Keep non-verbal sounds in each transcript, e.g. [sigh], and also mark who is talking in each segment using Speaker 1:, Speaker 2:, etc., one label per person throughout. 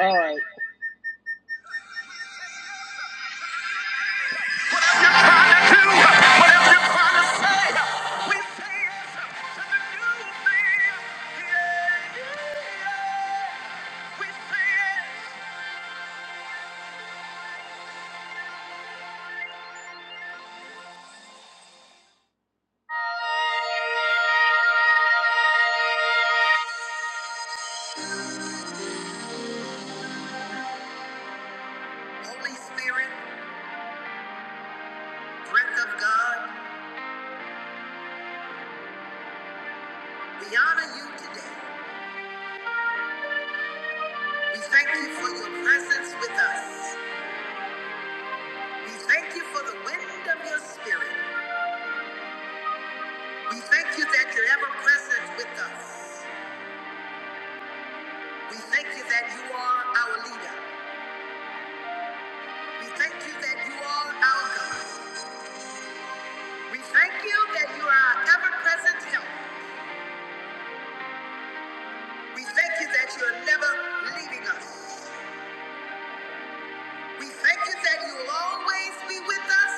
Speaker 1: All right. yes Yeah, yeah. yes. Holy Spirit, breath of God, we honor you today. We thank you for your presence with us. We thank you for the wind of your spirit. We thank you that you're ever present with us. We thank you that you are our leader. We thank you that you are our God. We thank you that you are our ever present help. We thank you that you are never leaving us. We thank you that you will always be with us,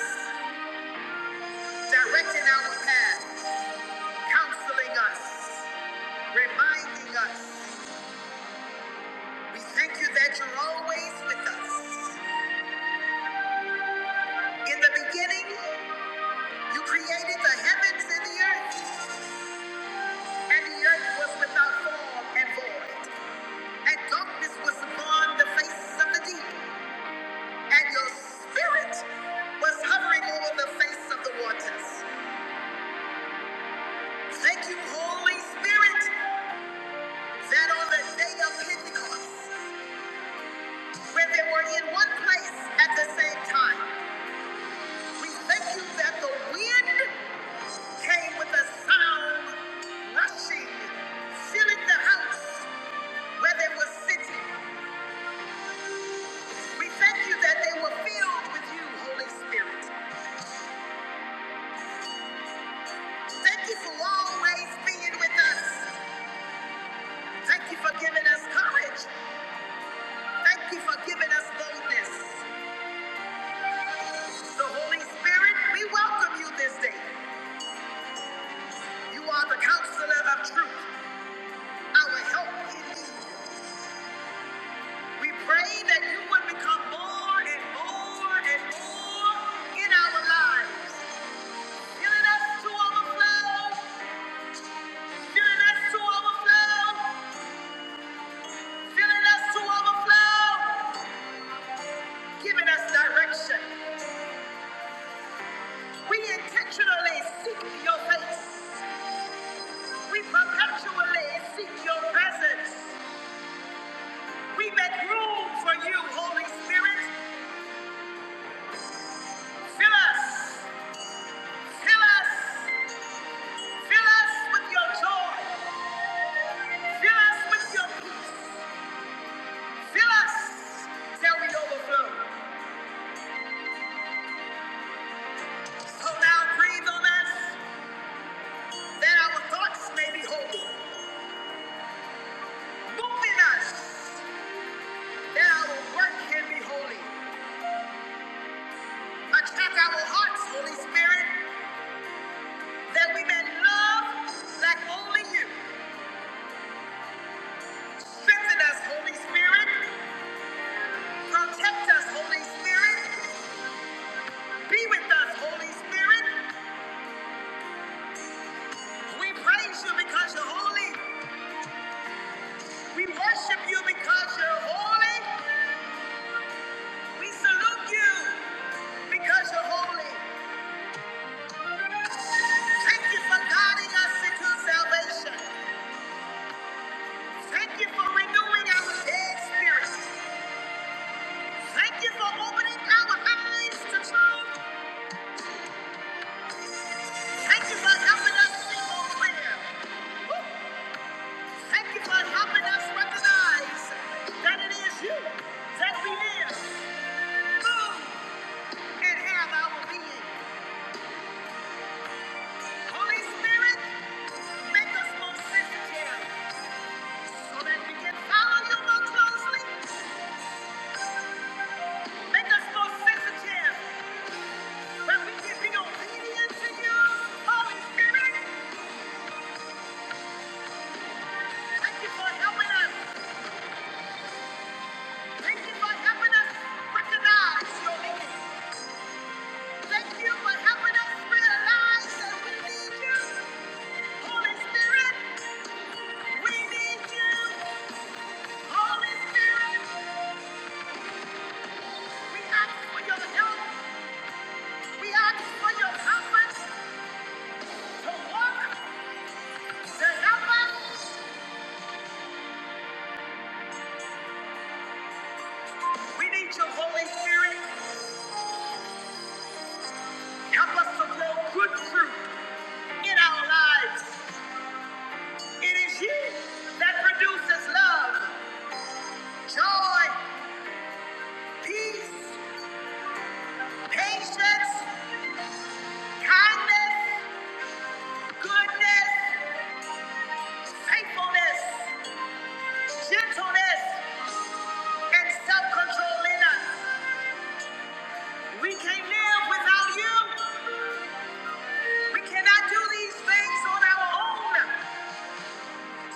Speaker 1: directing our path, counseling us, reminding us. We thank you that you're always with us. In the beginning, you created the heavens and the earth, and the earth was without form and void. And darkness was upon the face of the deep, and your spirit was hovering over the face of the waters. Thank you, Holy Spirit, that on the day of Pentecost, when they were in one place at the same time, we thank you that the wind came with a sound rushing, filling the house where they were sitting. We thank you that they were filled with you, Holy Spirit. Thank you for always being with us. Thank you for giving us courage. Thank you for giving us boldness. The Holy Spirit, we welcome you this day. You are the counselor of truth, our help in need. We pray that you would become more and more and more in our lives, filling us to overflow, filling us to overflow, filling us to overflow, giving us direction. We intentionally seek your face. We perpetually seek your presence. We make room for you, Holy Spirit. Fill us, fill us. Fill us with your joy. Fill us with your peace. Fill us till we overflow. So now breathe on us that our thoughts may be holy. Move in us that our work can be holy. Attack our hearts, Holy Spirit, that we may love like only you. Strengthen us, Holy Spirit. Protect us, Holy Spirit. Be with us, Holy Spirit. We praise you because you're holy. We worship you because you're holy. We salute you because you're holy. Thank you for guiding us into salvation. Thank you for renewing our dead spirit. Thank you for opening our eyes to truth. Thank you for helping us see more clear. Woo. Thank you for helping us recognize that it is you that we live, move, and have our being. Holy Spirit, make us more sensitive. so that we can follow you more closely. Make us more sensitive, that we can be obedient to you, Holy Spirit. Thank you for helping us. Thank you for helping us recognize your need. Thank you for helping us realize that we need you, Holy Spirit. We need you, Holy Spirit. We ask for your help. We ask for your comfort to walk, to help us. We need your Holy Spirit. Help us to grow good fruit in our lives. It is you that produces love, joy, peace, patience, kindness, goodness, faithfulness, gentleness, and self-control in us. We can't live without you. We cannot do these things on our own.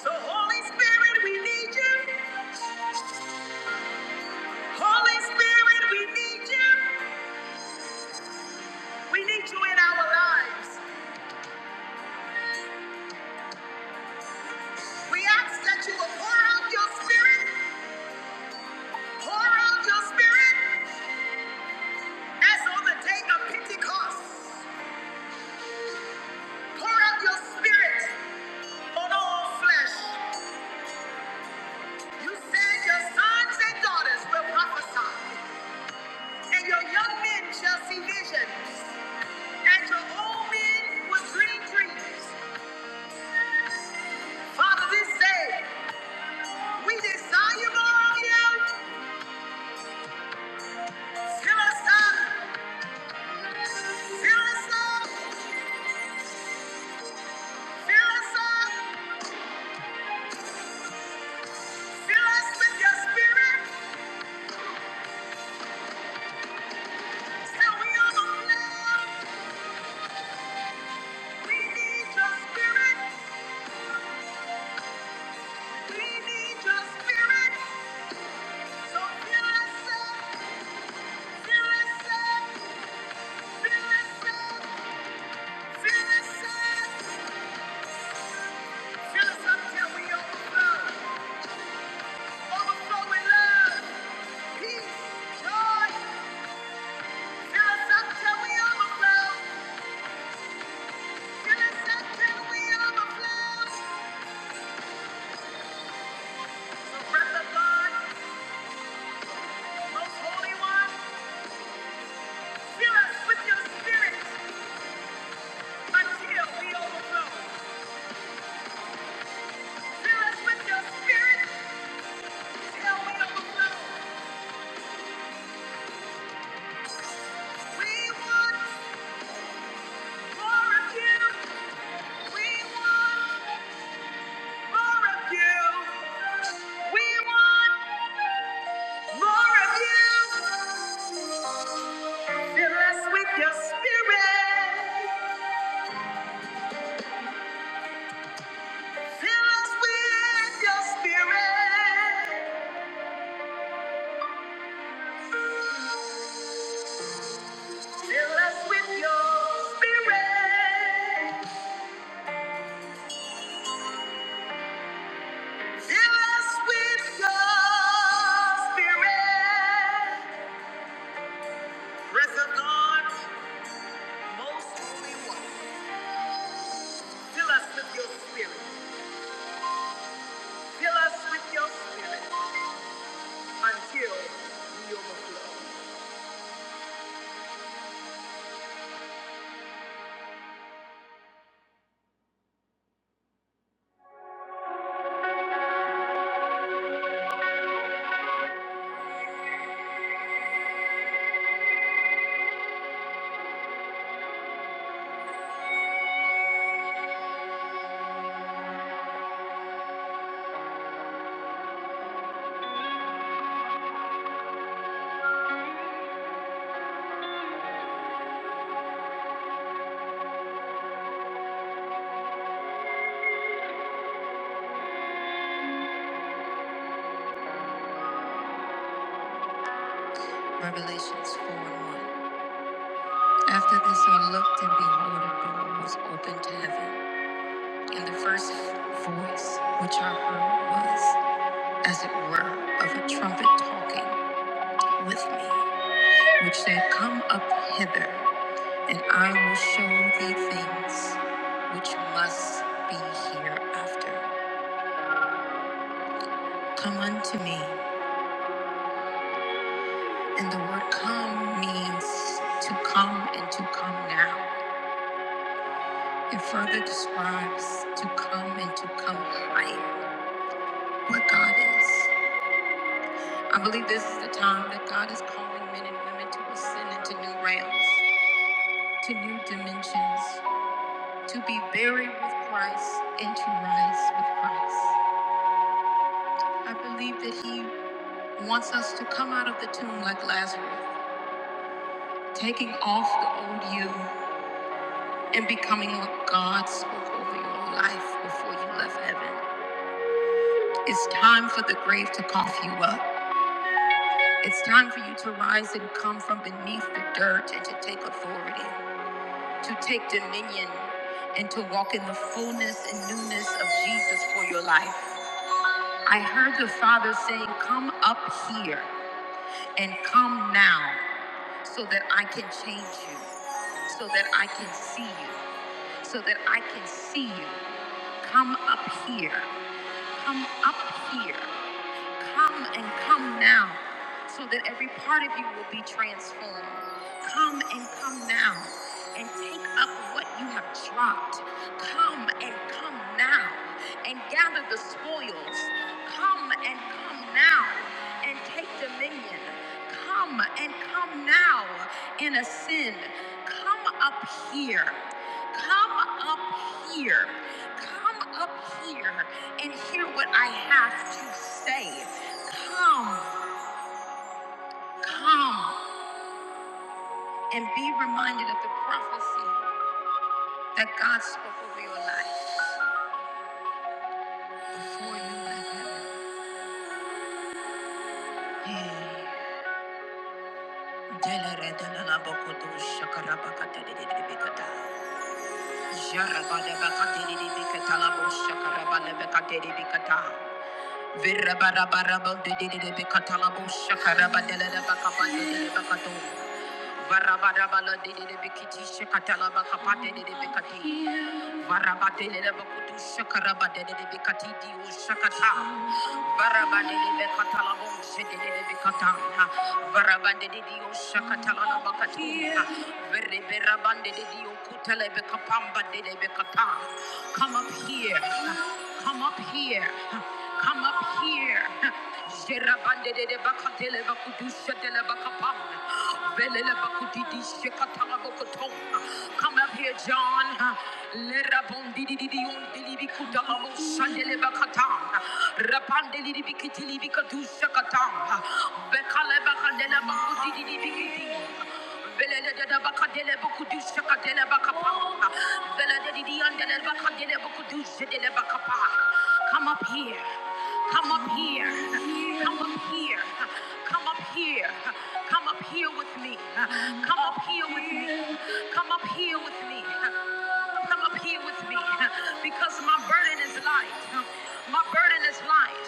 Speaker 1: So Holy Spirit, we need you. Holy Spirit, we need you. We need you in our lives. We ask that you will pour out your spirit, pour out your spirit as on the day of Pentecost. Pour out your spirit on all flesh. You said your sons and daughters will prophesy, and your young men shall see visions, and your old men will dream dreams. Father, this day we desire more of you. Fill us up, fill us up, fill us up, fill us with your spirit. Most Holy One, fill us with your spirit until we overflow. Fill us with your spirit till we overflow. We want more of you. We want more of you. We want more of you. Fill us with your spirit. Fill us with your spirit. Fill us with your spirit. Fill us with your spirit. Breath of God, most holy one, fill us with your spirit. Fill us with your spirit until we overflow. Revelations 4 and 1. After this I looked, and behold, a door was opened to heaven. And the first voice which I heard was, as it were, of a trumpet talking with me, which said, Come up hither, and I will show thee things which must be hereafter. Come unto me. And the word come means to come and to come now. It further describes to come and to come higher, what God is. I believe this is the time that God is calling men and women to ascend into new realms, to new dimensions, to be buried with Christ and to rise with Christ. I believe that He wants us to come out of the tomb like Lazarus, taking off the old you and becoming what God spoke over your life before you left heaven. It's time for the grave to cough you up. It's time for you to rise and come from beneath the dirt and to take authority, to take dominion, and to walk in the fullness and newness of Jesus for your life. I heard the Father saying, Come up here and come now so that I can change you so that I can see you, so that I can see you. Come up here. come up here. Come and come now, so that every part of you will be transformed. Come and come now, and take up what you have dropped. Come and come now, and gather the spoils. Come and come now, and take dominion. Come and come now, and ascend. Come up here. Come up here. Come up here and hear what I have to say. Come, come, and be reminded of the prophecy that God spoke over your life before you left heaven. Hey. Deleredalabakotoshakarabakaterebekata. Jarabadabakaterebekatalaboshakarabadabakaterebekata. Virabarabarabadederebekatalaboshakarabadelerebakabadelebekato. Varabadabala de de Bikiti Shekatala Bakapate de Bikati Varabate de Bakutu Shakaraba de Bikati Dio Shakata Varabade de Katala Boshe de Bikata Varabande de Dio Shakatala Bakati Vereberabande de Dio Kutele Bekapamba de Bikata Come up here Come up here Come up here Jerabande de Bakatele Bakutu Shetele Bakapamba Come up here, John. Lerabondidididiondelibikudalamosandelebakata. Come up here. Come up here. Come up here. Come Come up here. Come up here with me. Come up here with me. Come up here with me. Come up here with me. Because my burden is light. My burden is light.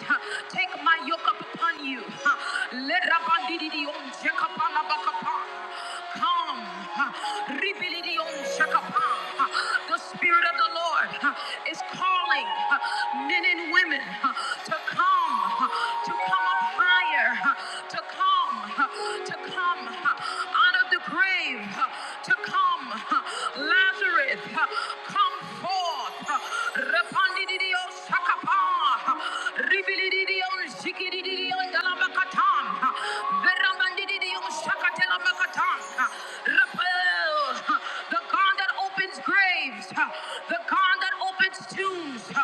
Speaker 1: Take my yoke up upon you. Let Rabandidion Jekapalabakapa. Come. Ribilidion Shakapa. The Spirit of the Lord. Lord uh, is calling uh, men and women uh, to come, uh, to come up higher, uh, to come, uh, to come uh, out of the grave, uh, to come, uh, Lazarus, uh, come forth. uh, Rapandididio Sakapa, uh, Ribilididio Zikidididio Dalabakatam, uh, Veramandididio Sakatelabakatam, uh, uh, the God that opens graves, huh, the God that opens tombs. huh.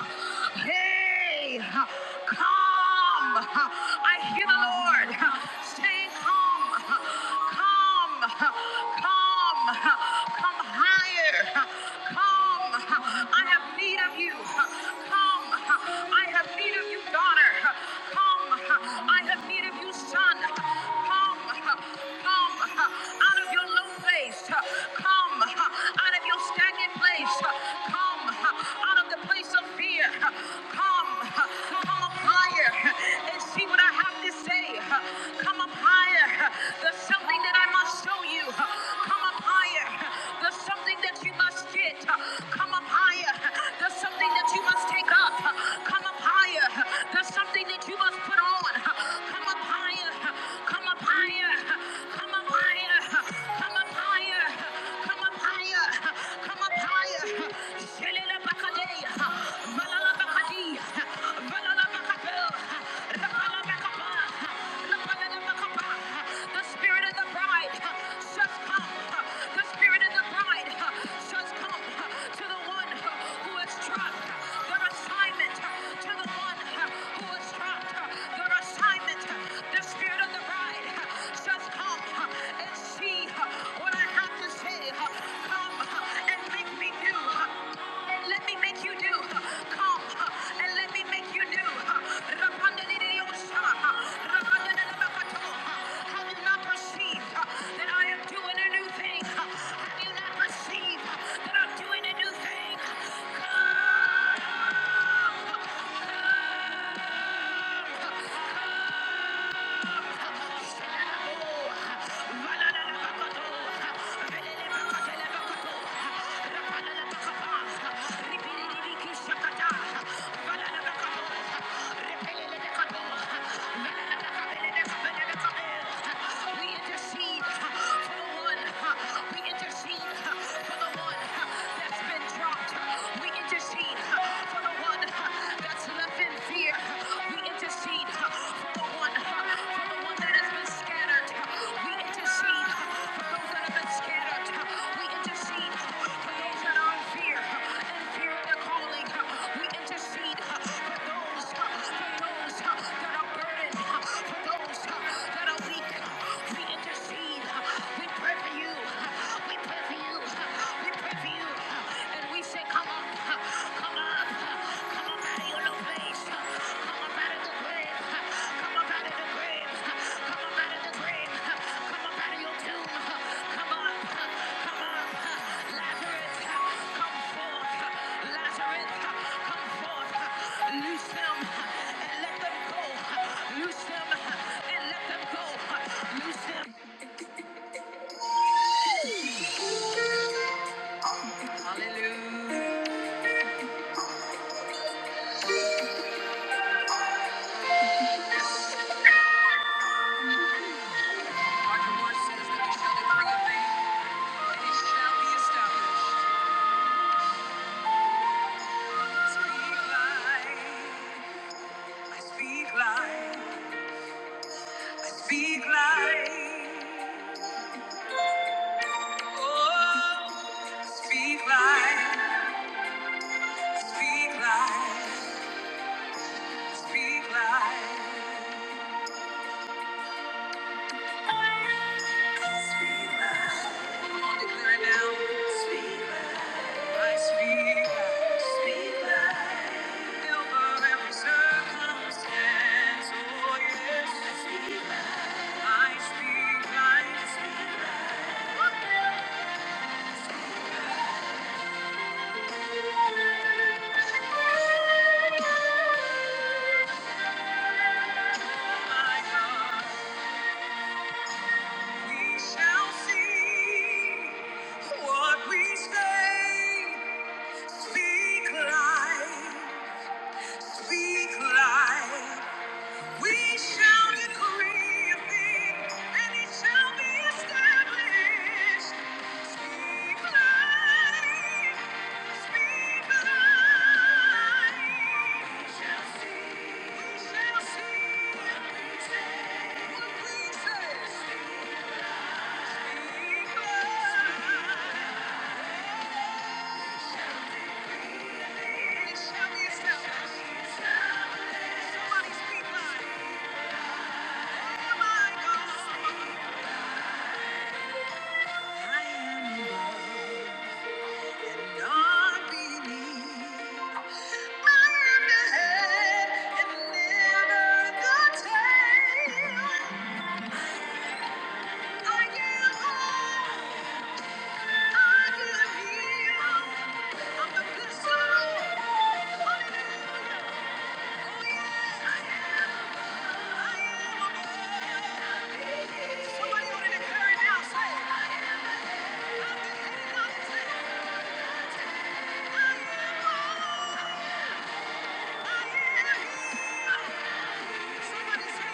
Speaker 1: Hey, huh, come. huh. I hear the Lord huh, saying, Come, huh, come, huh, come, huh, come higher. huh, Come, huh. I have need of you. huh. Come, huh. I have need of you, daughter. huh. Come, huh. I have need of you, son. huh? Come, huh, come huh, out out of your low place. uh, Come uh, out of your stagnant place. uh, Come uh, out of the place of fear. uh, Come, uh, come up higher uh, and see what I have to say. uh, Come up higher. uh, There's something that I must show you. uh, Come up higher. uh, There's something that you must get. uh, Come up higher. uh, There's something that you must take up. uh, Come up higher. uh, There's something that you must put on. uh, Come up higher. uh, Come Come up higher. Come up higher. Come up higher. Come up higher. Come up higher. Shelele bakadeya. Malala bakadeya. Malala bakadeya. Rapala bakapa. Rapala bakapa. The spirit of the bride says come. The spirit of the bride says come to the one who has dropped Their assignment to the one who has dropped your assignment. The spirit of the bride says, Come and see what I have to say. Come and make me new. And Let me make you new. Come and let me make you new. Have you not perceived that I am doing a new thing? Have you not perceived that I'm doing a new thing? Come. We intercede for the one. We intercede for the one that's been dropped. We intercede for the one that's left in fear. We intercede for the one, for the one that has been scattered. We intercede for those that have been scattered. We intercede for those that are in fear, in fear of their calling. We intercede for those, for those that are burdened, for those that are weak. We intercede. We pray for you. We pray for you. We pray and we say, come up, come up, come up out of your grave, come up out of the grave, come up out of the grave, come up out of your tomb, come up, come up, Lazarus, come forth, Lazarus, come forth, loose and let them go, loose and let them go, loose them. Be, oh, be right, be Speak life, speak life. We shall decree a thing, and it shall be established. Speak life, speak life. We shall see, we shall see what we say, what we say. Speak, speak life. I I I I am whole. I am healed. I'm and never the the tail. good soul. Hallelujah. Somebody say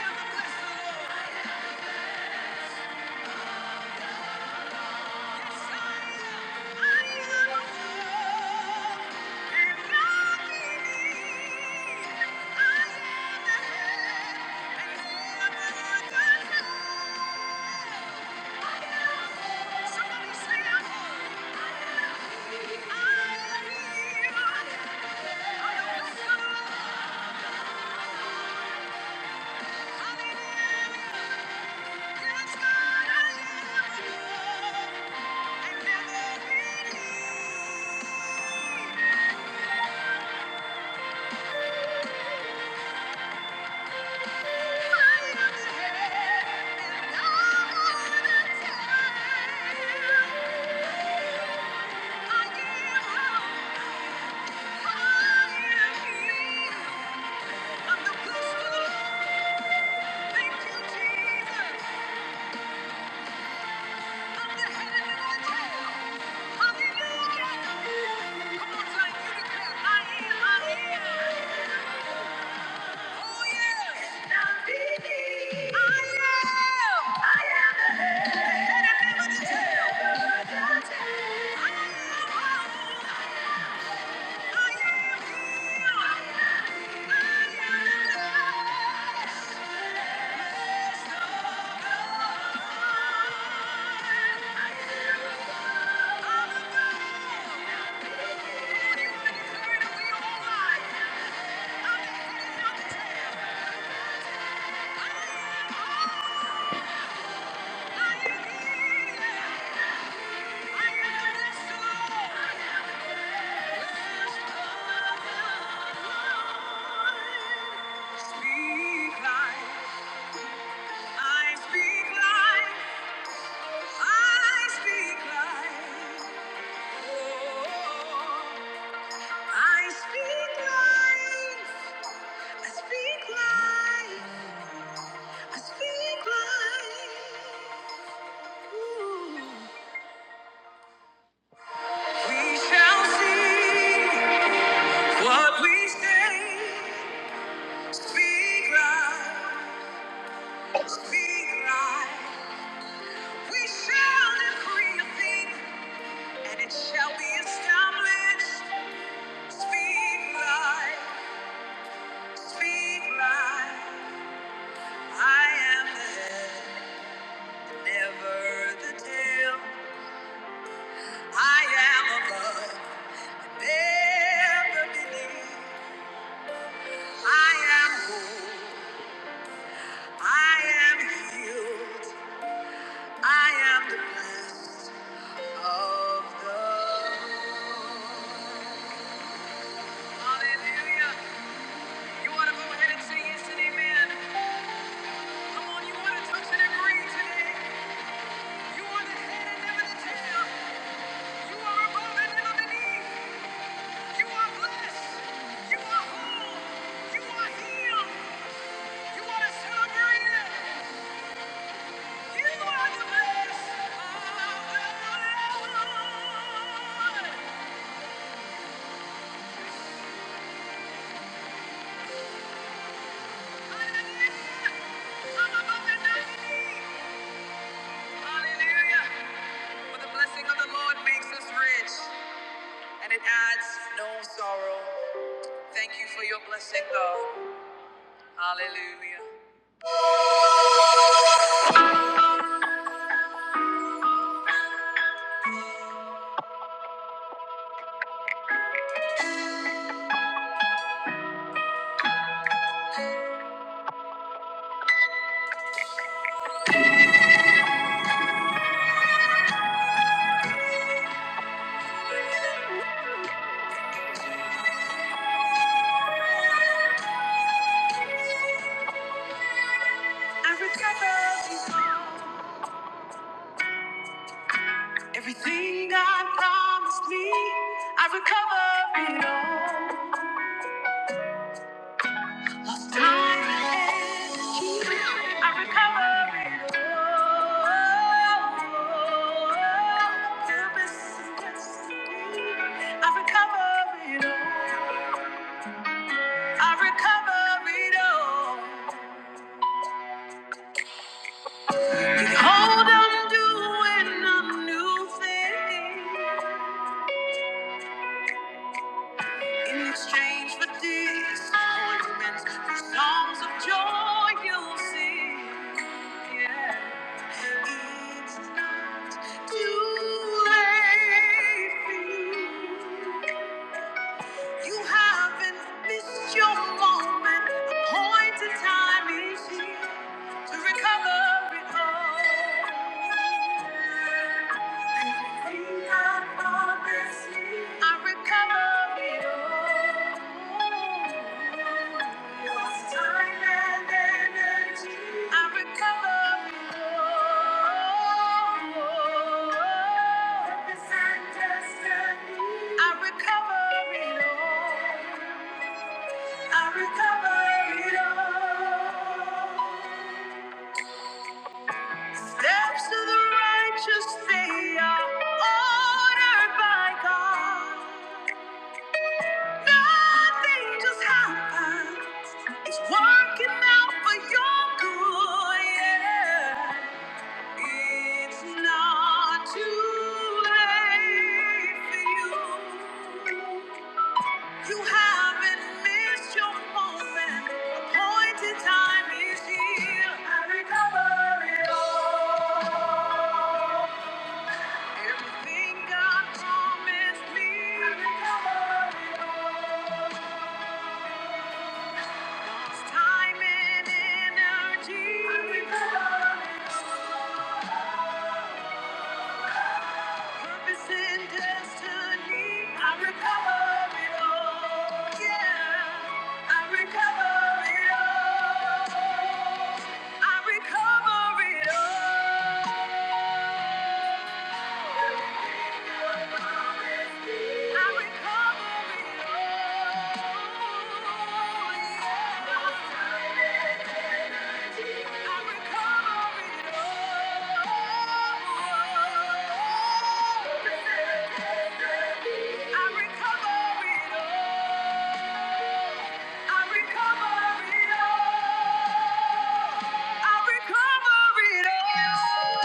Speaker 1: I'm a blessed Lord. Thank you. Hallelujah! Come on, son, you declare, I am, I am. Thank you. Speak life, I speak life, I speak life. Oh, I speak life, I speak life, I speak life. We shall see what we say. Speak life, speak life. We shall decree a thing, and it shall be established. Speak life, speak life. I am the head, never the tail. I am above, never beneath. I am whole. I am healed. I am the And it adds, no- I recover. Everything God promised me, I recover it all. Time, energy, I recover it all. Purpose and destiny, I recover it all. I recover it all. Behold, I'm doing a new thing. In exchange for disappointments, for songs of joy you'll sing. Yeah. It's not too late for you. You haven't missed your moment. The point in time is here to recover it all. Everything God promised me, I recover it all lost time and energy. I recover. all. From this understanding. I recover it all. I recover it all. Steps of the righteous, they are ordered by God. Nothing just happens. It's working out for your good. Yeah. It's not too late for you. You haven't missed your moment. Appointed time is here. I recover it all. Everything God promised me. I recover It's time and energy. Purpose and destiny. I recover it all. Yeah, I recover it all. I recover it all. I recover it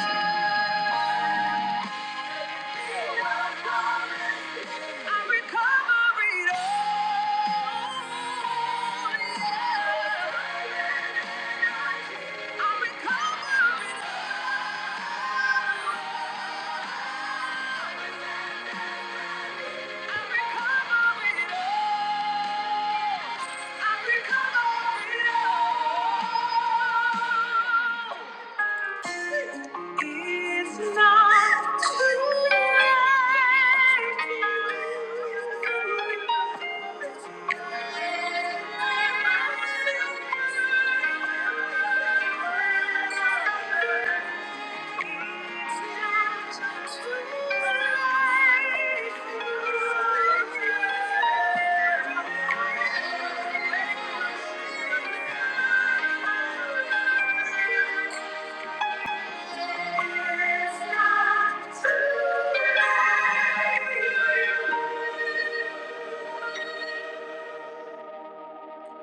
Speaker 1: all. I'm recovering. I'm recovered. It's not too late.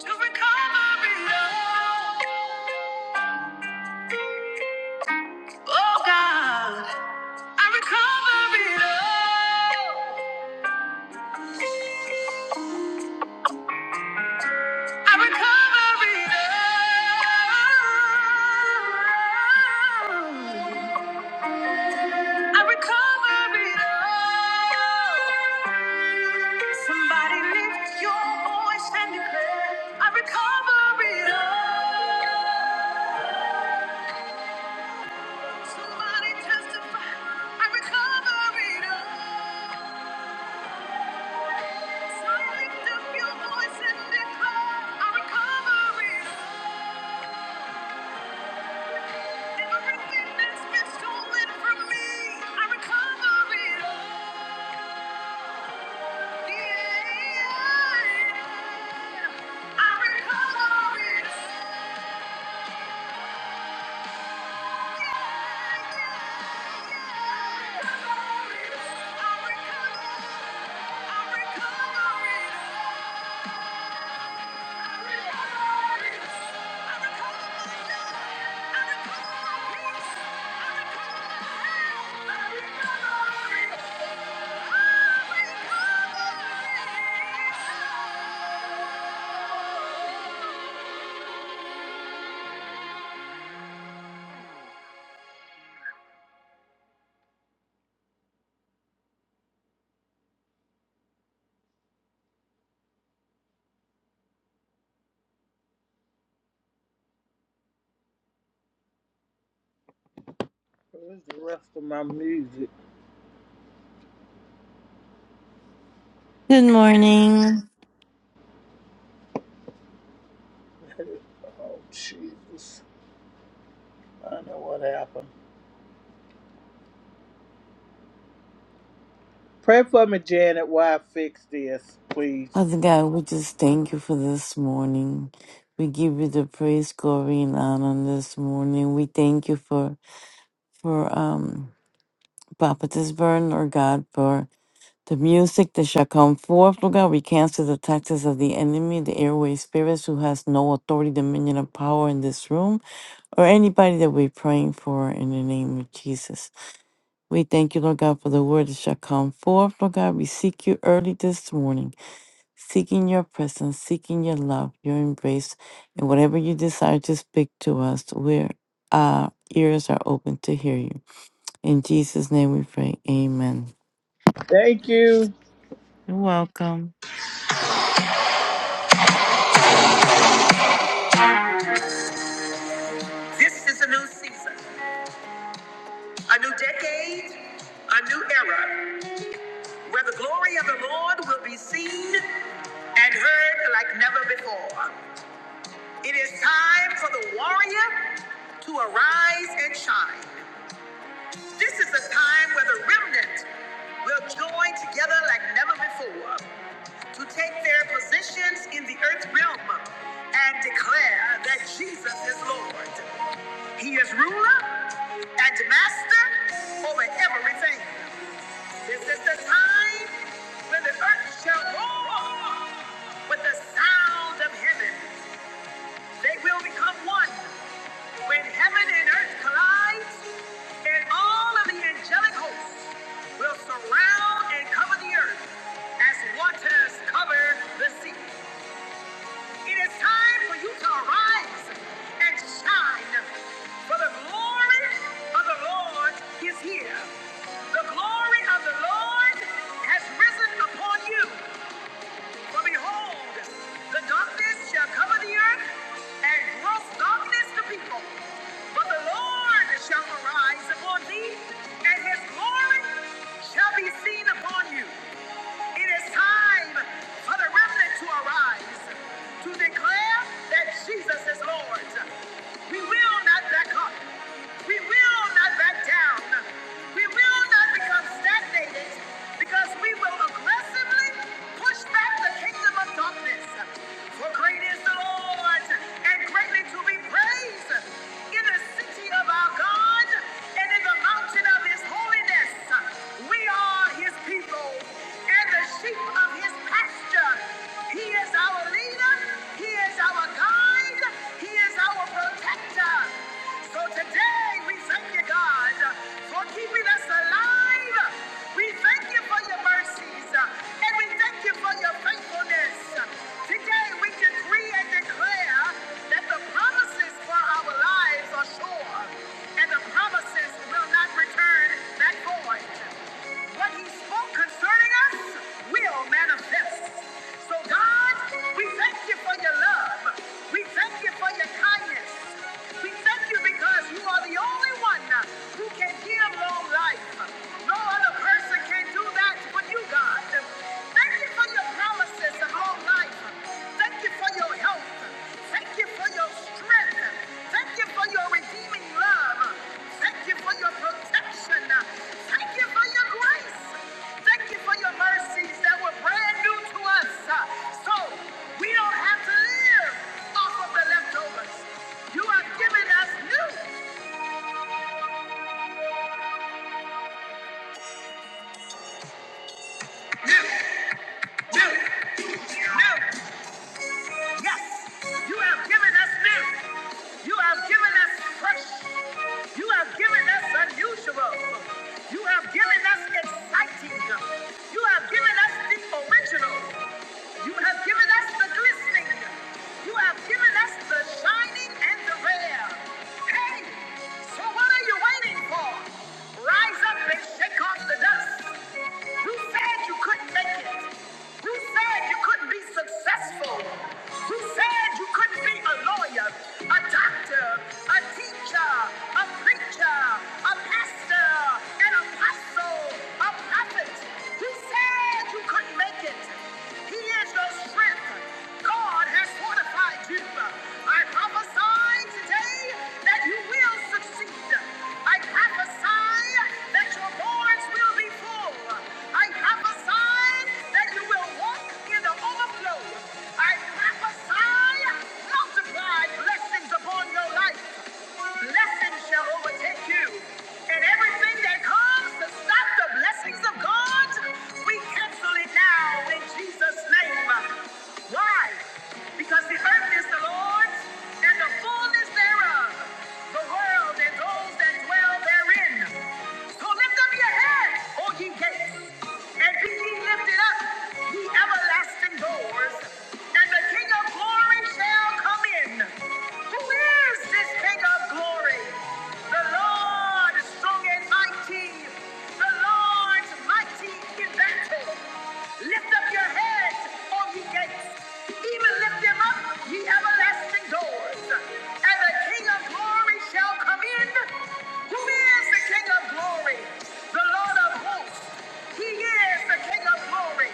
Speaker 1: To recover it all. Oh God, I recover it all. I'm recovering now. I'm recovering now. Somebody lift your voice and declare, I'm recovering now. Somebody testify, I'm recovering now. So lift up your voice and declare, I'm recovering now. I recover it. Where's the rest of my music?
Speaker 2: Good morning.
Speaker 1: Oh, Jesus. I know what happened. Pray for me, Janet, while I fix this, please.
Speaker 2: Father God, we just thank you for this morning. We give you the praise, glory, and honor this morning. We thank you for for um Baptist burn, Lord God, for the music that shall come forth, Lord God. We cancel the taxes of the enemy, the airway spirits who has no authority, dominion, or power in this room, or anybody that we're praying for in the name of Jesus. We thank you, Lord God, for the word that shall come forth, Lord God. We seek you early this morning. seeking your presence, seeking your love, your embrace, and whatever you desire to speak to us, we're, our ears are open to hear you. In Jesus' name we pray. Amen.
Speaker 1: Thank you.
Speaker 2: You're welcome.
Speaker 1: This is a new season, a new decade, a new era. where the glory of the Lord will be seen and heard like never before. It is time for the warrior to arise and shine. This is the time where the remnant will join together like never before to take their positions in the earth realm and declare that Jesus is Lord. He is ruler and master over everything. This is the time when the earth shall roar with the sound of heaven. They will become one. When heaven and earth collide, and all of the angelic hosts will surround and cover the earth as waters cover the sea. It is time for you to arise and shine, for the glory of the Lord is here. The glory of the Lord has risen upon you. For behold, the darkness shall cover the earth, and gross darkness the people. But the Lord shall arise upon thee, and his glory shall be seen upon you. It is time for the remnant to arise, to declare that Jesus is Lord. We will not back up. We will not back down. We will not become stagnated because we will aggressively push back the kingdom of darkness. For great is the Lord and greatly to be praised in the city of our God and in the mountain of his holiness. We are his people and the sheep of his pasture. He is our leader, he is our guide, he is our protector. So today we thank you, God, for keeping us alive. We thank you for your mercies and we thank you for your faithfulness. Today we decree and declare that the promises for our lives are sure, and the promises will not return back void. What he spoke concerning us will manifest. So God, we thank you for your love. We thank you for your kindness. We thank you because you are the only one who can give long life. No other person can do Thank you for your promises of whole life. Thank you for your health. Thank you for your strength. Thank you for your redeeming love. Thank you for your protection. Thank you for your grace. Thank you for your mercies that were brand new to us. So we don't have to live off of the leftovers. You have given us new, new, new. Yes, you have given us new. You have given us fresh. You have given us unusual. You have given us exciting. You have given us the original. You have given us the glistening. You have given us the shining and the rare. Hey, so what are you waiting for? fall. Rise up and shake off the dust. Who said you couldn't make it? Who said you couldn't be successful? Who said you couldn't be a lawyer, a doctor, a teacher, a preacher, a pastor, an apostle, a prophet? Who said you couldn't make it? He is your strength. God has fortified you. I prophesy today that you will succeed. I prophesy that your barns will be full. I prophesy that you will walk in the overflow. I prophesy multiplied blessings upon your life. Blessing shall overtake you. And everything that comes to stop the blessings of God, we cancel it now in Jesus' name. Why? Because the earth is the Lord's and the fullness thereof, the world and those that dwell therein. So lift up your heads, O ye gates, and be ye lifted up, ye everlasting doors, and the King of glory shall come in. Who is this King of glory? The Lord strong and mighty. The Lord mighty in battle. Lift up your heads, all gates. Even lift them up, ye everlasting doors. And the King of glory shall come in. Who is the King of glory? The Lord of hosts. He is the King of glory.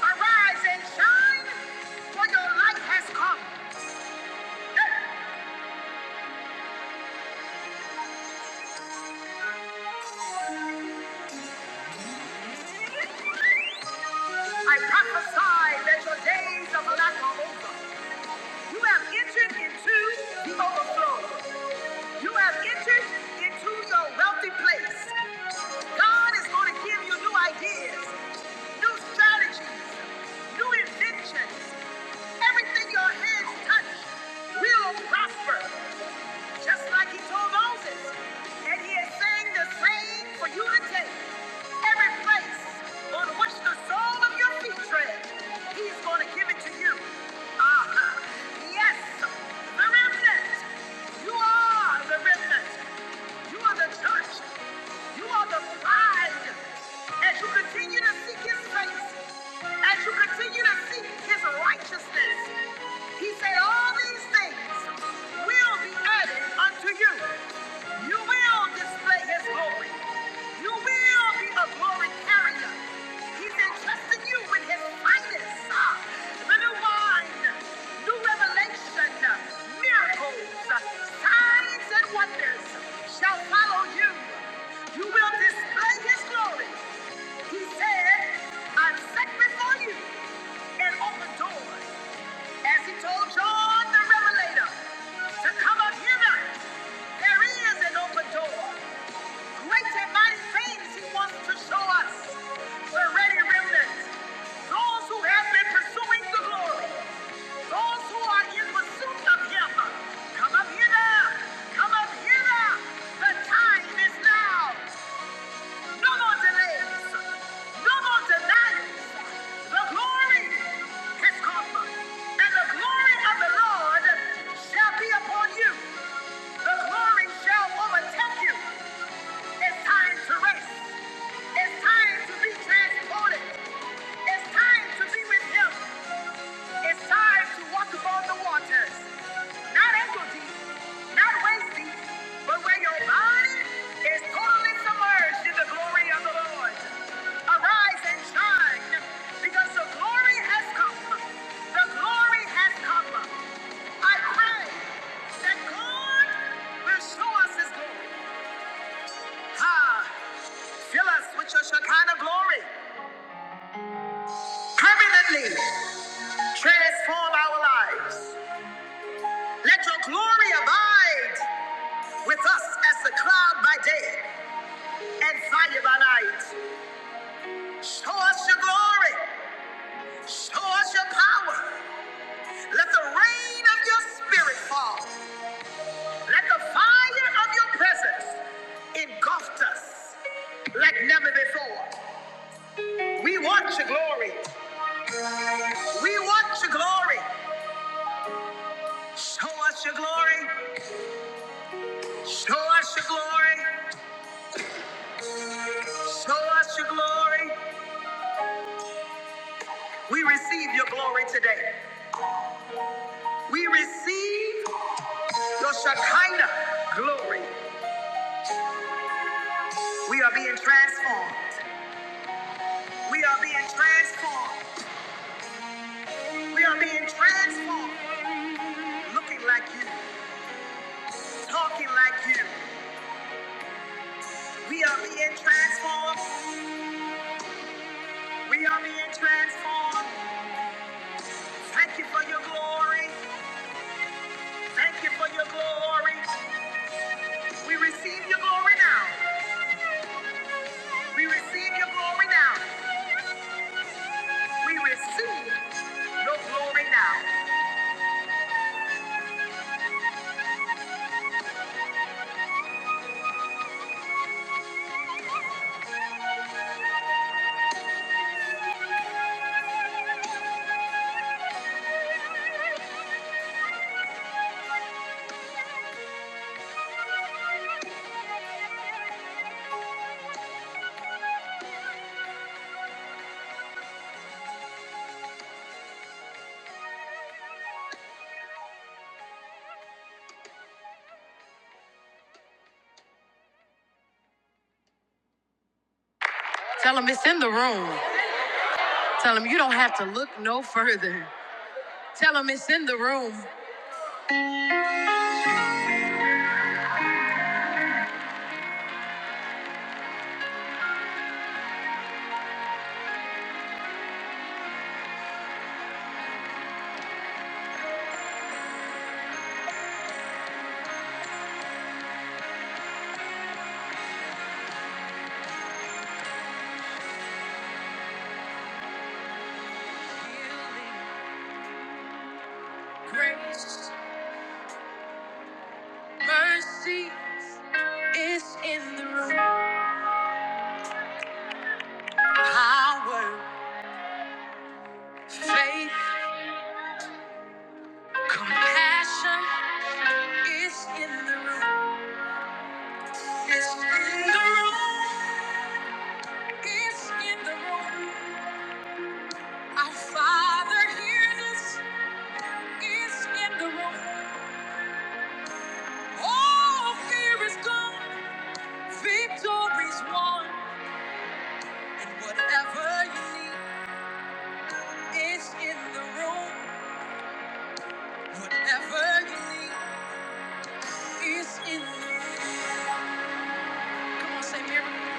Speaker 1: Arise and shine, for your light has come. I prophesy that your days of lack are over. You have entered into the overflow. You have entered into your wealthy place. God is going to give you new ideas, new strategies, new inventions. Everything your hands touch will prosper just like he told Moses. And he is saying the same for you to take. Every place on which the sole of your feet tread, he's going to give it to you. Ah, yes, the remnant. You are the remnant. You are the church. You are the prize. As you continue to seek his face, as you continue to seek his righteousness, he said, All these things will be added unto you. You will display his glory. You will be a glory carrier. He's entrusting you with his finest. Ah, New wine, new revelation, miracles, signs and wonders shall follow you. You will display his glory. He said, I'm set before you and open doors. As he told John the Revelator to come up hither, there is an open door. Great and mighty things he wants to show us. We're ready remnants. Those who have been pursuing the glory. Those who are in pursuit of him. Come up hither! Come up hither! The time is now. No more delays. No more denials. The glory has come. And the glory of the Lord shall be upon you. The glory shall overtake you. It's time to rest. It's time to be transported. It's time to be with Him. It's time to walk upon the waters. Not ankle deep, not waist deep, but where your body is totally submerged in the glory of the Lord. Arise and shine, because the glory has come. The glory has come. I pray that God will show us His glory. Ha! Fill us with your Shekinah glory. Permanently transform our lives. Let your glory abide with us as the cloud by day and fire by night. Show us your glory. Show us your power. Let the rain of your spirit fall. Let the fire of your presence engulf us like never before. We want your glory. We want your glory. Show us your glory. Show us your glory. Show us your glory. We receive your glory today. We receive your Shekinah glory. We are being transformed. We are being transformed. We are being transformed. Looking like you, talking like you. We are being transformed. We are being transformed. Thank you for your glory. Thank you for your glory. We receive your glory now. We receive your glory now. We receive your glory now. Tell them it's in the room. Tell them you don't have to look no further. Tell them it's in the room. Grace, mercy is in the room. Power, faith, compassion is in the room. It's in the room. It's in the room. Our Father hears us. It's in the room. All fear is gone. Victory's won, and whatever you need is in the room. Whatever you need is in the room. Come on, say miracle.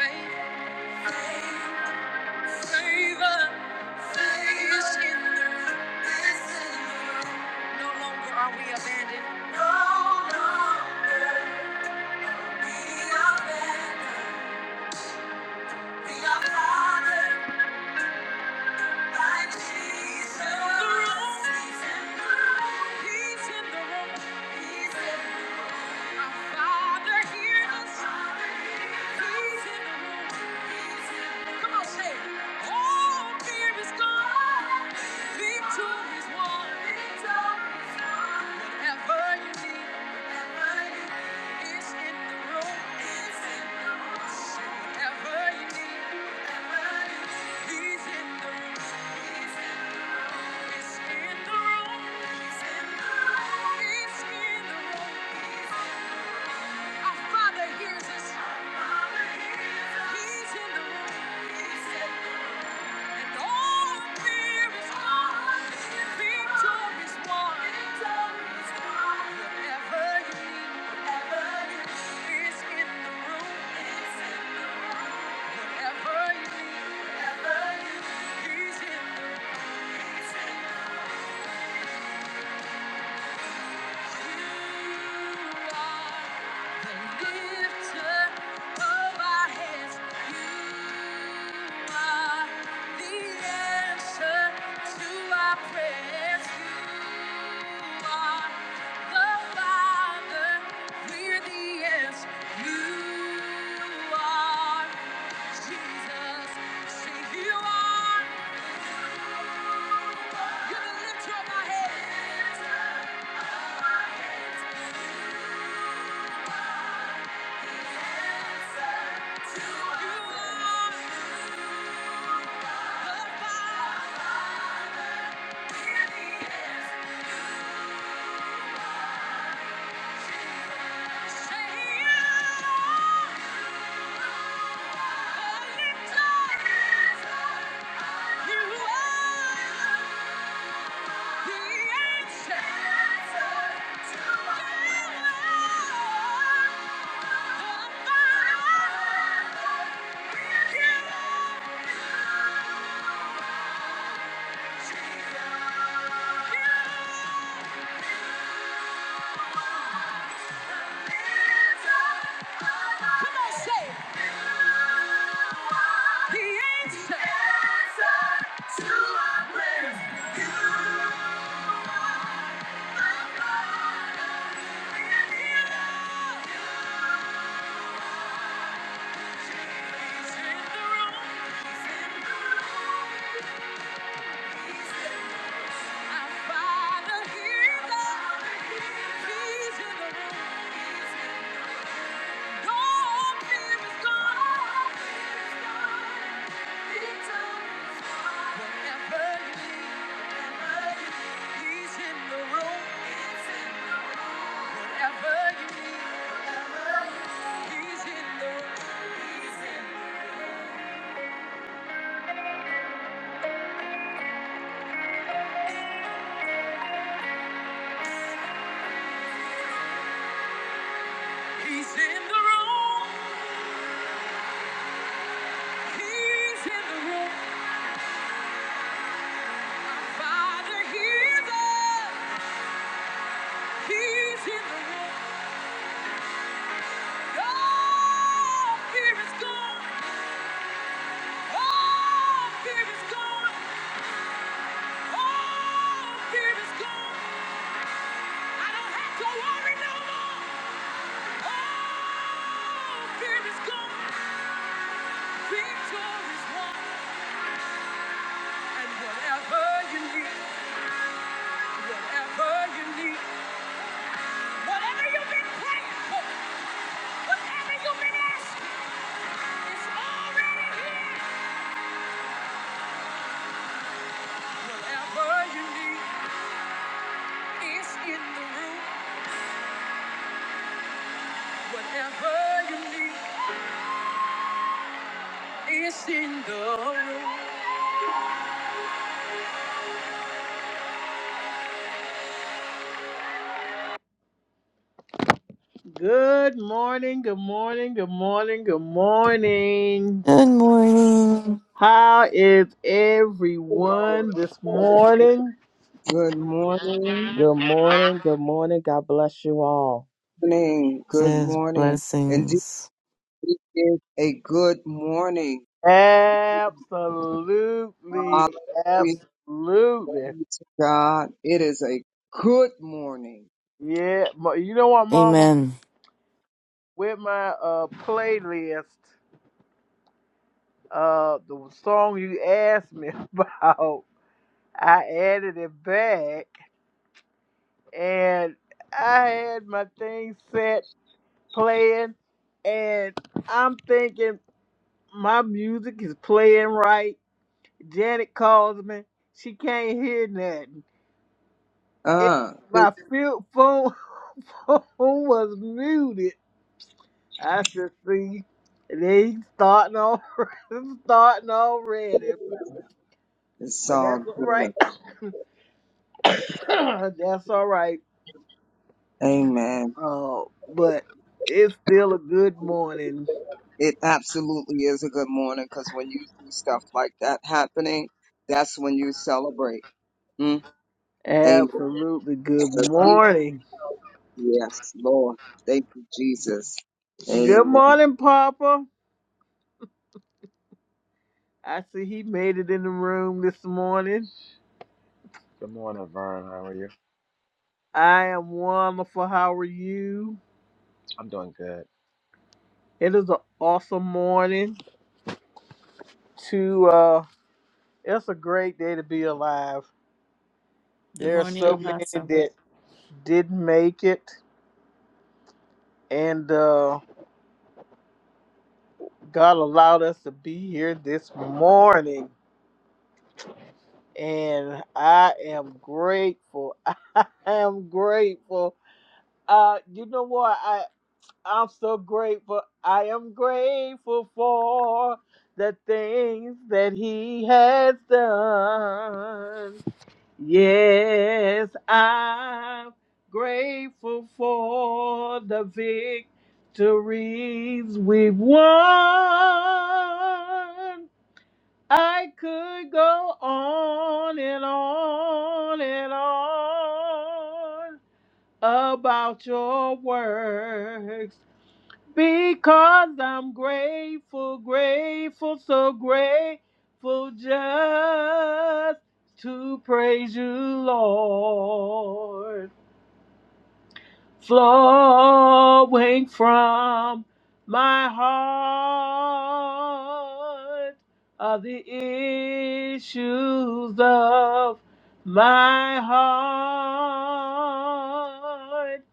Speaker 1: Faith, favor, is in the room. No longer are we abandoned. No, no, we are abandoned. We are father. Whatever you need, whatever you need. It's in the room. So He's in the room. He's in the room. He's in the room. He's in the room. He's in the room. And all fear is gone. Victory is won. Victory is won. Whatever you need, whatever you need is in the room. Is in the room. Whatever you need, whatever you need, he's in the room. He's in the room. You lift up my head. You are. He's in the room. He's in the room. He's in the room. He's in the room. He's in the room. Father, hear us. He's in the room. Oh, fear is gone. Oh, fear is gone. Oh, fear is gone. I don't have to worry no more. Oh, fear is gone. Victory won. And whatever you need, whatever you need, whatever you need, it's in the room. Whatever you need, it's in the room. Good morning, good morning, good morning, good morning.
Speaker 2: Good morning.
Speaker 1: How is
Speaker 3: Good
Speaker 1: everyone this morning?
Speaker 3: morning.
Speaker 4: Good morning. Good morning. God bless you all.
Speaker 3: morning. Good
Speaker 2: Says
Speaker 3: morning. Indeed,
Speaker 2: blessings.
Speaker 3: it is a good morning.
Speaker 1: Absolutely,
Speaker 3: Hallelujah
Speaker 1: absolutely.
Speaker 3: to God. It is a good morning.
Speaker 1: Yeah, ma- you know what, Mama?
Speaker 2: Amen.
Speaker 1: With my uh playlist, uh, the song you asked me [laughs] about, I added it back, and I had my thing set playing, and I'm thinking. My music is playing right. Janet calls me. She can't hear nothing. It,
Speaker 3: Uh, this
Speaker 1: my field phone, [laughs] phone was muted. I said, see, they starting on, [laughs] starting already.
Speaker 3: is
Speaker 1: But
Speaker 3: all
Speaker 1: that's all right.
Speaker 3: good.
Speaker 1: [coughs] that's all right.
Speaker 3: Amen.
Speaker 1: Uh, but it's still a good morning.
Speaker 3: It absolutely is a good morning because when you see stuff like that happening, that's when you celebrate. Mm, Amen.
Speaker 1: Absolutely good morning.
Speaker 3: Yes, Lord. Thank you, Jesus.
Speaker 1: Good
Speaker 3: Amen.
Speaker 1: morning, Papa. I see he made it in the room this morning.
Speaker 5: Good morning, Vern. How are you?
Speaker 1: I am wonderful. How are you?
Speaker 5: I'm doing good.
Speaker 1: It is an awesome morning. To uh, it's a great day to be alive.
Speaker 2: Good
Speaker 1: There are
Speaker 2: morning,
Speaker 1: so Mhm. many
Speaker 2: Apostle.
Speaker 1: that didn't make it, and uh, God allowed us to be here this morning. And I am grateful. [laughs] I am grateful. Uh, you know what? I'm so grateful. I am grateful for the things that he has done. Yes, I'm grateful for the victories we've won. I could go on and on and on about your works because I'm grateful, grateful, so grateful just to praise you, Lord. Flowing from my heart are the issues of my heart.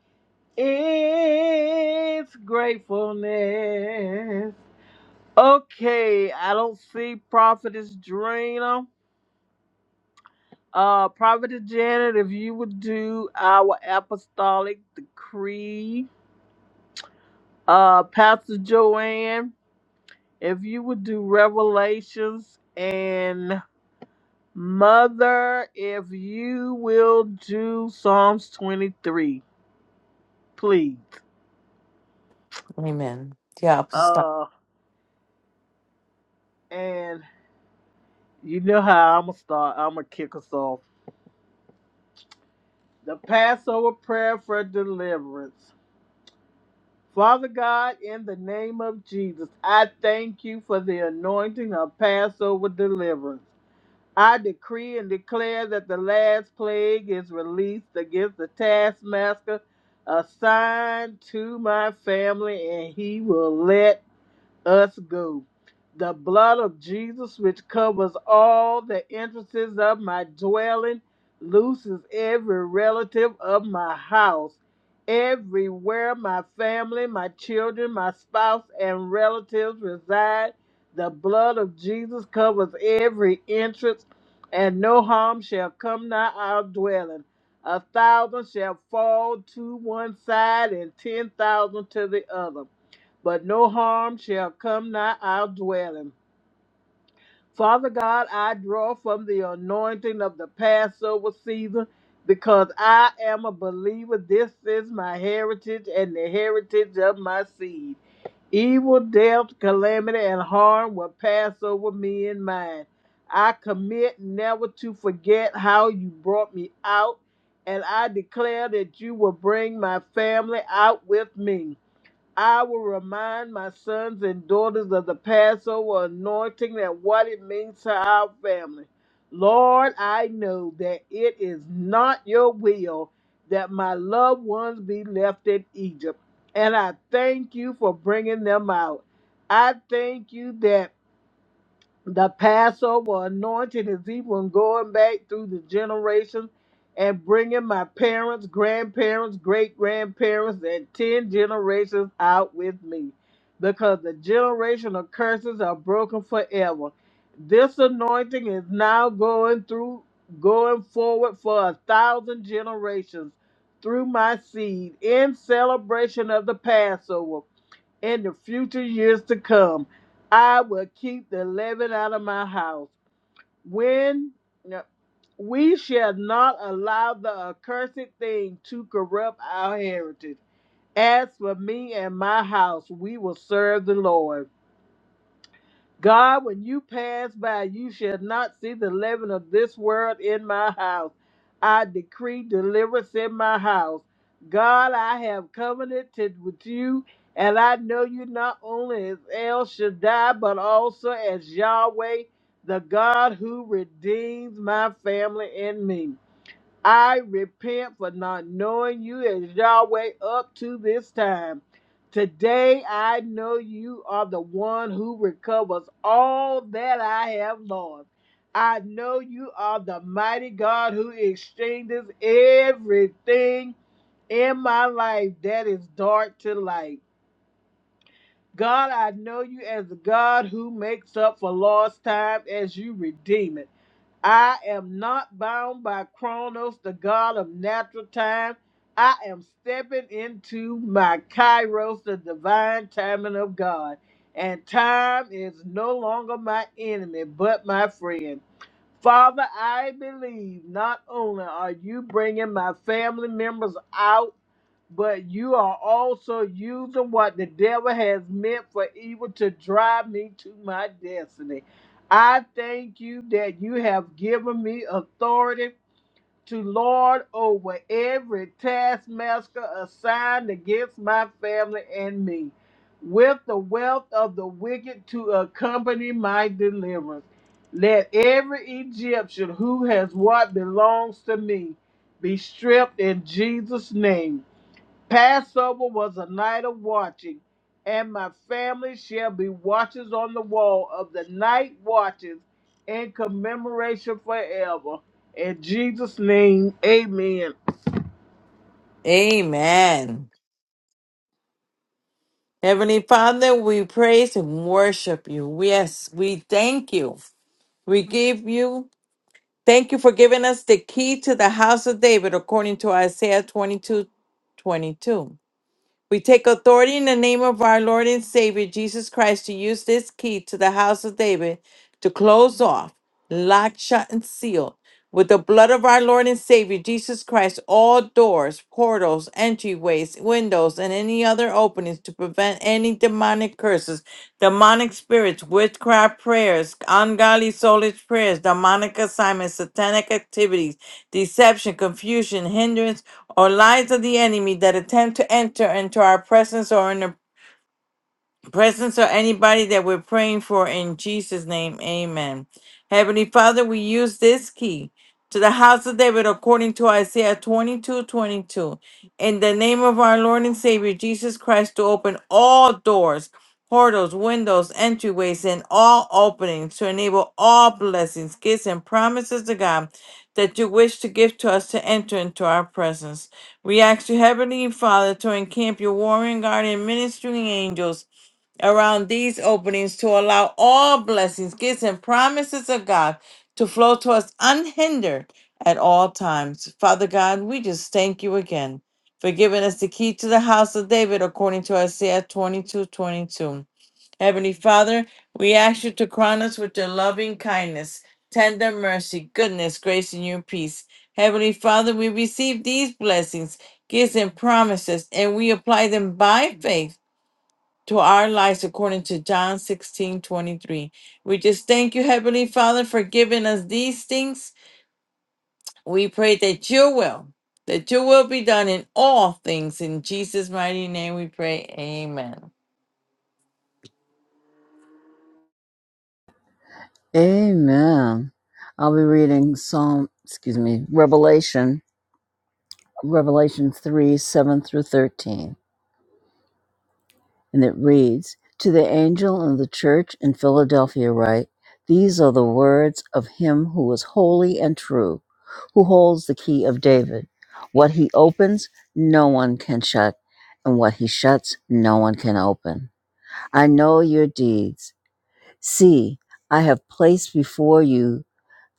Speaker 1: It's gratefulness. Okay, I don't see Prophetess Drina. Uh, Prophetess Janet, if you would do our apostolic decree. Uh, Pastor Joanne, if you would do revelations. And Mother, if you will do Psalms 23, please.
Speaker 2: Amen. Yeah, I'll stop.
Speaker 1: Uh, and you know how I'm going to start. I'm going to kick us off. The Passover prayer for deliverance. Father God, in the name of Jesus, I thank you for the anointing of Passover deliverance. I decree and declare that the last plague is released against the taskmaster assigned to my family, and he will let us go. The blood of Jesus, which covers all the entrances of my dwelling, looses every relative of my house, everywhere my family, my children, my spouse, and relatives reside. The blood of Jesus covers every entrance, and no harm shall come nigh our dwelling. A thousand shall fall to one side, and ten thousand to the other but no harm shall come nigh our dwelling. Father God, I draw from the anointing of the Passover season because I am a believer. This is my heritage and the heritage of my seed. Evil, death, calamity, and harm will pass over me and mine. I commit never to forget how you brought me out, and I declare that you will bring my family out with me. I will remind my sons and daughters of the Passover anointing and what it means to our family. Lord, I know that it is not your will that my loved ones be left in Egypt, and I thank you for bringing them out. I thank you that. The Passover anointing is even going back through the generations and bringing my parents, grandparents, great grandparents, and 10 generations out with me because the generational curses are broken forever. This anointing is now going through, going forward for a thousand generations through my seed in celebration of the Passover in the future years to come. I will keep the leaven out of my house. When no, we shall not allow the accursed thing to corrupt our heritage. As for me and my house, we will serve the Lord. God, when you pass by, you shall not see the leaven of this world in my house. I decree deliverance in my house. God, I have covenanted with you, and I know you not only as El Shaddai, but also as Yahweh, the God who redeems my family and me. I repent for not knowing you as Yahweh up to this time. Today I know you are the one who recovers all that I have lost. I know you are the mighty God who exchanges everything in my life that is dark to light. God, I know you as the God who makes up for lost time as you redeem it. I am not bound by Chronos, the God of natural time. I am stepping into my Kairos, the divine timing of God. And time is no longer my enemy, but my friend. Father, I believe not only are you bringing my family members out, but you are also using what the devil has meant for evil to drive me to my destiny. I thank you that you have given me authority to lord over every taskmaster assigned against my family and me, with the wealth of the wicked to accompany my deliverance. Let every Egyptian who has what belongs to me be stripped in Jesus' name. Passover was a night of watching, and my family shall be watchers on the wall of the night watches in commemoration forever. In Jesus' name, amen.
Speaker 2: Amen. Heavenly Father, we praise and worship you. Yes, we thank you. We give you Thank you for giving us the key to the house of David according to Isaiah 22, 22. We take authority in the name of our Lord and Savior Jesus Christ to use this key to the house of David to close off, lock, shut, and seal with the blood of our Lord and Savior Jesus Christ all doors, portals, entryways, windows, and any other openings to prevent any demonic curses, demonic spirits, witchcraft prayers, ungodly soulish prayers, demonic assignments, satanic activities, deception, confusion, hindrance, or lies of the enemy that attempt to enter into our presence or interpret presence or anybody that we're praying for in Jesus' name. Amen. Heavenly Father, we use this key to the house of David according to Isaiah 22, 22, In the name of our Lord and Savior Jesus Christ, to open all doors, portals, windows, entryways, and all openings to enable all blessings, gifts, and promises to God that you wish to give to us to enter into our presence. We ask you, Heavenly Father, to encamp your warring guardian ministering angels around these openings to allow all blessings, gifts, and promises of God to flow to us unhindered at all times. Father God, we just thank you again for giving us the key to the house of David according to Isaiah 22 22. Heavenly Father, we ask you to crown us with your loving kindness, tender mercy, goodness, grace, and your peace. Heavenly Father, we receive these blessings, gifts, and promises, and we apply them by faith to our lives according to John 16 23, We just thank you, Heavenly Father, for giving us these things. We pray that your will, that your will be done in all things. In Jesus' mighty name we pray. Amen.
Speaker 6: Amen. I'll be reading Psalm, excuse me, Revelation, Revelation 3 7 through 13. And it reads To the angel in the church in Philadelphia, write, These are the words of him who is holy and true, who holds the key of David. What he opens, no one can shut, and what he shuts, no one can open. I know your deeds. See, I have placed before you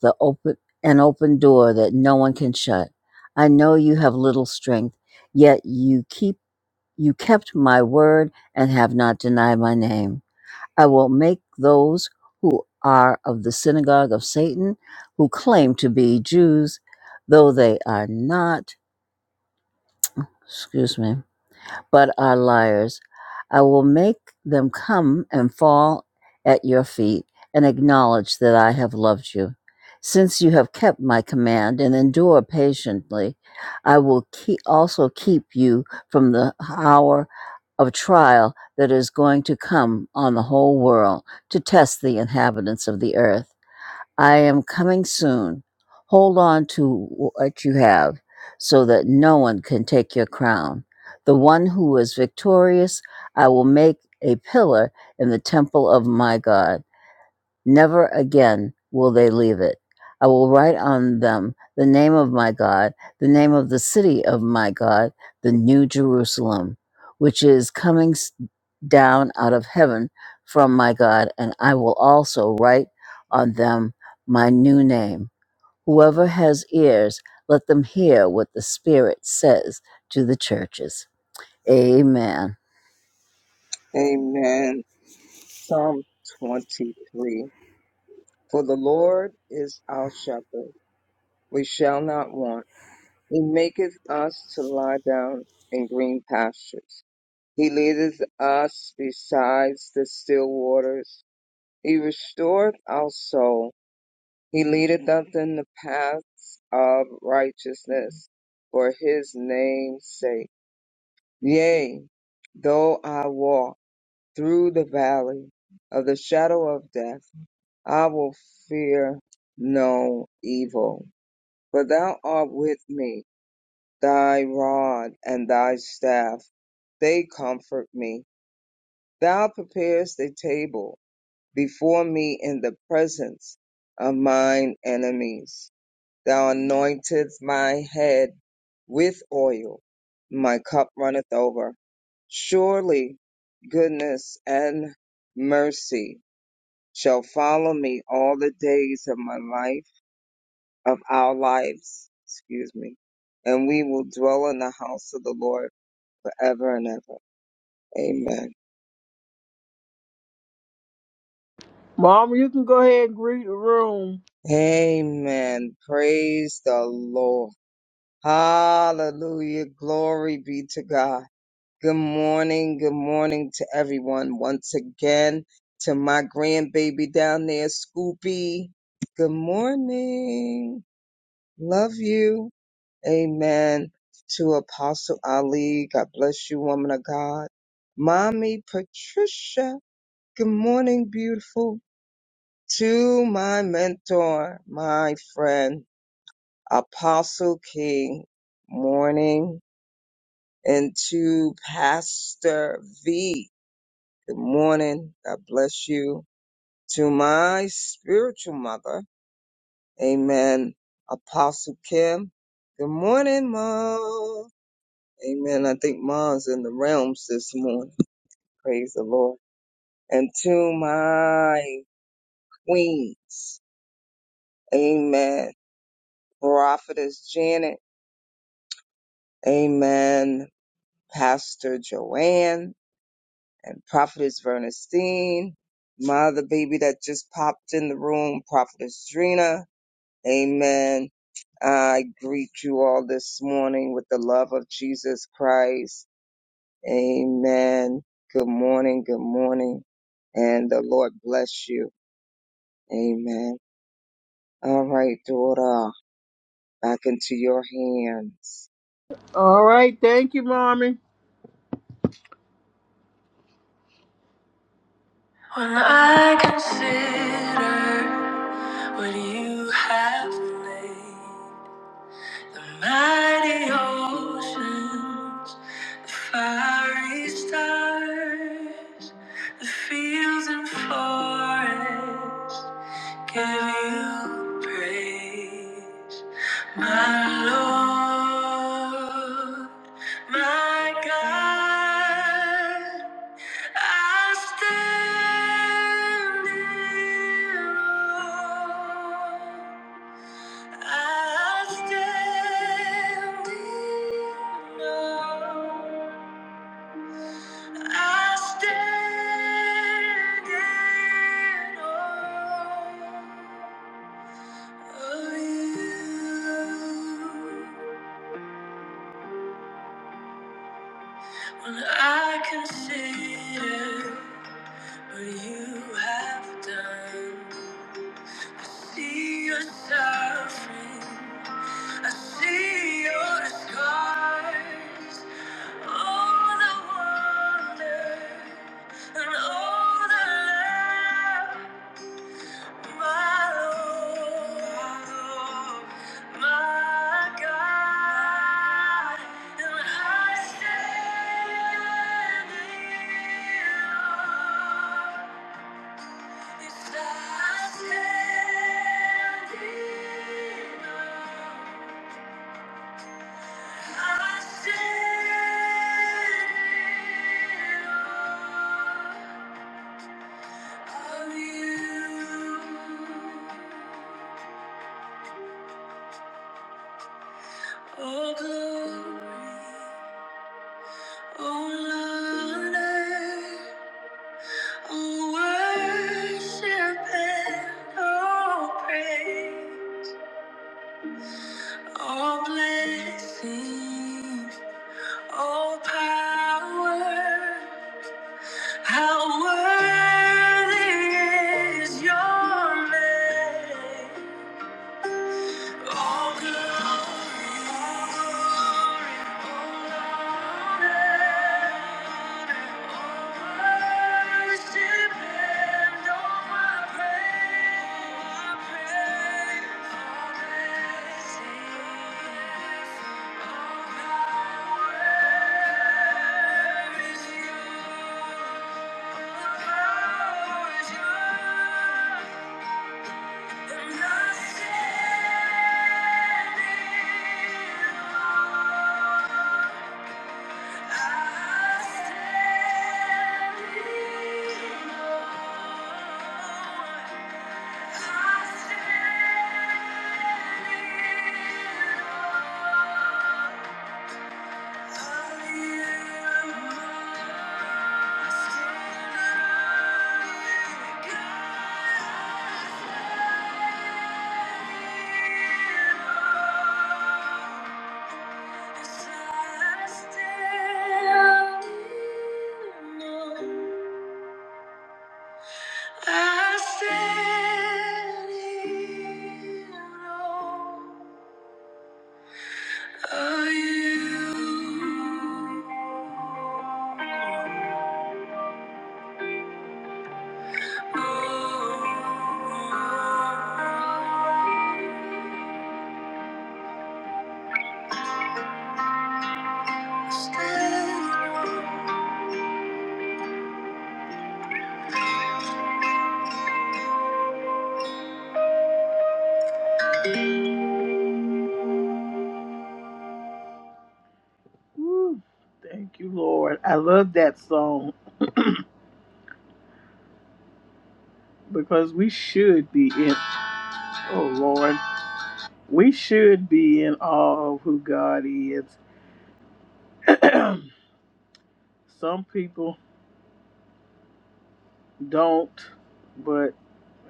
Speaker 6: the open an open door that no one can shut. I know you have little strength, yet you keep you kept my word and have not denied my name. I will make those who are of the synagogue of Satan, who claim to be Jews, though they are not, excuse me, but are liars. I will make them come and fall at your feet and acknowledge that I have loved you. Since you have kept my command and endure patiently, I will keep, also keep you from the hour of trial that is going to come on the whole world to test the inhabitants of the earth I am coming soon. Hold on to what you have so that no one can take your crown. The one who is victorious, I will make a pillar in the temple of my God. Never again will they leave it. I will write on them the name of my God, the name of the city of my God, the New Jerusalem, which is coming s- down out of heaven from my God, and I will also write on them my new name. Whoever has ears, let them hear what the Spirit says to the churches. Amen.
Speaker 3: Amen. Psalm 23. For the Lord is our shepherd. We shall not want. He maketh us to lie down in green pastures. He leadeth us beside the still waters. He restoreth our soul. He leadeth us in the paths of righteousness for his name's sake. Yea, though I walk through the valley of the shadow of death, I will fear no evil, for thou art with me. Thy rod and thy staff, they comfort me. Thou preparest a table before me in the presence of mine enemies. Thou anointest my head with oil. My cup runneth over. Surely goodness and mercy shall follow me all the days of my life of our lives, excuse me, and we will dwell in the house of the Lord forever and ever. Amen.
Speaker 1: Mom, you can go ahead and greet the room.
Speaker 3: Amen. Praise the Lord. Hallelujah. Glory be to God. Good morning. Good morning to everyone once again. To my grandbaby down there, Scoopy. Good morning. Love you. Amen. To Apostle Ali, God bless you, woman of God. Mommy Patricia, good morning, beautiful. To my mentor, my friend, Apostle King, morning. And to Pastor V, good morning. God bless you. To my spiritual mother, amen. Apostle Kim, good morning, Mom. Amen. I think Mom's in the realms this morning. Praise the Lord. And to my queens, amen. Prophetess Janet, amen. Pastor Joanne and Prophetess Vernestine, Mother Baby that just popped in the room, Prophetess Drina, amen. I greet you all this morning with the love of Jesus Christ. Amen. Good morning. Good morning. And the Lord bless you. Amen. All right, daughter. Back into your hands.
Speaker 1: All right, thank you, Mommy. When I consider what you have laid, the mighty oceans. Fiery stars, the fields and forests give you praise, my Lord, my God. I stand in awe. I stand in awe. I stand in awe of you. When I consider what you have done, see your suffering, I see your scars, all the wonder and all the love. My Lord, my God, and I stand here. Yes, I stand here. I stand here of you. Oh, glory. How worthy is your name? All glory, all honor, all worship and all my praise. All blessings, all power is yours. Thank you. I stand in awe of you. Woo. Thank you, Lord. I love that song because we should be in, oh Lord, we should be in awe of who God is. [clears throat] Some people don't, but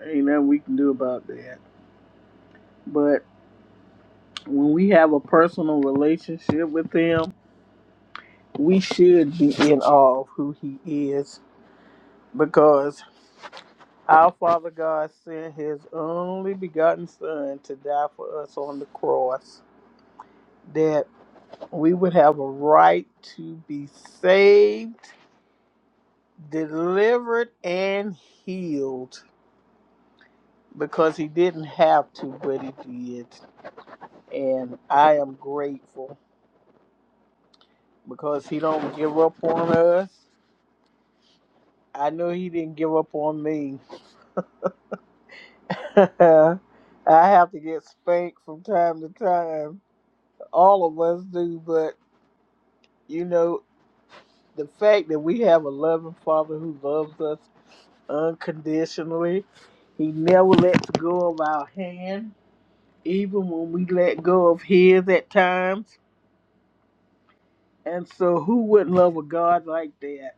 Speaker 1: ain't nothing we can do about that. But when we have a personal relationship with Him, we should be in awe of who He is. because our Father God sent His only begotten Son to die for us on the cross, that we would have a right to be saved, delivered, and healed because He didn't have to, but He did. And I am grateful because He don't give up on us. I know He didn't give up on me. [laughs] I have to get spanked from time to time all of us do, but. You know, the fact that we have a loving Father who loves us unconditionally, He never lets go of our hand, even when we let go of His at times. And so, who wouldn't love a God like that?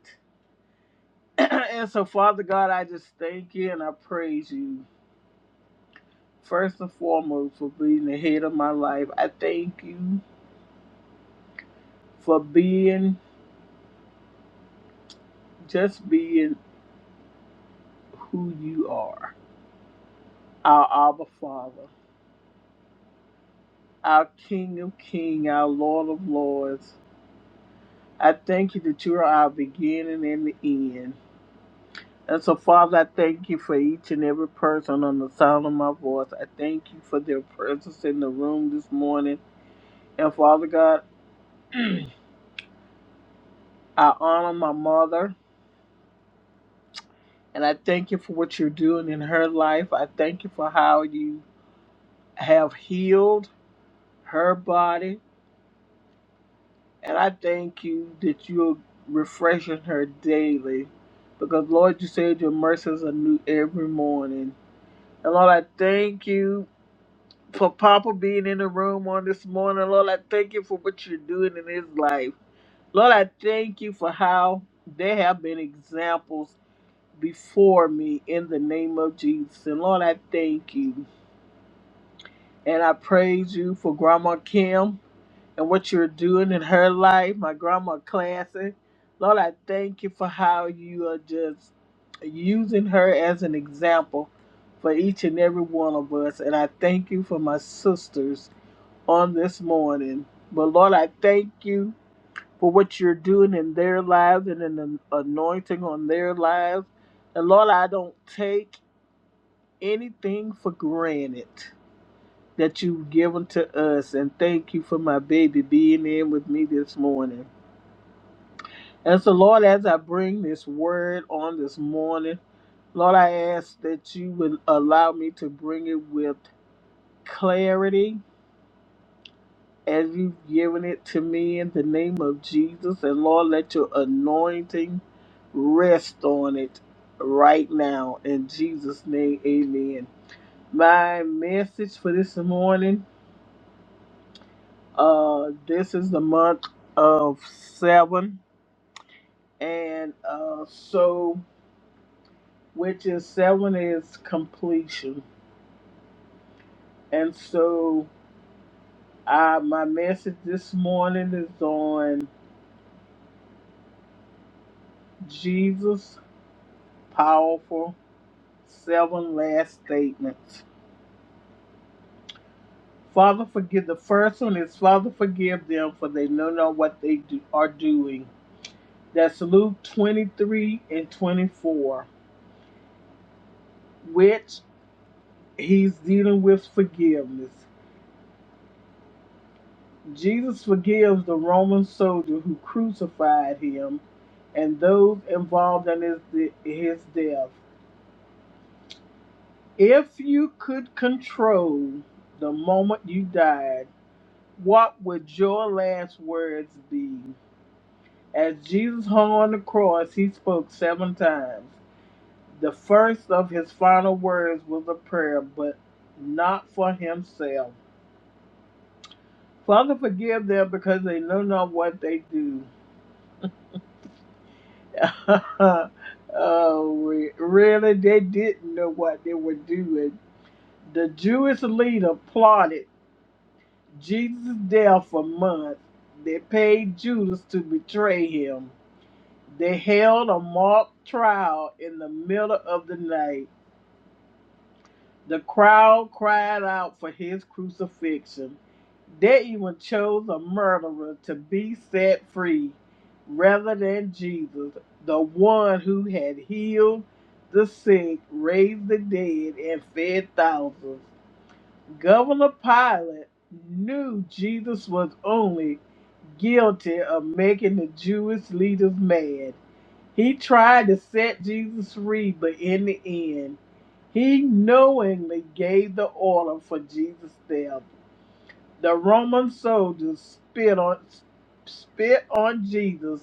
Speaker 1: [clears throat] and so, Father God, I just thank you and I praise you, first and foremost, for being the head of my life. I thank you for being just being who you are, our Abba Father. our King of Kings, our Lord of Lords. I thank you that you are our beginning and the end. And so, Father, I thank you for each and every person on the sound of my voice. I thank you for their presence in the room this morning. And Father God, [clears throat] I honor my mother and I thank you for what you're doing in her life. I thank you for how you have healed her body And I thank you that you're refreshing her daily. Because, Lord, you said your mercies are new every morning. And, Lord, I thank you for Papa being in the room on this morning. Lord, I thank you for what you're doing in his life. Lord, I thank you for how there have been examples before me in the name of Jesus. And, Lord, I thank you. And I praise you for Grandma Kim. and what you're doing in her life, my grandma classic. Lord, I thank you for how you are just using her as an example for each and every one of us. And I thank you for my sisters on this morning. But Lord, I thank you for what you're doing in their lives and in the anointing on their lives. And Lord, I don't take anything for granted that you've given to us, and thank you for my baby being in with me this morning. And so, Lord, as I bring this word on this morning, Lord, I ask that you would allow me to bring it with clarity as you've given it to me in the name of Jesus. And Lord, let your anointing rest on it right now. In Jesus' name, amen. My message for this morning Uh, this is the month of seven, and uh, so which is seven is completion. And so, I my message this morning is on Jesus' powerful seven last statements. Father, forgive the first one is Father, forgive them for they know not what they do, are doing. That's Luke 23 and 24, which he's dealing with forgiveness. Jesus forgives the Roman soldier who crucified him and those involved in his, de- his death. If you could control the moment you died, what would your last words be? As Jesus hung on the cross, he spoke seven times. The first of his final words was a prayer, but not for himself. Father, forgive them because they know not what they do. [laughs] oh, re- really? They didn't know what they were doing. The Jewish leader plotted Jesus' death for months. They paid Judas to betray him. They held a mock trial in the middle of the night. The crowd cried out for his crucifixion. They even chose a murderer to be set free rather than Jesus, the one who had healed the sick, raised the dead, and fed thousands. Governor Pilate knew Jesus was only guilty of making the Jewish leaders mad. He tried to set Jesus free, but in the end, he knowingly gave the order for Jesus' death. The Roman soldiers spit on spit on Jesus,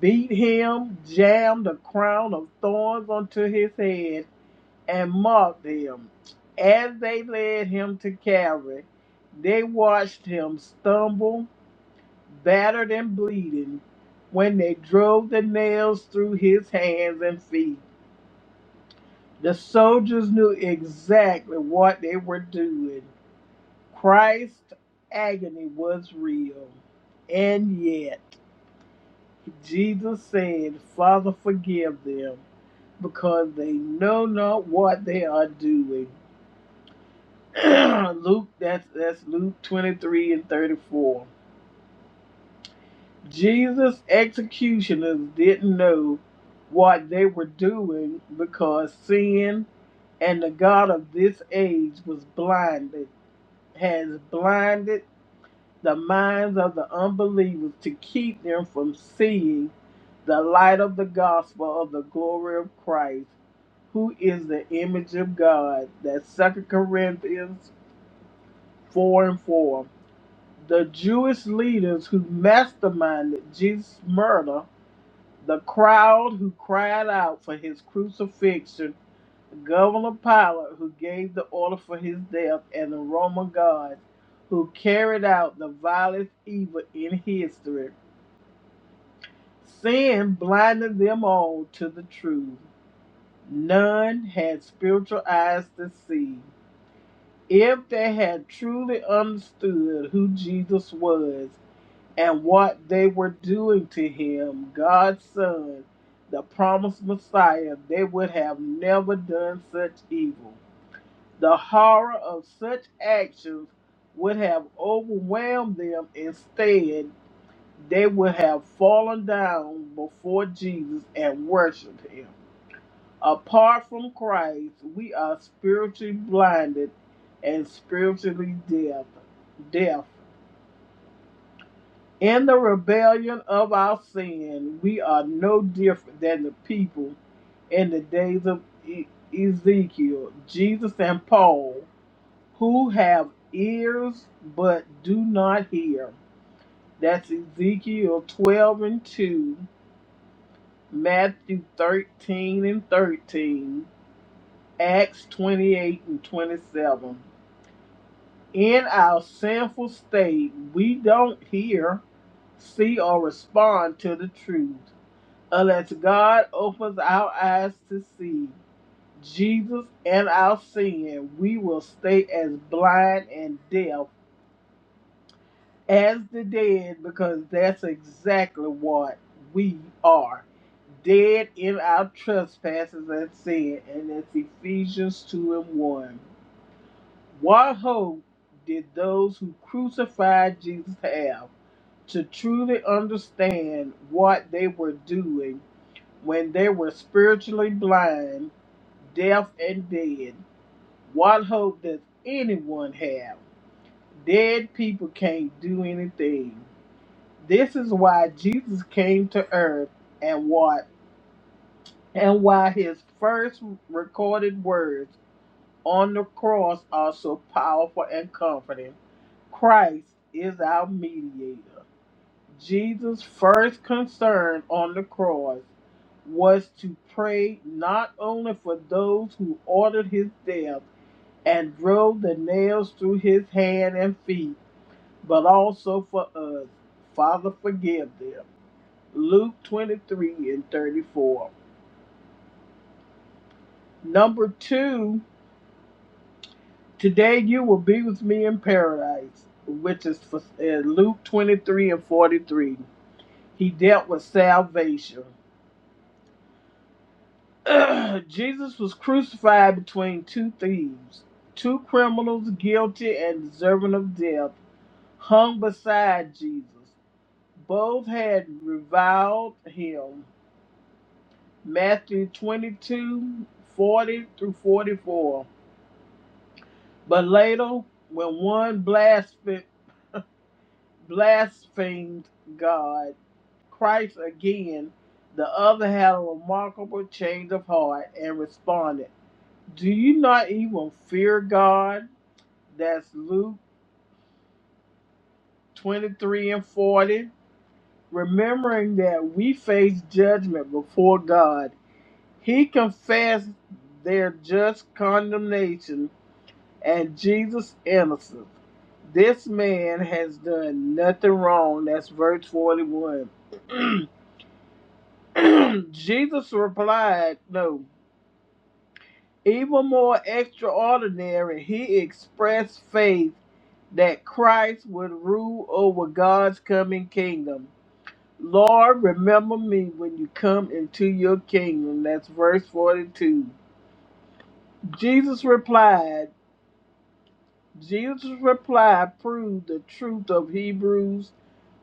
Speaker 1: beat him, jammed a crown of thorns onto his head, and mocked him. As they led him to Calvary, they watched him stumble battered and bleeding, when they drove the nails through his hands and feet. The soldiers knew exactly what they were doing. Christ's agony was real. And yet, Jesus said, Father, forgive them, because they know not what they are doing. [clears throat] Luke, that's, that's Luke 23 and 34. Jesus' executioners didn't know what they were doing because sin and the God of this age was blinded, has blinded the minds of the unbelievers to keep them from seeing the light of the gospel of the glory of Christ, who is the image of God. That's Second Corinthians 4 and 4. The Jewish leaders who masterminded Jesus' murder The crowd who cried out for his crucifixion, Governor Pilate who gave the order for his death, and the Roman guards who carried out the vilest evil in history. Sin blinded them all to the truth. None had spiritual eyes to see. If they had truly understood who Jesus was, and what they were doing to him, God's Son, the promised Messiah, they would have never done such evil. The horror of such actions would have overwhelmed them. Instead, they would have fallen down before Jesus and worshiped him. Apart from Christ, we are spiritually blinded and spiritually deaf. deaf. In the rebellion of our sin, we are no different than the people in the days of E- Ezekiel, Jesus, and Paul, who have ears but do not hear. That's Ezekiel 12 and 2, Matthew 13 and 13, Acts 28 and 27. In our sinful state, we don't hear, see, or respond to the truth. unless God opens our eyes to see Jesus and our sin, we will stay as blind and deaf as the dead because that's exactly what we are. Dead in our trespasses and sin, and that's Ephesians 2 and 1. What hope did those who crucified Jesus have to truly understand what they were doing when they were spiritually blind, deaf, and dead, what hope does anyone have? Dead people can't do anything. This is why Jesus came to earth and what and why his first recorded words on the cross are so powerful and comforting. Christ is our mediator. Jesus' first concern on the cross was to pray not only for those who ordered his death and drove the nails through his hand and feet, but also for us. Father, forgive them. Luke 23 and 34. Number two, today you will be with me in paradise, which is for, uh, Luke 23 and 43. He dealt with salvation. [clears throat] Jesus was crucified between two thieves, two criminals guilty and deserving of death, hung beside Jesus. Both had reviled him. Matthew 22 40 through 44. But later, when one blasphemed, blasphemed God, Christ again, the other had a remarkable change of heart and responded, Do you not even fear God? That's Luke 23 and 40. Remembering that we face judgment before God, he confessed their just condemnation and Jesus' innocence. This man has done nothing wrong. That's verse 41. [clears throat] Jesus replied, No. Even more extraordinary, he expressed faith that Christ would rule over God's coming kingdom. Lord, remember me when you come into your kingdom. That's verse 42. Jesus replied, Jesus' reply proved the truth of Hebrews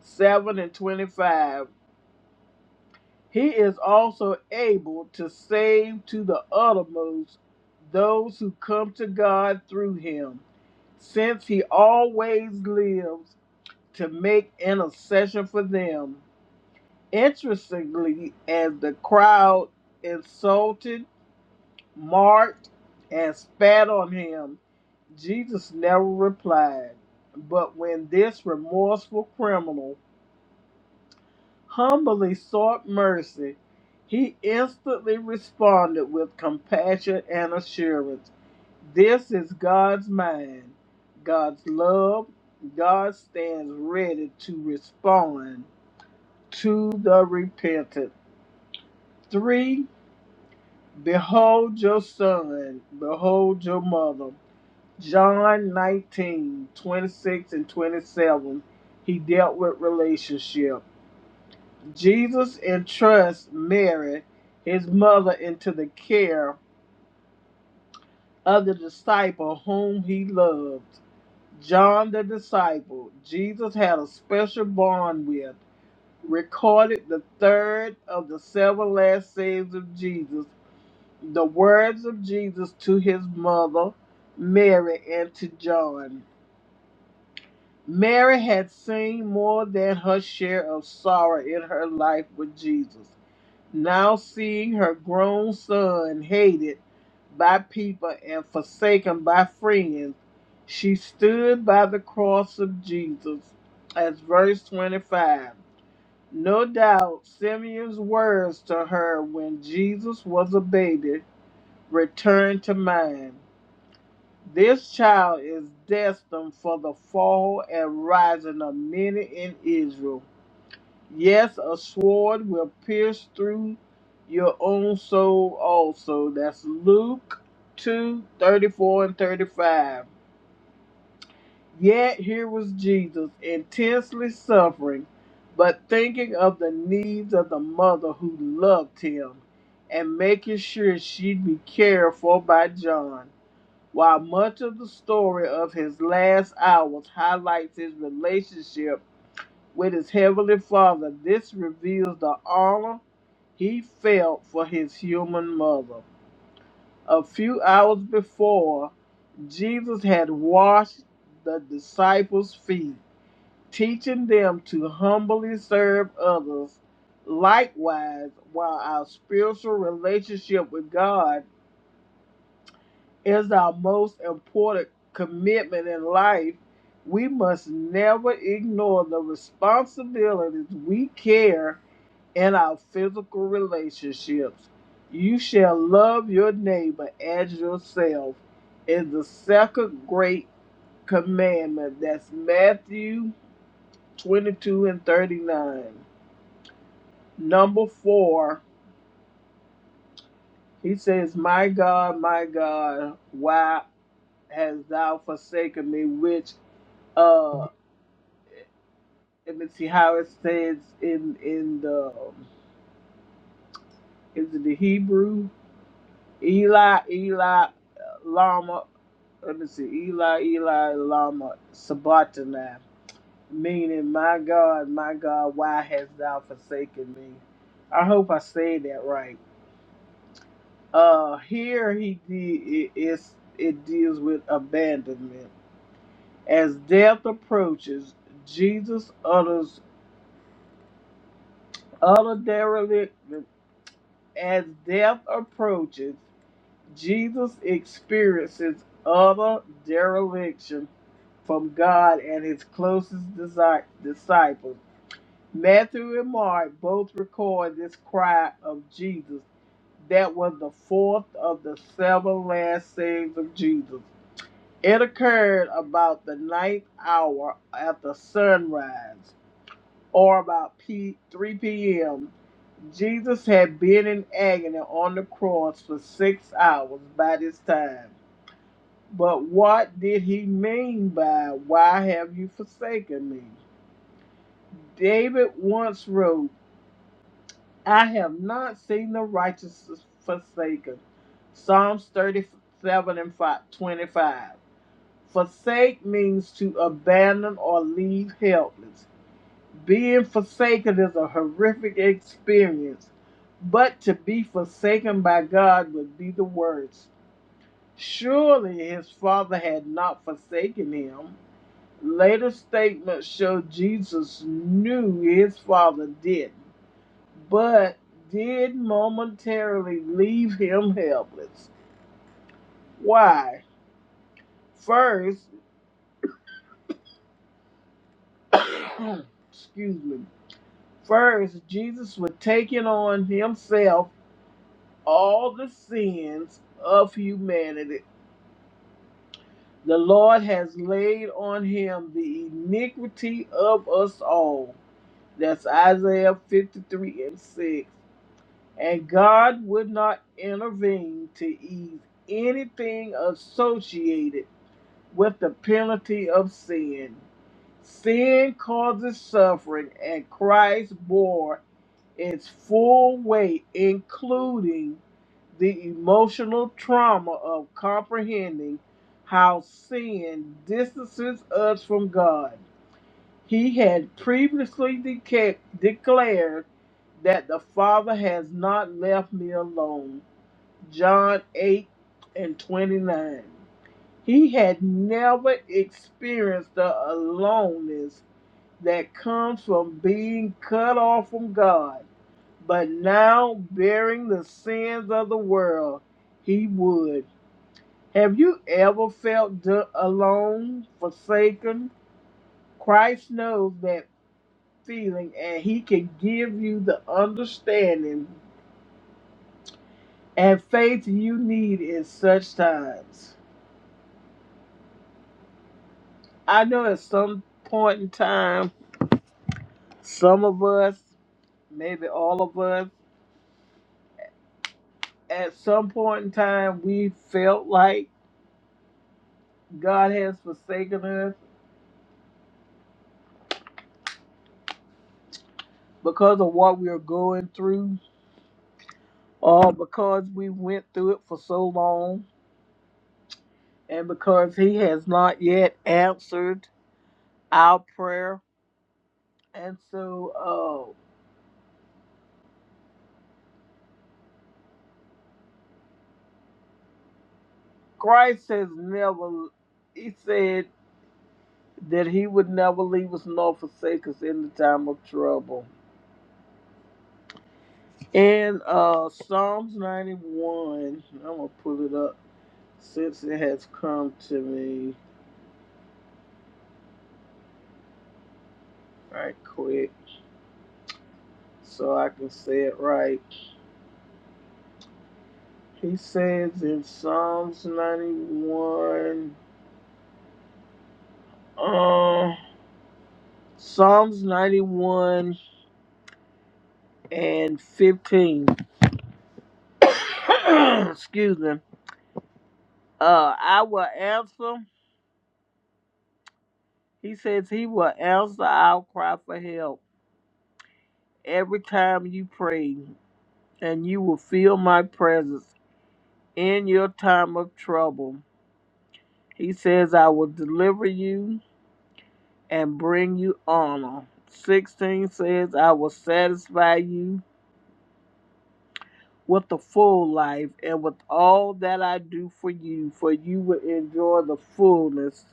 Speaker 1: 7 and 25. He is also able to save to the uttermost those who come to God through him, since he always lives to make intercession for them. Interestingly, as the crowd insulted, mocked, and spat on him, Jesus never replied. But when this remorseful criminal humbly sought mercy, he instantly responded with compassion and assurance. This is God's mind, God's love. God stands ready to respond to the repentant. Three Behold your son, behold your mother. John 19:26 and 27. He dealt with relationship. Jesus entrusts Mary, his mother, into the care of the disciple whom he loved. John the disciple, Jesus had a special bond with, recorded the third of the seven last sayings of Jesus the words of Jesus to his mother, Mary, and to John. Mary had seen more than her share of sorrow in her life with Jesus. Now, seeing her grown son hated by people and forsaken by friends, she stood by the cross of Jesus, as verse 25. No doubt, Simeon's words to her when Jesus was a baby returned to mind. This child is destined for the fall and rising of many in Israel. Yes, a sword will pierce through your own soul also. That's Luke 2 34 and 35. Yet here was Jesus intensely suffering, but thinking of the needs of the mother who loved him and making sure she'd be cared for by John while much of the story of his last hours highlights his relationship with his heavenly father, this reveals the honor he felt for his human mother. A few hours before, Jesus had washed the disciples' feet, teaching them to humbly serve others. Likewise, while our spiritual relationship with God is our most important commitment in life, we must never ignore the responsibilities we care in our physical relationships. You shall love your neighbor as yourself is the second great commandment. That's Matthew 22 and 39. Number four, he says, My God, my God, why hast thou forsaken me? Which uh. let me see how it says in in the um, is it the Hebrew Eli Eli uh, Lama let me see Eli Eli Lama Sabatana meaning my God my God why hast thou forsaken me I hope I say that right uh here he de- it, it's, it deals with abandonment as death approaches Jesus utters utterly as death approaches Jesus experiences utter dereliction from God and his closest desi- disciples. Matthew and Mark both record this cry of Jesus. That was the fourth of the seven last sayings of Jesus. It occurred about the ninth hour after sunrise, or about P- 3 p.m. Jesus had been in agony on the cross for six hours by this time. But what did he mean by, Why have you forsaken me? David once wrote, I have not seen the righteous forsaken. Psalms 37 and 25. Forsake means to abandon or leave helpless. Being forsaken is a horrific experience, but to be forsaken by God would be the worst. Surely his father had not forsaken him. Later statements show Jesus knew his father didn't, but did momentarily leave him helpless. Why? First, [coughs] excuse me, first, Jesus was taking on himself all the sins of humanity. The Lord has laid on him the iniquity of us all. That's Isaiah 53 and 6. and God would not intervene to ease anything associated with the penalty of sin. Sin causes suffering, and Christ bore its full weight, including the emotional trauma of comprehending how sin distances us from God. He had previously deca- declared that the Father has not left me alone. John 8 and 29. He had never experienced the aloneness that comes from being cut off from God, but now bearing the sins of the world, he would. Have you ever felt d- alone, forsaken? Christ knows that feeling and he can give you the understanding and faith you need in such times. I know at some point in time, some of us, maybe all of us, at some point in time, we felt like God has forsaken us because of what we are going through or because we went through it for so long and because he has not yet answered our prayer. And so, uh, Christ has never, he said that he would never leave us nor forsake us in the time of trouble. In uh, Psalms 91, I'm going to pull it up since it has come to me right quick so I can say it right. He says in Psalms 91, uh, Psalms 91 and 15, [coughs] excuse me, uh, I will answer He says he will answer our cry for help every time you pray, and you will feel my presence in your time of trouble. He says, I will deliver you and bring you honor. 16 says, I will satisfy you with a full life and with all that I do for you, for you will enjoy the fullness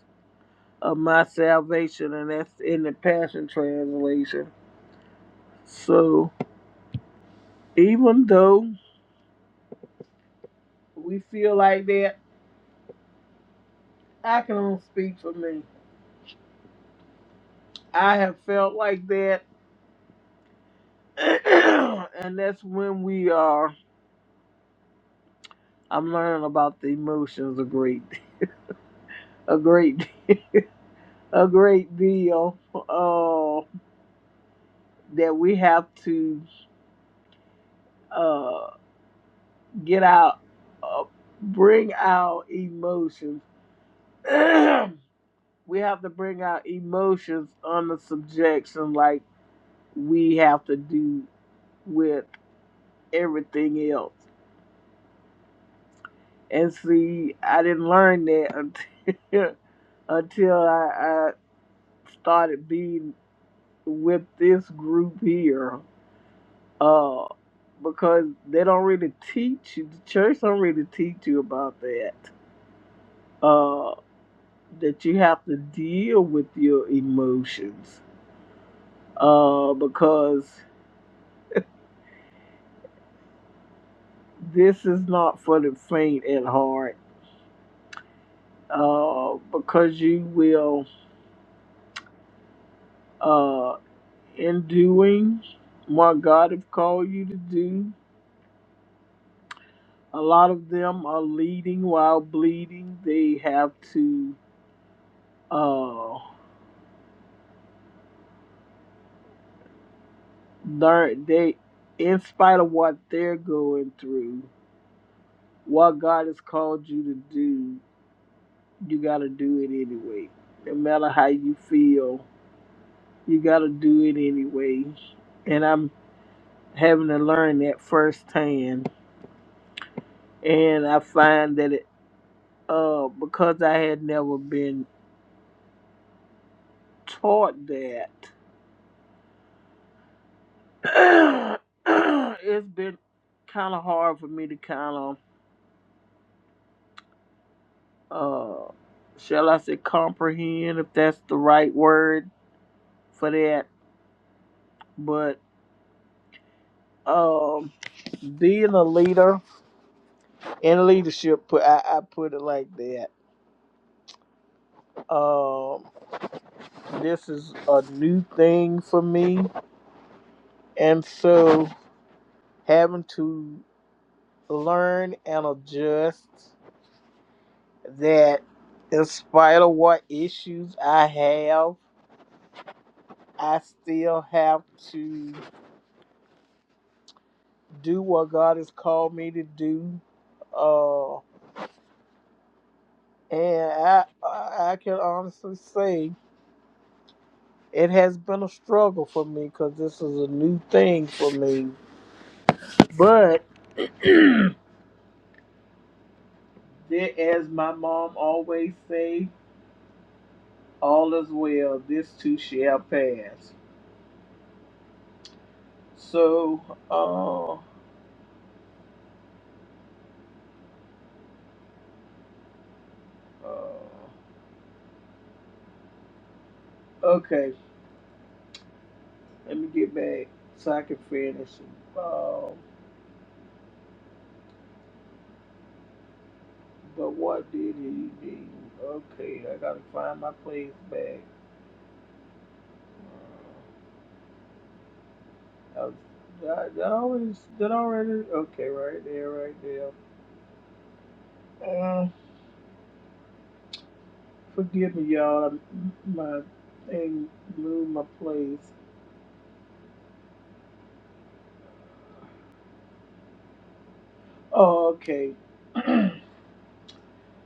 Speaker 1: of my salvation. And that's in the Passion Translation. So, even though we feel like that. I can only speak for me. I have felt like that, [clears throat] and that's when we are. I'm learning about the emotions a great, [laughs] a great, a great deal. Uh, that we have to uh, get out, uh, bring our emotions. [clears throat] we have to bring our emotions under subjection, like we have to do with everything else And see, I didn't learn that until [laughs] until I, I started being with this group here. Uh, because they don't really teach you, the church don't really teach you about that. Uh, that you have to deal with your emotions. Uh, because this is not for the faint at heart. Uh, because you will Uh, in doing what God have called you to do. A lot of them are leading while bleeding. They have to uh, learn. They, in spite of what they're going through, what God has called you to do, you got to do it anyway. No matter how you feel, you got to do it anyway. And I'm having to learn that firsthand. And I find that it, uh, because I had never been taught that, [clears throat] it's been kind of hard for me to kind of, uh, shall I say, comprehend if that's the right word for that. But um, being a leader in leadership, put I, I put it like that. Um, this is a new thing for me, and so having to learn and adjust that in spite of what issues I have, I still have to do what God has called me to do. Uh, and I, I I can honestly say it has been a struggle for me because this is a new thing for me. But [clears throat] there- as my mom always say, all is well. This too shall pass. So, uh, uh, okay. Let me get back so I can finish. Um, but what did he do? Okay, I gotta find my place back. Uh, I was, I, I always did I already. Okay, right there, right there. Uh, forgive me, y'all. I- My thing moved my place. Oh, okay. [clears throat]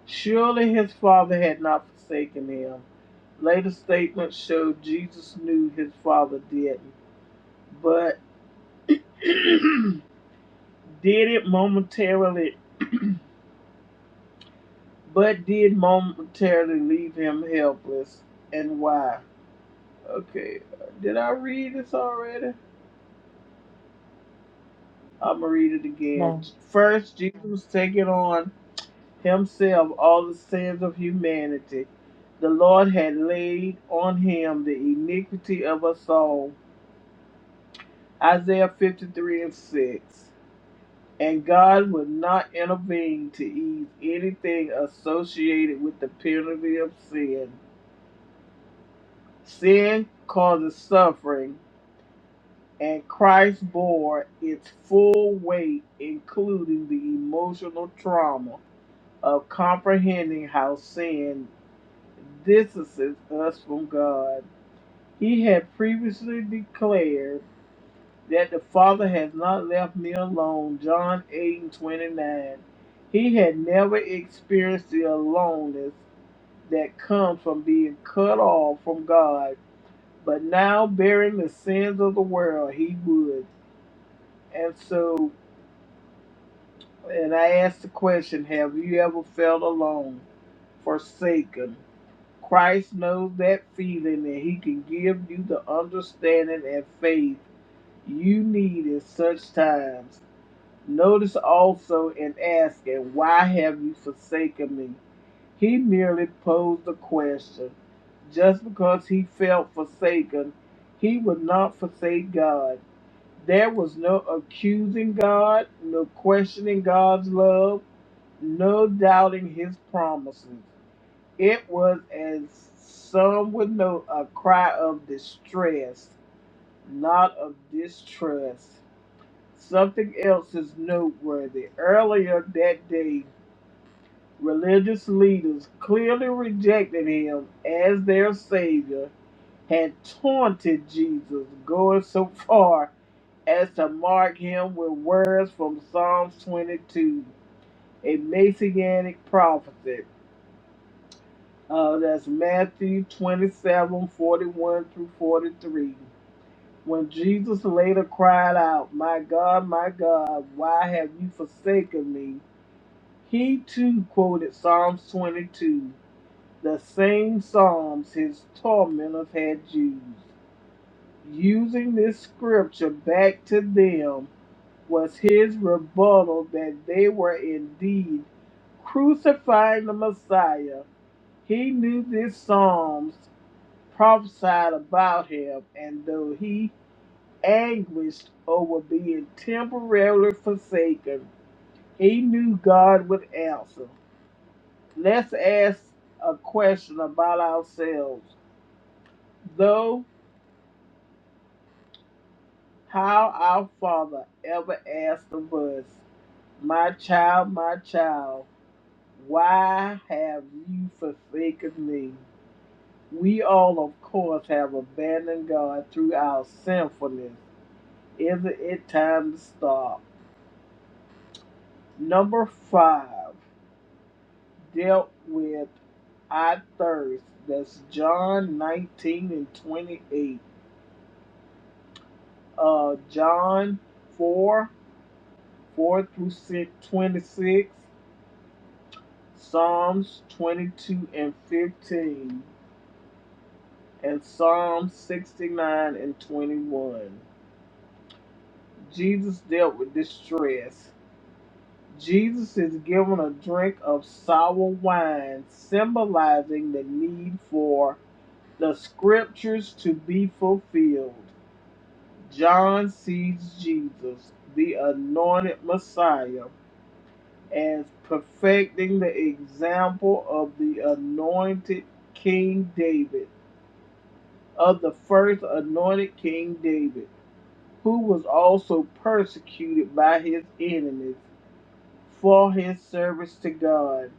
Speaker 1: Surely his father had not forsaken him. Later statements show Jesus knew his father didn't, but [clears throat] did it momentarily, but did momentarily leave him helpless. And why? Okay, did I read this already? I'm gonna read it again.
Speaker 2: No.
Speaker 1: First, Jesus was taking on himself all the sins of humanity. The Lord had laid on him the iniquity of us all. Isaiah 53 and 6. And God would not intervene to ease anything associated with the penalty of sin Sin causes suffering, and Christ bore its full weight, including the emotional trauma of comprehending how sin distances us from God. He had previously declared that the Father has not left me alone, John 8 and 29. He had never experienced the aloneness that comes from being cut off from God but now bearing the sins of the world, he would. And so, and I asked the question, have you ever felt alone, forsaken? Christ knows that feeling and he can give you the understanding and faith you need in such times. Notice also in asking, why have you forsaken me? He merely posed the question. Just because he felt forsaken, he would not forsake God There was no accusing God, no questioning God's love, no doubting his promises. It was, as some would know, a cry of distress, not of distrust. Something else is noteworthy. Earlier that day, religious leaders clearly rejected him as their savior, had taunted Jesus, going so far as to mark him with words from Psalms 22, a Messianic prophecy. Uh, that's Matthew 27 41 through 43. When Jesus later cried out, My God, my God, why have you forsaken me? He too quoted Psalms 22, the same Psalms his tormentors had used. Using this scripture back to them, was his rebuttal that they were indeed crucifying the Messiah. He knew these Psalms prophesied about him, and though he anguished over being temporarily forsaken, he knew God would answer. Let's ask a question about ourselves. Though how our Father ever asked of us, My child, my child, Why have you forsaken me? We all, of course, have abandoned God through our sinfulness. Isn't it time to stop? Number five, dealt with I thirst. That's John 19 and 28. Uh, John 4, 4 through 6, 26. Psalms 22 and 15. And Psalm 69 and 21. Jesus dealt with distress. Jesus is given a drink of sour wine, symbolizing the need for the scriptures to be fulfilled. John sees Jesus, the anointed Messiah, as perfecting the example of the anointed King David, of the first anointed King David, who was also persecuted by his enemies for his service to God,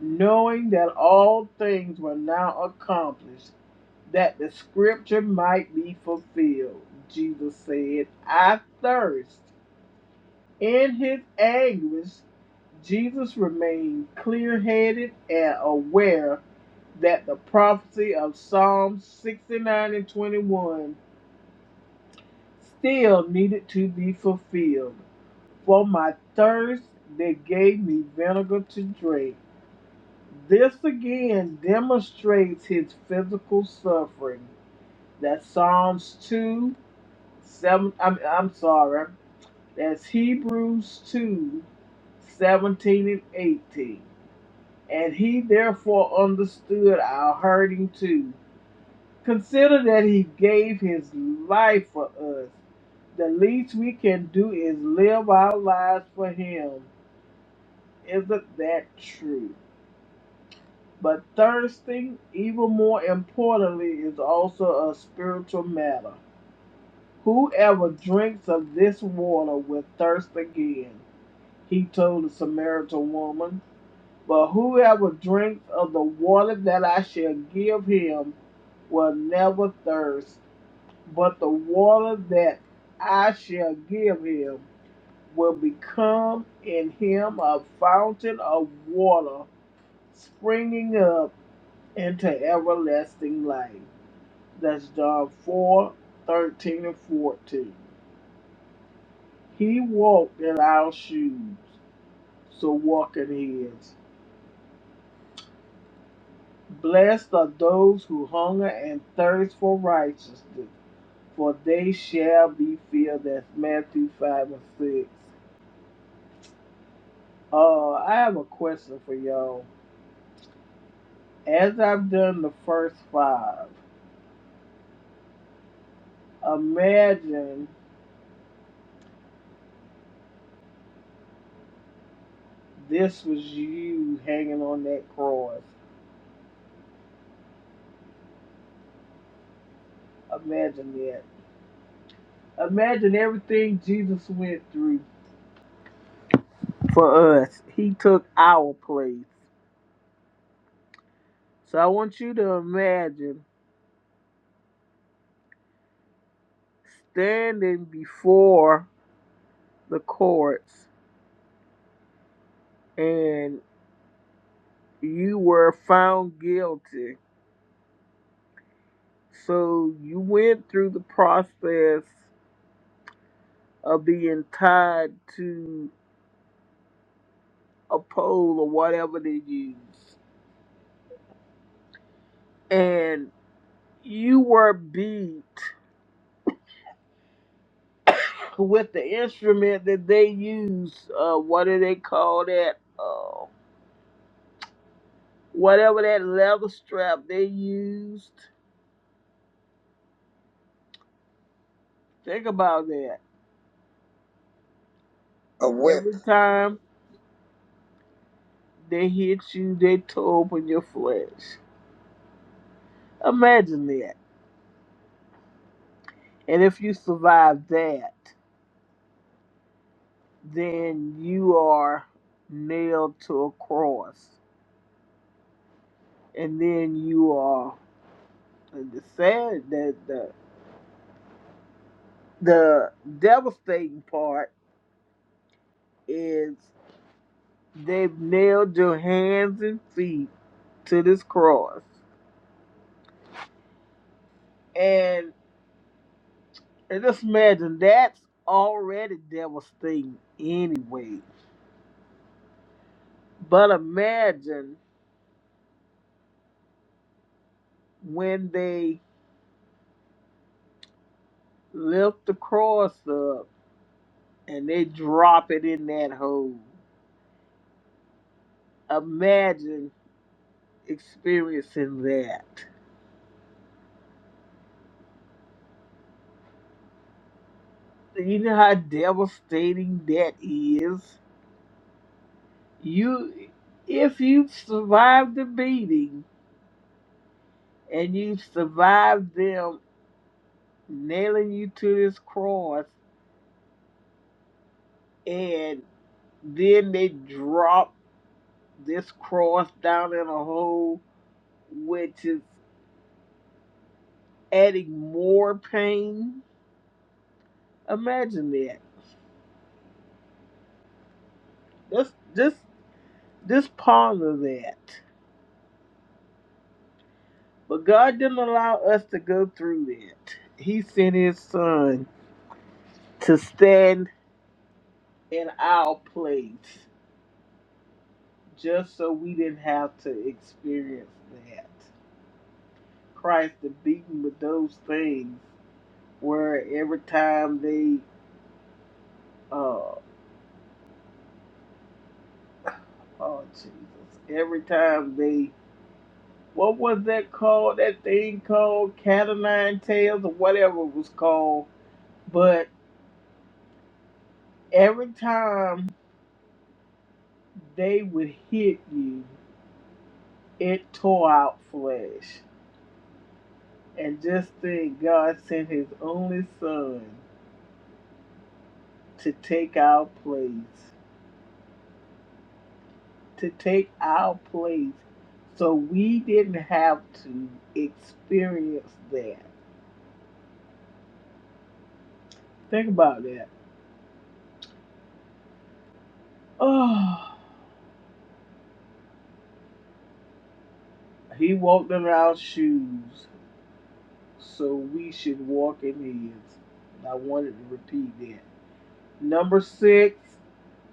Speaker 1: knowing that all things were now accomplished, that the scripture might be fulfilled. Jesus said, I thirst. In his anguish, Jesus remained clear headed and aware that the prophecy of Psalm 69 and 21 still needed to be fulfilled. For my thirst, they gave me vinegar to drink This again demonstrates his physical suffering. That's Psalms 2, 7, I'm, I'm sorry, that's Hebrews 2, 17 and 18. And he therefore understood our hurting too. Consider that he gave his life for us. The least we can do is live our lives for him. Isn't that true? But thirsting, even more importantly, is also a spiritual matter. Whoever drinks of this water will thirst again, he told the Samaritan woman. But whoever drinks of the water that I shall give him will never thirst, but the water that I shall give him will become in him a fountain of water springing up into everlasting life. That's John 4, 13 and 14. He walked in our shoes, so walk in his. Blessed are those who hunger and thirst for righteousness, for they shall be filled. That's Matthew 5 and 6. Uh, I have a question for y'all. As I've done the first five, imagine this was you hanging on that cross. Imagine that. Imagine everything Jesus went through for us. He took our place. So I want you to imagine standing before the courts and you were found guilty. So you went through the process of being tied to a pole or whatever they use. And you were beat with the instrument that they use. Uh, what do they call that? Uh, whatever that leather strap they used. Think about that.
Speaker 3: A whip.
Speaker 1: Every time they hit you, they tore open your flesh. Imagine that. And if you survive that, then you are nailed to a cross. And then you are And the sad that the the devastating part is. They've nailed your hands and feet to this cross. And, and just imagine that's already devastating anyway. But imagine when they lift the cross up and they drop it in that hole. Imagine experiencing that. You know how devastating that is? You if you've survived the beating and you've survived them nailing you to this cross, and then they drop this cross down in a hole, which is adding more pain. Imagine that. Just, just, just ponder that. But God didn't allow us to go through that. He sent His Son to stand in our place, just so we didn't have to experience that. Christ the beating with those things where every time they uh oh Jesus, every time they what was that called? That thing called Cat o' Nine Tails or whatever it was called. But every time they would hit you, it tore out flesh. And just think God sent his only son to take our place. To take our place. So we didn't have to experience that Think about that. Oh, he walked in our shoes, so we should walk in his. I wanted to repeat that. Number six,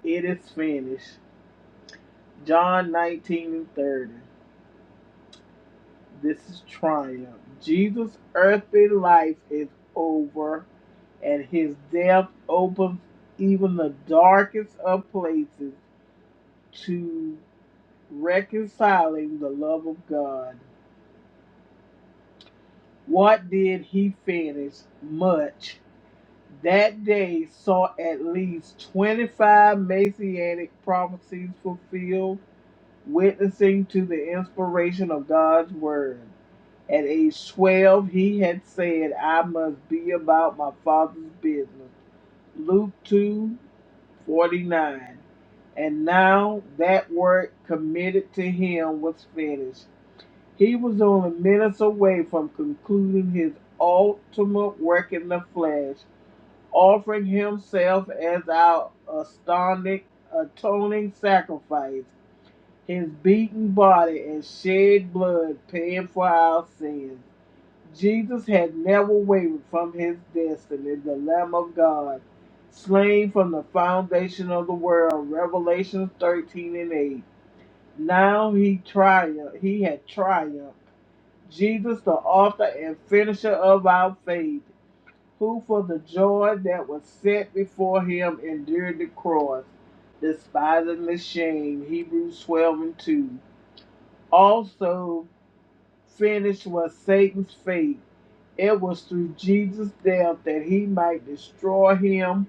Speaker 1: it is finished. John 19 and 30. This is triumph. Jesus' earthly life is over, and his death opens even the darkest of places to reconciling the love of God. What did he finish? Much. That day saw at least 25 messianic prophecies fulfilled, witnessing to the inspiration of God's word. At age 12, he had said, I must be about my father's business. Luke 2 49, And now that work committed to him was finished. He was only minutes away from concluding his ultimate work in the flesh, offering himself as our astounding, atoning sacrifice, his beaten body and shed blood paying for our sins. Jesus had never wavered from his destiny, the Lamb of God, slain from the foundation of the world, Revelation 13 and 8. Now he triumphed, he had triumphed Jesus, the author and finisher of our faith, who for the joy that was set before him endured the cross, despising the shame. Hebrews 12 and 2. Also, finished was Satan's fate. It was through Jesus' death that he might destroy him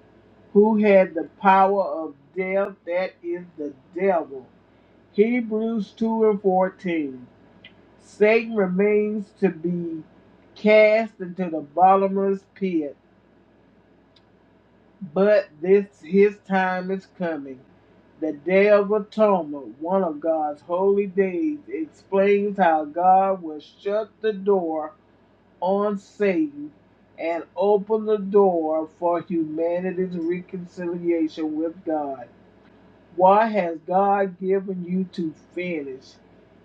Speaker 1: who had the power of death, that is the devil. Hebrews 2 and 14. Satan remains to be cast into the bottomless pit, but this his time is coming. The Day of Atonement, one of God's holy days, explains how God will shut the door on Satan and open the door for humanity's reconciliation with God. What has God given you to finish?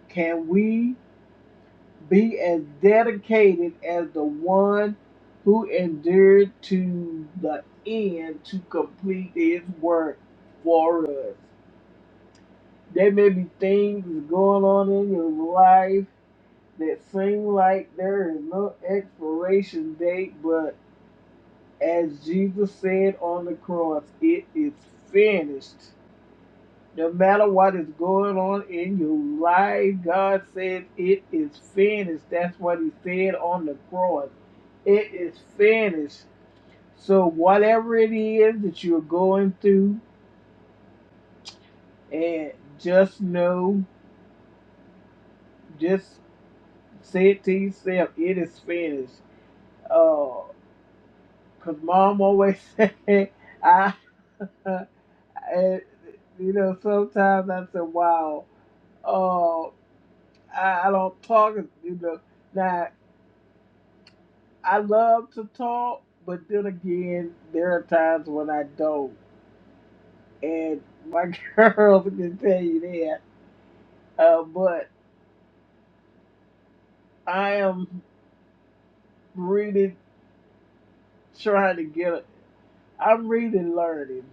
Speaker 1: Can we Be as dedicated as the one who endured to the end to complete his work for us. There may be things going on in your life that seem like there is no expiration date, but as Jesus said on the cross, it is finished. No matter what is going on in your life, God says it is finished. That's what He said on the cross. It is finished. So, whatever it is that you're going through, and just know, just say it to yourself, it is finished. Because mom always said, [laughs] I, [laughs] and, you know, sometimes I said, wow uh, I, I don't talk, you know. Now, I love to talk, but then again, there are times when I don't. And my [laughs] girls can tell you that. Uh, but I am really trying to get, a- I'm really learning.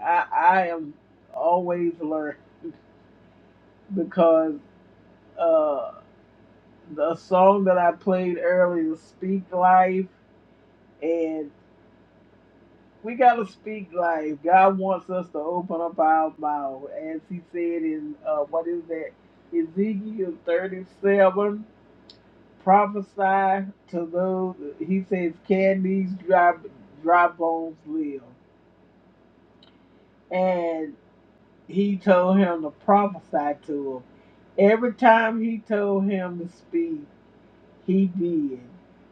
Speaker 1: I, I am always learning [laughs] because uh, the song that I played earlier, Speak Life, and. We gotta speak life. God wants us to open up our mouth, as He said in uh, what is that Ezekiel thirty-seven. Prophesy to those. He says, "Can these dry dry bones live?" And He told him to prophesy to them. Every time He told him to speak, He did,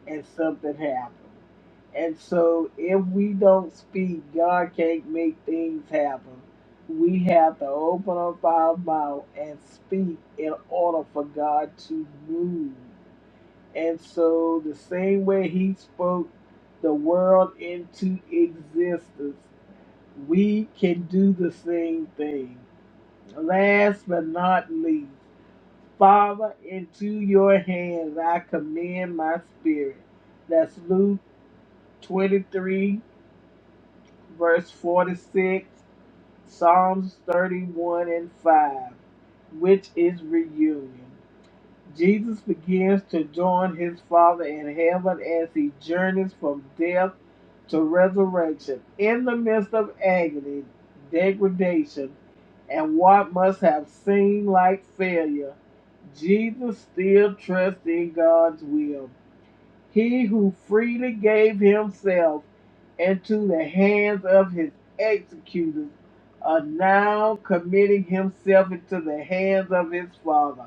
Speaker 1: and something happened. And so, if we don't speak, God can't make things happen. We have to open up our mouth and speak in order for God to move. And so, the same way He spoke the world into existence, we can do the same thing. Last but not least, Father, into your hands I commend my spirit. That's Luke 23, verse 46, Psalms 31 and 5, which is reunion. Jesus begins to join his Father in heaven as he journeys from death to resurrection. In the midst of agony, degradation, and what must have seemed like failure, Jesus still trusts in God's will. He who freely gave himself into the hands of his executors are now committing himself into the hands of his Father.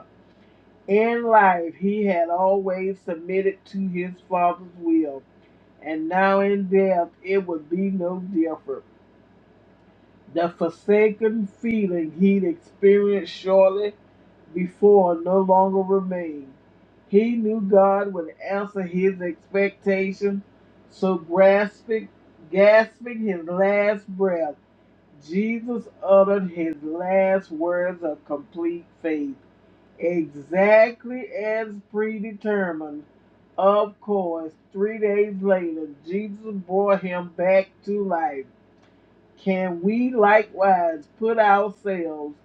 Speaker 1: In life, he had always submitted to his father's will, and now in death, it would be no different. The forsaken feeling he'd experienced shortly before no longer remained. He knew God would answer his expectation, so grasping, gasping his last breath, Jesus uttered his last words of complete faith. Exactly as predetermined. Of course, three days later, Jesus brought him back to life. Can we likewise put ourselves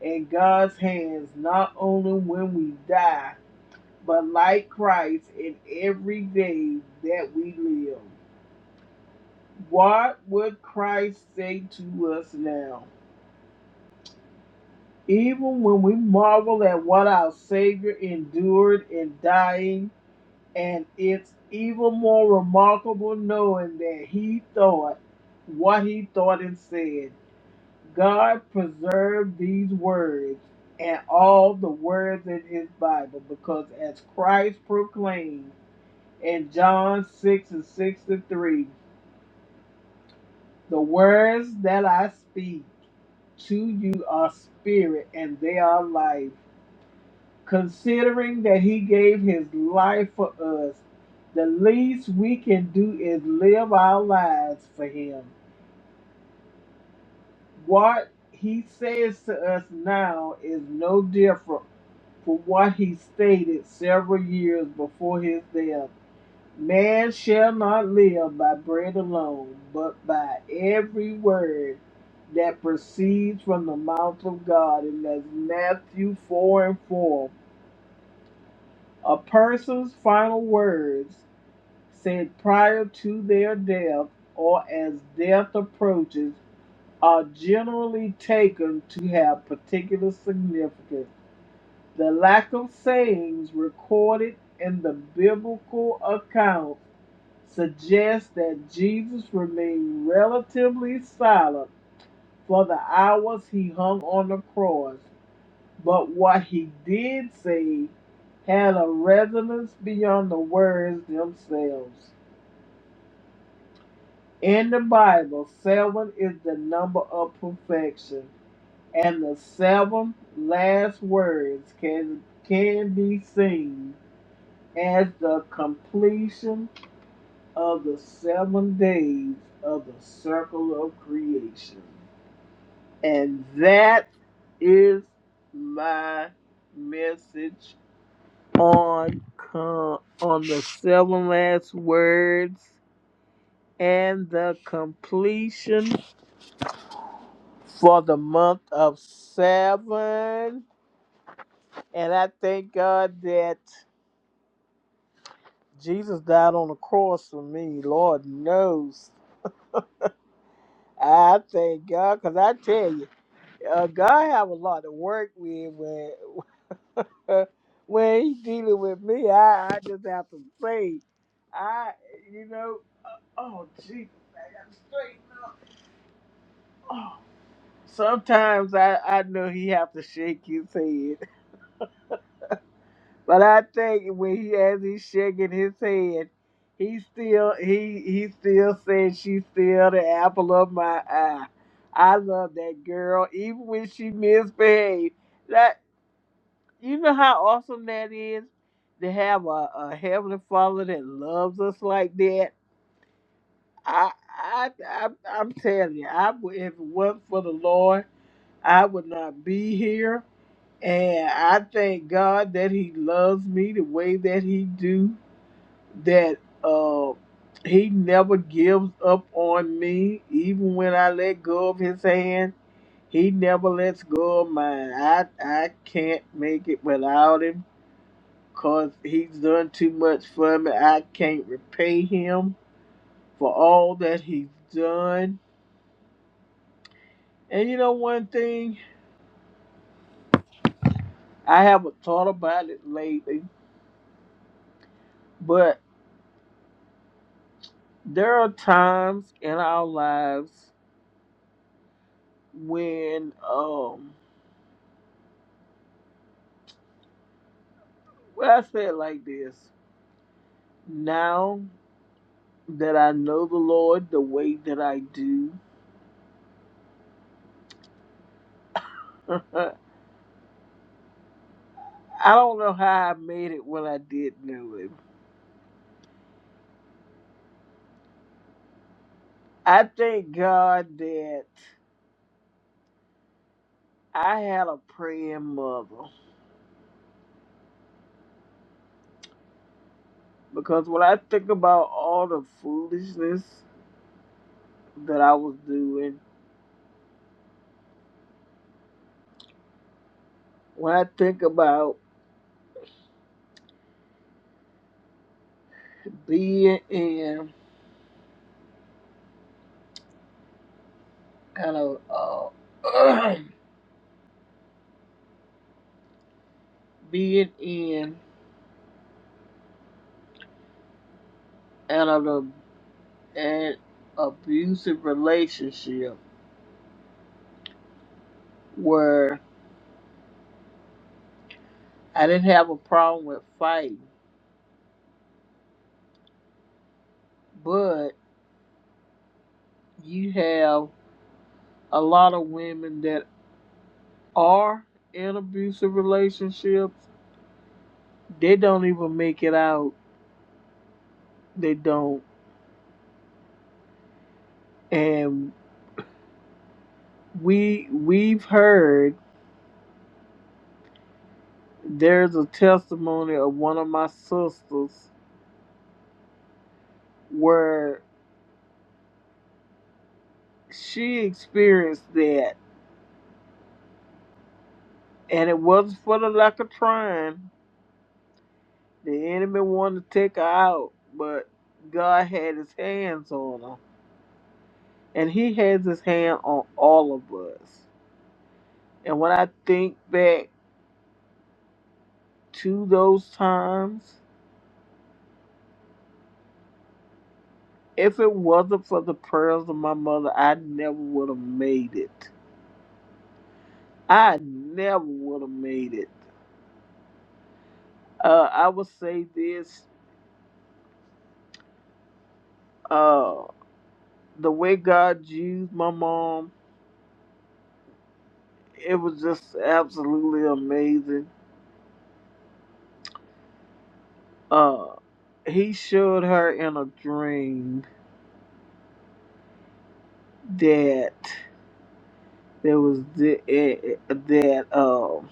Speaker 1: in God's hands not only when we die, but like Christ in every day that we live? What would Christ say to us now? Even when we marvel at what our Savior endured in dying, And it's even more remarkable knowing that he thought what he thought and said. God preserved these words and all the words in his Bible because as Christ proclaimed in John 6 and 63, the words that I speak to you are spirit and they are life. Considering that he gave his life for us, the least we can do is live our lives for him. What he says to us now is no different from what he stated several years before his death. Man shall not live by bread alone, but by every word that proceeds from the mouth of God. And that's Matthew 4 and 4. A person's final words said prior to their death or as death approaches are generally taken to have particular significance. The lack of sayings recorded in the biblical accounts suggests that Jesus remained relatively silent for the hours he hung on the cross but what he did say had a resonance beyond the words themselves. In the Bible, seven is the number of perfection, and the seven last words can can be seen as the completion of the seven days of the circle of creation. And that is my message on co- on the seven last words and the completion for the month of seven. And I thank God that Jesus died on the cross for me. Lord knows. I thank God because I tell you, uh, God have a lot to work with when [laughs] when He dealing with me. I, I just have to say, I you know, uh, oh Jesus, I got to straighten up. Oh, Sometimes I, I know he have to shake his head, but I think when he as he's shaking his head, he still he he still says she's still the apple of my eye. I love that girl, even when she misbehaves. That you know how awesome that is to have a, a heavenly Father that loves us like that. I I, I I'm telling you, I would if it wasn't for the Lord, I would not be here. And I thank God that He loves me the way that He do. That uh, He never gives up on me, even when I let go of His hand. He never lets go of mine. I I can't make it without Him, cause He's done too much for me. I can't repay Him for all that He's done. And you know one thing, I haven't thought about it lately, but. there are times in our lives when um well I say it like this. Now that I know the Lord the way that I do, [laughs] I don't know how I made it when I did know him. I thank God that I had a praying mother. Because when I think about all the foolishness that I was doing, when I think about being in kind of uh [clears throat] being in an, ab- an abusive relationship where I didn't have a problem with fighting, but you have a lot of women that are in abusive relationships. They don't even make it out. They don't. And we we've heard there's a testimony of one of my sisters where she experienced that And it wasn't for the lack of trying. The enemy wanted to take her out, but God had his hands on her. And he has his hand on all of us. And when I think back to those times, if it wasn't for the prayers of my mother, I never would have made it. I never would have made it. Uh, I would say this uh, the way God used my mom, it was just absolutely amazing uh he showed her in a dream that there was the, eh, eh, that um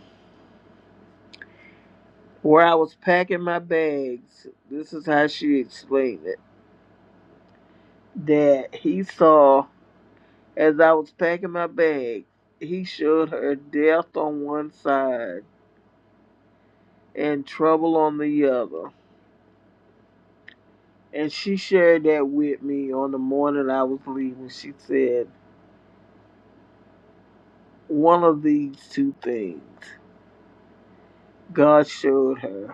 Speaker 1: where I was packing my bags. This is how she explained it. That he saw as I was packing my bag, he showed her death on one side and trouble on the other. And she shared that with me on the morning I was leaving. She said, one of these two things God showed her.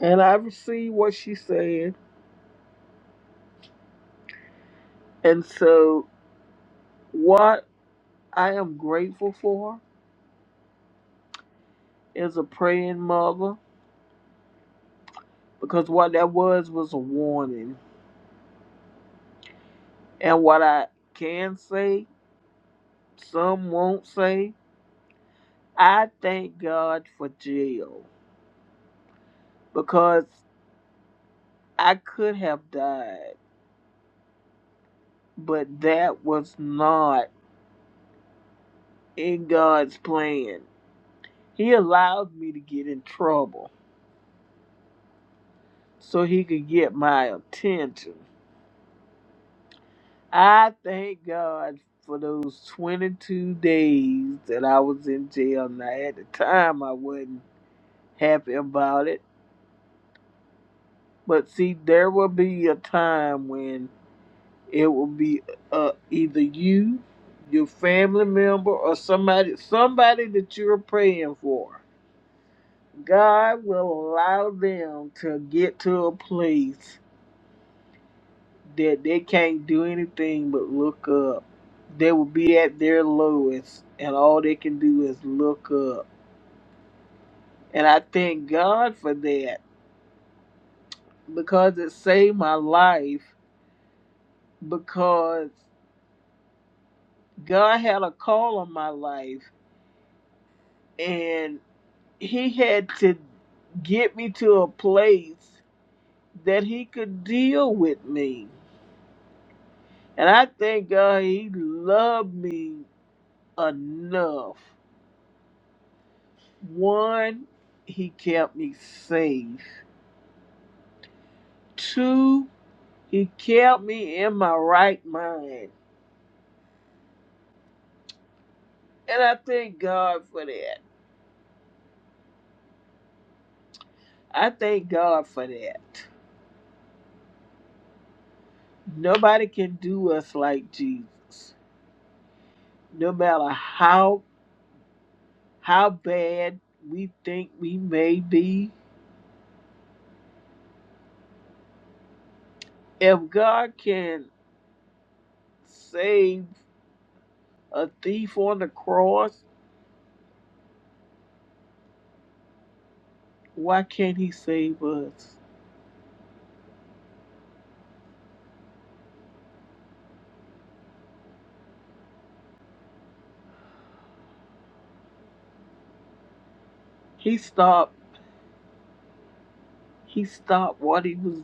Speaker 1: And I received what she said. And so, what I am grateful for is a praying mother because what that was was a warning. And what I can say, some won't say, I thank God for jail because I could have died, but that was not in God's plan. He allowed me to get in trouble so he could get my attention. I thank God for those 22 days that I was in jail. Now, at the time, I wasn't happy about it. But see, there will be a time when it will be uh, either you, your family member, or somebody, somebody that you're praying for. God will allow them to get to a place that they can't do anything but look up. They will be at their lowest, and all they can do is look up. And I thank God for that because it saved my life. Because God had a call on my life, and He had to get me to a place that He could deal with me. And I thank God He loved me enough One, he kept me safe. Two, he kept me in my right mind. And I thank God for that. I thank God for that. Nobody can do us like Jesus. No matter how how bad we think we may be. If God can save a thief on the cross, why can't he save us? He stopped he stopped what he was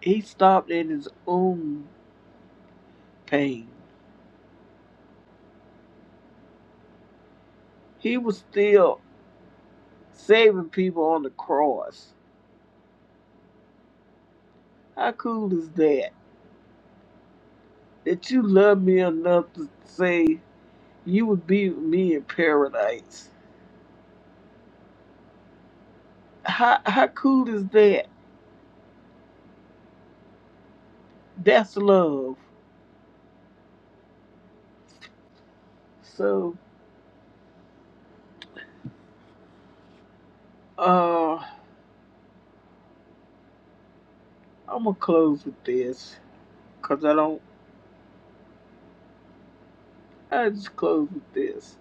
Speaker 1: He stopped at his own pain. He was still saving people on the cross. How cool is that? That you love me enough to say you would be with me in paradise. How how cool is that? That's love. So uh I'm gonna close with this because I don't. I just close with this.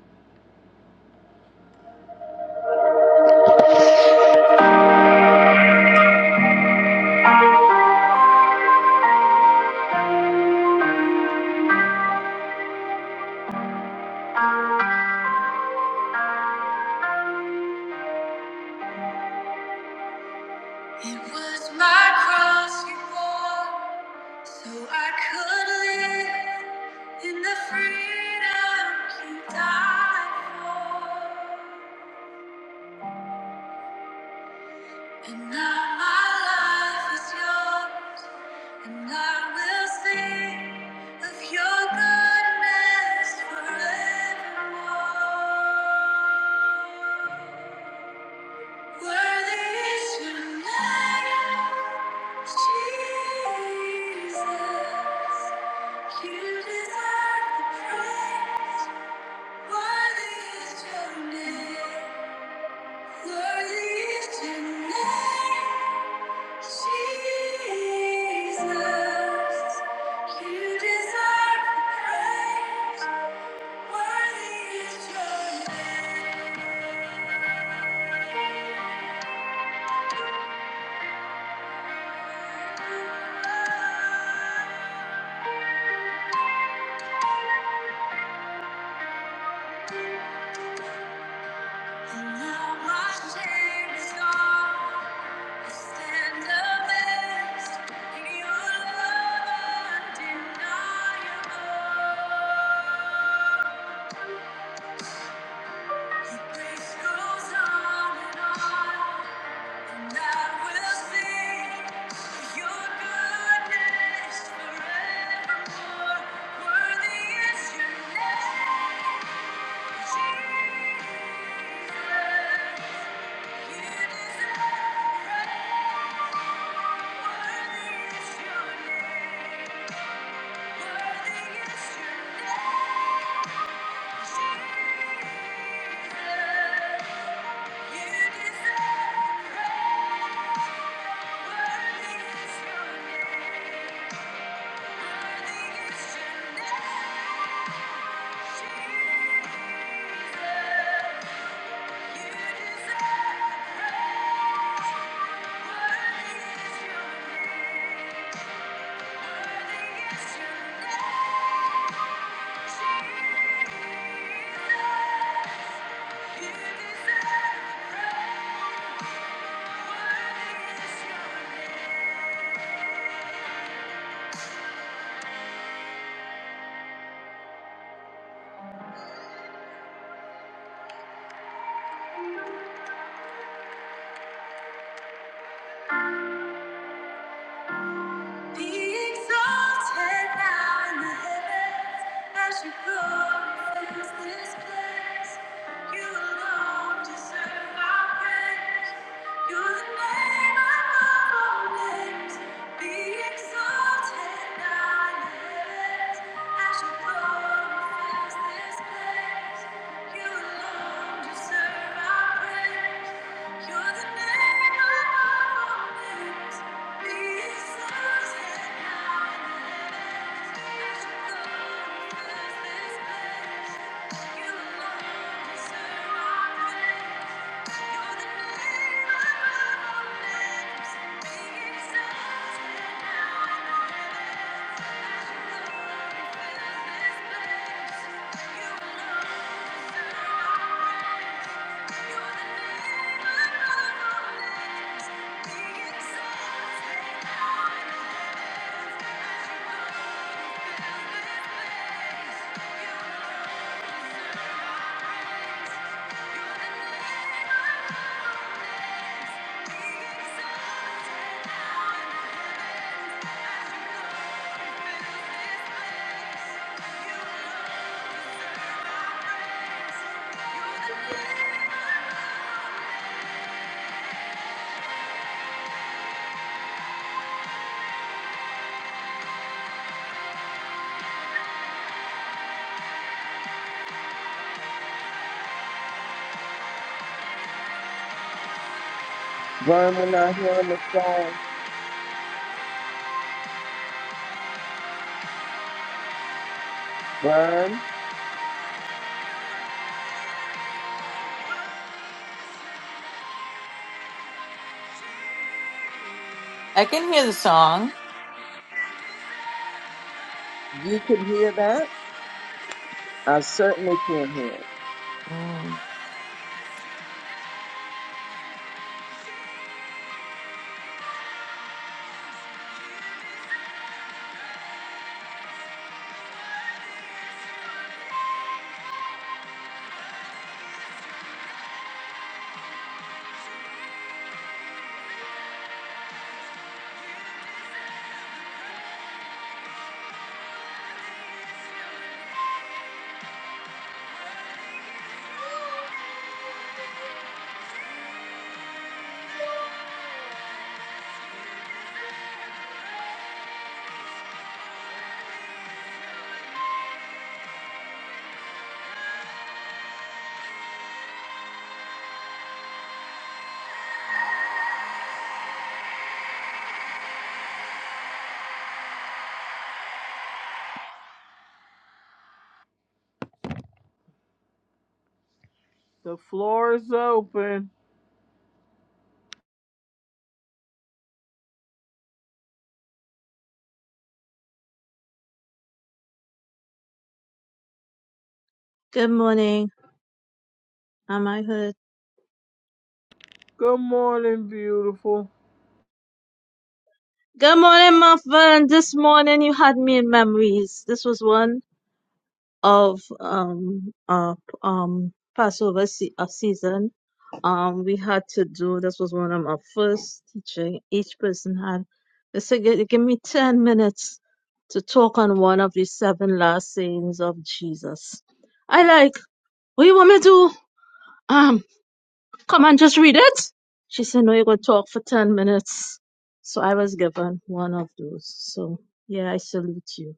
Speaker 1: It was my cross you bore, so I could live in the freedom you died for. And now my life is yours, and I will sing of your goodness forevermore. Worthy is your name, Jesus. You deserve the praise. Worthy is your name. Worthy is your name, Jesus. You deserve the praise. Worthy is your name. And now my shame is gone. Stand amazed your love undeniable. This goes on and on, and I will sing your goodness forevermore. Worthy is your name, Jesus. You deserve praise. Worthy is your name. Worthy is your name. Thank you deserve praise. As you go face this place, you alone deserve our praise. You're the name above all names. Be exalted, I lift. As you go face this place, you alone deserve our praise.
Speaker 3: Vern, we're not hearing the song. Vern,
Speaker 2: I can hear the song.
Speaker 3: you can hear that? I certainly can hear it.
Speaker 1: The floor is open.
Speaker 7: Good morning, am I heard?
Speaker 1: Good morning, beautiful.
Speaker 7: Good morning, Muffin. This morning you had me in memories. This was one of um uh um Passover se- uh, season. Um, we had to do. This was one of my first teaching. Each person had. They said, "Gi- "Give me ten minutes to talk on one of the seven last sayings of Jesus." I like. What you want me to do? Um, Come on, just read it. She said, No, you're going to talk for 10 minutes. So I was given one of those. So yeah, I salute you.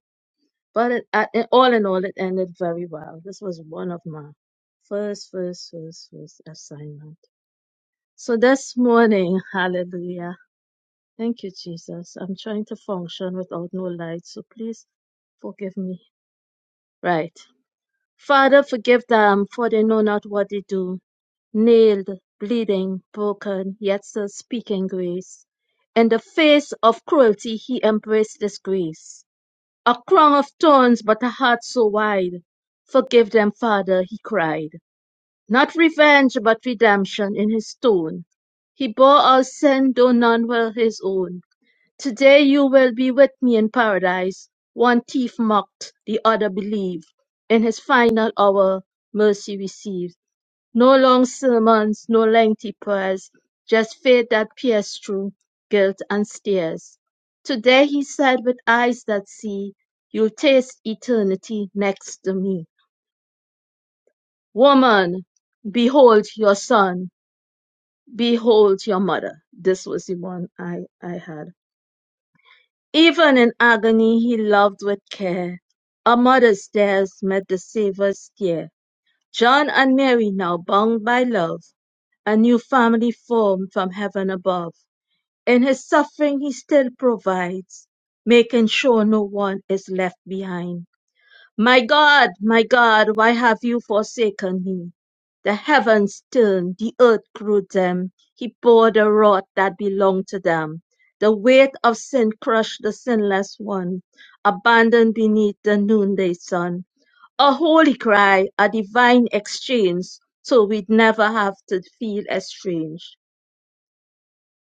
Speaker 7: But it, uh, it, all in all, it ended very well. This was one of my first, first, first, first assignment. So this morning, hallelujah. Thank you, Jesus. I'm trying to function without no light. So please forgive me. Right. Father, forgive them, for they know not what they do. Nailed, bleeding, broken, yet still speaking grace. In the face of cruelty, he embraced this grace. A crown of thorns, but a heart so wide. Forgive them, Father, he cried. Not revenge, but redemption in his tone. He bore our sin, though none were his own. Today you will be with me in paradise. One thief mocked, the other believed. In his final hour, mercy received. No long sermons, no lengthy prayers, just faith that pierced through guilt and stares. Today he said with eyes that see, you'll taste eternity next to me. Woman, behold your son, behold your mother. This was the one I, I had. Even in agony he loved with care. A mother's tears met the Savior's tear. John and Mary, now bound by love, a new family formed from heaven above. In his suffering he still provides, making sure no one is left behind. My God, my God, why have you forsaken me? The heavens turned, the earth grew dim. He bore the wrath that belonged to them. The weight of sin crushed the sinless one, abandoned beneath the noonday sun. A holy cry, a divine exchange, so we'd never have to feel estranged.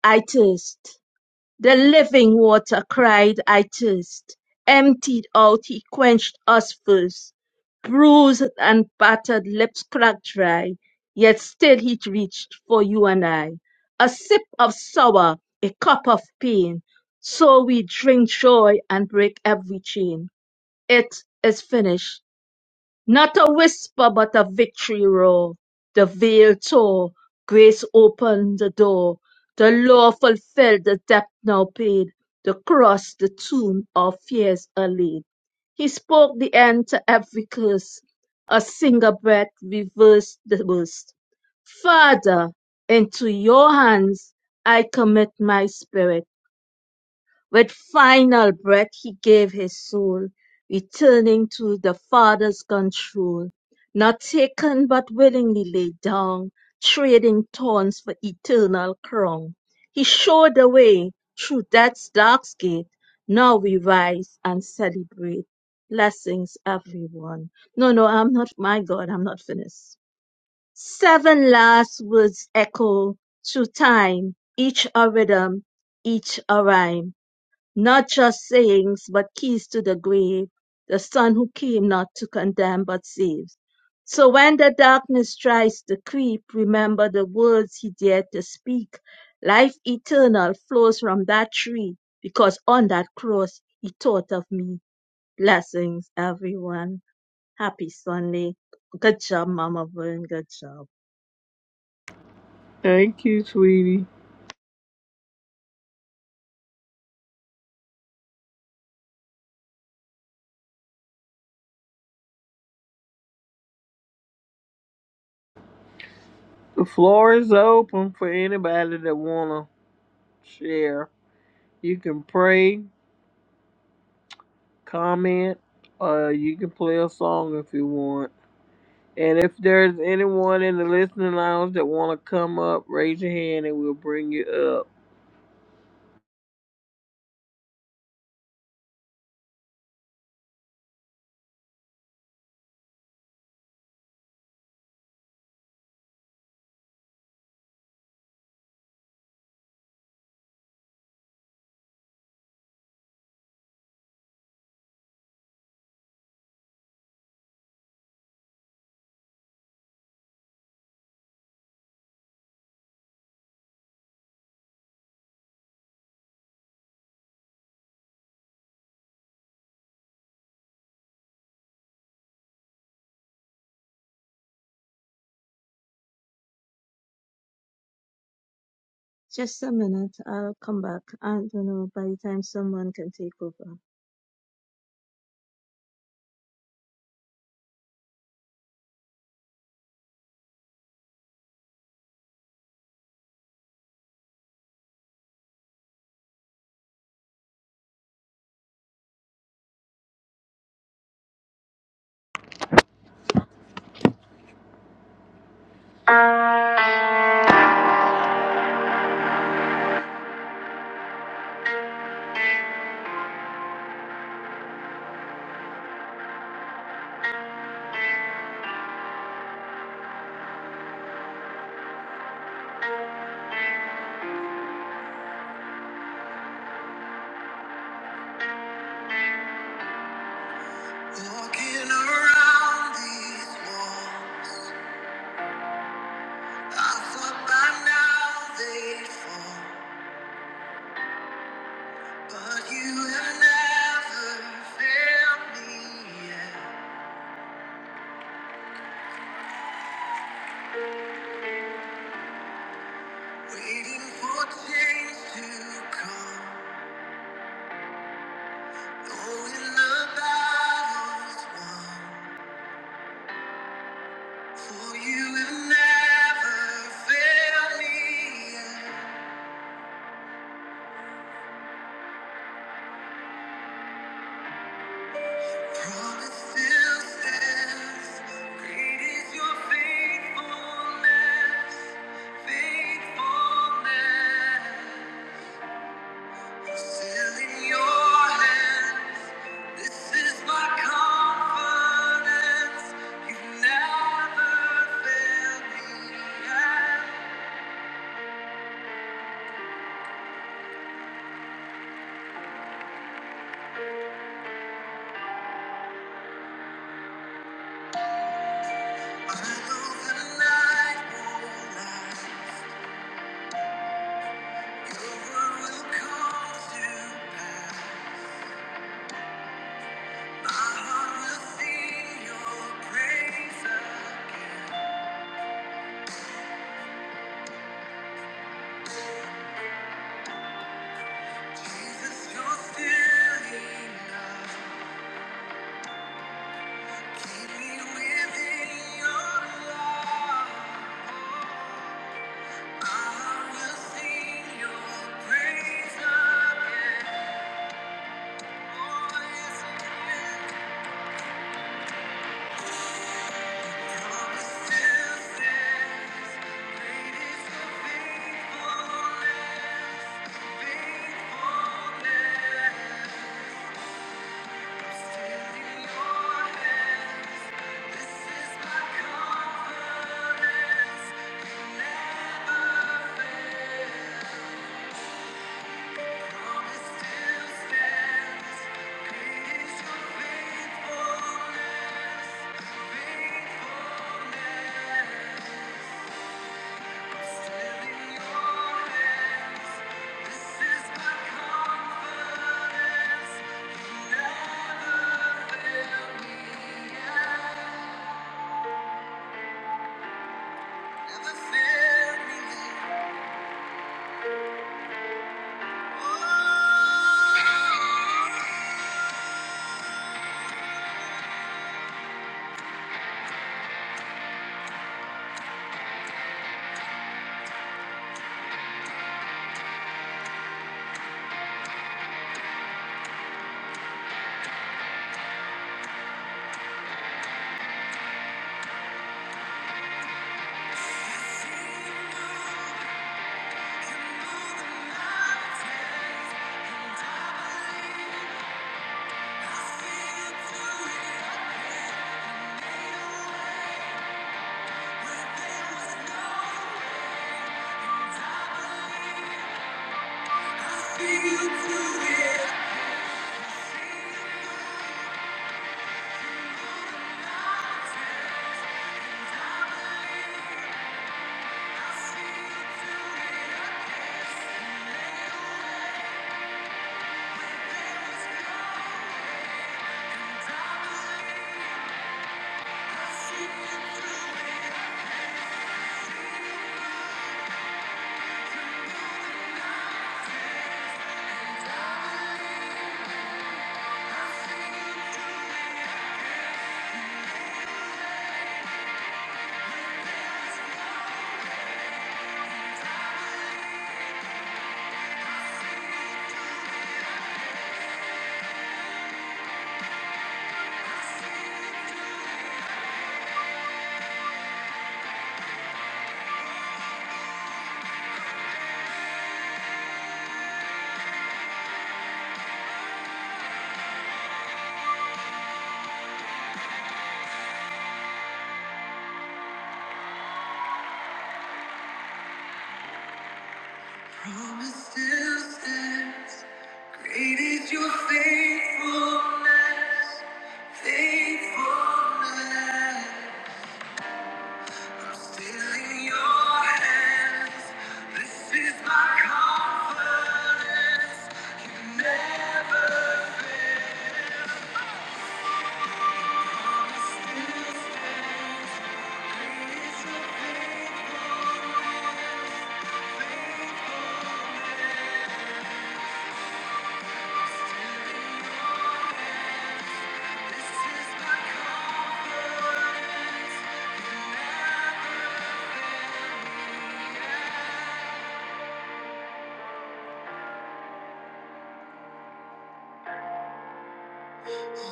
Speaker 7: I thirst. The living water cried I thirst, emptied out he quenched us first, bruised and battered, lips cracked dry, yet still he reached for you and I. A sip of sour, a cup of pain, so we drink joy and break every chain. It is finished. Not a whisper, but a victory roar. The veil tore. Grace opened the door. The law fulfilled, the debt now paid. The cross, the tomb, our fears allayed. He spoke the end to every curse. A single breath reversed the worst. Father, into your hands I commit my spirit. With final breath he gave his soul, returning to the Father's control. Not taken but willingly laid down, trading thorns for eternal crown. He showed the way through death's dark gate. Now we rise and celebrate. Blessings, everyone. No, no, I'm not, my God, I'm not finished. Seven last words echo through time, each a rhythm, each a rhyme not just sayings, but keys to the grave, the Son who came not to condemn, but saves. So when the darkness tries to creep, remember the words he dared to speak. Life eternal flows from that tree, because on that cross he taught of me. Blessings, everyone. Happy Sunday. Good job, Mama Vern. Good job.
Speaker 1: Thank you, sweetie. The floor is open for anybody that wanna share. You can pray, comment, uh, you can play a song if you want. And if there's anyone in the listening lounge that wanna come up, raise your hand and we'll bring you up.
Speaker 7: Just a minute. I'll come back. I don't know by the time someone can take over.
Speaker 1: But you have never failed me yet. Waiting for change to come. Oh, in the battles won, for you will never fail. Promise still stands. Great is your faithfulness, faithfulness. Still in your hands, this is my confidence. You've never overcome to. I will sing your praise. Thank you. Great is your faithfulness, faithfulness. Still in your hands, this is my confidence. Still Great is your faithfulness, faithfulness. Still in your, this is my confidence.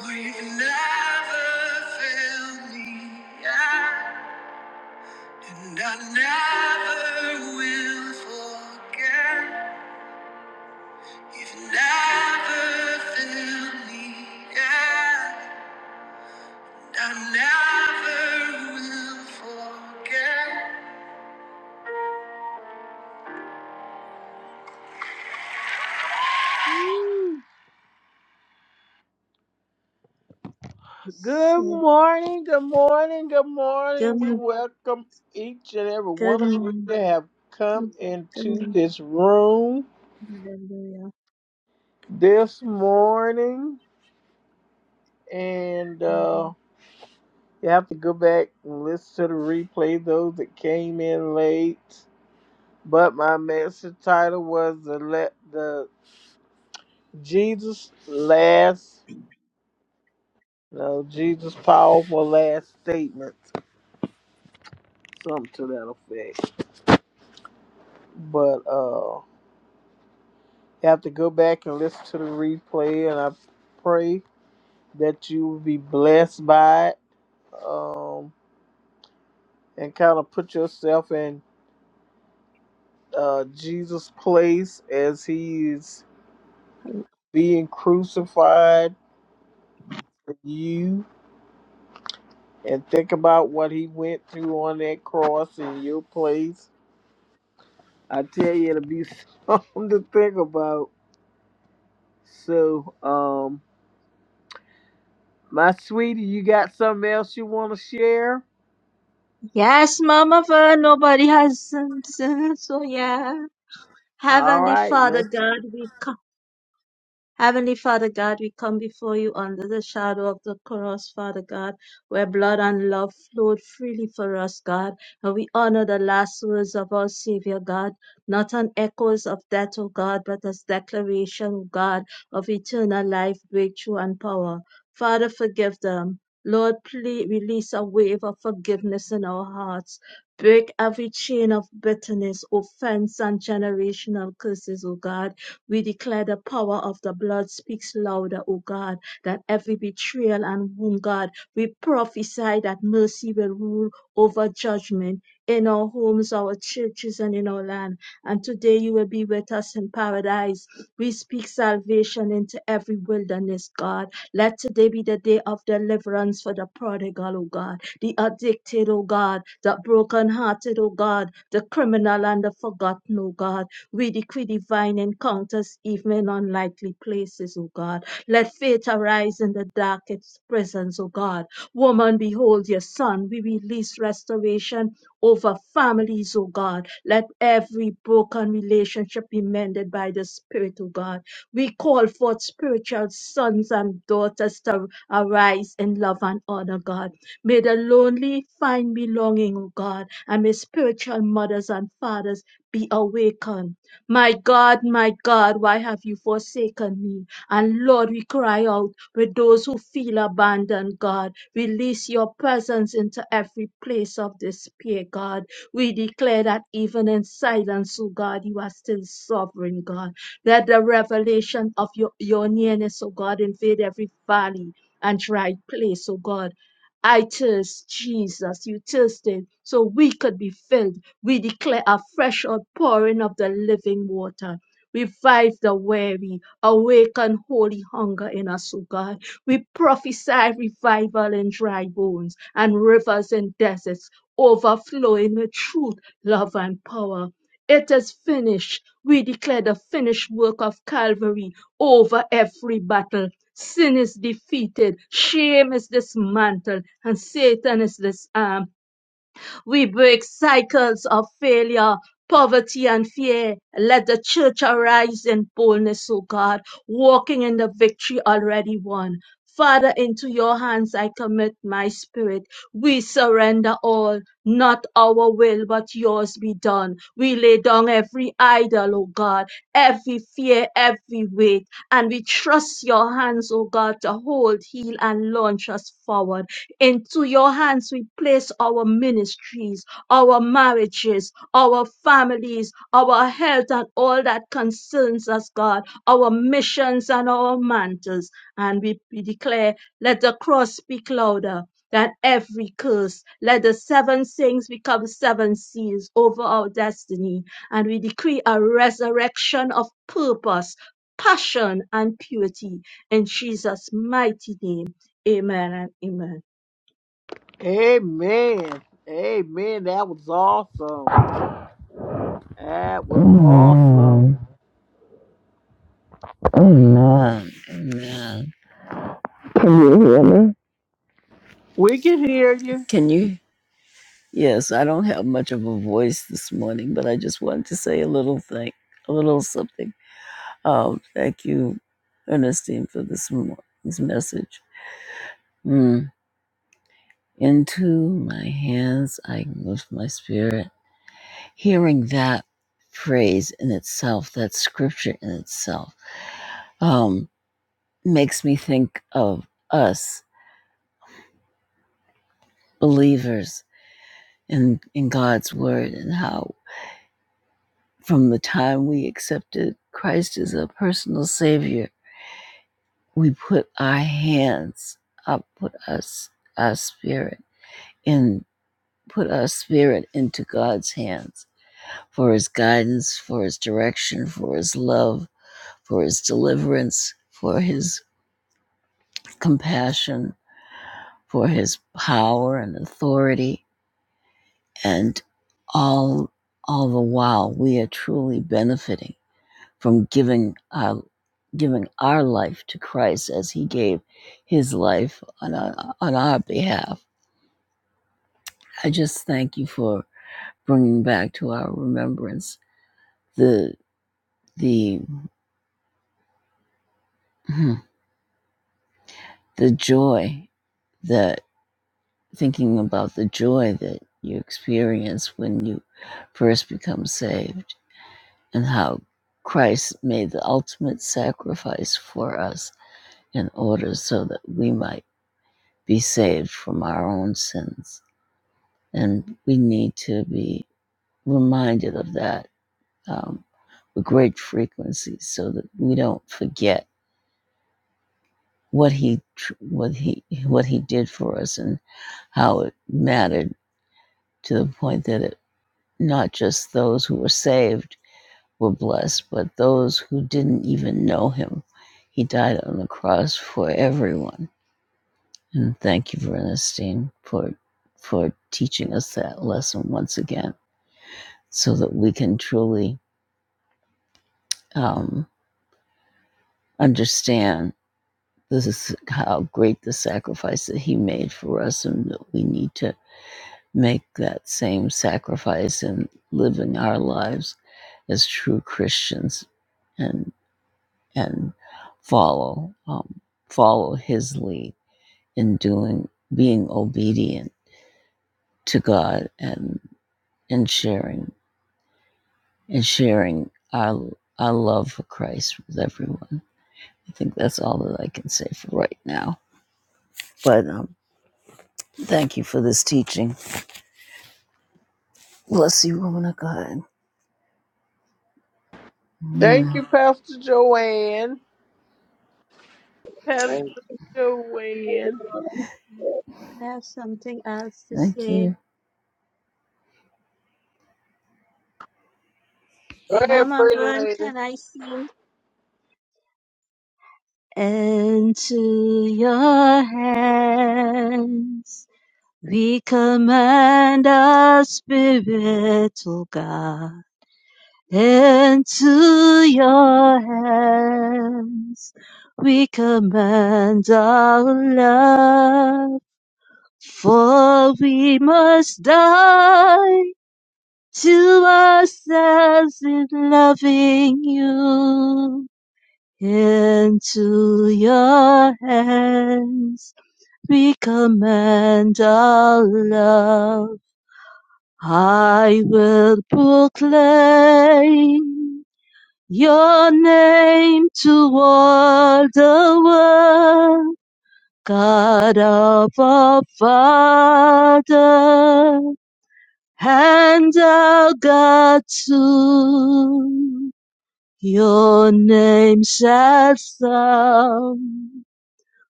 Speaker 1: For you never fail me, yeah. and I never will forget. You've never failed me, yeah. and I never. Good
Speaker 7: So,
Speaker 1: morning, good morning, good
Speaker 7: good
Speaker 1: morning. We
Speaker 7: morning.
Speaker 1: welcome each and every
Speaker 7: Good
Speaker 1: one of you
Speaker 7: morning.
Speaker 1: that have come
Speaker 7: Good good
Speaker 1: into
Speaker 7: morning.
Speaker 1: this room
Speaker 7: Hallelujah.
Speaker 1: this morning, and uh, You have to go back and listen to the replay, those that came in late. But my message title was the let the Jesus last no Jesus powerful last statement. Something to that effect. But uh you have to go back and listen to the replay and I pray that you will be blessed by it. Um and kind of put yourself in uh Jesus' place as he's being crucified for you and think about what he went through on that cross in your place. I tell you, it'll be [laughs] something to think about. So, um, my sweetie, you got something else you want to share?
Speaker 7: Yes, Mama, for nobody has sinned, so yeah.
Speaker 1: All
Speaker 7: Heavenly
Speaker 1: right,
Speaker 7: Father
Speaker 1: let's.
Speaker 7: God, we Heavenly Father God, we come before you under the shadow of the cross, Father God, where blood and love flowed freely for us, God. And we honor the last words of our Savior, God, not on echoes of death, O God, but as declaration, God, of eternal life, breakthrough, and power. Father, forgive them. Lord, please release a wave of forgiveness in our hearts. Break every chain of bitterness, offense, and generational curses, O God we declare the power of the blood speaks louder, O God, that every betrayal and wound, God, we prophesy that mercy will rule over judgment in our homes, our churches, and in our land. And today you will be with us in paradise. We speak salvation into every wilderness, God. Let today be the day of deliverance for the prodigal, O God, the addicted, O God, the brokenhearted, O God, the criminal and the forgotten, O God. We decree divine encounters even in unlikely places, O God. Let faith arise in the darkest prisons, O God. Woman, behold your son. We release restoration over families, O God. Let every broken relationship be mended by the Spirit, O God. We call forth spiritual sons and daughters to arise in love and honor, God. May the lonely find belonging, O God, and may spiritual mothers and fathers be awakened my God, my God, why have you forsaken me? And Lord, we cry out with those who feel abandoned, God. Release your presence into every place of despair, God. We declare that even in silence, oh God, you are still sovereign, God. Let the revelation of your, your nearness, oh God, invade every valley and dry place, oh God. I thirst, Jesus, you thirsted so we could be filled we declare a fresh outpouring of the living water. Revive the weary, awaken holy hunger in us, O God. We prophesy revival in dry bones and rivers in deserts, overflowing with truth, love, and power. It is finished. We declare the finished work of Calvary over every battle. Sin is defeated, shame is dismantled, and Satan is disarmed we break cycles of failure, poverty, and fear. Let the church arise in boldness, O God, walking in the victory already won. Father, into your hands I commit my spirit. We surrender all, not our will, but yours be done. We lay down every idol, O God, every fear, every weight, and we trust your hands, O God, to hold, heal, and launch us forward. Into your hands we place our ministries, our marriages, our families, our health, and all that concerns us, God, our missions and our mantles. And we, we declare, let the cross speak louder. than every curse, let the seven things become seven seals over our destiny. And we decree a resurrection of purpose, passion, and purity in Jesus' mighty name. Amen and amen.
Speaker 1: Amen. Amen. That was awesome. That was awesome.
Speaker 6: Amen. Amen. Amen. Can you hear me?
Speaker 1: We can hear you.
Speaker 6: Can you? Yes, I don't have much of a voice this morning, but I just wanted to say a little thing, a little something. Oh, thank you, Ernestine, for this, mo- this message. Mm. Into my hands I lift my spirit. Hearing that phrase in itself, that scripture in itself, um, makes me think of us believers in, in God's word and how From the time we accepted Christ as a personal Savior, we put our hands up, put us, our spirit in, put our spirit into God's hands for His guidance, for His direction, for His love, for His deliverance, for His compassion, for His power and authority, and all all the while we are truly benefiting from giving uh, giving our life to Christ as He gave His life on our, on our behalf. I just thank you for bringing back to our remembrance the the hmm, the joy that thinking about the joy that you experience when you first become saved and how Christ made the ultimate sacrifice for us in order so that we might be saved from our own sins. And we need to be reminded of that um, with great frequency so that we don't forget what he tr- what he what he did for us and how it mattered to the point that it not just those who were saved were blessed but those who didn't even know him he died on the cross for everyone and thank you Ernestine for for teaching us that lesson once again so that we can truly um, understand this is how great the sacrifice that he made for us, and that we need to make that same sacrifice in living our lives as true Christians and and follow um, follow his lead in doing being obedient to God and and sharing and sharing our our love for Christ with everyone. I think that's all that I can say for right now. But um, Thank you for this teaching. Bless you, woman of God.
Speaker 1: Thank
Speaker 6: Amen.
Speaker 1: you, Pastor Joanne. Pastor
Speaker 3: Thank
Speaker 1: Joanne.
Speaker 7: I have something else to
Speaker 6: Thank
Speaker 7: say.
Speaker 6: you.
Speaker 1: Go ahead,
Speaker 7: Mama
Speaker 1: pretty
Speaker 7: Vern,
Speaker 1: lady.
Speaker 7: can I sing. Into your hands we commend our spirit, O God. Into your hands we commend our love, for we must die to ourselves in loving you. Into your hands we commend our love. I will proclaim your name toward the world. God of our Father, and our God too. Your name sets sound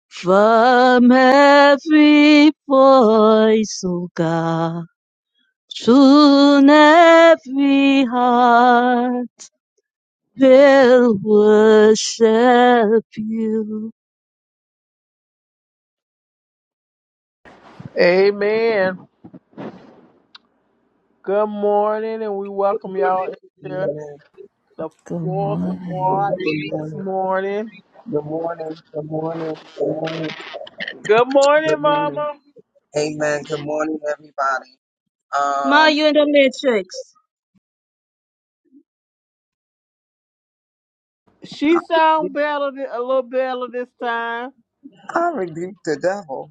Speaker 7: from every voice, O God, soon every heart will worship you.
Speaker 1: Amen. Good morning, and we welcome y'all
Speaker 3: you.
Speaker 1: into the
Speaker 6: Good
Speaker 1: fourth
Speaker 3: Amen.
Speaker 6: morning.
Speaker 3: Good
Speaker 1: watch this
Speaker 3: morning.
Speaker 1: morning.
Speaker 3: Good morning. Good morning. Good morning.
Speaker 1: Good morning,
Speaker 3: Good morning.
Speaker 1: Mama.
Speaker 3: Amen. Good morning, everybody.
Speaker 7: Ma,
Speaker 3: Um,
Speaker 7: you in the matrix.
Speaker 1: She sound better, th- a little better this time.
Speaker 3: I rebuked the devil.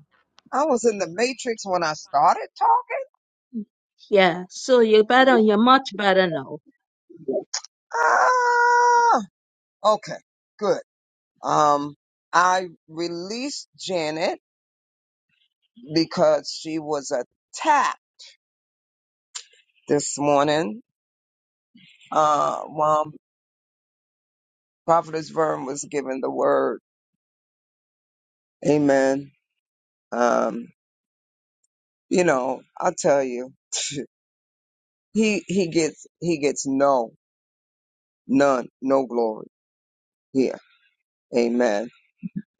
Speaker 3: I was in the matrix when I started talking.
Speaker 7: Yeah, so you're better, you're much better now.
Speaker 3: Ah, okay, good. Um, I released Janet because she was attacked this morning. Uh, while Prophetess Vern was giving the word, Amen. Um, you know, I will tell you, [laughs] he he gets he gets no none no glory here. Amen.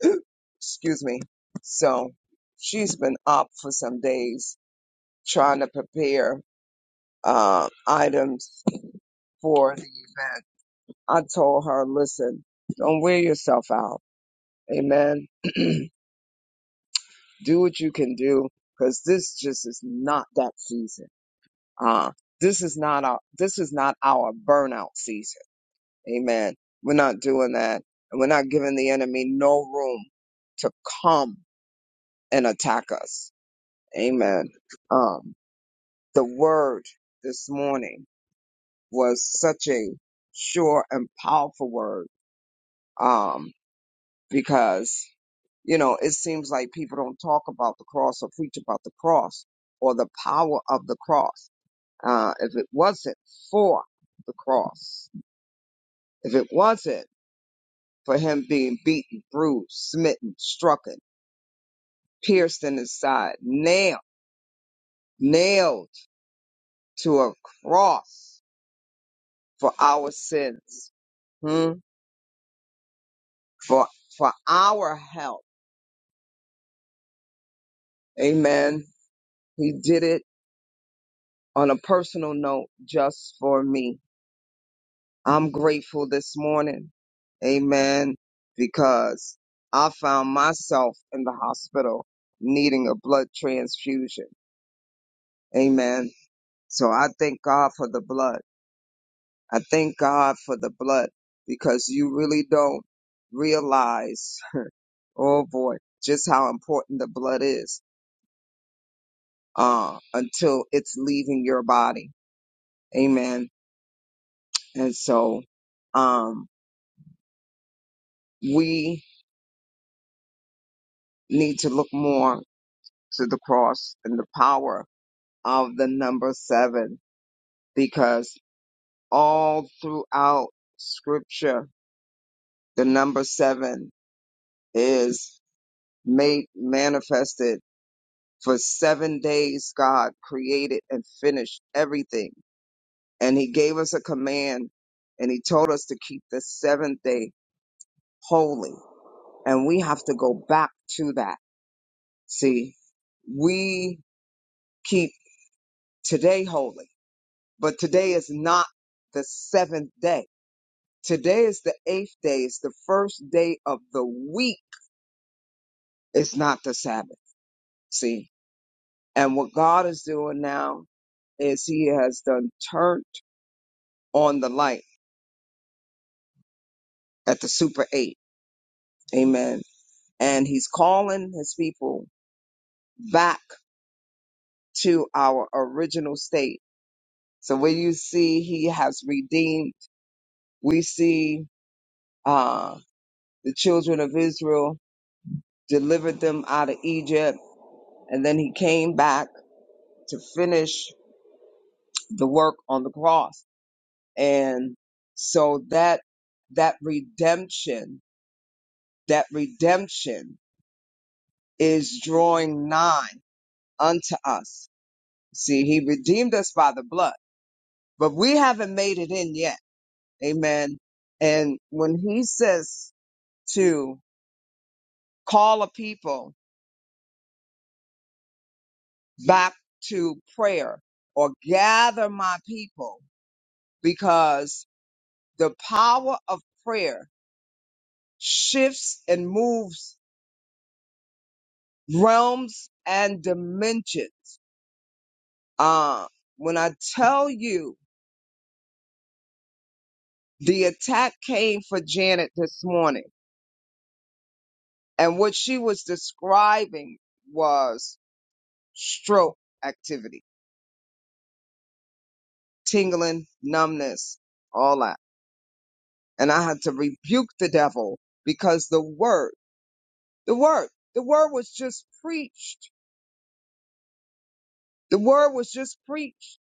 Speaker 3: [clears throat] Excuse me. So she's been up for some days trying to prepare uh, items for the event. I told her, listen, don't wear yourself out. Amen. [clears throat] do what you can do because this just is not that season. Uh, this is not our, this is not our burnout season. Amen. We're not doing that. And we're not giving the enemy no room to come and attack us. Amen. Um." the word this morning was such a sure and powerful word um, because you know it seems like people don't talk about the cross or preach about the cross or the power of the cross uh, if it wasn't for the cross if it wasn't for him being beaten bruised smitten struck pierced in his side nailed nailed to a cross for our sins Hmm? for for our help. Amen. He did it on a personal note just for me. I'm grateful this morning. Amen. Because I found myself in the hospital needing a blood transfusion. Amen. So I thank God for the blood. I thank God for the blood because you really don't realize, [laughs] oh boy, just how important the blood is uh, until it's leaving your body. Amen. And so, um, we need to look more to the cross and the power of the number seven because all throughout scripture, the number seven is made manifested for seven days. God created and finished everything. And he gave us a command and he told us to keep the seventh day holy And we have to go back to that. See, we keep today holy, but today is not the seventh day. Today is the eighth day. It's the first day of the week. It's not the Sabbath. See, and what God is doing now is he has done turned on the light at the super eight. Amen. And he's calling his people back to our original state. So when you see he has redeemed we see uh, the children of Israel delivered them out of Egypt, and then he came back to finish the work on the cross. And so that that redemption, that redemption is drawing nigh unto us. See, he redeemed us by the blood, but we haven't made it in yet. Amen. And when he says to call a people back to prayer or gather my people because the power of prayer shifts and moves realms and dimensions. Uh, when I tell you the attack came for Janet this morning and what she was describing was stroke activity, tingling, numbness, all that. And I had to rebuke the devil because the word The word, the word was just preached. The word was just preached.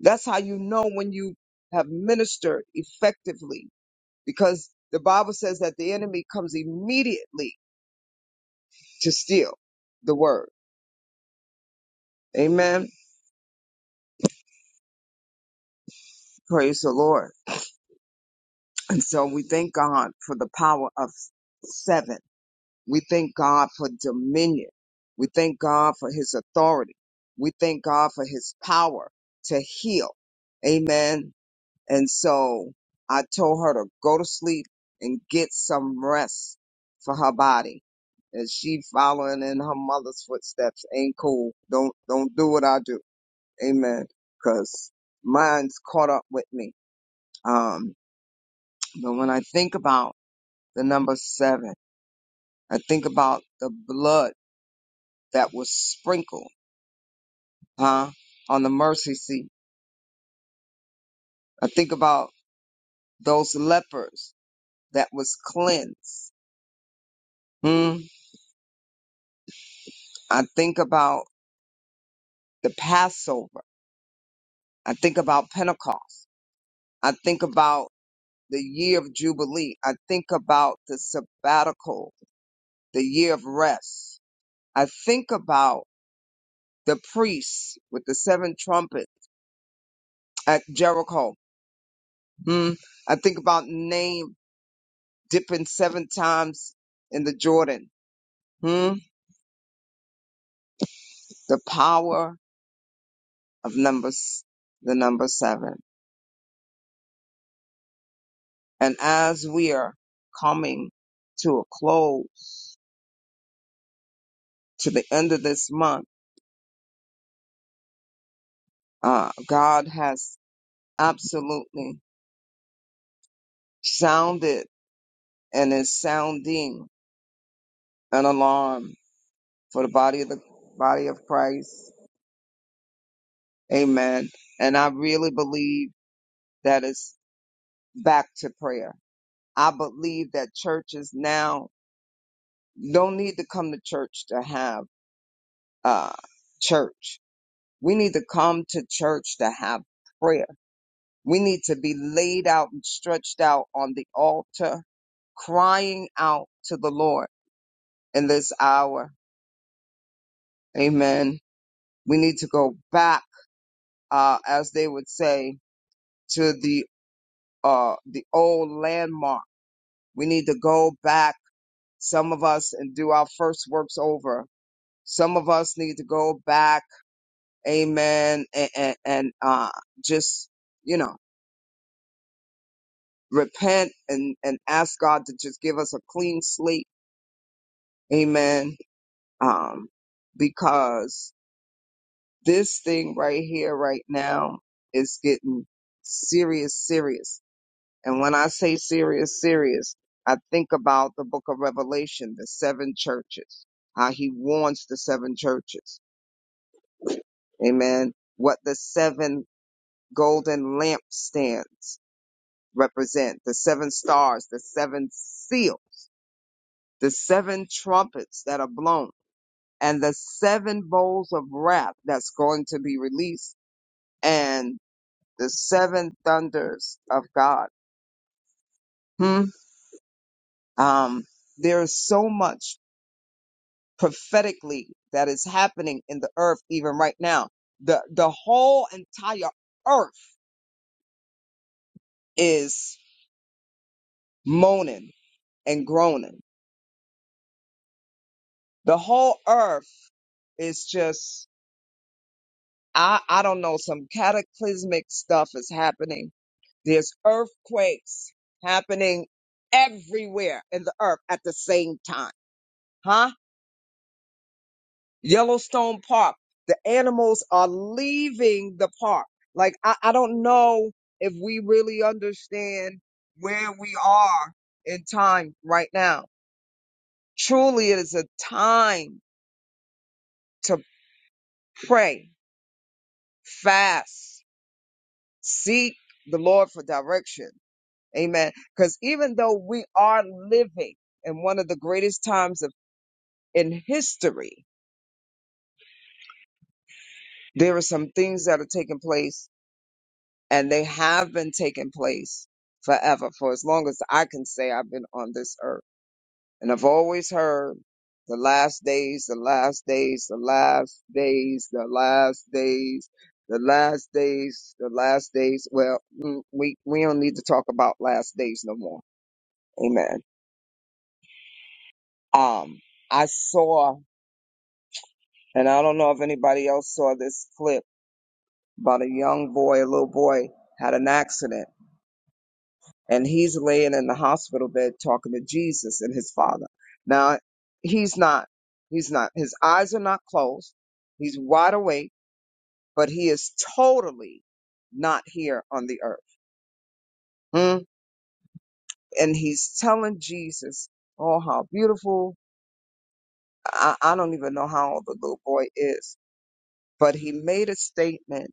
Speaker 3: That's how you know when you have ministered effectively because the Bible says that the enemy comes immediately to steal the word. Amen. Praise the Lord. And so we thank God for the power of seven. We thank God for dominion. We thank God for his authority. We thank God for his power to heal. Amen And so I told her to go to sleep and get some rest for her body. And she following in her mother's footsteps ain't cool. Don't don't do what I do. Amen. Cause mine's caught up with me. Um, but when I think about the number seven, I think about the blood that was sprinkled, huh, on the mercy seat. I think about those lepers that was cleansed. Hmm. I think about the Passover. I think about Pentecost. I think about the year of Jubilee. I think about the sabbatical, the year of rest. I think about the priests with the seven trumpets at Jericho. Hmm. I think about Name dipping seven times in the Jordan. Hmm. The power of numbers, the number seven. And as we are coming to a close to the end of this month, Uh, God has absolutely sounded and is sounding an alarm for the body of the body of Christ. Amen. And I really believe that it's back to prayer. I believe that churches now don't need to come to church to have uh, church. We need to come to church to have prayer. We need to be laid out and stretched out on the altar, crying out to the Lord in this hour. Amen. We need to go back, uh, as they would say, to the uh, the old landmark. We need to go back, some of us, and do our first works over. Some of us need to go back, amen, and, and, and uh, just, you know, repent and, and ask God to just give us a clean slate, amen, um, because This thing right here, right now, is getting serious, serious. And when I say serious, serious, I think about the book of Revelation, the seven churches, how he warns the seven churches. Amen. What the seven golden lampstands represent, the seven stars, the seven seals, the seven trumpets that are blown and the seven bowls of wrath that's going to be released. And the seven thunders of God. Hmm. Um, there's so much prophetically that is happening in the earth even right now. The the whole entire earth is moaning and groaning. The whole earth is just I I don't know some cataclysmic stuff is happening. There's earthquakes happening everywhere in the earth at the same time. Huh? Yellowstone Park. The animals are leaving the park. Like, I, I don't know if we really understand where we are in time right now. Truly, it is a time to pray, fast, seek the Lord for direction. Amen. Because even though we are living in one of the greatest times of in history, there are some things that are taking place and they have been taking place forever for as long as I can say I've been on this earth. And I've always heard the last days, the last days, the last days, the last days, the last days, the last days. Well, mm, we we don't need to talk about last days no more. Amen. Um, I saw, and I don't know if anybody else saw this clip about a young boy, a little boy, had an accident and he's laying in the hospital bed talking to Jesus and his father. Now, he's not, he's not, his eyes are not closed. He's wide awake, but he is totally not here on the earth. Hmm? And he's telling Jesus, oh, how beautiful. I, I don't even know how old the little boy is, but he made a statement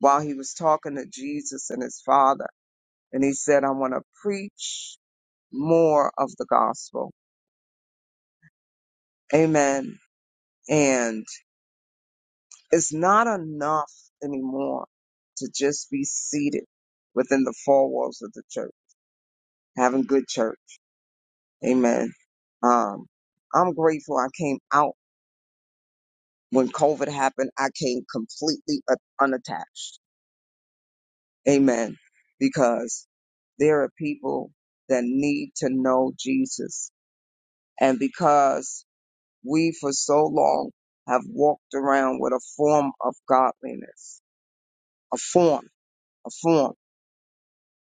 Speaker 3: while he was talking to Jesus and his father. And he said, I want to preach more of the gospel. Amen. And It's not enough anymore to just be seated within the four walls of the church, having good church. Amen. Um, I'm grateful I came out when COVID happened. I came completely u- unattached. Amen. Because there are people that need to know Jesus. And because we for so long have walked around with a form of godliness, a form, a form,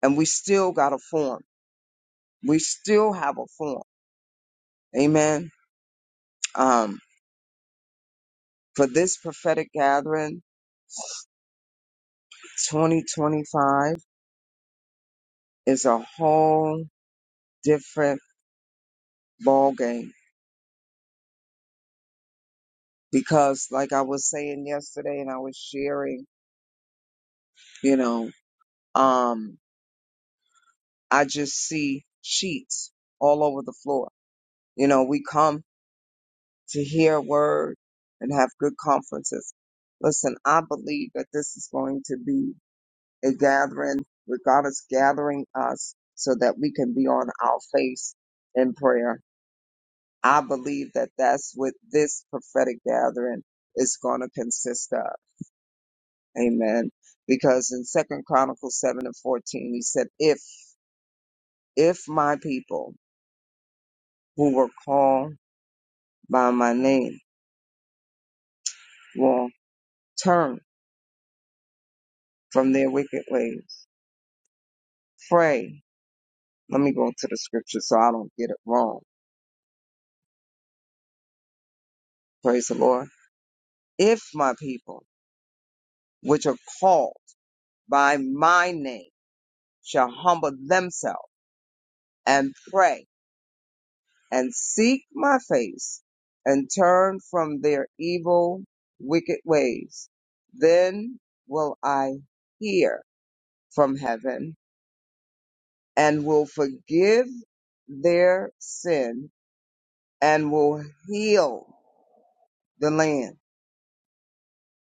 Speaker 3: and we still got a form. we still have a form. Amen. Um, for this prophetic gathering, 2025 is a whole different ball game because, like I was saying yesterday, and I was sharing, you know, um, I just see sheets all over the floor. You know, we come to hear a word and have good conferences. Listen, I believe that this is going to be a gathering, with God is gathering us so that we can be on our face in prayer. I believe that that's what this prophetic gathering is going to consist of. Amen. Because in Second Chronicles seven and fourteen, he said, "If if my people who were called by my name will turn from their wicked ways, pray." Let me go to the scripture so I don't get it wrong. Praise the Lord. If my people, which are called by my name shall humble themselves and pray and seek my face and turn from their evil, wicked ways. Then will I hear from heaven and will forgive their sin and will heal the land.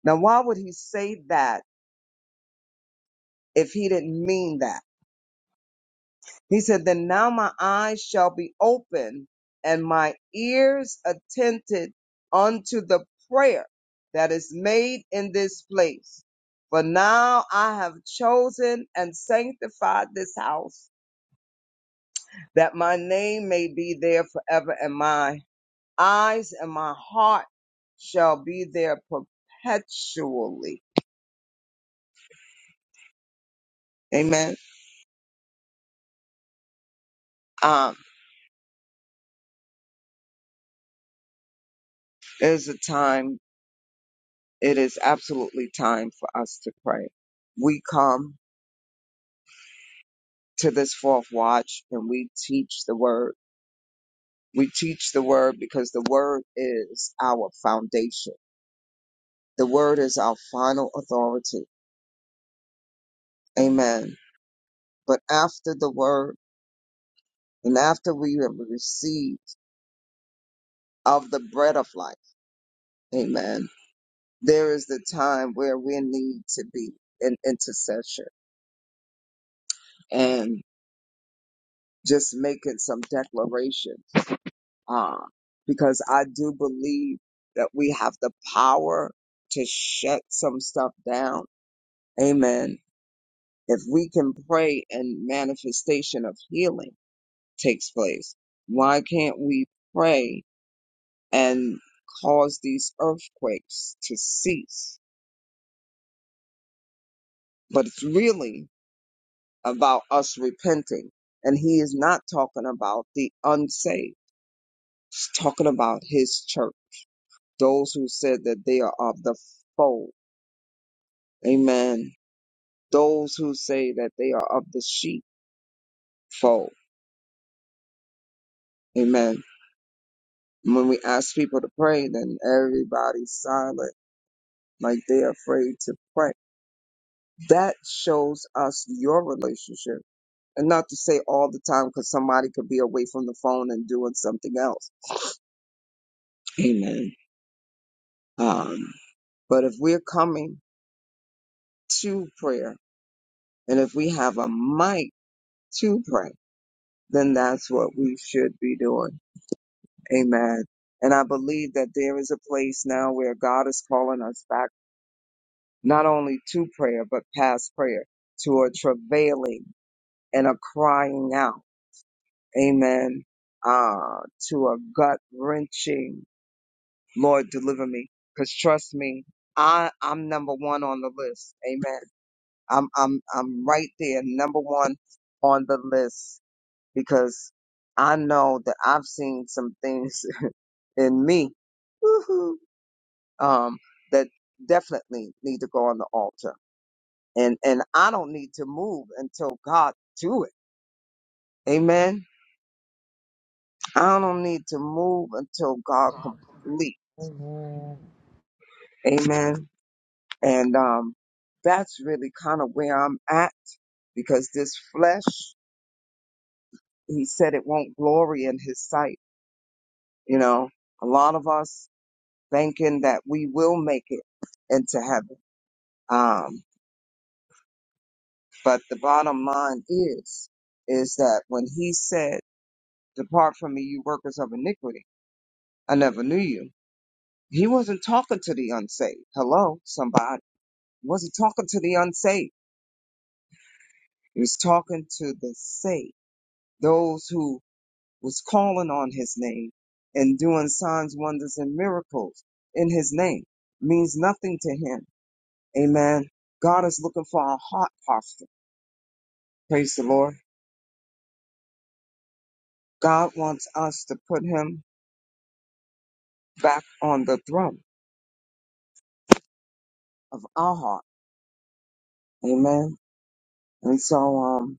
Speaker 3: Now, why would he say that if he didn't mean that? He said, Then now my eyes shall be open and my ears attentive unto the prayer that is made in this place. For now I have chosen and sanctified this house that my name may be there forever, and my eyes and my heart shall be there perpetually. Amen. Um, it is a time, it is absolutely time for us to pray. We come to this fourth watch and we teach the word. We teach the word because the word is our foundation. The word is our final authority. Amen. But after the word and after we have received of the bread of life, amen, there is the time where we need to be in intercession and just making some declaration. uh, because I do believe that we have the power to shut some stuff down. Amen. If we can pray and manifestation of healing takes place, why can't we pray and cause these earthquakes to cease? But it's really about us repenting. And he is not talking about the unsaved. He's talking about his church, those who said that they are of the fold. Amen those who say that they are of the sheepfold. Amen. When we ask people to pray, then everybody's silent, like they're afraid to pray. That shows us your relationship. And not to say all the time, because somebody could be away from the phone and doing something else. Amen. Um, but if we're coming to prayer, and if we have a mic to pray, then that's what we should be doing Amen. And I believe that there is a place now where God is calling us back, not only to prayer, but past prayer, to a travailing and a crying out. Amen. Uh, to a gut wrenching, Lord, deliver me. Cause trust me, I, I'm number one on the list. Amen. I'm, I'm, I'm right there, number one on the list because I know that I've seen some things in me [laughs] um, that definitely need to go on the altar. And and I don't need to move until God do it. Amen. I don't need to move until God complete. Amen. And um, that's really kind of where I'm at because this flesh, He said, it won't glory in His sight. You know, a lot of us thinking that we will make it into heaven. Um, but the bottom line is, is that when He said Depart from me, you workers of iniquity. I never knew you. He wasn't talking to the unsaved. Hello, somebody. He wasn't talking to the unsaved. He was talking to the saved, those who was calling on his name and doing signs, wonders, and miracles in his name. Means nothing to him. Amen. God is looking for our heart posture. Praise the Lord. God wants us to put him back on the throne of our heart. Amen. And so, um,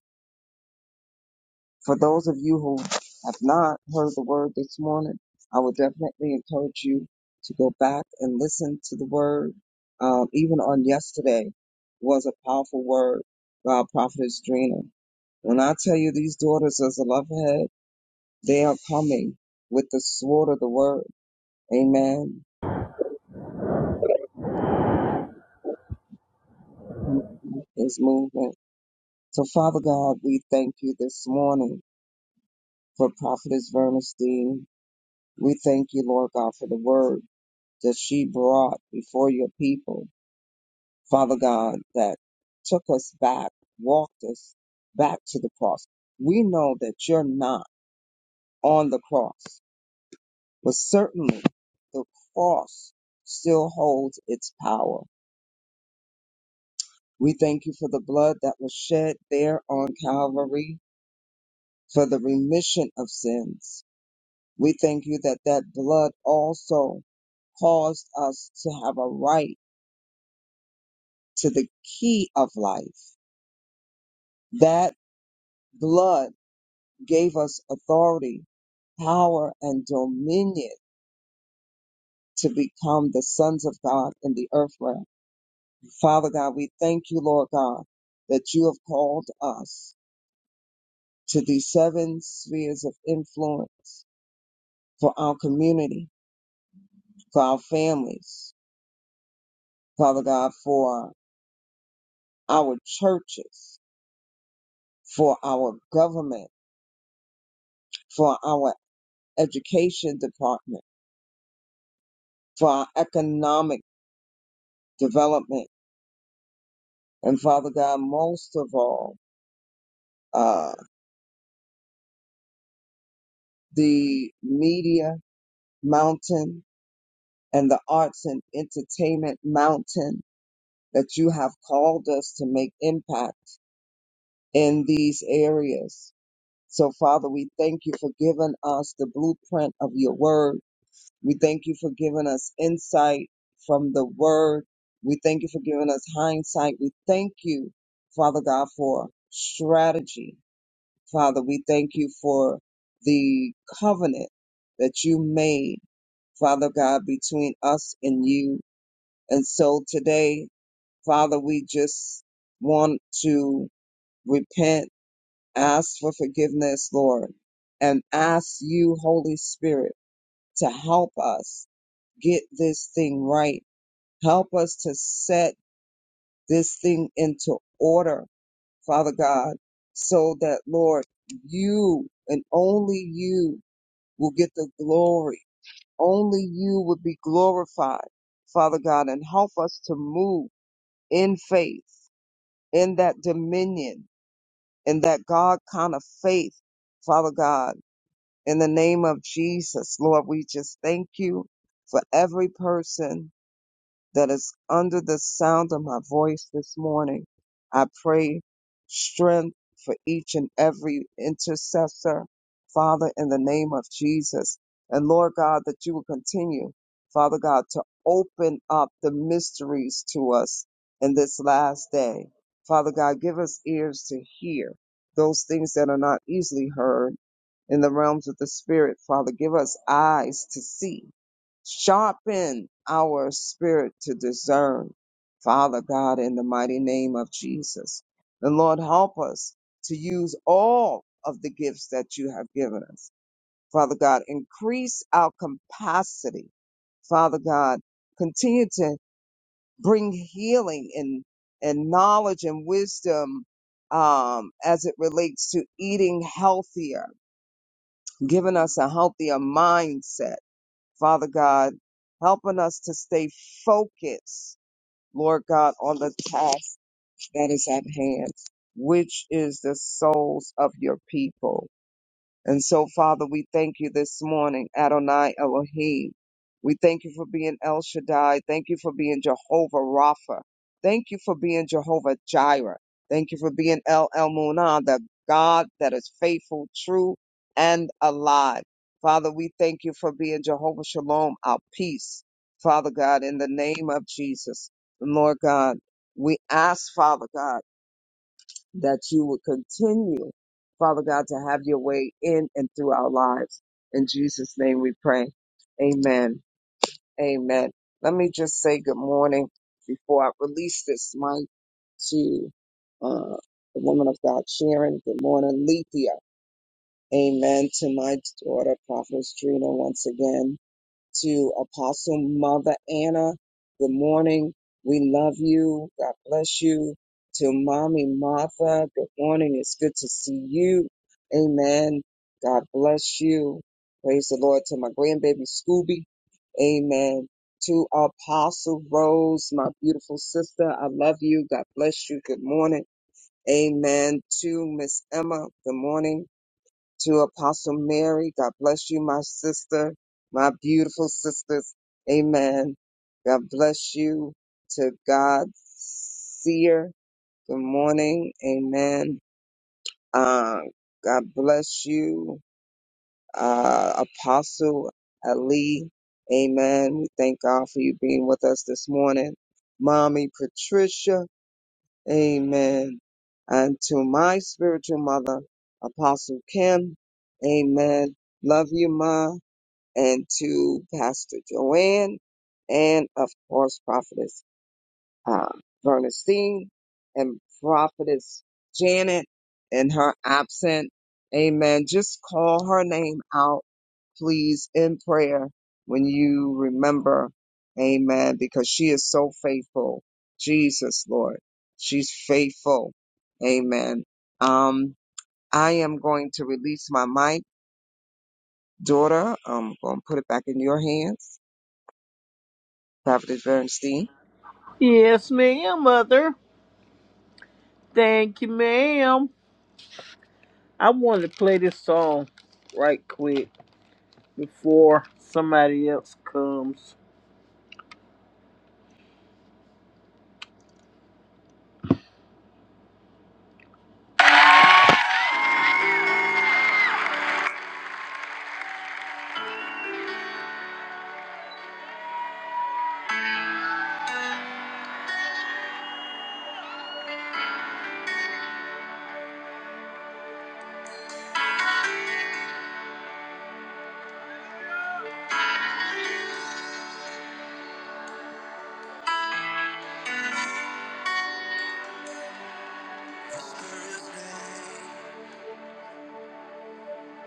Speaker 3: For those of you who have not heard the word this morning, I would definitely encourage you to go back and listen to the word. Um, even on yesterday was a powerful word by our prophetess Drina. When I tell you these daughters as a love head, they are coming with the sword of the word. Amen. Is movement. So Father God, we thank you this morning for Prophetess Bernstein. We thank you, Lord God, for the word. that she brought before your people, Father God, that took us back, walked us back to the cross. We know that you're not on the cross, but certainly the cross still holds its power. We thank you for the blood that was shed there on Calvary for the remission of sins. We thank you that that blood also caused us to have a right to the key of life. that. blood gave us authority, power, and dominion to become the sons of God in the earth realm. Father God, we thank you, Lord God, that you have called us to these seven spheres of influence for our community, for our families, Father God, for our churches, for our government, for our education department, for our economic development, and Father God, most of all, uh, the media mountain and the arts and entertainment mountain that you have called us to make impact in these areas. So, Father, we thank you for giving us the blueprint of your word. We thank you for giving us insight from the word. We thank you for giving us hindsight. We thank you, Father God, for strategy Father, we thank you for the covenant that you made, Father God, between us and you. And so today, Father, we just want to repent, ask for forgiveness, Lord, and ask you, Holy Spirit, to help us get this thing right. Help us to set this thing into order, Father God, so that, Lord, you and only you will get the glory. Only you would be glorified, Father God, and help us to move in faith, in that dominion, in that God kind of faith, Father God. In the name of Jesus, Lord, we just thank you for every person that is under the sound of my voice this morning. I pray strength for each and every intercessor, Father, in the name of Jesus. And Lord God, that you will continue, Father God, to open up the mysteries to us in this last day. Father God, give us ears to hear those things that are not easily heard in the realms of the spirit, Father. Give us eyes to see. Sharpen our spirit to discern, Father God, in the mighty name of Jesus. And Lord, help us to use all of the gifts that you have given us. Father God, increase our capacity. Father God, continue to bring healing and, and knowledge and wisdom um, as it relates to eating healthier giving us a healthier mindset. Father God, helping us to stay focused, Lord God, on the task that is at hand, which is the souls of your people. And so, Father, we thank you this morning, Adonai Elohim. We thank you for being El Shaddai. Thank you for being Jehovah Rapha. Thank you for being Jehovah Jireh. Thank you for being El El Munah, the God that is faithful, true, and alive. Father, we thank you for being Jehovah Shalom, our peace. Father God, in the name of Jesus, Lord God, we ask, Father God that you would continue, Father God, to have your way in and through our lives. In Jesus' name we pray. Amen. Amen. Let me just say good morning before I release this mic to uh, the woman of God, Sharon. Good morning, Lethea. Amen. To my daughter, Prophetess Trina, once again to Apostle Mother Anna. Good morning. We love you. God bless you. To Mommy Martha, good morning. It's good to see you. Amen. God bless you. Praise the Lord. To my grandbaby Scooby. Amen. To Apostle Rose, my beautiful sister, I love you. God bless you. Good morning. Amen. To Miss Emma, good morning to Apostle Mary. God bless you, my sister, my beautiful sisters. Amen. God bless you. To God, seer. Good morning. Amen. Uh, God bless you, uh, Apostle Ali. Amen. We thank God for you being with us this morning. Mommy Patricia. Amen. And to my spiritual mother, Apostle Kim, amen. Love you, Ma. And to Pastor Joanne, and of course, Prophetess uh, Bernstein and prophetess Janet in her absent. Amen. Just call her name out, please, in prayer when you remember. Amen. Because she is so faithful. Jesus, Lord. She's faithful. Amen. Um, I am going to release my mic, daughter. I'm going to put it back in your hands, Prophetess Bernstein.
Speaker 1: Yes, ma'am, Mother. Thank you, ma'am. I wanted to play this song right quick before somebody else comes.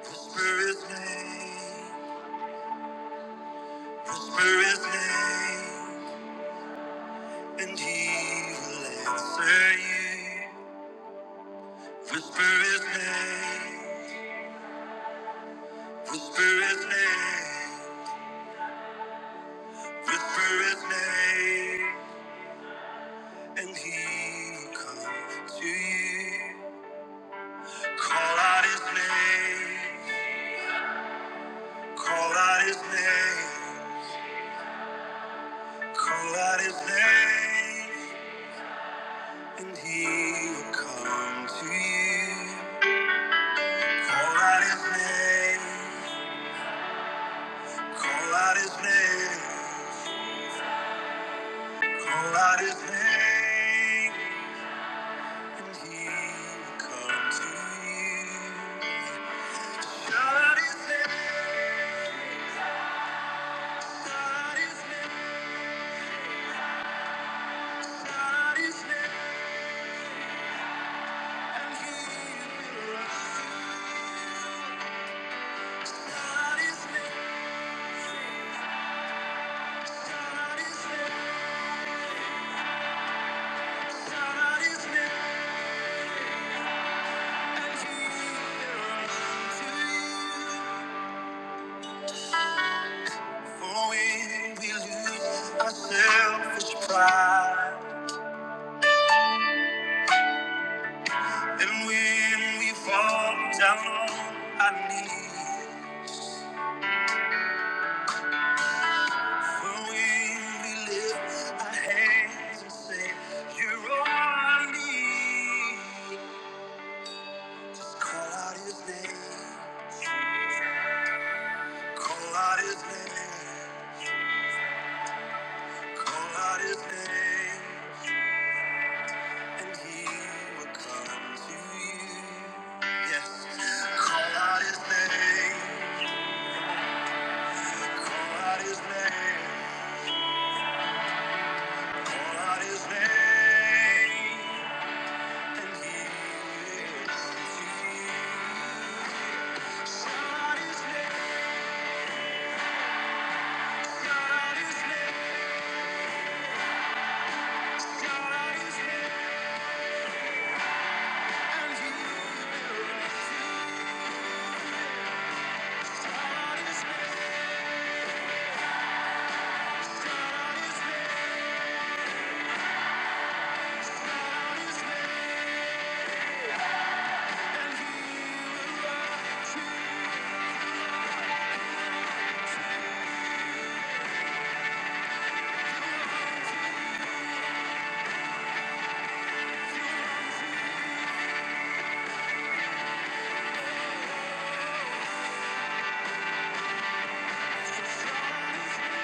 Speaker 1: Whisper his name. Whisper his name. Whisper his name. and he will answer you. Whisper his name, whisper his name, whisper his name, and he will come to you. Call out his name, call out his name, call out his name, and he will come to you. Call out his name, call out his name. Pour out his name, and he will come to you. Shout out his name, shout out his name, shout out his name, and he will rise to you. Shout out his name, shout out his name, shout out his name, and he will rise to you. For when we lose our selfish pride, and when we fall down on our knees, for when we lift our hands and say, You're all I need, call out His name, call out His name, call out His name. And he will come to you. Yes. Call out his name. Call out his name. Call out his name. And he will come to you. Shout out his name. Shout his name. Shout his name. And he will come to you. Shout his name. Shout his name. And he will come Shout out his name.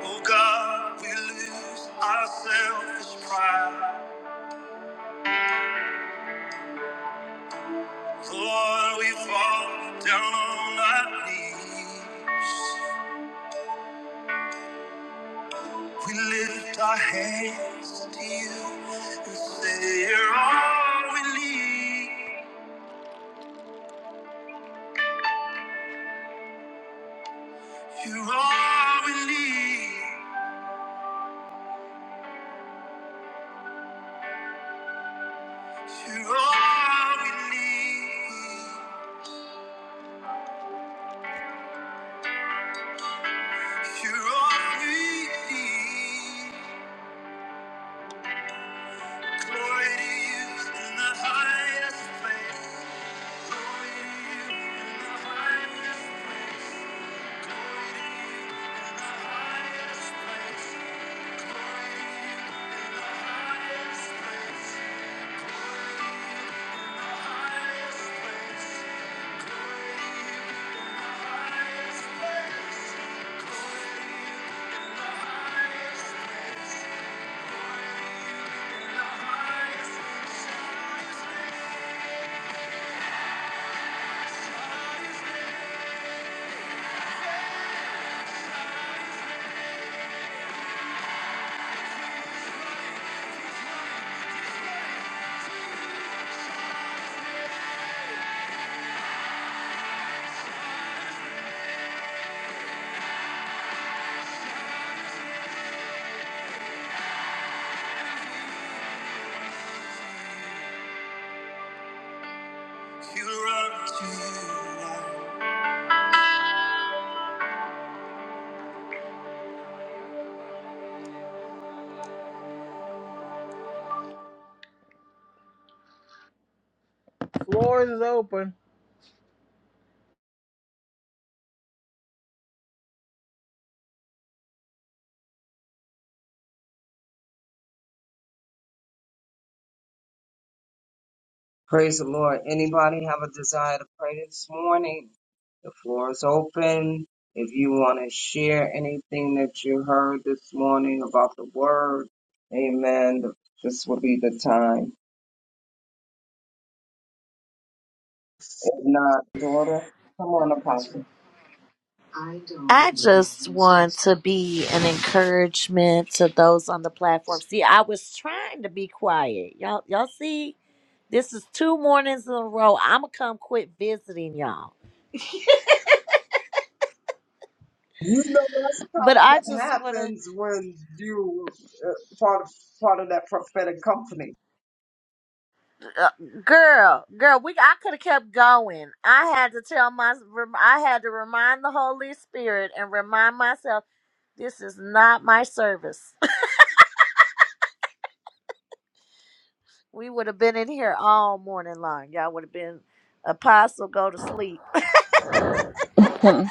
Speaker 1: Oh God, we lose our selfish pride. Lord, we fall down on our knees. We lift our hands to you and say, You're all we need. You're all we need. You're all we need. You're all we need. Glory to you in the highest place. Glory to you in the highest. Glory to you in the highest place. Glory to you in the highest place. Floor is open.
Speaker 3: Praise the Lord. Anybody have a desire to pray this morning? The floor is open. If you want to share anything that you heard this morning about the word, amen. This will be the time. If not, daughter, come on, apostle.
Speaker 8: Mm-hmm. I just want to be an encouragement to those on the platform. See, I was trying to be quiet. Y'all y'all see, this is two mornings in a row. I'm gonna come quit visiting y'all.
Speaker 3: You know that's kind
Speaker 8: But
Speaker 3: of
Speaker 8: I
Speaker 3: what
Speaker 8: just want to
Speaker 3: happens when you uh, part of part of that prophetic company.
Speaker 8: uh, girl, girl, we I could have kept going. I had to tell my rem- I had to remind the Holy Spirit and remind myself this is not my service. [laughs] we would have been in here all morning long. Y'all would have been apostle go to sleep
Speaker 6: [laughs] and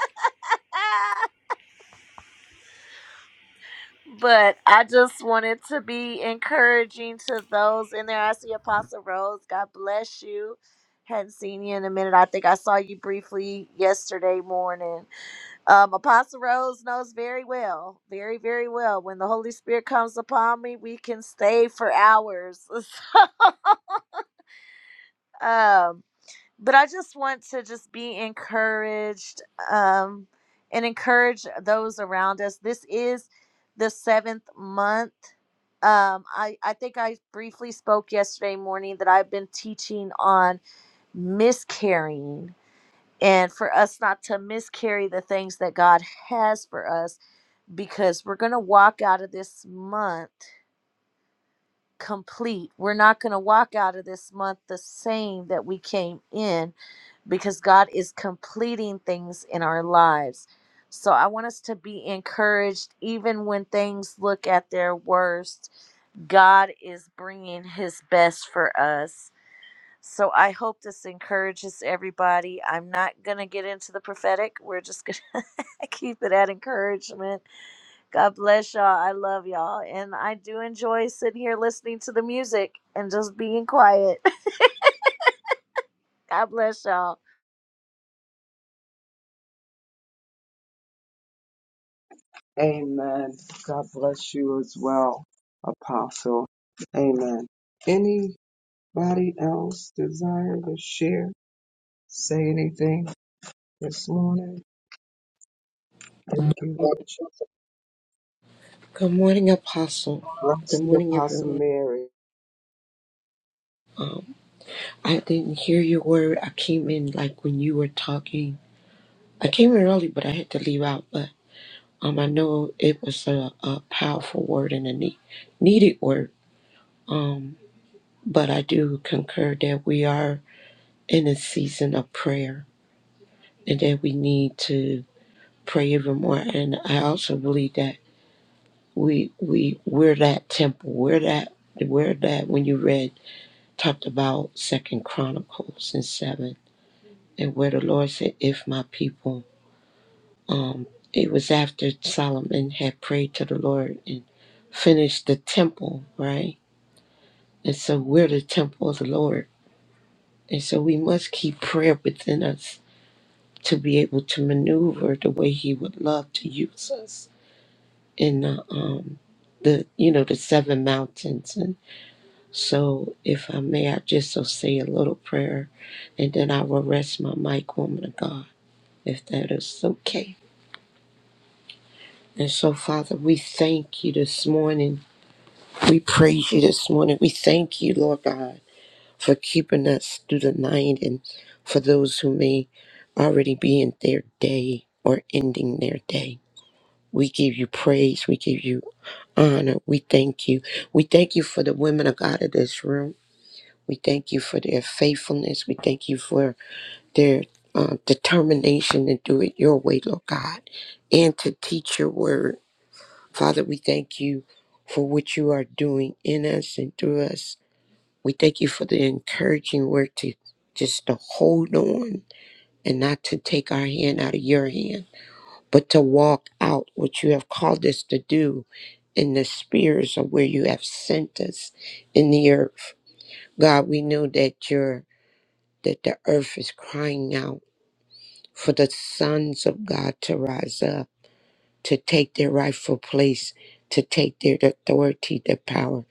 Speaker 8: but I just wanted to be encouraging to those in there. I see Apostle Rose. God bless you. Hadn't seen you in a minute. I think I saw you briefly yesterday morning. Um, Apostle Rose knows very well, very, very well. When the Holy Spirit comes upon me, we can stay for hours. [laughs] um, but I just want to just be encouraged um, and encourage those around us. This is the seventh month. Um, I, I think I briefly spoke yesterday morning that I've been teaching on miscarrying and for us not to miscarry the things that God has for us because we're going to walk out of this month complete. We're not going to walk out of this month the same that we came in because God is completing things in our lives. So I want us to be encouraged even when things look at their worst. God is bringing his best for us. So I hope this encourages everybody. I'm not going to get into the prophetic. We're just going to [laughs] keep it at encouragement God bless y'all. I love y'all. And I do enjoy sitting here listening to the music and just being quiet. [laughs] God bless y'all.
Speaker 3: Amen. God bless you as well, apostle. Amen. Any Anybody else desire to share, say anything this morning? Thank you. God
Speaker 9: Good morning, Apostle.
Speaker 3: bless
Speaker 9: Good
Speaker 3: you,
Speaker 9: morning,
Speaker 3: Apostle
Speaker 9: everyone.
Speaker 3: Mary.
Speaker 9: Um, I didn't hear your word. I came in like when you were talking. I came in early, but I had to leave out. But um, I know it was a, a powerful word and a need, needed word. Um, but I do concur that we are in a season of prayer and that we need to pray even more. And I also believe that we we we're that temple. We're that. We're that. When you read. talked about Second Chronicles and seven, and where the Lord said, "If my people," um, it was after Solomon had prayed to the Lord and finished the temple, right? And so we're the temple of the Lord, and so we must keep prayer within us to be able to maneuver the way He would love to use us in the um, the you know the seven mountains. And so, if I may, I just so say a little prayer, and then I will rest my mic, woman of God. if that is okay. And so, Father, we thank you this morning. We praise you this morning. We thank you, Lord God, for keeping us through the night and for those who may already be in their day or ending their day. We give you praise. We give you honor. We thank you. We thank you for the women of God in this room. We thank you for their faithfulness. We thank you for their uh, determination to do it your way, Lord God, and to teach your word Father, we thank you for what you are doing in us and through us. We thank you for the encouraging work to just to hold on and not to take our hand out of your hand, but to walk out what you have called us to do in the spheres of where you have sent us in the earth. God, we know that you're that the earth is crying out for the sons of God to rise up, to take their rightful place, to take their authority, their power.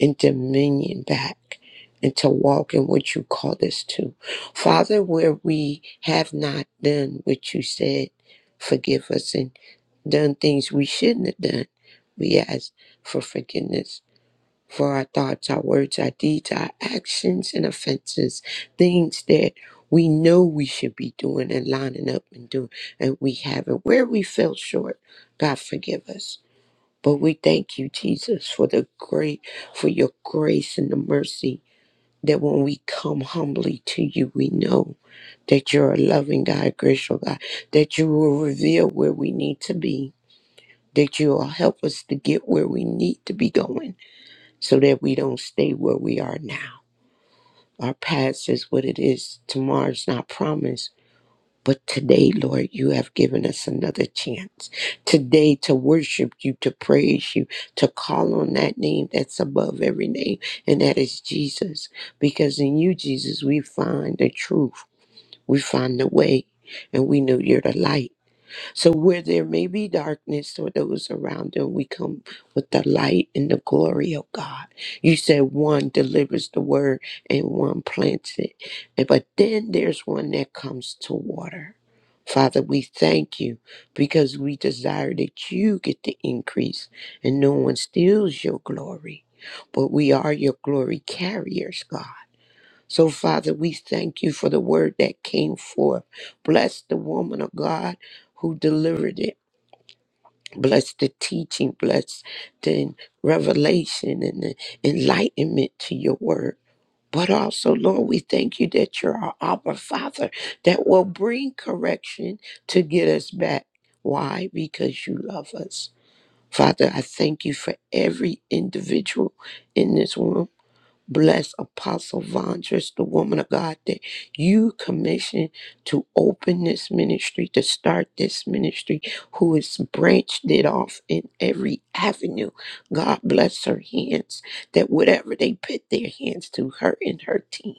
Speaker 9: and dominion back and to walk in what you called us to. Father, where we have not done what you said, forgive us and done things we shouldn't have done. We ask for forgiveness for our thoughts, our words, our deeds, our actions and offenses, things that we know we should be doing and lining up and doing, and we haven't. Where we fell short, God, forgive us. But we thank you, Jesus, for the great, for your grace and the mercy that when we come humbly to you, we know that you're a loving God, gracious God, that you will reveal where we need to be, that you will help us to get where we need to be going so that we don't stay where we are now. Our past is what it is. Tomorrow's not promised but today, Lord, you have given us another chance. Today, to worship you, to praise you, to call on that name that's above every name, and that is Jesus. Because in you, Jesus, we find the truth, we find the way, and we know you're the light. So where there may be darkness or those around them, we come with the light and the glory of God. You said one delivers the word and one plants it. And- But then there's one that comes to water. Father, we thank you because we desire that you get the increase and no one steals your glory. But we are your glory carriers, God. So, Father, we thank you for the word that came forth. Bless the woman of God who delivered it. Bless the teaching. Bless the revelation and the enlightenment to your word. But also, Lord, we thank you that you're our Abba Father that will bring correction to get us back. Why? Because you love us. Father, I thank you for every individual in this room. Bless Apostle Vondress, the woman of God that you commissioned to open this ministry, to start this ministry, who has branched it off in every avenue. God bless her hands, that whatever they put their hands to, her and her team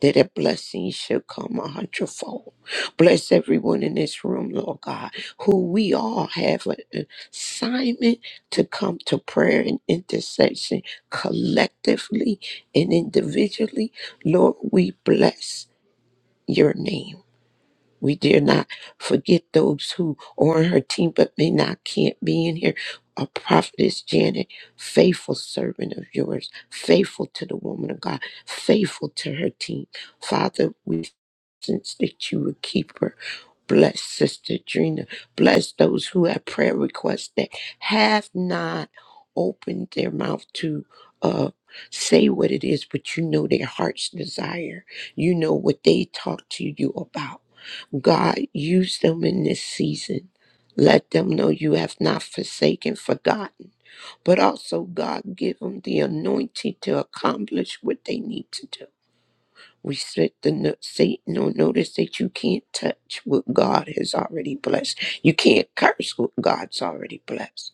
Speaker 9: that a blessing shall come a hundredfold. Bless everyone in this room, Lord God, who we all have an assignment to come to prayer and intercession collectively and individually. Lord, we bless your name. We dare not forget those who are on her team but may not can't be in here. A prophetess Janet, faithful servant of yours, faithful to the woman of God, faithful to her team. Father, we sense that you would keep her. Bless Sister Drina. Bless those who have prayer requests that have not opened their mouth to uh, say what it is, but you know their heart's desire. You know what they talk to you about. God, use them in this season. Let them know you have not forsaken, forgotten. But also, God, give them the anointing to accomplish what they need to do. We set the no- Satan on notice that you can't touch what God has already blessed. You can't curse what God's already blessed.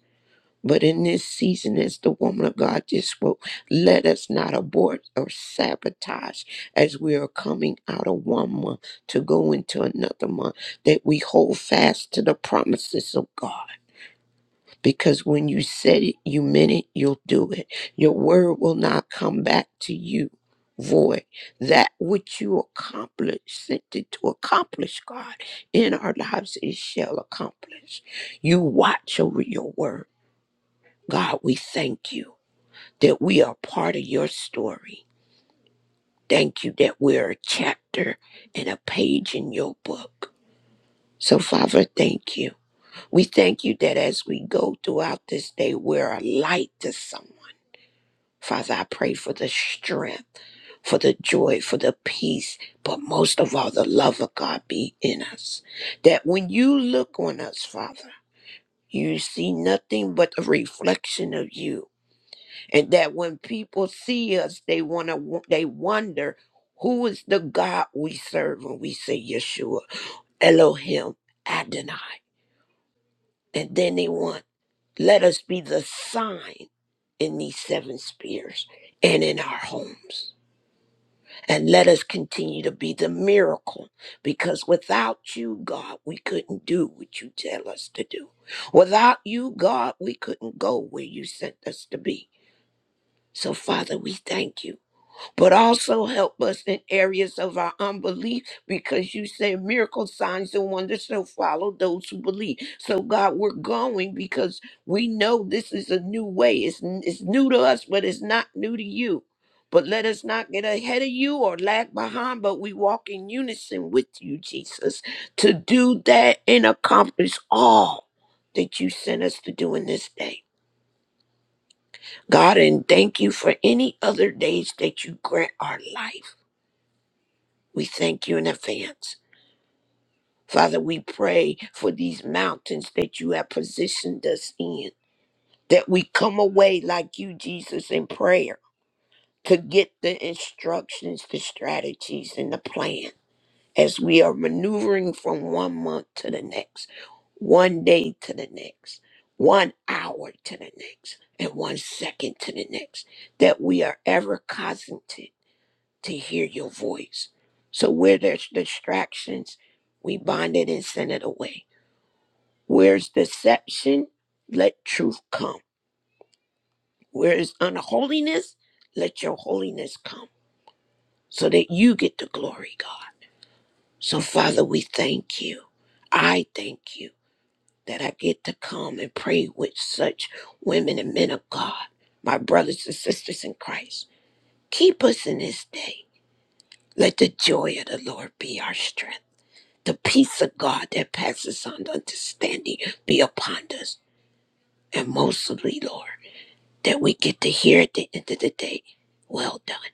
Speaker 9: But in this season, as the woman of God just spoke, let us not abort or sabotage as we are coming out of one month to go into another month, that we hold fast to the promises of God. Because when you said it, you meant it, you'll do it. Your word will not come back to you void. That which you accomplished, sent it to accomplish, God, in our lives, it shall accomplish. You watch over your word. God, we thank you that we are part of your story. Thank you that we're a chapter and a page in your book. So, Father, thank you. We thank you that as we go throughout this day, we're a light to someone. Father, I pray for the strength, for the joy, for the peace, but most of all, the love of God be in us. That when you look on us, Father, you see nothing but a reflection of you and that when people see us they want to they wonder who is the god we serve when we say yeshua elohim adonai and then they want let us be the sign in these seven spheres and in our homes and let us continue to be the miracle because without you god we couldn't do what you tell us to do without you god we couldn't go where you sent us to be so father we thank you but also help us in areas of our unbelief because you said miracle signs and wonders shall follow those who believe so god we're going because we know this is a new way it's, n- it's new to us but it's not new to you but let us not get ahead of you or lag behind but we walk in unison with you jesus to do that and accomplish all that you sent us to do in this day god and thank you for any other days that you grant our life we thank you in advance. Father, we pray for these mountains that you have positioned us in, that we come away like you, Jesus, in prayer to get the instructions, the strategies, and the plan as we are maneuvering from one month to the next, one day to the next, one hour to the next, and one second to the next, that we are ever cognizant to hear your voice. So where there's distractions, we bind it and send it away. Where's deception, let truth come. Where is unholiness, let your holiness come so that you get the glory, God. So, Father, we thank you. I thank you that I get to come and pray with such women and men of God, my brothers and sisters in Christ. Keep us in this day. Let the joy of the Lord be our strength. the peace of God that passes on understanding be upon us. And mostly, Lord, that we get to hear at the end of the day, well done.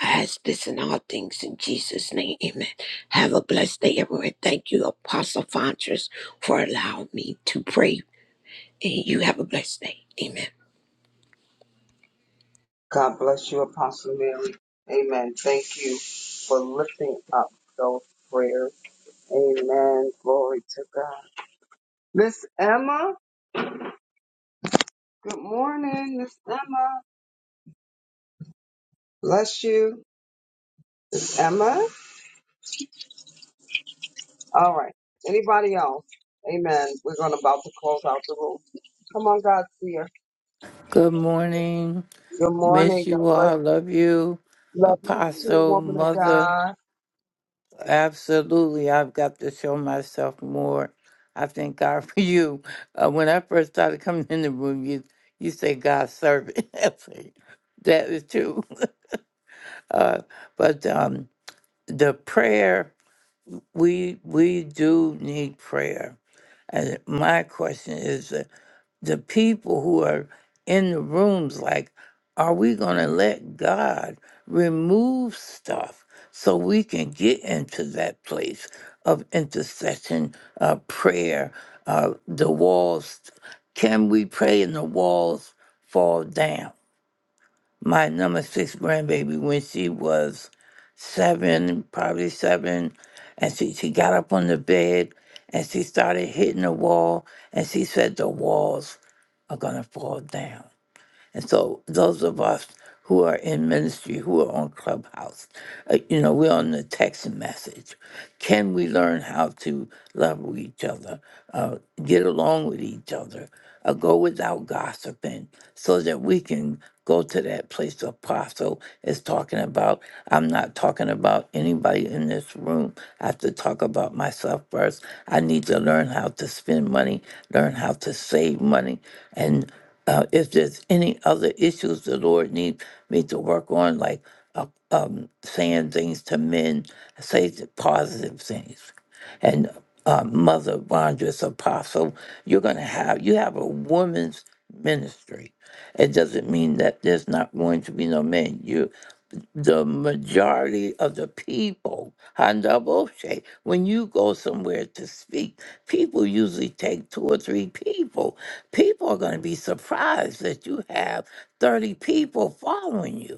Speaker 9: I ask this in all things in Jesus' name. Amen. Have a blessed day, everyone. Thank you, Apostle Fontress, for allowing me to pray. And you have a blessed day. Amen.
Speaker 3: God bless you, Apostle Mary. Amen. Thank you for lifting up those prayers. Amen. Glory to God. Miss Emma, good morning, Miss Emma. Bless you, Emma. All right. Anybody else? Amen. We're going to about to close out the room. Come on, God's dear.
Speaker 10: Good morning.
Speaker 3: Good morning.
Speaker 10: Miss
Speaker 3: God
Speaker 10: you
Speaker 3: bless.
Speaker 10: all. Love you.
Speaker 3: Love you too,
Speaker 10: Apostle,
Speaker 3: woman of
Speaker 10: mother.
Speaker 3: God.
Speaker 10: Absolutely. I've got to show myself more. I thank God [laughs] for you. Uh, when I first started coming in the room, you you say God's servant. [laughs] I say, that is true. [laughs] Uh, but um, the prayer, we we do need prayer. And my question is uh, the people who are in the rooms like are we going to let god remove stuff so we can get into that place of intercession uh, prayer uh, the walls can we pray and the walls fall down my number six grandbaby when she was seven, probably seven, and she, she got up on the bed and she started hitting the wall and she said the walls are gonna fall down. And so those of us who are in ministry, who are on Clubhouse, uh, you know, we're on the text message. Can we learn how to love each other, uh, get along with each other, uh, go without gossiping, so that we can go to that place apostle is talking about i'm not talking about anybody in this room i have to talk about myself first i need to learn how to spend money learn how to save money uh, if there's any other issues the Lord needs me to work on, like uh, um, saying things to men, say the positive things. And uh, Mother Vondra's apostle, you're going to have, you have a woman's ministry. It doesn't mean that there's not going to be no men the majority of the people, Handaboshe, when you go somewhere to speak, people usually take two or three people. People are going to be surprised that you have 30 people following you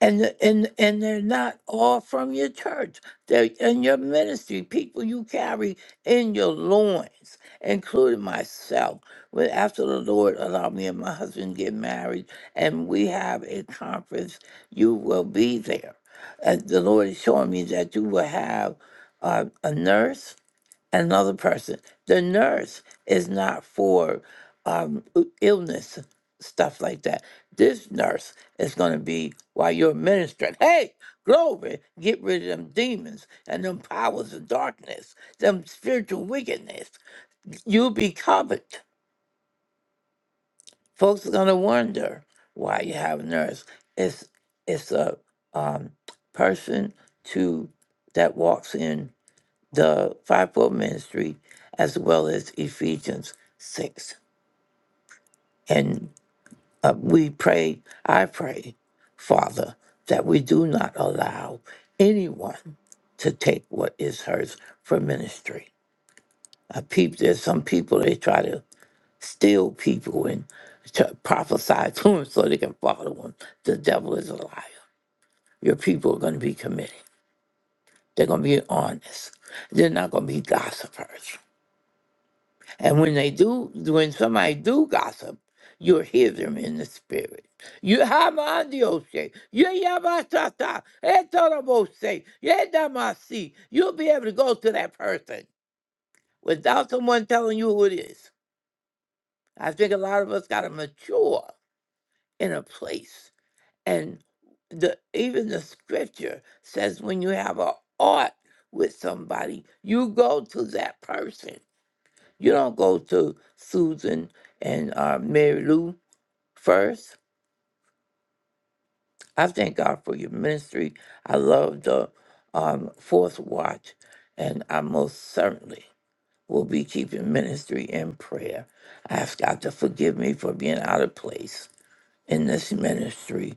Speaker 10: and and and they're not all from your church. They're in your ministry, people you carry in your loins, including myself. When after the Lord allowed me and my husband to get married, and we have a conference, you will be there. And the Lord is showing me that you will have uh, a nurse another person. The nurse is not for um, illness, stuff like that. This nurse is going to be while you're ministering. Hey, glory, get rid of them demons and them powers of darkness, them spiritual wickedness. You'll be covered. Folks are going to wonder why you have a nurse. It's, it's a um, person to that walks in the fivefold ministry as well as Ephesians 6. And uh, we pray, I pray, Father, that we do not allow anyone to take what is hers for ministry. Uh, peop there's some people, they try to steal people and to prophesy to them so they can follow them. The devil is a liar. Your people are going to be committed. They're going to be honest. They're not going to be gossipers. And when they do, when somebody do gossip, you'll hear them in the spirit. You hamandiose, you yabatata, etorobose, yedamasi. You'll be able to go to that person without someone telling you who it is. I think a lot of us got to mature in a place. And the even the scripture says when you have a art with somebody, you go to that person You don't go to Susan and uh, Mary Lou first. I thank God for your ministry. I love the um, fourth watch, and I most certainly will be keeping ministry in prayer. I ask God to forgive me for being out of place in this ministry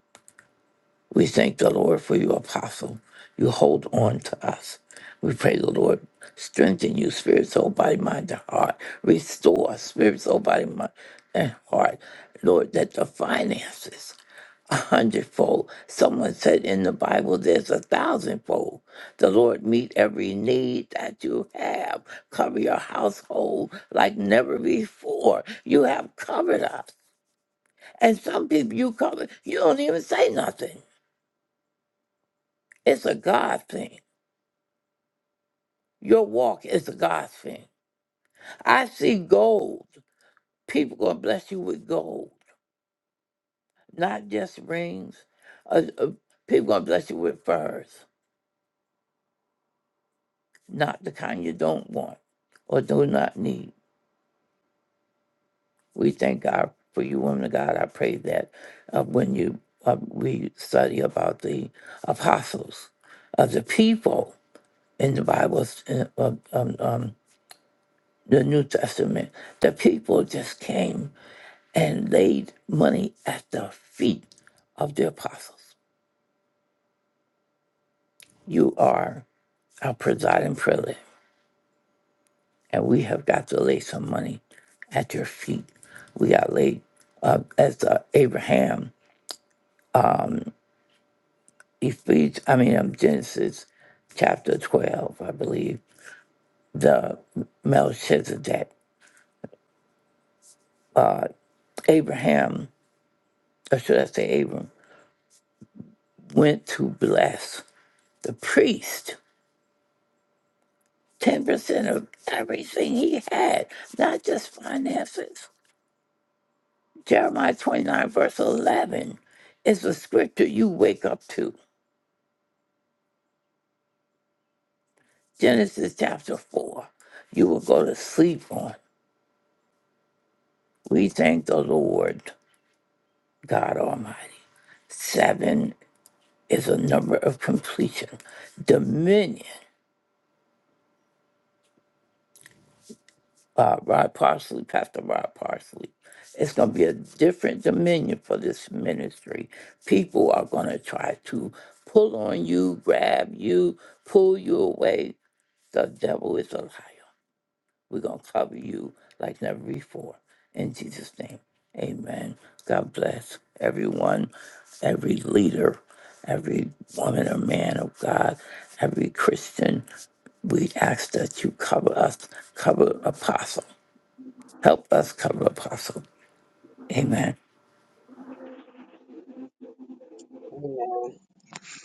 Speaker 10: We thank the Lord for you, Apostle. You hold on to us. We pray the Lord strengthen you, spirit, soul, body, mind, and heart. Restore spirit, soul, body, mind, and heart. Lord, that the finances a hundredfold. Someone said in the Bible, there's a thousandfold. The Lord meet every need that you have. Cover your household like never before. You have covered us. And some people you cover, you don't even say nothing. It's a God thing. Your walk is a God thing. I see gold. People gonna bless you with gold, not just rings. Uh, uh, people gonna bless you with furs, not the kind you don't want or do not need. We thank God for you, woman of God. I pray that uh, when you uh, we study about the apostles, of the people in the Bible, in, um, um, um, the New Testament, the people just came and laid money at the feet of the apostles. You are our presiding prelate, and we have got to lay some money at your feet. We got laid uh, as uh, Abraham, Ephes- I mean um, Genesis chapter twelve, I believe, the Melchizedek. Abraham, or should I say Abram, went to bless the priest. 10% of everything he had, not just finances Jeremiah 29, verse 11, is the scripture you wake up to. Genesis chapter 4, you will go to sleep on. We thank the Lord God Almighty. Seven is a number of completion. Dominion, uh, Rod Parsley, Pastor Rod Parsley. It's going to be a different dominion for this ministry. People are going to try to pull on you, grab you, pull you away. The devil is a liar. We're going to cover you like never before. In Jesus' name, amen. God bless everyone, every leader, every woman or man of God, every Christian. We ask that you cover us, cover Apostle. Help us cover Apostle. Amen.
Speaker 3: Amen.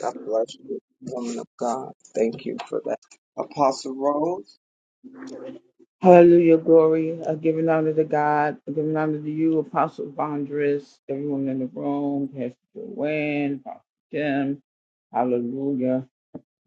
Speaker 3: God bless you, woman of God. Thank you for that. Apostle Rose.
Speaker 11: Hallelujah, glory. I give an honor to God. I give honor to you, Apostle Bondress, everyone in the room, Pastor Joanne, Pastor Jim. Hallelujah.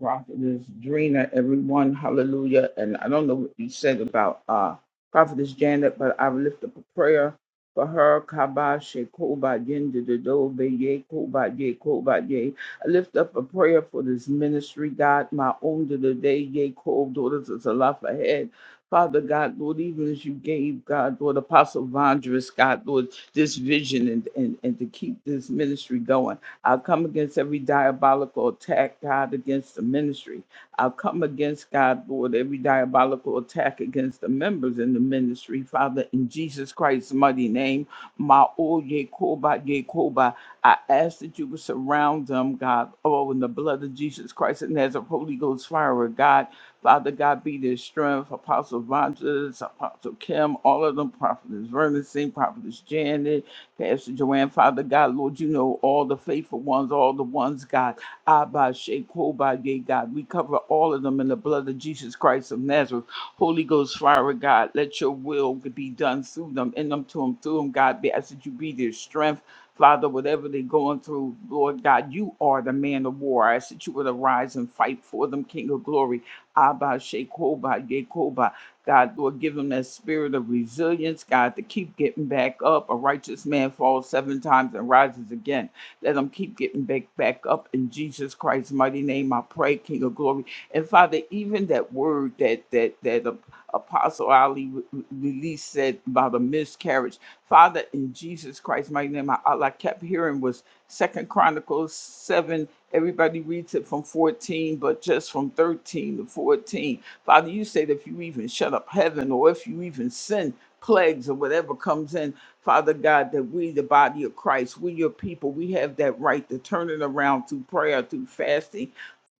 Speaker 11: Prophetess Drina, everyone, hallelujah. And I don't know what you said about uh, Prophetess Janet, but I lift up a prayer for her. Kaba Shekoba Yendido Beye Koba Ye Koba Ye. I lift up a prayer for this ministry, God, my own to the day, Ye Kob, daughters of Zalaf ahead. Father God, Lord, even as you gave God, Lord, Apostle Vondrous, God, Lord, this vision and, and, and to keep this ministry going. I'll come against every diabolical attack, God, against the ministry. I'll come against, God, Lord, every diabolical attack against the members in the ministry, Father, in Jesus Christ's mighty name. Ma o ye koba I ask that you would surround them, God, oh, in the blood of Jesus Christ and as a Holy Ghost fire, God. Father God, be their strength. Apostle Rogers, Apostle Kim, all of them, Prophetess Vernon Singh, Prophetess Janet, Pastor Joanne, Father God, Lord, you know all the faithful ones, all the ones, God. Abba, Sheikh, Koba, Yeh, God. We cover all of them in the blood of Jesus Christ of Nazareth. Holy Ghost, fire, God. Let your will be done through them, in them, to them, through them, God. Be- I said you be their strength. Father, whatever they're going through, Lord God, you are the man of war. I ask that you would arise and fight for them, King of glory. Abba, Shekoba, Yekoba. God, Lord, give him that spirit of resilience, God, to keep getting back up. A righteous man falls seven times and rises again. Let him keep getting back, back up in Jesus Christ's mighty name. I pray, King of glory. And Father, even that word that that that uh, Apostle Ali re- re- released said about a miscarriage. Father, in Jesus Christ's mighty name, I, all I kept hearing was Second Chronicles 7. Everybody reads it from 14, but just from 13 to 14 Father, you say that if you even shut up heaven or if you even send plagues or whatever comes in, Father God, that we, the body of Christ, we your people, we have that right to turn it around through prayer, through fasting,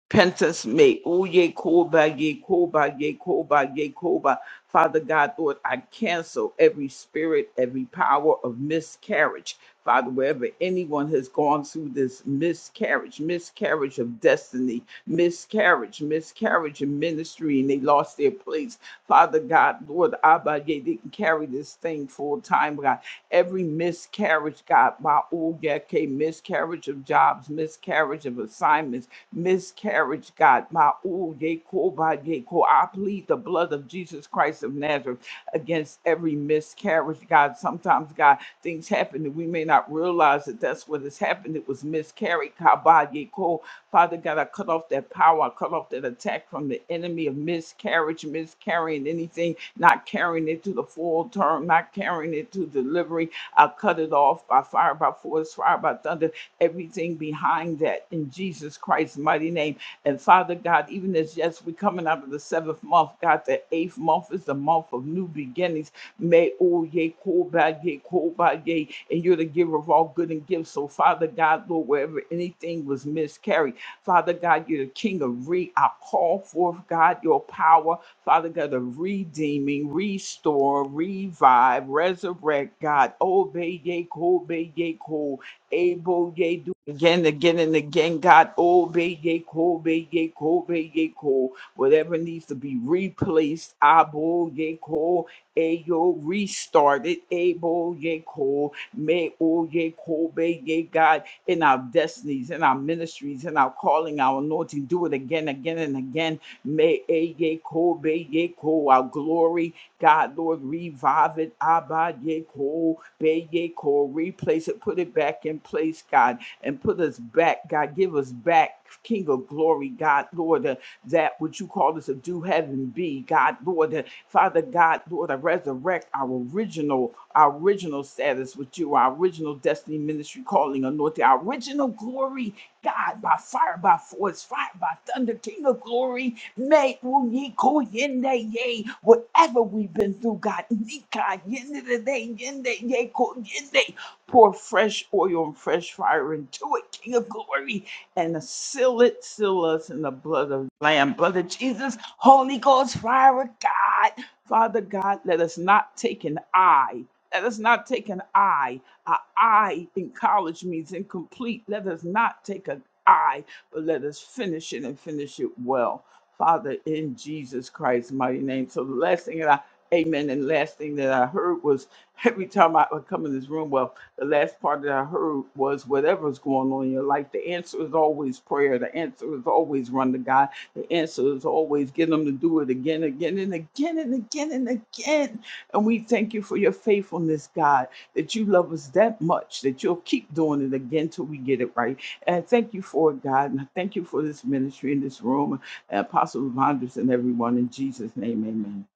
Speaker 11: Princess May, oh yea, Koba, yea, Koba, yea, Koba, yea, Koba. Father God, Lord, I cancel every spirit, every power of miscarriage. Father, wherever anyone has gone through this miscarriage, miscarriage of destiny, miscarriage, miscarriage in ministry, and they lost their place. Father God, Lord, Abba, yea, didn't carry this thing full time, God. Every miscarriage, God, my oh, yeah, okay, miscarriage of jobs, miscarriage of assignments miscarriage, God. My ooh, yea, cool, by yea, cool. I plead the blood of Jesus Christ of Nazareth against every miscarriage, God. Sometimes, God, things happen that we may not realize that that's what has happened. It was miscarried, God, by yea, cool. Father God, I cut off that power. I cut off that attack from the enemy of miscarriage, miscarrying anything, not carrying it to the full term, not carrying it to delivery. I cut it off by fire, by force, fire, by thunder everything behind that in Jesus Christ's mighty name. And Father God, even as yes, we're coming out of the seventh month, God, the eighth month is the month of new beginnings. May oh ye koba ye koba ye, and you're the giver of all good and gifts. So Father God, Lord, wherever anything was miscarried, Father God, you're the King of re. I call forth God your power, Father God, of redeeming, restore, revive, resurrect, God. Obey ye kobe ye ko able ye do again, again, and again, God. Obey ye, obey ye, obey ye, ko. Whatever needs to be replaced, abo ye, ko. Ayo, restarted, able ye, ko. May o ye, ko, obey ye, God, in our destinies, in our ministries, in our calling, our anointing. Do it again, again, and again. May a ye, ko, obey ye, ko. Our glory, God, Lord, revive it, abba ye, ko. Beye Core, replace it, put it back in place, God, and put us back, God. Give us back, King of glory, God, Lord, uh, that which you called us to do, heaven be, God, Lord, uh, Father God, Lord, I resurrect our original, our original status with you, our original destiny ministry calling, anointing, our original glory God, by fire, by force, fire, by thunder, King of glory, may ooh, ye ko yende yea, whatever we've been through, God, nika yende de de, yende yea, ko yende, pour fresh oil and fresh fire into it, King of glory, and seal it, seal us in the blood of the Lamb, blood of Jesus, Holy Ghost, fire of God, Father God, let us not take an eye. Let us not take an eye. Our I in college means incomplete. Let us not take an I, but let us finish it and finish it well. Father, in Jesus Christ's mighty name. So the last thing that I, amen, and last thing that I heard was [laughs] every time I would come in this room, well, the last part that I heard was whatever's going on in your life, the answer is always prayer. The answer is always run to God. The answer is always get them to do it again, again, and again, and again, and again. And we thank you for your faithfulness, God that you love us that much that you'll keep doing it again till we get it right. And I thank you for it, God. And I thank you for this ministry in this room, and Apostle Rogers and everyone in Jesus' name, amen.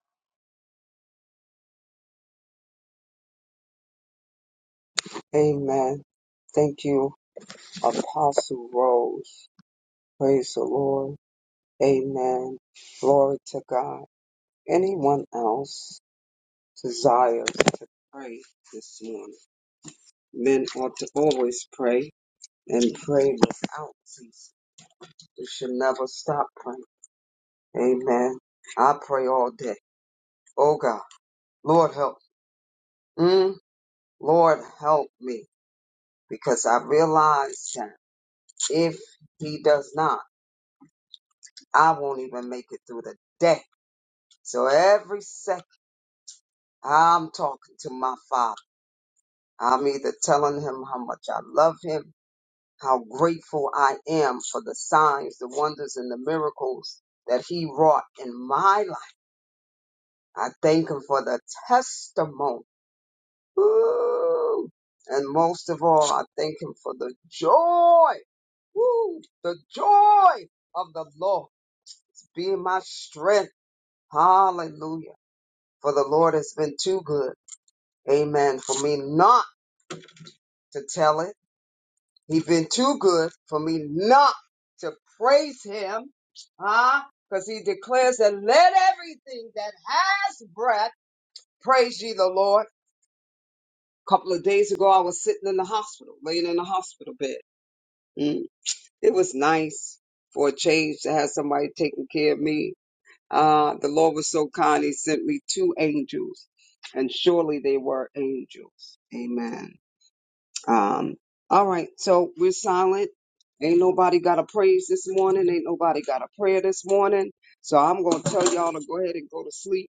Speaker 3: Amen. Thank you, Apostle Rose. Praise the Lord. Amen. Glory to God. Anyone else desires to pray this morning? Men ought to always pray and pray without ceasing. We should never stop praying. Amen. I pray all day. Oh God. Lord help. Mm, Lord, help me because I realize that if He does not, I won't even make it through the day. So every second I'm talking to my Father, I'm either telling Him how much I love Him, how grateful I am for the signs, the wonders, and the miracles that He wrought in my life. I thank Him for the testimony. Ooh. And most of all, I thank Him for the joy Woo! The joy of the Lord be my strength. Hallelujah. For the Lord has been too good. Amen. For me not to tell it. He's been too good for me not to praise him. Huh? Because he declares that let everything that has breath praise ye the Lord. A couple of days ago, I was sitting in the hospital, laying in the hospital bed. Mm. It was nice for a change to have somebody taking care of me Uh, the Lord was so kind, he sent me two angels, and surely they were angels. Amen. Um, all right, so we're silent. Ain't nobody got a praise this morning. Ain't nobody got a prayer this morning. So I'm going to tell y'all to go ahead and go to sleep.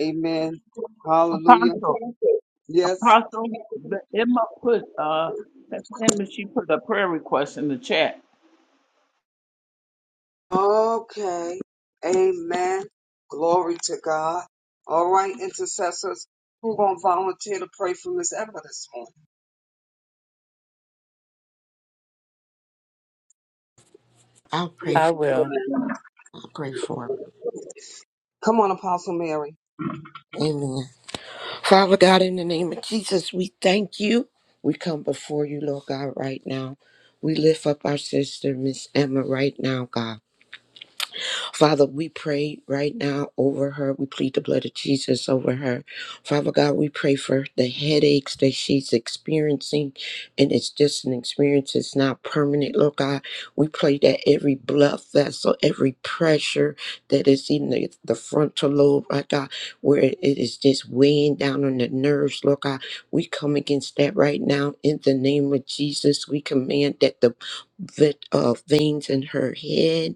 Speaker 3: Amen. Hallelujah.
Speaker 11: Apostle,
Speaker 3: Yes.
Speaker 11: Apostle, the Emma put, uh, Emma, she put a prayer request in the chat.
Speaker 3: Okay. Amen. Glory to God. All right, intercessors, who going to volunteer to pray for Miss Ever this
Speaker 9: I'll pray
Speaker 10: I
Speaker 9: for,
Speaker 10: will.
Speaker 3: morning?
Speaker 9: I'll pray for. it.
Speaker 3: Come on, Apostle Mary.
Speaker 9: Amen. Father God, in the name of Jesus, we thank you. We come before you, Lord God, right now. We lift up our sister, Miss Emma, right now, God. Father, we pray right now over her. We plead the blood of Jesus over her. Father God, we pray for the headaches that she's experiencing, and it's just an experience, it's not permanent. Lord God, we pray that every blood vessel, every pressure that is in the, the frontal lobe, right God, where it is just weighing down on the nerves, Lord God, we come against that right now in the name of Jesus. We command that the vet, uh, veins in her head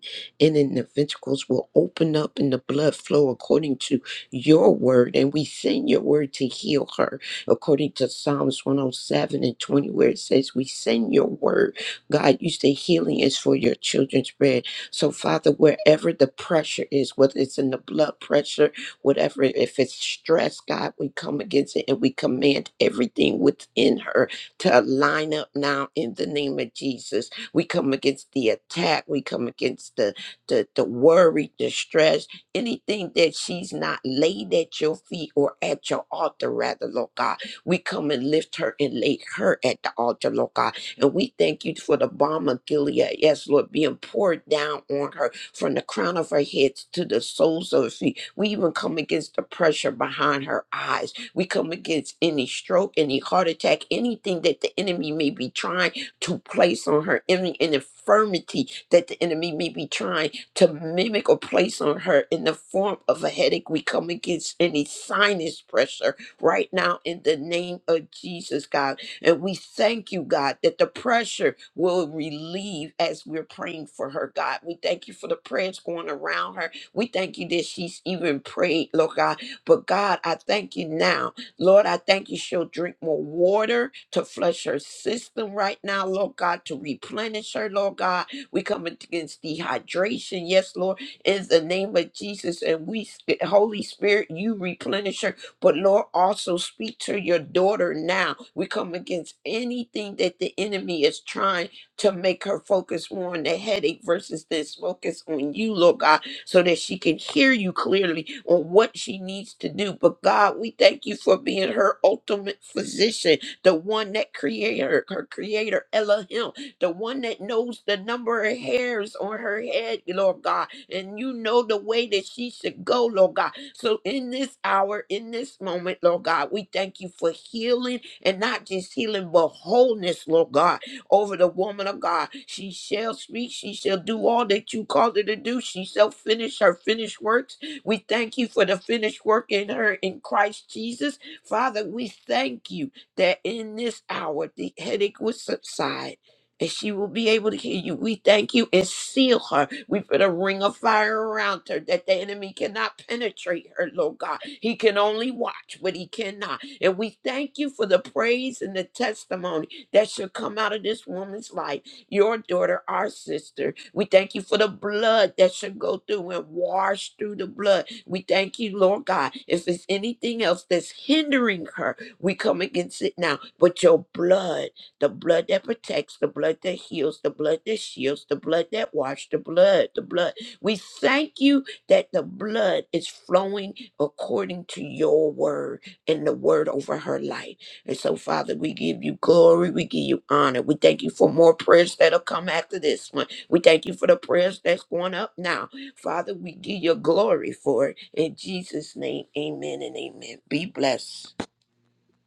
Speaker 9: and then the ventricles will open up and the blood flow according to your word. And we send your word to heal her, according to Psalms 107 and 20, where it says, We send your word. God, you say healing is for your children's bread. So, Father, wherever the pressure is, whether it's in the blood pressure, whatever, if it's stress, God, we come against it and we command everything within her to line up now in the name of Jesus. We come against the attack. We come against the the, the worry, the stress, anything that she's not laid at your feet or at your altar, rather, Lord God. We come and lift her and lay her at the altar, Lord God. And we thank you for the balm of Gilead, yes, Lord, being poured down on her from the crown of her head to the soles of her feet. We even come against the pressure behind her eyes. We come against any stroke, any heart attack, anything that the enemy may be trying to place on her, any, any infirmity that the enemy may be trying to mimic or place on her in the form of a headache. We come against any sinus pressure right now in the name of Jesus, God. And we thank you, God, that the pressure will relieve as we're praying for her, God. We thank you for the prayers going around her. We thank you that she's even prayed, Lord God. But God, I thank you now. Lord, I thank you she'll drink more water to flush her system right now, Lord God, to replenish her, Lord God we come against dehydration, yes, Lord, in the name of Jesus. And we, Holy Spirit, you replenish her. But Lord, also speak to your daughter now. We come against anything that the enemy is trying to make her focus more on the headache versus this focus on you, Lord God, so that she can hear you clearly on what she needs to do. But God, we thank you for being her ultimate physician, the one that created her, her creator, Elohim the one that knows the number of hairs on her head, Lord God, and you know the way that she should go, Lord God. So in this hour, in this moment, Lord God, we thank you for healing and not just healing, but wholeness, Lord God, over the woman of God. She shall speak, she shall do all that you called her to do. She shall finish her finished works. We thank you for the finished work in her in Christ Jesus. Father, we thank you that in this hour the headache will subside and she will be able to hear you. We thank you and seal her. We put a ring of fire around her that the enemy cannot penetrate her, Lord God. He can only watch, but he cannot. And we thank you for the praise and the testimony that should come out of this woman's life, your daughter, our sister. We thank you for the blood that should go through and wash through the blood. We thank you, Lord God. If there's anything else that's hindering her, we come against it now. But your blood the blood that protects, the blood that heals, the blood that shields, the blood that washes, the blood, the blood. We thank you that the blood is flowing according to your word and the word over her life. And so, Father, we give you glory, we give you honor. We thank you for more prayers that'll come after this one. We thank you for the prayers that's going up now. Father, we give you glory for it. In Jesus' name, amen and amen. Be blessed.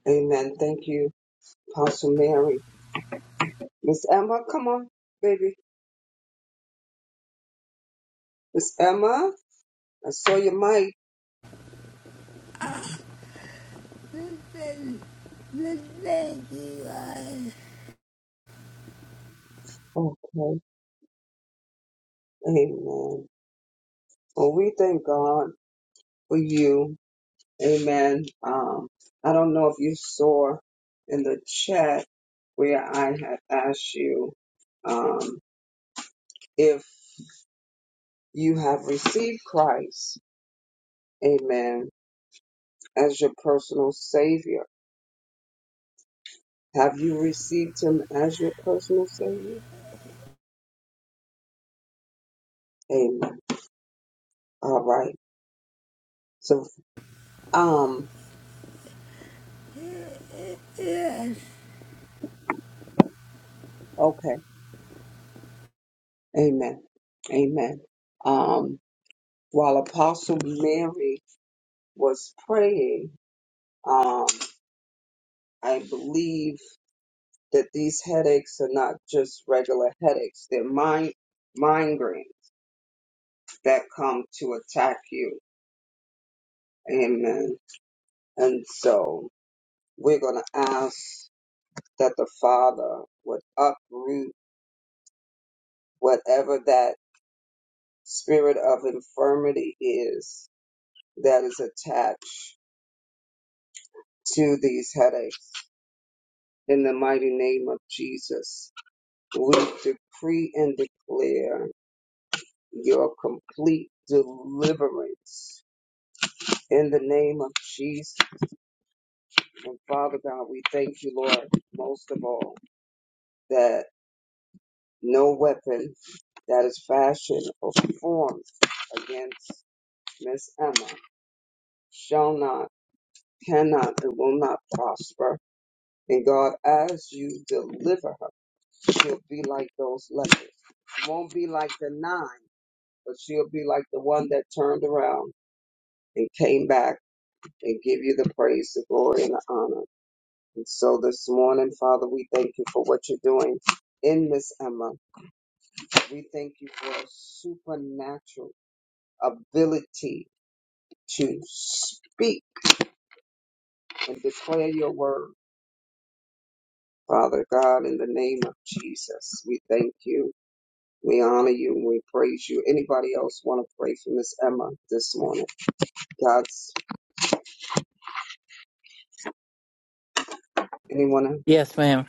Speaker 3: Amen. Thank you, Apostle Mary. Miss Emma, come on, baby. Miss Emma, I saw your mic.
Speaker 12: The, the 21.
Speaker 3: Okay. Amen. Well, we thank God for you. Amen. Um, I don't know if you saw in the chat where I had asked you um, if you have received Christ, amen, as your personal savior. Have you received him as your personal savior? Amen. All right. So, um,
Speaker 12: Yeah.
Speaker 3: okay. Amen. Amen. Um, while Apostle Mary was praying, um, I believe that these headaches are not just regular headaches. They're mind, migraines that come to attack you. Amen. And so we're going to ask that the Father would uproot whatever that spirit of infirmity is that is attached to these headaches. In the mighty name of Jesus, we decree and declare your complete deliverance in the name of Jesus. And Father God, we thank you, Lord, most of all, that no weapon that is fashioned or formed against Miss Emma shall not, cannot, and will not prosper And God, as you deliver her, she'll be like those lepers. Won't be like the nine, but she'll be like the one that turned around and came back and give you the praise, the glory, and the honor. And so this morning, Father, we thank you for what you're doing in Miss Emma. We thank you for a supernatural ability to speak and declare your word. Father God, in the name of Jesus, we thank you. We honor you and we praise you. Anybody else want to pray for Miss Emma this morning? God's anyone?
Speaker 10: Yes, ma'am.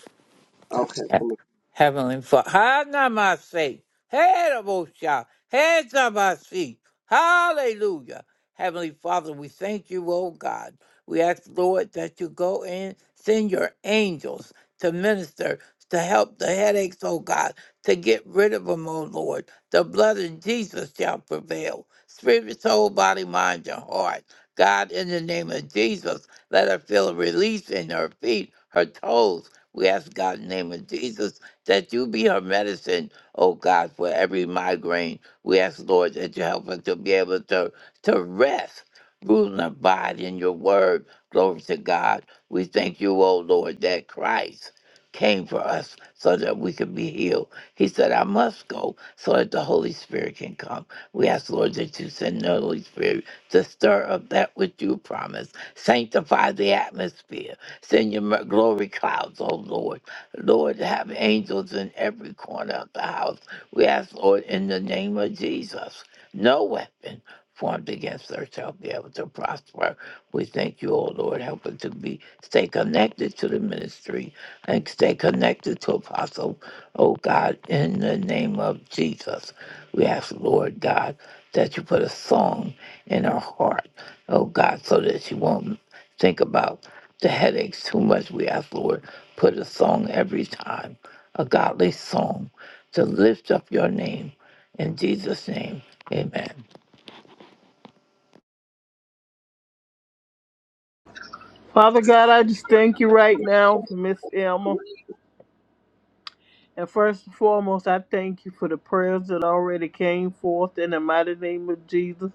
Speaker 3: else? Okay, come on.
Speaker 10: Heavenly Father, Hanamase, Hedabosha, Hedabasi, Hallelujah. Heavenly Father, we thank you, oh God. We ask, Lord, that you go in, send your angels to minister, to help the headaches, oh God, to get rid of them, oh Lord. The blood of Jesus shall prevail. Spirit, soul, body, mind, and heart. God, in the name of Jesus, let her feel a release in her feet, her toes we ask God in the name of Jesus that you be her medicine, oh God, for every migraine. We ask, Lord, that you help her to be able to, to rest, rule and abide in your word. Glory to God. We thank you, oh Lord, that Christ came for us so that we could be healed. He said, I must go so that the Holy Spirit can come. We ask, Lord, that you send the Holy Spirit to stir up that which you promised. Sanctify the atmosphere Send your mer- glory clouds, oh Lord. Lord, have angels in every corner of the house. We ask, Lord, in the name of Jesus, no weapon formed against us shall be able to prosper. We thank you, oh Lord. Help us to be stay connected to the ministry and stay connected to Apostle, oh God, in the name of Jesus. We ask, Lord God, that you put a song in her heart, oh God, so that she won't think about the headaches too much. We ask, Lord, put a song every time, a godly song to lift up your name. In Jesus' name, amen.
Speaker 1: Father God, I just thank you right now for Miss Elma. And first and foremost, I thank you for the prayers that already came forth in the mighty name of Jesus.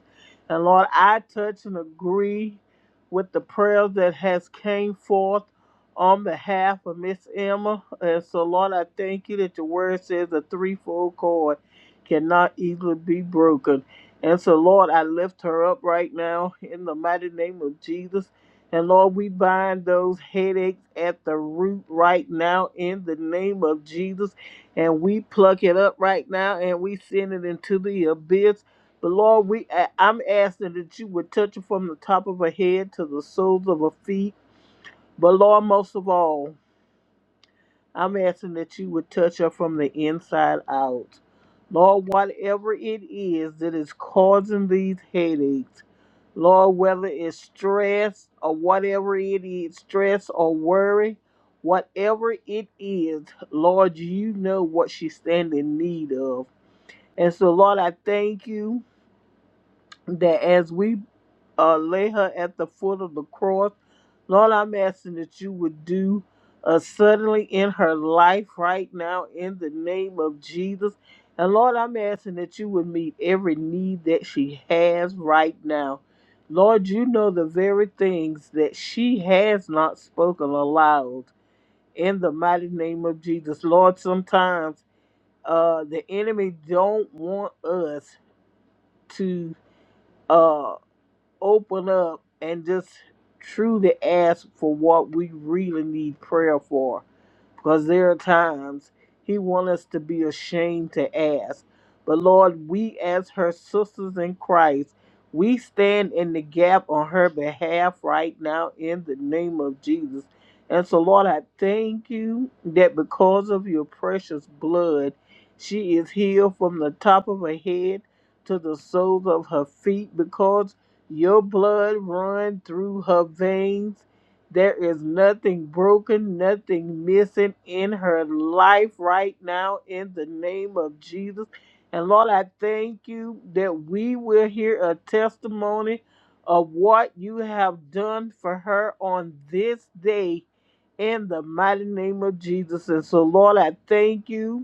Speaker 1: And Lord, I touch and agree with the prayers that has came forth on behalf of Miss Emma. And so, Lord, I thank you that your word says a threefold cord cannot easily be broken. And so, Lord, I lift her up right now in the mighty name of Jesus. And Lord, we bind those headaches at the root right now in the name of Jesus and we pluck it up right now and we send it into the abyss. But Lord, we I- I'm asking that you would touch it from the top of her head to the soles of her feet. But Lord, most of all. I'm asking that you would touch her from the inside out. Lord, whatever it is that is causing these headaches, Lord, whether it's stress or whatever it is, stress or worry, whatever it is, Lord, you know what she stand in need of. And so, Lord, I thank you that as we uh, lay her at the foot of the cross. Lord, I'm asking that you would do uh, suddenly in her life right now in the name of Jesus. And Lord, I'm asking that you would meet every need that she has right now. Lord, you know the very things that she has not spoken aloud in the mighty name of Jesus. Lord, sometimes uh, the enemy don't want us to. uh, open up and just truly ask for what we really need prayer for. Because there are times he wants us to be ashamed to ask. But Lord, we as her sisters in Christ, we stand in the gap on her behalf right now in the name of Jesus. And so, Lord, I thank you that because of your precious blood, she is healed from the top of her head to the soles of her feet because your blood run through her veins. There is nothing broken, nothing missing in her life right now in the name of Jesus. And Lord, I thank you that we will hear a testimony of what you have done for her on this day in the mighty name of Jesus. And so, Lord, I thank you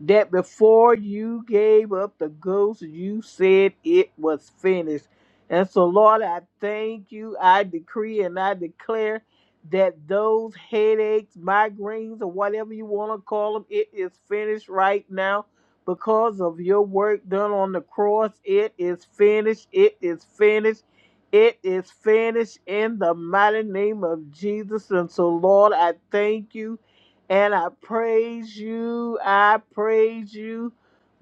Speaker 1: that before you gave up the ghost, you said it was finished. And so, Lord, I thank you. I decree and I declare that those headaches, migraines, or whatever you want to call them, it is finished right now because of your work done on the cross. It is finished. It is finished. It is finished in the mighty name of Jesus. And so, Lord, I thank you. And I praise you. I praise you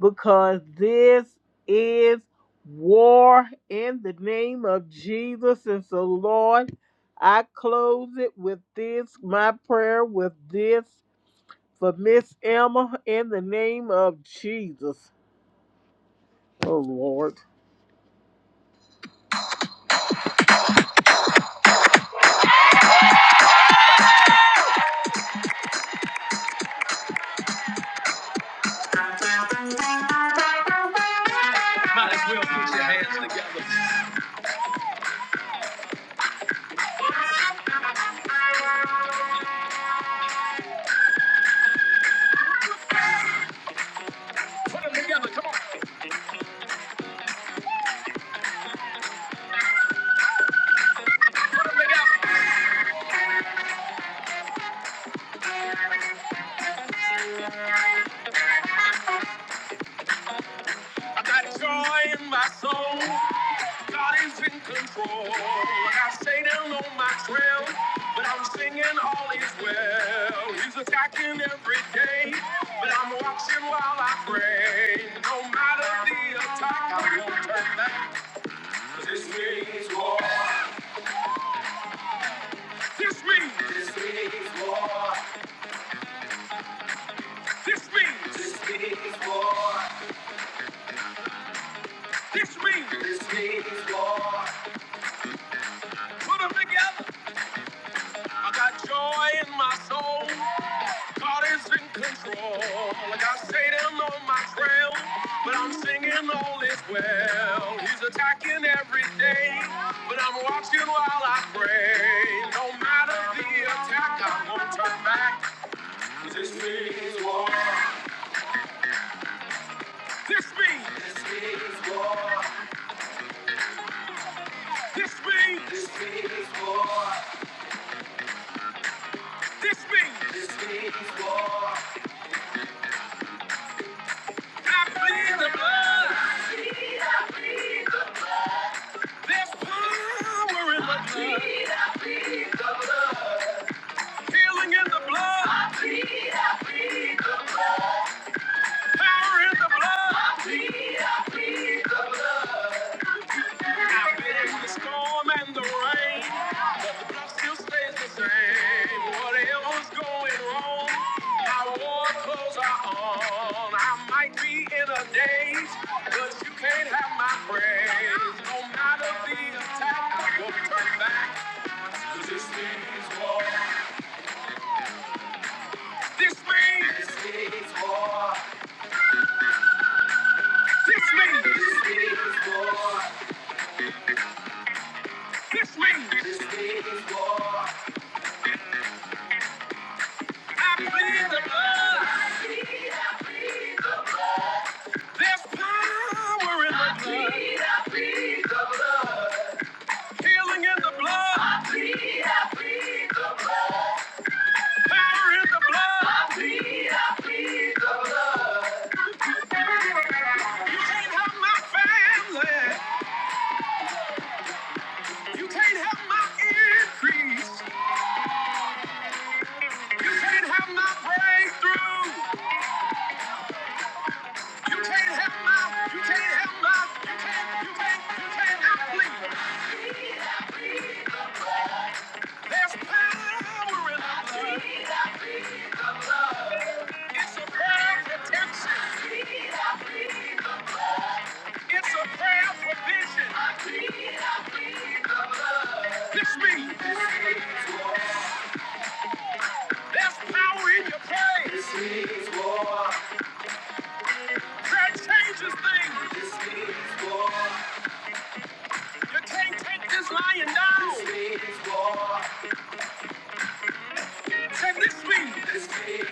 Speaker 1: because this is war in the name of Jesus. And so, Lord, I close it with this, my prayer with this for Miss Emma in the name of Jesus. Oh, Lord. God is in control. And I stay down on my trail, but I'm singing all is well. He's attacking every day, but I'm watching while I pray. No matter the attack, I won't turn back. to me. This means, this means, this means, this means, Lord. put them together. I got joy in my soul. God is in control. Like I stayed down on my trail, but I'm singing all is well. He's attacking every day, but I'm watching while I pray. No matter the attack, I won't turn back. 'Cause This means war. This means, this means, this means. I plead the blood. There's power in the blood. Healing in the blood. Power in the blood. I've been in the storm and the rain, but still stays the same. Whatever's going wrong, my war clothes are on. I might be in a daze, but you can't have my praise. No matter the attack, I won't turn back. 'Cause this means war. This means. This means war. This means. This means war. This means. This means war. I plead the blood. There's power in the blood. Healing in the blood. Power in the blood. You can't have my family. You can't have my increase. You can't have my breakthrough. You can't have my. You can't have my. You can't. You can't. You can't outlead. There's power in the blood. It's a prayer of protection. It's a prayer of provision. This me. There's power in your praise. That changes things. You can't take this lion down. Take this speed.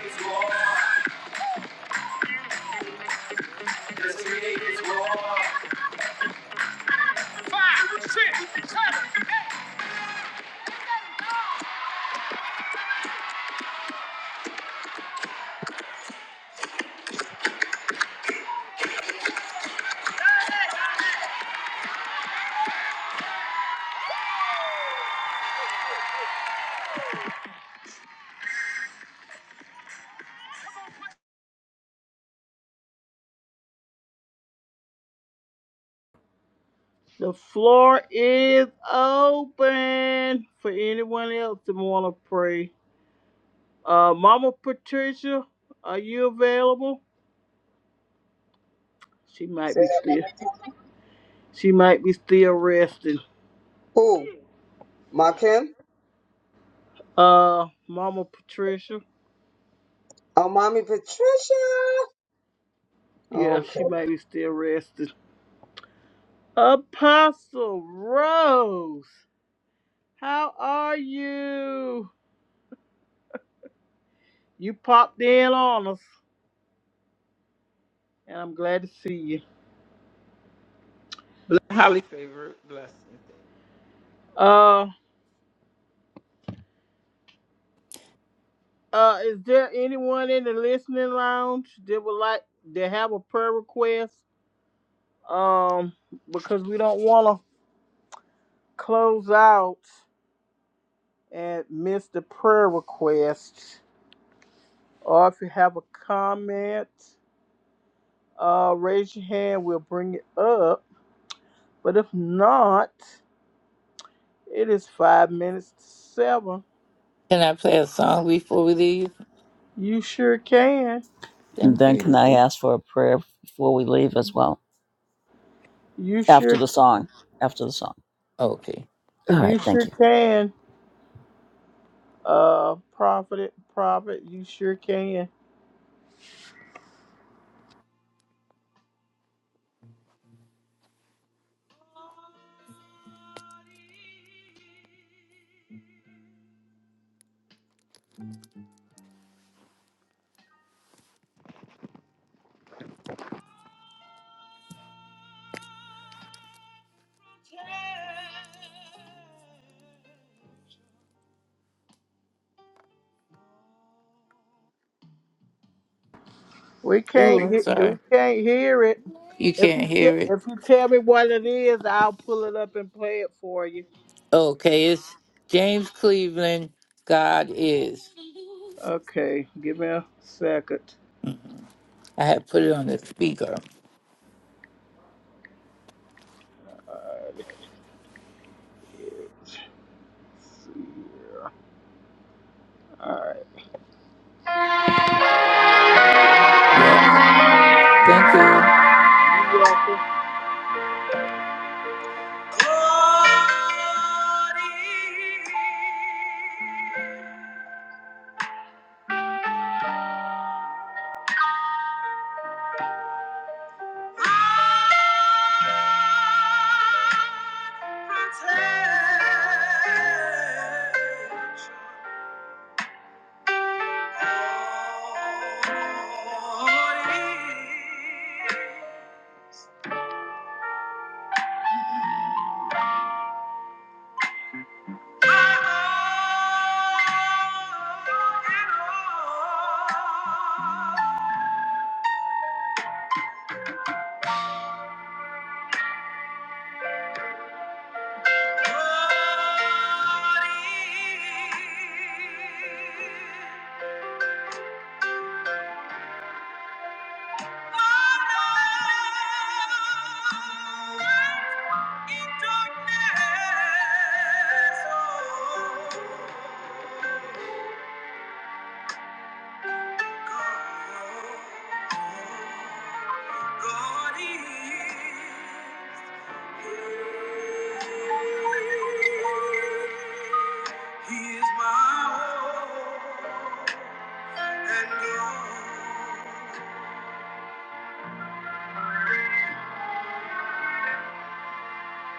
Speaker 1: Five, six, seven, eight. The floor is open for anyone else that want to pray. Uh, Mama Patricia, are you available? She might
Speaker 3: Say
Speaker 1: be
Speaker 3: that.
Speaker 1: still. She might be still resting.
Speaker 3: Who? Ma Kim?
Speaker 1: Uh, Mama Patricia.
Speaker 3: Oh, mommy Patricia.
Speaker 1: Yeah,
Speaker 3: Okay.
Speaker 1: she might be still resting. Apostle Rose, how are you? You popped in on us, and I'm glad to see you.
Speaker 11: Holly favor, blessings.
Speaker 1: Uh, uh, is there anyone in the listening lounge that would like to have a prayer request? Um, because we don't want to close out and miss the prayer request. Or if you have a comment, uh, raise your hand. We'll bring it up. But if not, it is five minutes to seven.
Speaker 10: Can I play a song before we leave?
Speaker 1: You sure can.
Speaker 10: Thank
Speaker 6: then can I
Speaker 10: you.
Speaker 6: ask for a prayer before we leave as well?
Speaker 1: You sure
Speaker 6: After the song. After the song.
Speaker 10: Okay.
Speaker 6: All
Speaker 1: you
Speaker 6: right. Thank
Speaker 1: sure
Speaker 6: you.
Speaker 1: can. Uh prophet Profit. you sure can. We can't
Speaker 10: Ooh, I'm
Speaker 1: he- we
Speaker 10: sorry.
Speaker 1: can't hear it.
Speaker 10: You
Speaker 1: If
Speaker 10: can't
Speaker 1: you
Speaker 10: hear
Speaker 1: te-
Speaker 10: it.
Speaker 1: if you tell me what it is, I'll pull it up and play it for you.
Speaker 10: Okay, it's James Cleveland, God is.
Speaker 1: Okay, give me a second.
Speaker 10: Mm, I had put it on the speaker.
Speaker 1: Alright, let's see here. Alright.
Speaker 10: Yep. Thank you.
Speaker 1: You welcome. In Darkness, oh. He is my hope and God.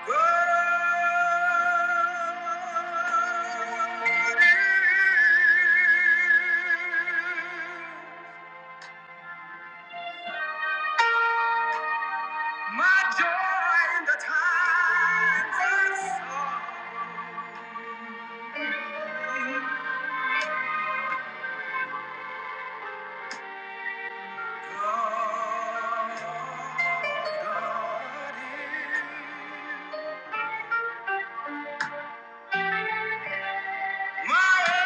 Speaker 1: God is My joy in the times of sorrow. God, God is my all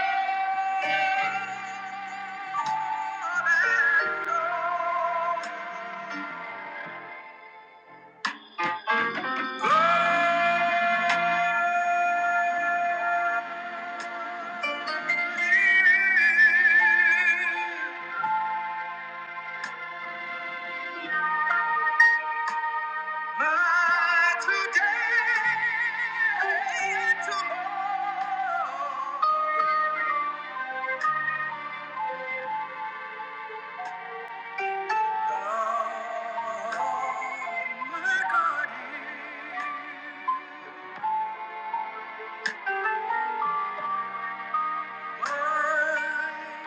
Speaker 1: and is my today and tomorrow. God, my God is mine.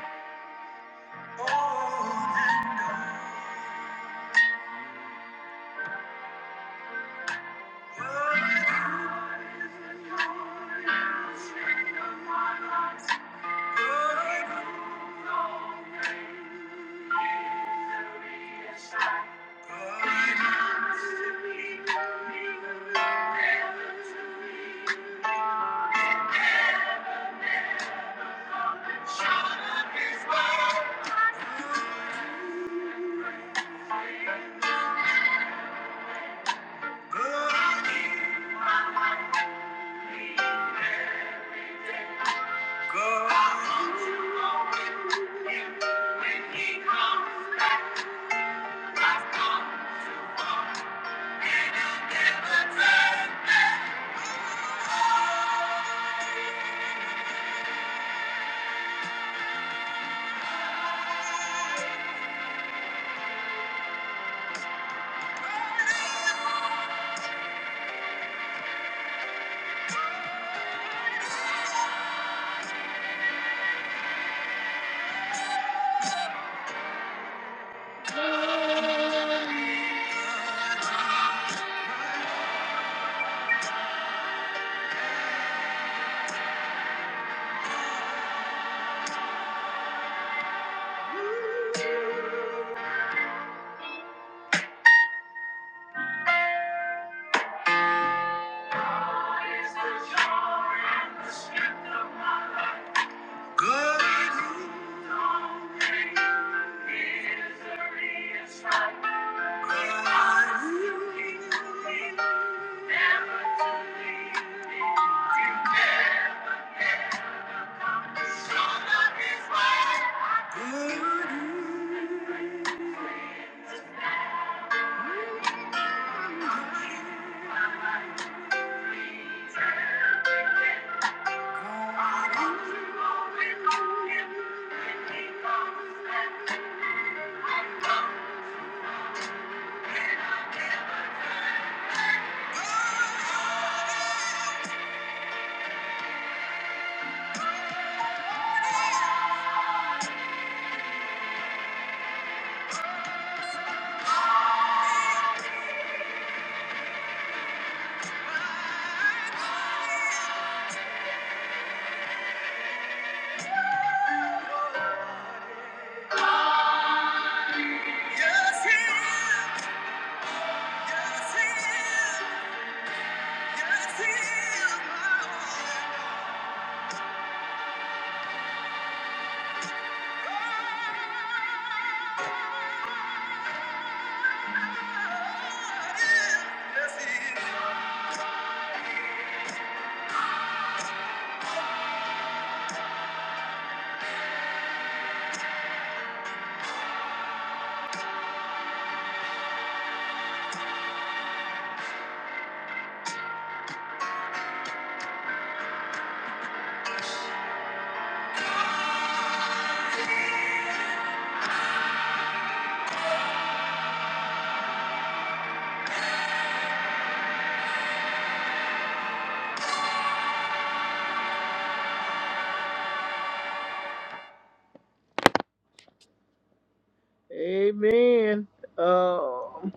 Speaker 1: Amen. Um.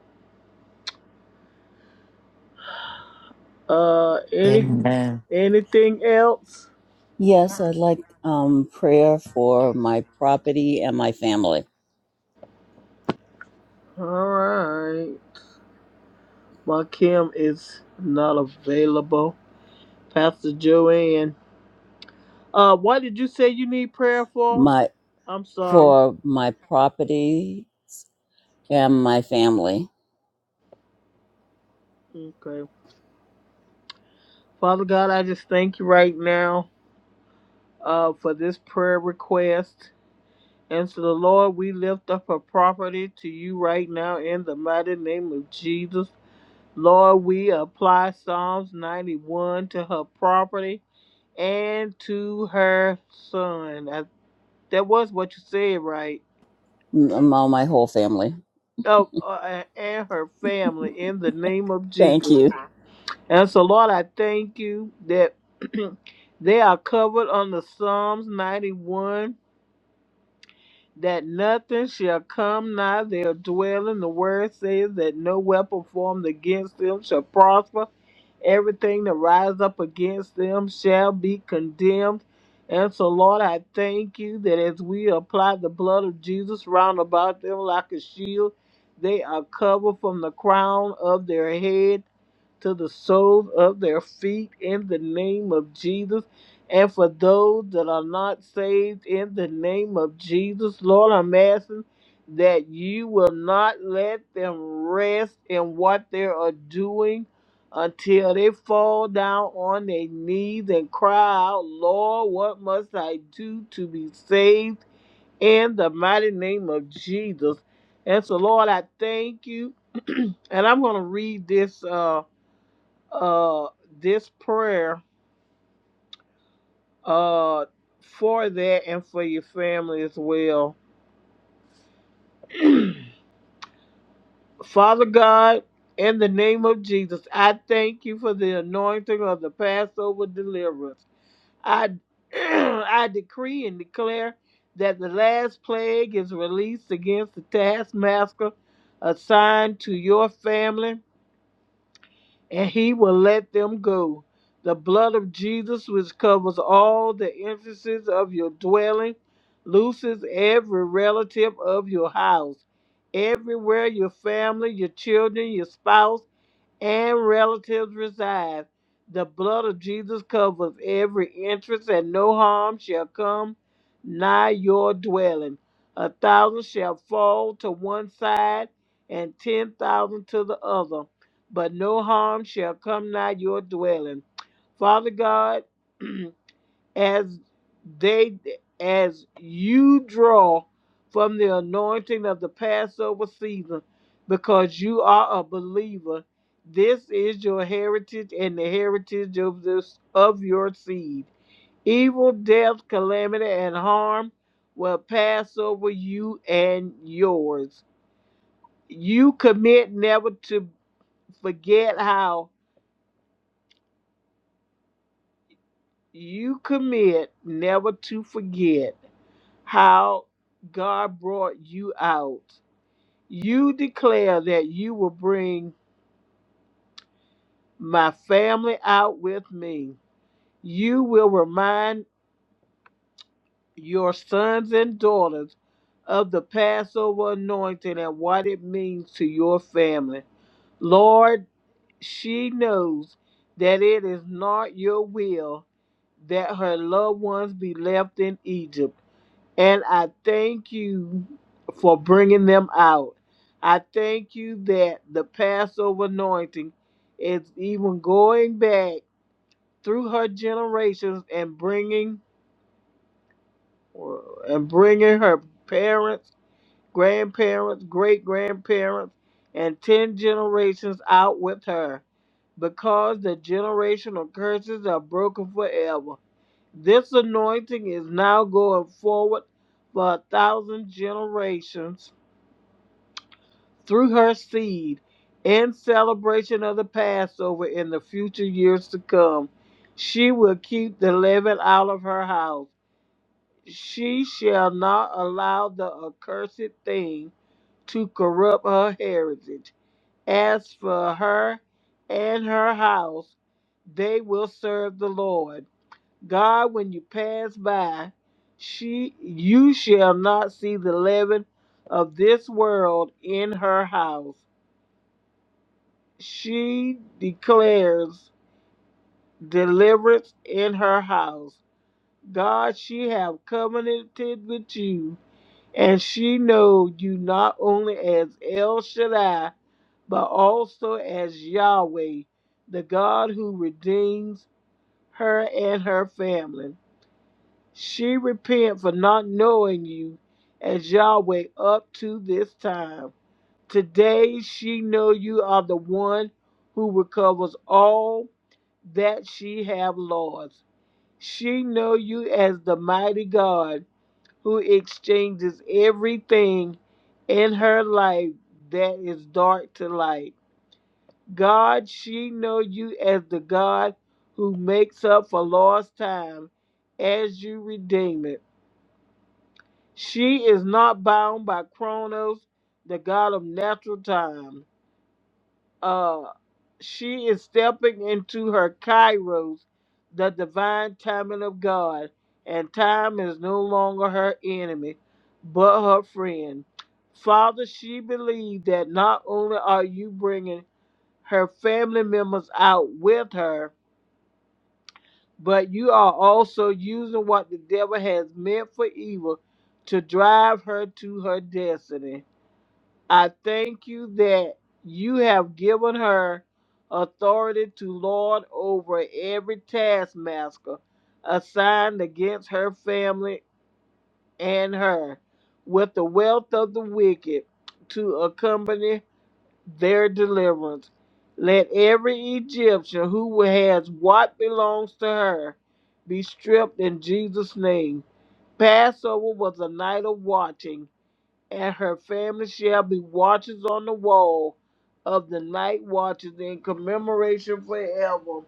Speaker 1: Uh. Any.
Speaker 10: Amen.
Speaker 1: Anything else?
Speaker 6: Yes, I'd like um, prayer for my property and my family.
Speaker 1: All right. My Kim is not available. Pastor Joanne. Uh, what did you say you need prayer for?
Speaker 6: My
Speaker 1: I'm sorry.
Speaker 6: for my property and my family.
Speaker 1: Okay. Father God, I just thank you right now uh, for this prayer request. And so, the Lord, we lift up a property to you right now in the mighty name of Jesus. Lord, we apply Psalms 91 to her property and to her son. I, that was what you said, right?
Speaker 6: M- my my whole family.
Speaker 1: Oh, uh, and her family in the name of
Speaker 6: Thank
Speaker 1: Jesus.
Speaker 6: you.
Speaker 1: And so, Lord, I thank you that [clears throat] they are covered under Psalms 91 that nothing shall come nigh their dwelling. The word says that no weapon formed against them shall prosper. Everything that rise up against them shall be condemned. And so, Lord, I thank you that as we apply the blood of Jesus round about them like a shield, they are covered from the crown of their head to the soles of their feet in the name of Jesus. And for those that are not saved in the name of Jesus, Lord, I'm asking that you will not let them rest in what they are doing until they fall down on their knees and cry out, Lord, what must I do to be saved in the mighty name of Jesus? And so, Lord, I thank you. [clears throat] and I'm going to read this uh, uh, this prayer uh, for that and for your family as well. [clears throat] Father God, in the name of Jesus, I thank you for the anointing of the Passover deliverance. I, [clears throat] I decree and declare that the last plague is released against the taskmaster assigned to your family and he will let them go. The blood of Jesus, which covers all the entrances of your dwelling, looses every relative of your house. Everywhere your family, your children, your spouse, and relatives reside. The blood of Jesus covers every entrance, and no harm shall come nigh your dwelling. A thousand shall fall to one side, and ten thousand to the other, but no harm shall come nigh your dwelling. Father God, [clears throat] as they as you draw from the anointing of the Passover season because you are a believer this is your heritage and the heritage of this of your seed evil death calamity and harm will pass over you and yours you commit never to forget how you commit never to forget how God brought you out. You declare that you will bring my family out with me. You will remind your sons and daughters of the Passover anointing and what it means to your family. Lord, she knows that it is not your will that her loved ones be left in Egypt. And I thank you for bringing them out. I thank you that the Passover anointing is even going back through her generations and bringing and bringing her parents, grandparents, great grandparents, and ten generations out with her, because the generational curses are broken forever. This anointing is now going forward for a thousand generations through her seed in celebration of the Passover in the future years to come. She will keep the leaven out of her house. She shall not allow the accursed thing to corrupt her heritage. As for her and her house, they will serve the Lord. God, when you pass by, she you shall not see the leaven of this world in her house. She declares deliverance in her house. God, she have covenanted with you, and she know you not only as El Shaddai, but also as Yahweh, the God who redeems her and her family. She repent for not knowing you as Yahweh up to this time. Today she know you are the one who recovers all that she have lost. She know you as the mighty God who exchanges everything in her life that is dark to light. God, she know you as the God who makes up for lost time as you redeem it. She is not bound by Chronos, the god of natural time. Uh, she is stepping into her Kairos, the divine timing of God, and time is no longer her enemy, but her friend. Father, she believes that not only are you bringing her family members out with her, but you are also using what the devil has meant for evil to drive her to her destiny. I thank you that you have given her authority to lord over every taskmaster assigned against her family and her, with the wealth of the wicked to accompany their deliverance. Let every Egyptian who has what belongs to her be stripped in Jesus' name. Passover was a night of watching and her family shall be watchers on the wall of the night watches in commemoration forever.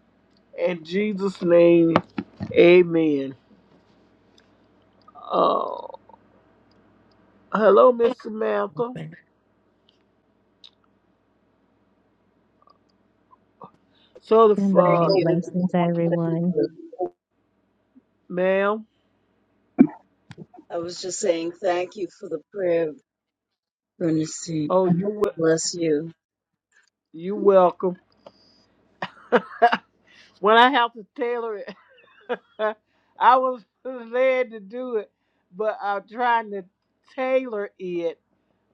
Speaker 1: In Jesus' name, amen. Uh, hello, Miss Samantha.
Speaker 10: Mhm.
Speaker 1: So,
Speaker 13: Good
Speaker 1: the, uh,
Speaker 13: morning.
Speaker 1: the,
Speaker 13: Blessings, everyone.
Speaker 1: ma'am,
Speaker 6: I was just saying thank you for the prayer, Bernstein.
Speaker 1: oh, you wel-
Speaker 6: Bless you.
Speaker 1: you welcome. When I have to tailor it, [laughs] I was led to do it, but I'm trying to tailor it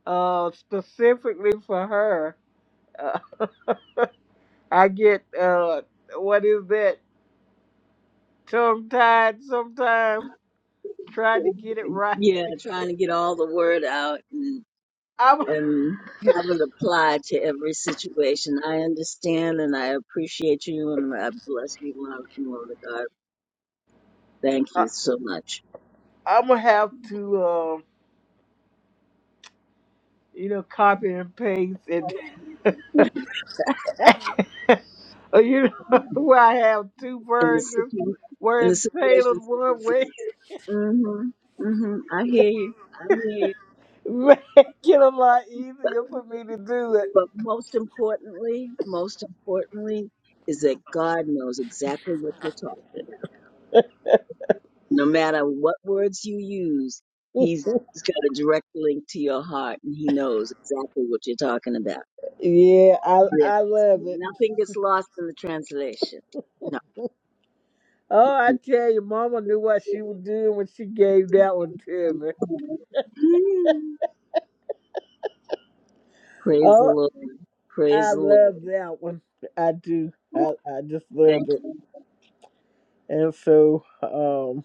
Speaker 1: uh, specifically for her. [laughs] I get uh what is that? Tongue tied sometimes trying to get it [laughs] right.
Speaker 6: Yeah, trying to get all the word out and,
Speaker 1: I'm
Speaker 6: and have it apply to every situation. I understand and I appreciate you and I bless you, Lord, Lord of God. Thank
Speaker 1: I,
Speaker 6: you so much.
Speaker 1: I'm gonna have to um you know copy and paste and
Speaker 6: [laughs] In
Speaker 1: [laughs] uh, you know [laughs] where I have two
Speaker 6: the
Speaker 1: versions
Speaker 6: situ-
Speaker 1: where
Speaker 6: in the
Speaker 1: it's tailored
Speaker 6: situation,
Speaker 1: one way
Speaker 6: mm-hmm, mm-hmm. I hear you. I hear you.
Speaker 1: [laughs] make it a lot
Speaker 6: But,
Speaker 1: easier for me to do it.
Speaker 6: but most importantly, most importantly, is that God knows exactly what you're talking about. No matter what words you use, he's,
Speaker 1: [laughs]
Speaker 6: he's got a direct link to your heart and he knows exactly what you're talking about.
Speaker 1: yeah, I
Speaker 6: Yes.
Speaker 1: I love it.
Speaker 6: Nothing gets lost in the translation. No.
Speaker 1: Oh, I
Speaker 6: [laughs]
Speaker 1: tell you, Mama knew what she was doing when she gave that one to me.
Speaker 6: Mm. Praise the
Speaker 1: Oh,
Speaker 6: Lord. Praise
Speaker 1: I
Speaker 6: the Lord.
Speaker 1: love that one. I do. I, I just love
Speaker 6: Thank
Speaker 1: it.
Speaker 6: you.
Speaker 1: And so um,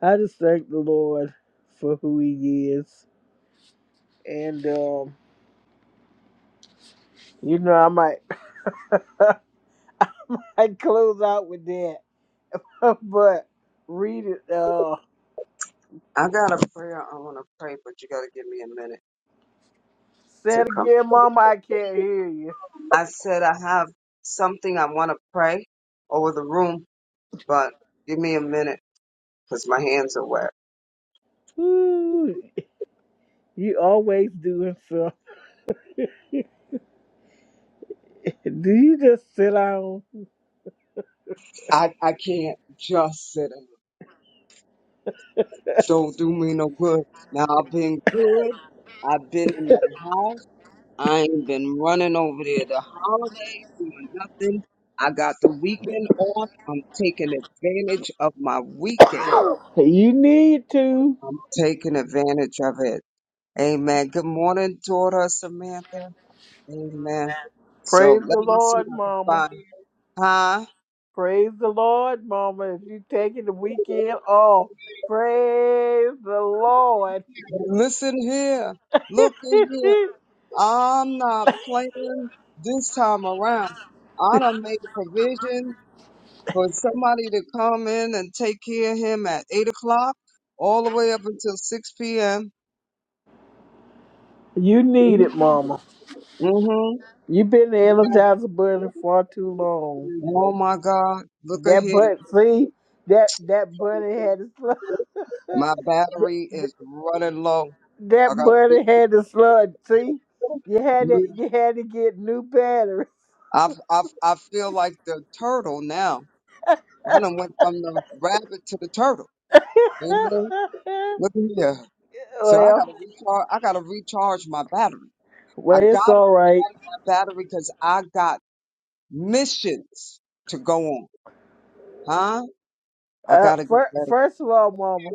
Speaker 1: I just thank the Lord for who He is. And, um, you know, I might, [laughs] I might close out with that. [laughs] but read it. Uh,
Speaker 3: I got a prayer I want to pray, but you got to give me a minute
Speaker 1: say
Speaker 3: to
Speaker 1: it
Speaker 3: come.
Speaker 1: again, Mama. I can't hear you.
Speaker 3: I said I have something I want to pray over the room, but give me a minute because my hands are wet.
Speaker 1: Ooh, you always doing something. [laughs] Do you just sit down?
Speaker 3: I, I can't just sit down. Don't do me no good. Now I've been good. I've been in the house. I ain't been running over there the holidays doing nothing. I got the weekend off. I'm taking advantage of my weekend.
Speaker 1: [coughs] you need to.
Speaker 3: I'm taking advantage of it. Amen. Good morning, daughter Samantha. Amen. So
Speaker 1: Praise
Speaker 3: let
Speaker 1: the
Speaker 3: me see
Speaker 1: Lord,
Speaker 3: if
Speaker 1: Mama.
Speaker 3: I can find. Huh?
Speaker 1: Praise the Lord, Mama. If you taking the weekend off, praise the Lord.
Speaker 3: Listen here. Look at here.
Speaker 1: [laughs]
Speaker 3: I'm not playing this time around. I done made provision for somebody to come in and take care of him at eight o'clock all the way up until six p.m.
Speaker 1: you need
Speaker 3: hmm
Speaker 1: it, Mama. You've been the energizer bunny far too long.
Speaker 3: Oh my God! Look at
Speaker 1: That
Speaker 3: here,
Speaker 1: butt, see, that that bunny had a slug. [laughs]
Speaker 3: my battery is running low. I
Speaker 1: that
Speaker 3: got.
Speaker 1: bunny had a slug. See, you had to you had to get new batteries.
Speaker 3: I I I feel like the turtle now. I done went from the rabbit to the turtle. Amen.
Speaker 1: [laughs]
Speaker 3: Look at here. So I
Speaker 1: well,
Speaker 3: gotta recharge. I gotta recharge my battery. I
Speaker 1: well, it's
Speaker 3: gotta
Speaker 1: all right.
Speaker 3: recharge my battery because I got missions to go on. Huh? I
Speaker 1: Uh,
Speaker 3: gotta get
Speaker 1: fir-
Speaker 3: better.
Speaker 1: first of all, Mama.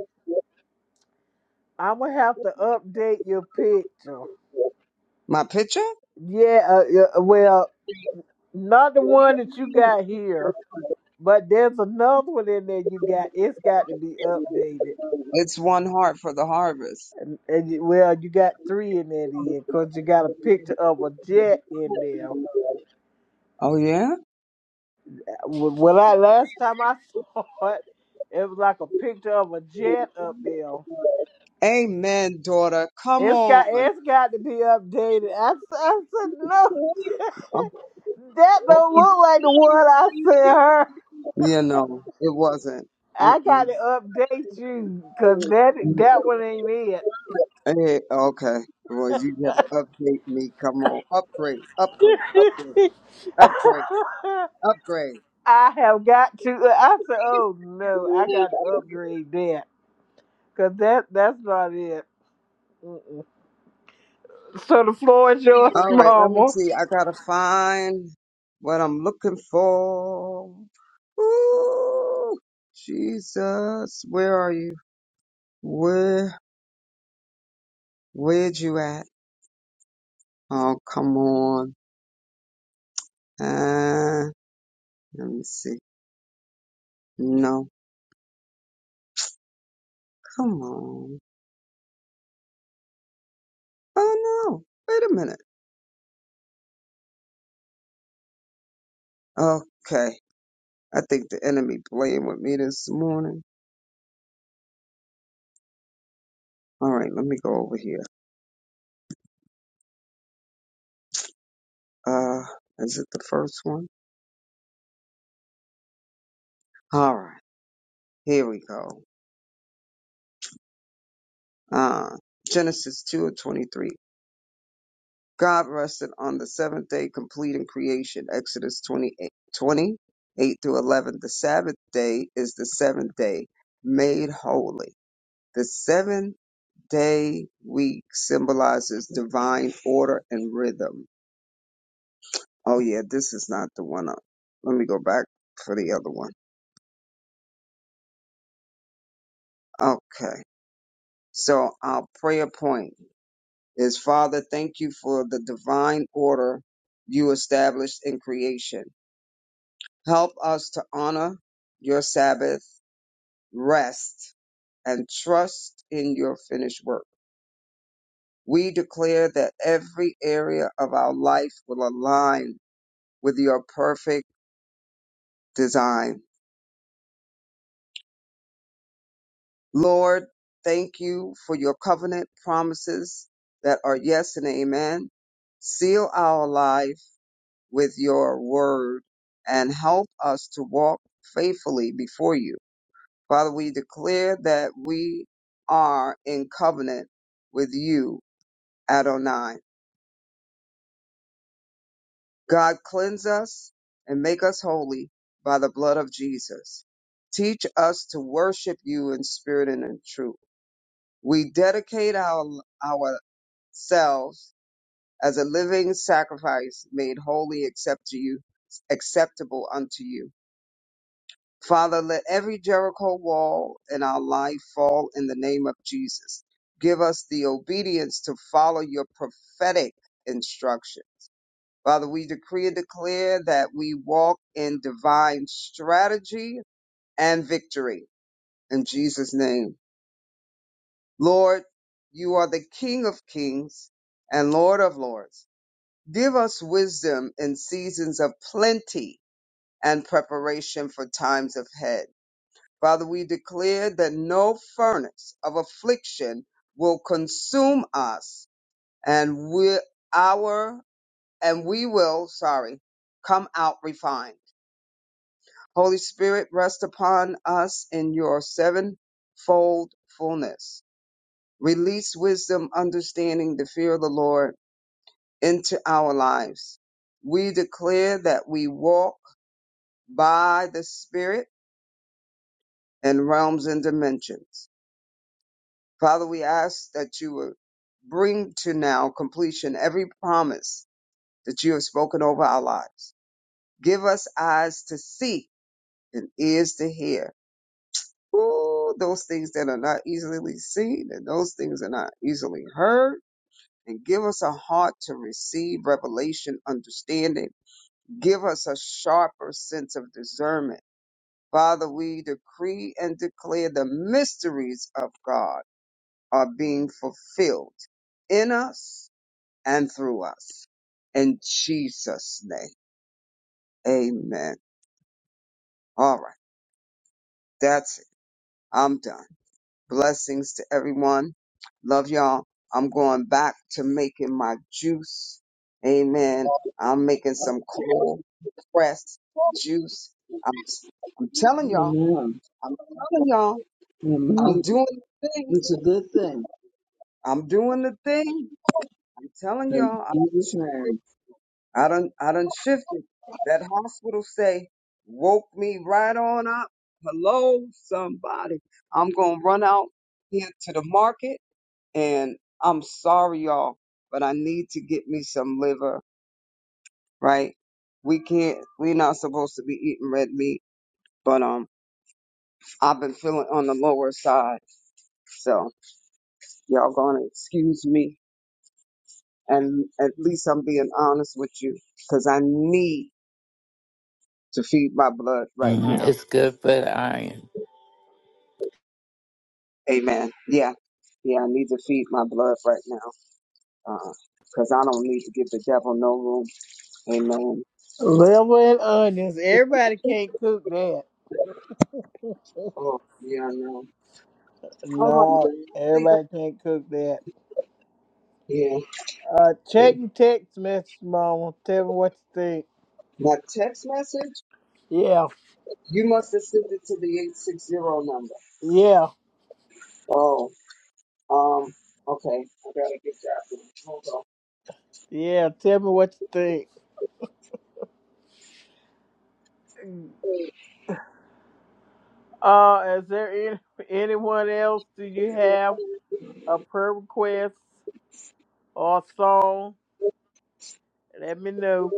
Speaker 1: I'm gonna have to update your picture.
Speaker 3: My picture?
Speaker 1: Yeah, uh, yeah, uh, well, not the one that you got here, but there's another one in there you got. It's got to be updated.
Speaker 3: It's one heart for the harvest.
Speaker 1: And, and you- well, you got three in there then, cause you got a picture of a jet in there.
Speaker 3: Oh yeah?
Speaker 1: Wh- When I last time I [laughs] saw it, it was like a picture of a jet up there.
Speaker 3: Amen, daughter. Come
Speaker 1: It's
Speaker 3: on.
Speaker 1: got it's got to be updated. I, s- I said no,
Speaker 3: [laughs]
Speaker 1: [laughs] that don't look like the one I sent her.
Speaker 3: You know, it wasn't.
Speaker 1: I
Speaker 3: Mm-mm.
Speaker 1: gotta update you because that that one ain't it.
Speaker 3: Hey, okay. Well, you gotta update me. Come on. Upgrade, upgrade, upgrade, upgrade,
Speaker 1: [laughs]
Speaker 3: upgrade.
Speaker 1: I have got to. I said, oh no, I got to upgrade that because that that's not it. So the floor is yours, [laughs]
Speaker 3: All right, let me
Speaker 1: Mama.
Speaker 3: see. I gotta find what I'm looking for. Ooh, Jesus, where are you? Where, where'd you at? Oh, come on. Uh, let me see. No, come on. Oh no, wait a minute. Okay, I think the enemy playing with me this morning. All right, let me go over here. Uh, is it the first one? All right, here we go. Uh, Genesis 2 and 23. God rested on the seventh day, completing creation. Exodus 28, 20, 8 through 11. The Sabbath day is the seventh day, made holy. The seven day week symbolizes divine order and rhythm. Oh, yeah, this is not the one. Up. Let me go back for the other one. Okay. So our prayer point is Father, thank you for the divine order you established in creation. Help us to honor your Sabbath rest and trust in your finished work. We declare that every area of our life will align with your perfect design. Lord, thank you for your covenant promises that are yes and amen. Seal our life with your word and help us to walk faithfully before you Father, we declare that we are in covenant with you, Adonai. God, cleanse us and make us holy by the blood of Jesus. Teach us to worship you in spirit and in truth. We dedicate our, ourselves as a living sacrifice made holy except to you, acceptable unto you. Father, let every Jericho wall in our life fall in the name of Jesus. Give us the obedience to follow your prophetic instruction. Father, we decree and declare that we walk in divine strategy and victory in Jesus' name. Lord, you are the King of kings and Lord of lords. Give us wisdom in seasons of plenty and preparation for times of ahead. Father, we declare that no furnace of affliction will consume us and we our and we will, sorry, come out refined. Holy Spirit, rest upon us in your sevenfold fullness. Release wisdom, understanding, the fear of the Lord into our lives. We declare that we walk by the Spirit in realms and dimensions. Father, we ask that you would bring to now completion every promise that you have spoken over our lives. Give us eyes to see and ears to hear. Ooh, those things that are not easily seen and those things that are not easily heard. And give us a heart to receive revelation, understanding. Give us a sharper sense of discernment. Father, we decree and declare the mysteries of God are being fulfilled in us and through us. In Jesus' name. Amen. All right. That's it. I'm done. Blessings to everyone. Love y'all. I'm going back to making my juice. Amen. I'm making some cold pressed juice. I'm, I'm telling y'all.
Speaker 6: Amen.
Speaker 3: I'm telling y'all. I'm
Speaker 6: Amen.
Speaker 3: doing the thing.
Speaker 6: It's a good thing.
Speaker 3: I'm doing the thing. I'm telling
Speaker 6: In
Speaker 3: y'all.
Speaker 6: Jesus'
Speaker 3: I'm
Speaker 6: name.
Speaker 3: I done I done shifted. That hospital say woke me right on up. Hello, somebody. I'm gonna run out here to the market and I'm sorry y'all, but I need to get me some liver, right? We can't we're not supposed to be eating red meat, but um I've been feeling on the lower side. So y'all gonna excuse me and at least I'm being honest with you because I need to feed my blood right now.
Speaker 10: It's good for the iron.
Speaker 3: Amen. Yeah. Yeah, I need to feed my blood right now. Uh, cause I don't need to give the devil no room. Amen.
Speaker 1: Level and onions. Everybody can't cook that.
Speaker 3: Oh, yeah, I know. Oh, I
Speaker 1: No,
Speaker 3: think I'm-
Speaker 1: everybody can't cook that.
Speaker 3: yeah.
Speaker 1: Uh, check your text message, Mama. Tell me what you think.
Speaker 3: My text message?
Speaker 1: Yeah,
Speaker 3: You must have sent it to the 860 number.
Speaker 1: yeah,
Speaker 3: Oh, um, okay. I gotta get that one. Hold on.
Speaker 1: yeah. Tell me what you think. Uh, is there any, anyone else? Do you have a prayer request or a song? Let me know,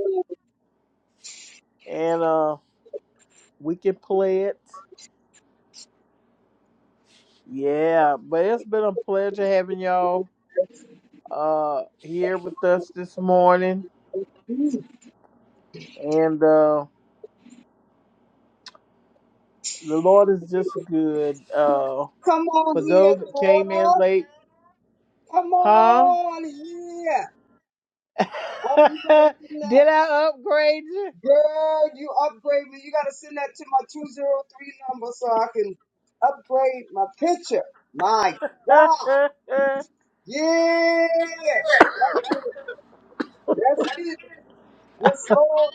Speaker 1: and uh, we can play it. Yeah, but it's been a pleasure having y'all uh here with us this morning,
Speaker 3: Mm.
Speaker 1: and uh, the Lord is just good. Uh,
Speaker 3: Come
Speaker 1: for
Speaker 3: on here,
Speaker 1: those that came in
Speaker 3: daughter.
Speaker 1: late,
Speaker 3: Come
Speaker 1: huh?
Speaker 3: on here.
Speaker 1: [laughs]
Speaker 3: Oh, you gotta send that.
Speaker 1: Did I upgrade
Speaker 3: Girl, you upgrade me. You gotta send that to my 203 number so I can upgrade my picture. My
Speaker 1: you?
Speaker 3: God. Yeah. That's it. That's it. Yes, Lord.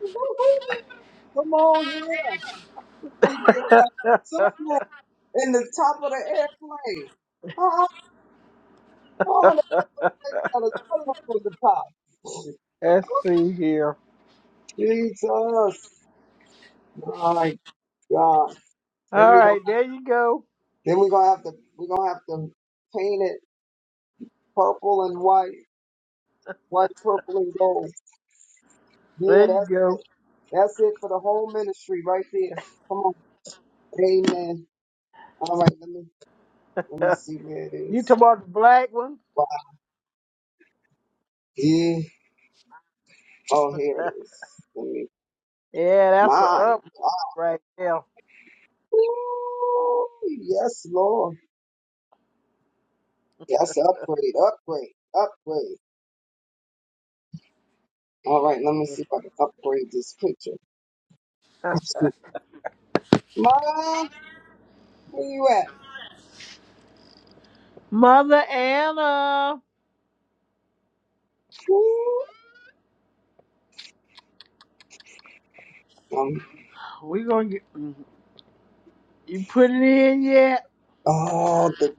Speaker 3: Woo-hoo. Come on here. Thank you, God. Something in the top of the airplane. Oh,
Speaker 1: [laughs]
Speaker 3: oh, that thing looks like it got a tunnel on the top.
Speaker 1: Let's see here.
Speaker 3: Jesus. My God. Then
Speaker 1: All
Speaker 3: we
Speaker 1: right,
Speaker 3: gonna
Speaker 1: there you go.
Speaker 3: then we gonna have to we gonna have to paint it purple and white, white, purple and gold.
Speaker 1: There
Speaker 3: Yeah, that's
Speaker 1: you
Speaker 3: it. That's it for the whole ministry right there. Come on. Amen. All right, let me let me
Speaker 1: go.
Speaker 3: see where it
Speaker 1: [laughs] you
Speaker 3: is.
Speaker 1: talk about the black one?
Speaker 3: Yeah. Oh, here it is. Let me
Speaker 1: Yeah, that's a
Speaker 3: my
Speaker 1: up right there.
Speaker 3: Ooh, yes, Lord. Yes, upgrade, upgrade, upgrade. All right, let me see if I can upgrade this picture. [laughs] Ma, where you at?
Speaker 1: Mother Anna,
Speaker 3: Ooh, Um,
Speaker 1: we gonna get you put it in yet?
Speaker 3: oh, the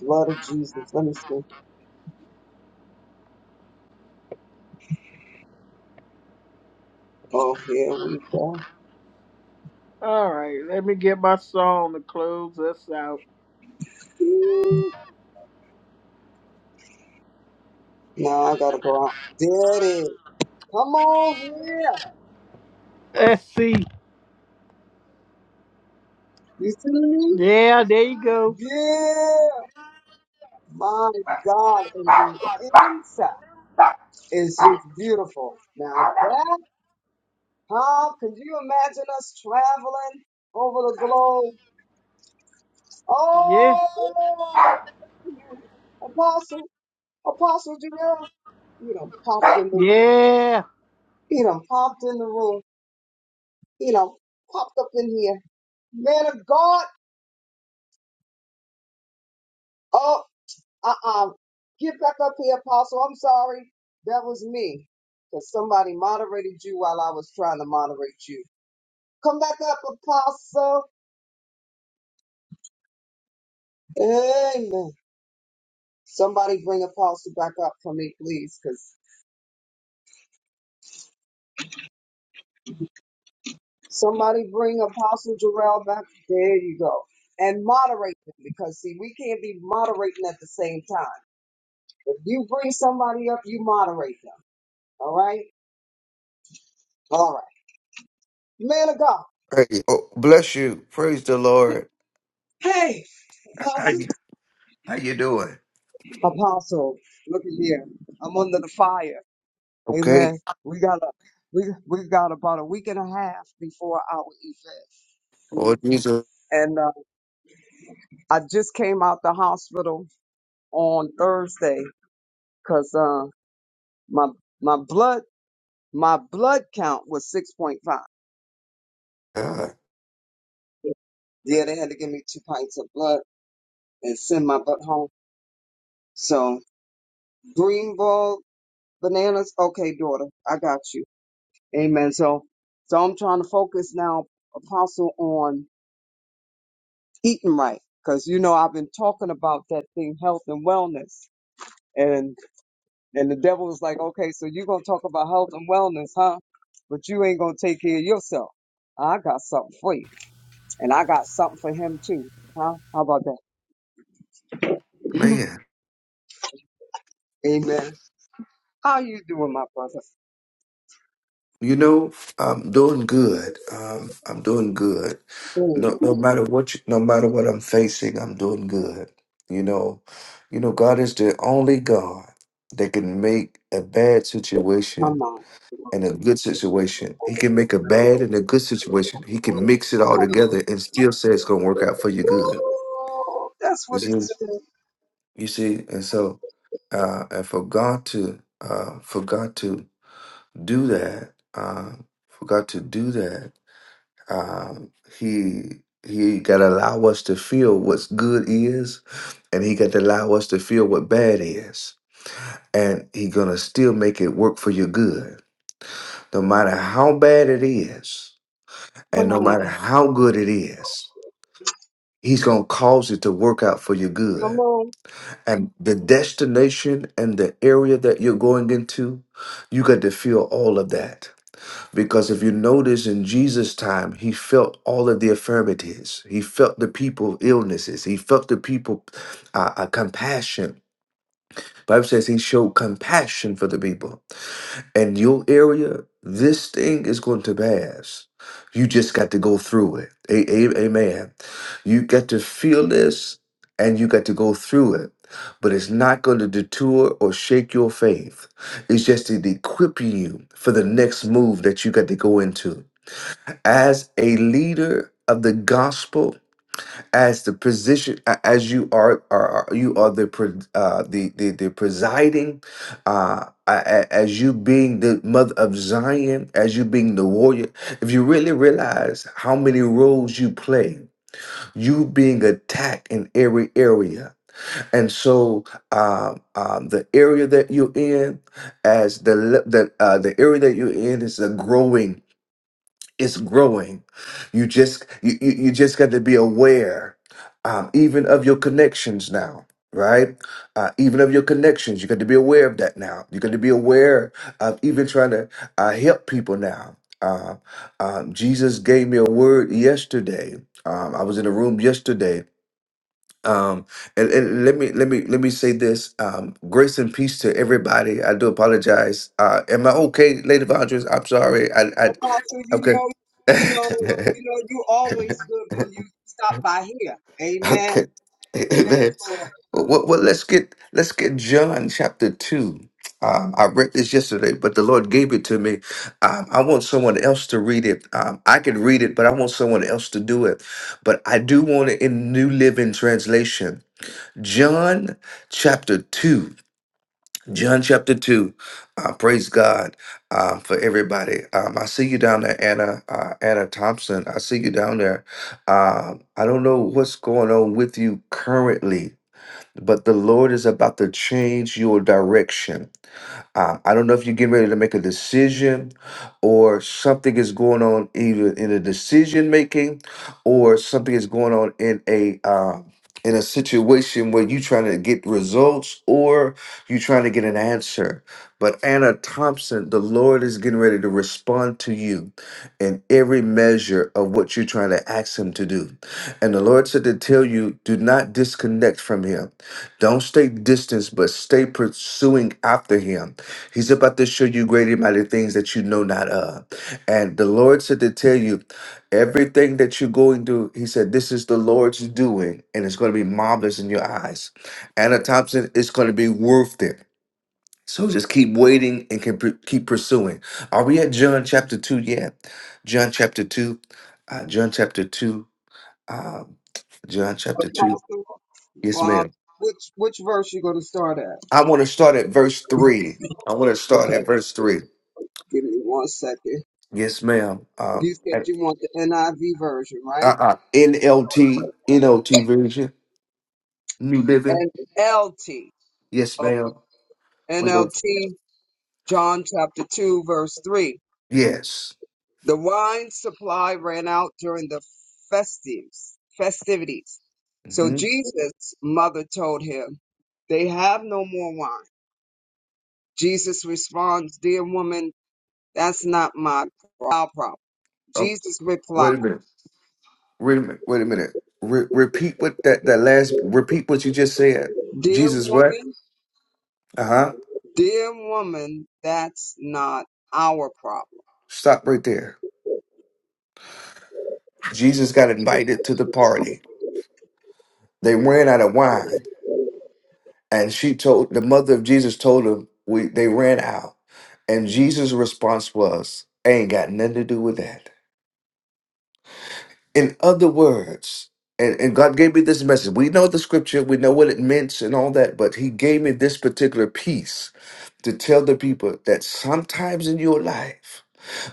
Speaker 3: blood of Jesus. Let me see. Oh, here we go.
Speaker 1: All right, let me get my song to close us out.
Speaker 3: Ooh, Now I gotta go out. Daddy, come on here.
Speaker 1: Let's see.
Speaker 3: You see me?
Speaker 1: Yeah, there you go.
Speaker 3: Yeah. My God, and the inside is just beautiful. Now that, huh? Could you imagine us traveling over the globe?
Speaker 1: Yeah,
Speaker 3: Oh, Apostle, Apostle Jarrell, you know, popped in the,
Speaker 1: yeah.
Speaker 3: you know, popped in the room. you know, popped up in here. Man of God. oh! Uh-uh. Get back up here, Apostle. I'm sorry. That was me. Because somebody moderated you while I was trying to moderate you. Come back up, Apostle. Amen. Somebody bring Apostle back up for me, please. Because somebody bring Apostle Jarrell back. There you go. And moderate them because see, we can't be moderating at the same time. If you bring somebody up, you moderate them. All right? All right. Man of God.
Speaker 14: Hey, oh, bless you. Praise the Lord.
Speaker 3: Hey,
Speaker 14: How
Speaker 3: Apostle.
Speaker 14: you, how you doing?
Speaker 3: Apostle, look at here. I'm under the fire.
Speaker 14: Okay.
Speaker 3: Amen. We got a we we got about a week and a half before our event,
Speaker 14: Oh,
Speaker 3: Mm.
Speaker 14: Jesus.
Speaker 3: and uh, I just came out the hospital on Thursday because uh, my my blood my blood count was six point five.
Speaker 14: God,
Speaker 3: Yeah, they had to give me two pints of blood and send my butt home. So green ball bananas. Okay, daughter, I got you. Amen. So, so I'm trying to focus now, Apostle, on eating right, because you know I've been talking about that thing, health and wellness, and and the devil was like, okay, so you're gonna talk about health and wellness, huh? But you ain't gonna take care of yourself. I got something for you, and I got something for him too, huh? How about that? [laughs]
Speaker 14: man.
Speaker 3: Amen. How you doing, my brother?
Speaker 14: You know, I'm doing good. Um, I'm doing good.
Speaker 3: Amen.
Speaker 14: No, no matter what, you, no matter what I'm facing, I'm doing good. You know, you know, God is the only God that can make a bad
Speaker 3: Come
Speaker 14: situation
Speaker 3: on.
Speaker 14: and a good situation. He can make a bad and a good situation. He can mix it all
Speaker 3: Come on.
Speaker 14: together and still say it's gonna work out for your good.
Speaker 3: That's what
Speaker 14: You
Speaker 3: he
Speaker 14: see?
Speaker 3: said.
Speaker 14: You see, and so uh, and for God to uh, for God to do that, um, for God to do that, um, he he got to allow us to feel what's good is, and he got to allow us to feel what bad is, and he gonna still make it work for your good, no matter how bad it is,
Speaker 3: Come
Speaker 14: and no
Speaker 3: on.
Speaker 14: matter how good it is, he's gonna cause it to work out for your
Speaker 3: Come
Speaker 14: good
Speaker 3: on.
Speaker 14: and the destination and the area that you're going into, you got to feel all of that. Because if you notice in Jesus' time, he felt all of the affirmities. He felt the people illnesses. He felt the people uh, uh, compassion. Bible says he showed compassion for the people and your area, this thing is going to pass. You just got to go through it. A- a- amen. You got to feel this and you got to go through it. But it's not going to detour or shake your faith. It's just to equip you for the next move that you got to go into. As a leader of the gospel, as the position a- as you are are are- you are the pre- uh the the, the presiding uh a- a- as you being the mother of zion as you being the warrior if you really realize how many roles you play you being attacked in every area and so um, um the area that you're in as the le- the uh the area that you're in is a growing it's growing. You just you you, you just got to be aware, um, even of your connections now. Right, uh, even of your connections, you got to be aware of that now. You got to be aware of even trying to uh, help people now. Uh, um, Jesus gave me a word yesterday. Um, I was in a room yesterday, um, and, and let me let me let me say this: um, grace and peace to everybody. I do apologize. Uh, am I okay, Lady Vondres? I'm sorry. I, I
Speaker 3: Apostle, you
Speaker 14: okay.
Speaker 3: know, you know,
Speaker 14: [laughs]
Speaker 3: you know, you always good when you stop by here. Amen.
Speaker 14: Okay. [laughs]
Speaker 3: Yes,
Speaker 14: Amen.
Speaker 3: Lord.
Speaker 14: Well, well, well, let's get let's get John chapter two. Um, I read this yesterday, but the Lord gave it to me. Um, I want someone else to read it. Um, I can read it, but I want someone else to do it. But I do want it in New Living Translation. John chapter two. John chapter 2. Uh, praise God um, for everybody. Um, I see you down there, Anna, uh, Anna Thompson. I see you down there. Um, I don't know what's going on with you currently, but the Lord is about to change your direction. Um, I don't know if you're getting ready to make a decision or something is going on either in a decision making or something is going on in a uh, in a situation where you're trying to get results or you're trying to get an answer. But Anna Thompson, the Lord is getting ready to respond to you in every measure of what you're trying to ask Him to do. And the Lord said to tell you, do not disconnect from Him. Don't stay distant, but stay pursuing after Him. He's about to show you great and mighty things that you know not of. And the Lord said to tell you everything that you're going through, He said, This is the Lord's doing, and it's going to be marvelous in your eyes. Anna Thompson, it's going to be worth it. So just keep waiting and can pr- keep pursuing. Are we at John chapter 2 yet? John chapter 2. Uh, John chapter 2. Um, John chapter 2.
Speaker 3: Apostle,
Speaker 14: Yes,
Speaker 3: um,
Speaker 14: ma'am.
Speaker 3: which which verse you gonna start at?
Speaker 14: I want to start at verse 3. I want to start
Speaker 3: Okay,
Speaker 14: at verse 3.
Speaker 3: give me one second.
Speaker 14: Yes, ma'am.
Speaker 3: You said
Speaker 14: Um,
Speaker 3: you want the NIV version, right?
Speaker 14: uh-uh. NLT, NLT version, New Living.
Speaker 3: And LT,
Speaker 14: Yes,
Speaker 3: okay,
Speaker 14: ma'am. We're going to,
Speaker 3: NLT, John chapter two, verse three.
Speaker 14: yes.
Speaker 3: The wine supply ran out during the festives, festivities. So
Speaker 14: hmm
Speaker 3: Jesus' mother told him, They have no more wine. Jesus responds, Dear woman, that's not my problem.
Speaker 14: Oh,
Speaker 3: Jesus replied,
Speaker 14: wait a minute. Wait a minute. Wait a minute. Re- repeat what that, that last, repeat what you just said.
Speaker 3: Dear
Speaker 14: Jesus, what?
Speaker 3: woman,
Speaker 14: Uh huh.
Speaker 3: dear woman, that's not our problem.
Speaker 14: Stop right there. Jesus got invited to the party. They ran out of wine. And she told, the mother of Jesus told him, we, they ran out. And Jesus' response was, ain't got nothing to do with that. In other words, and, and God gave me this message. We know the scripture, we know what it meant and all that, but He gave me this particular piece to tell the people that sometimes in your life,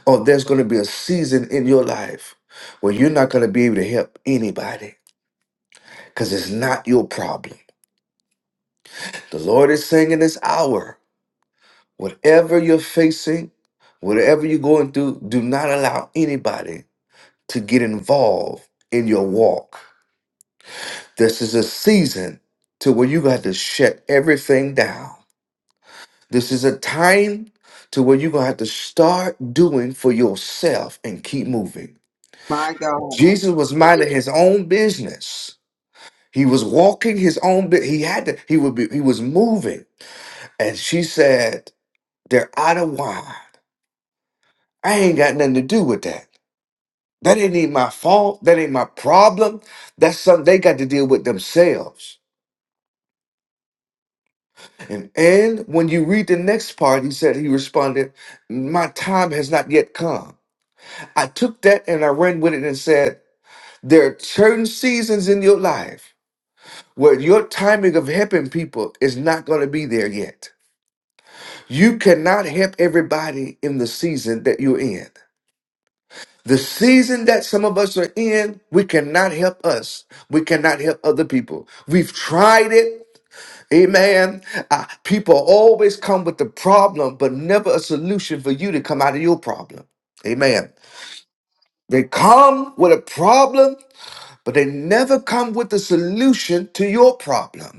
Speaker 14: or there's going to be a season in your life where you're not going to be able to help anybody because it's not your problem. The Lord is saying in this hour, whatever you're facing, whatever you're going through, do not allow anybody to get involved in your walk This is a season to where you got to have to shut everything down. This is a time to where you're gonna have to start doing for yourself and keep moving.
Speaker 3: My God,
Speaker 14: Jesus was minding his own business. He was walking his own bit. He had to, he would be, he was moving. And she said, They're out of wine. I ain't got nothing to do with that. That ain't even my fault. That ain't my problem. That's something they got to deal with themselves. And, and when you read the next part, he said, he responded, My time has not yet come. I took that and I ran with it and said, There are certain seasons in your life where your timing of helping people is not going to be there yet. You cannot help everybody in the season that you're in. The season that some of us are in, we cannot help us. We cannot help other people. We've tried it. Amen. Uh, people always come with the problem, but never a solution for you to come out of your problem. Amen. They come with a problem, but they never come with a solution to your problem.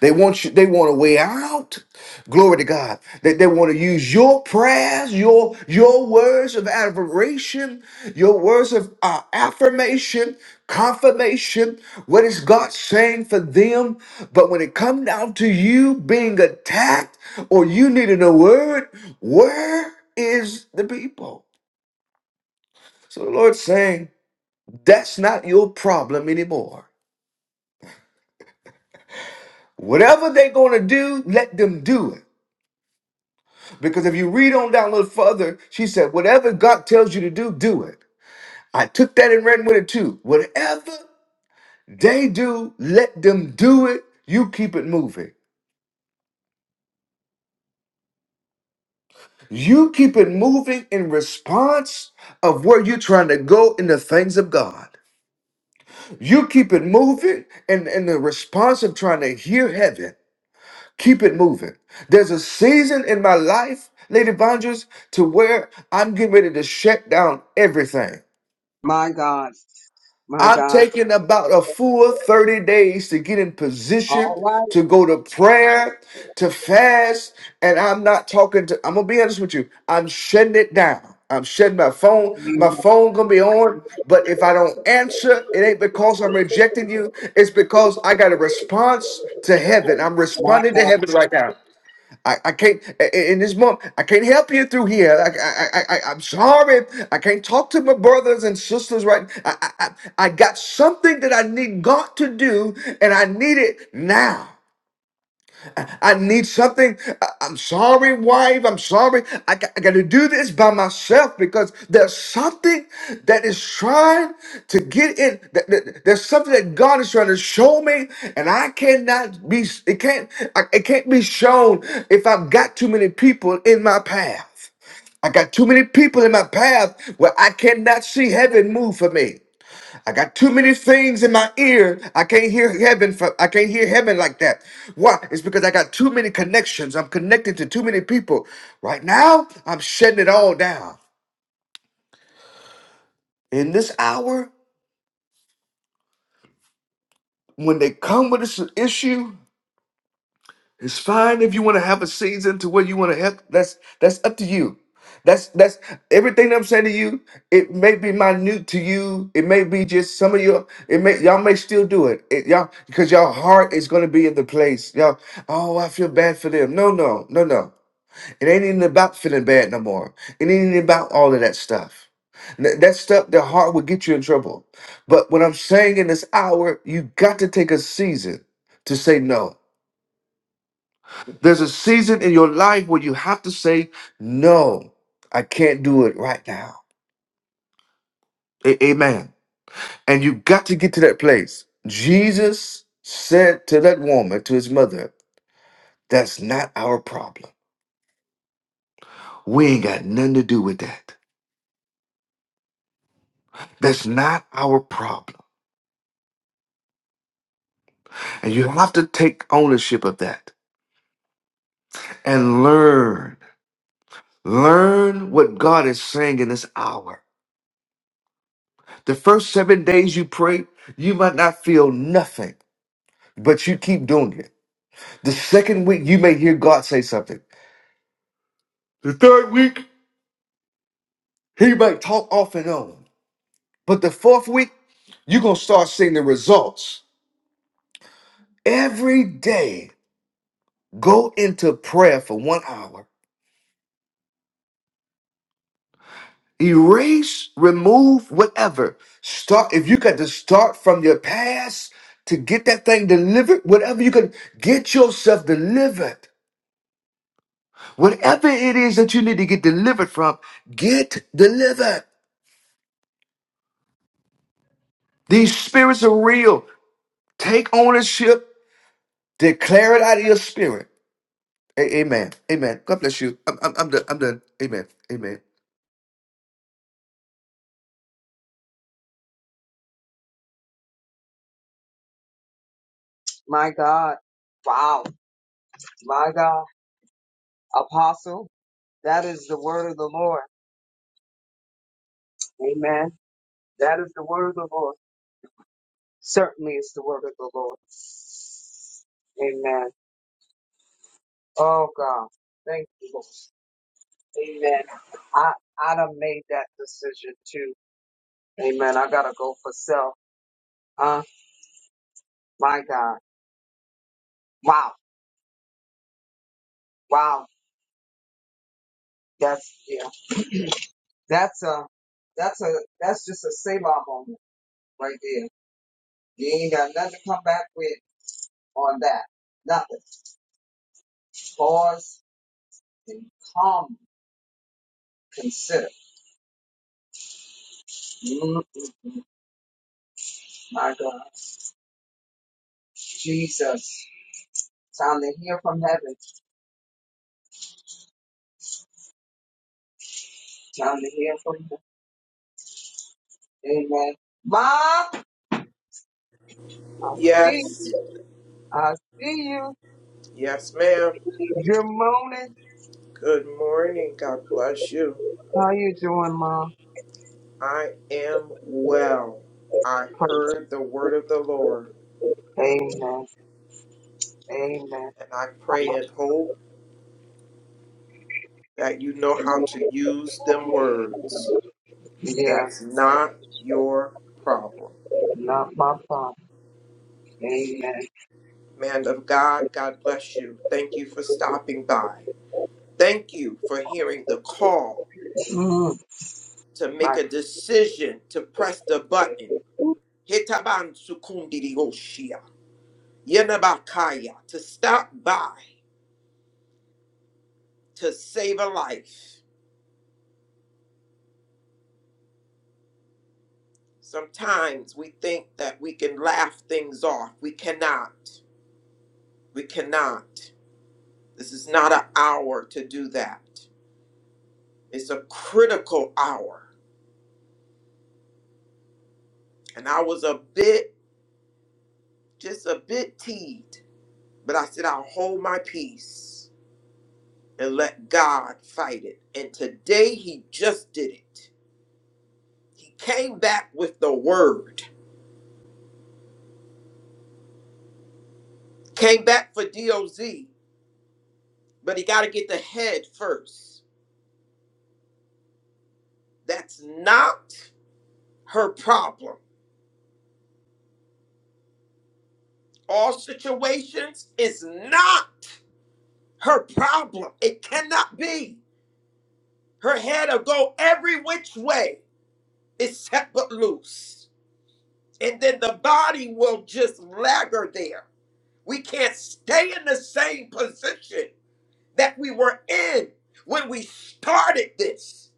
Speaker 14: They want you, they want a way out. Glory to God. They, they want to use your prayers, your your words of admiration, your words of uh, affirmation, confirmation. What is God saying for them? But when it comes down to you being attacked or you needing a word, where is the people? So the Lord's saying, that's not your problem anymore. Whatever they're going to do, let them do it. Because if you read on down a little further, she said, Whatever God tells you to do, do it. I took that and ran with it too. Whatever they do, let them do it. You keep it moving. You keep it moving in response of where you're trying to go in the things of God. You keep it moving and in in the response of trying to hear heaven. Keep it moving. There's a season in my life, Lady Vondras, to where I'm getting ready to shut down everything.
Speaker 3: my God, my
Speaker 14: I'm
Speaker 3: God.
Speaker 14: taking about a full 30 days to get in position
Speaker 3: All right,
Speaker 14: to go to prayer, to fast, and I'm not talking to I'm gonna be honest with you. I'm shutting it down. I'm shutting my phone. My phone gonna be on, but if I don't answer, it ain't because I'm rejecting you. It's because I got a response to heaven. I'm
Speaker 3: my
Speaker 14: responding to
Speaker 3: God,
Speaker 14: heaven right now. I, I can't i- i- in this moment. I can't help you through here. I, I, I, I- I'm sorry. I can't talk to my brothers and sisters right. I, I, I I got something that I need God to do, and I need it now. I need something. I- I'm sorry, wife. I'm sorry. I got, I got to do this by myself because there's something that is trying to get in. that- that- There's something that God is trying to show me, and I cannot be. It can't. I- It can't be shown if I've got too many people in my path. I got too many people in my path where I cannot see heaven move for me. I got too many things in my ear. I can't hear heaven. For, I can't hear heaven like that. Why? It's because I got too many connections. I'm connected to too many people. Right now, I'm shutting it all down. In this hour, when they come with this issue, It's fine if you want to have a season to where you want to help. That's that's up to you. That's that's everything I'm saying to you. It may be minute to you. It may be just some of your. It may y'all may still do it. It- y'all because y'all heart is going to be in the place. Y'all. Oh, I feel bad for them. No, no, no, no. It ain't even about feeling bad no more. It ain't even about all of that stuff. N- That stuff, the heart will get you in trouble. But what I'm saying in this hour, you got to take a season to say no. There's a season in your life where you have to say, No, I can't do it right now. A- amen. And you got to get to that place. Jesus said to that woman, to his mother, That's not our problem. We ain't got nothing to do with that. That's not our problem. And you have to take ownership of that and learn. Learn what God is saying in this hour. The first seven days you pray, you might not feel nothing, but you keep doing it. The second week, you may hear God say something. The third week, he might talk off and on. But the fourth week, you're going to start seeing the results. Every day, go into prayer for one hour. Erase, remove, whatever. Start, if you got to start from your past to get that thing delivered, whatever you can get yourself delivered. Whatever it is that you need to get delivered from, get delivered. These spirits are real. Take ownership. Declare it out of your spirit. A- amen. Amen. God bless you. I'm, I'm, I'm done. I'm done. Amen. Amen.
Speaker 3: my God. Wow, my God. Apostle, That is the word of the Lord. Amen. That is the word of the Lord. Certainly it's the word of the Lord. Amen. Oh God. Thank you, Lord. Amen. I I done made that decision too. Amen. I gotta go for self. Uh my God. Wow. Wow. That's yeah. That's a that's a that's just a Selah moment right there. You ain't got nothing to come back with on that. Nothing. Pause and calm consider. Mm, mm, mm. My God. Jesus. Time to hear from heaven. Time to hear from heaven. Amen. Ma, I see. you.
Speaker 15: Yes,
Speaker 3: I see you.
Speaker 15: yes, ma'am.
Speaker 3: Good morning.
Speaker 15: Good morning. God bless you.
Speaker 3: How you doing, Ma?
Speaker 15: I am well. I heard the word of the Lord,
Speaker 3: Praise. Amen. Amen.
Speaker 15: and I pray and hope that you know how to use them words.
Speaker 3: Yeah,
Speaker 15: That's not your problem.
Speaker 3: not my problem. Amen.
Speaker 15: Man of God, God bless you. Thank you for stopping by. Thank you for hearing the call
Speaker 3: Mm,
Speaker 15: to make
Speaker 3: right.
Speaker 15: a decision to press the button. Hitaban sukundiri Yenabakaya, to stop by to save a life. Sometimes we think that we can laugh things off. We cannot. We cannot. This is not an hour to do that. It's a critical hour. And I was a bit, just a bit teed, but I said, I'll hold my peace and let God fight it. And today he just did it. He came back with the word, came back for DOZ but he got to get the head first. That's not her problem. All situations is not her problem. It cannot be. Her head will go every which way except but loose. And then the body will just lagger there. We can't stay in the same position that we were in when we started this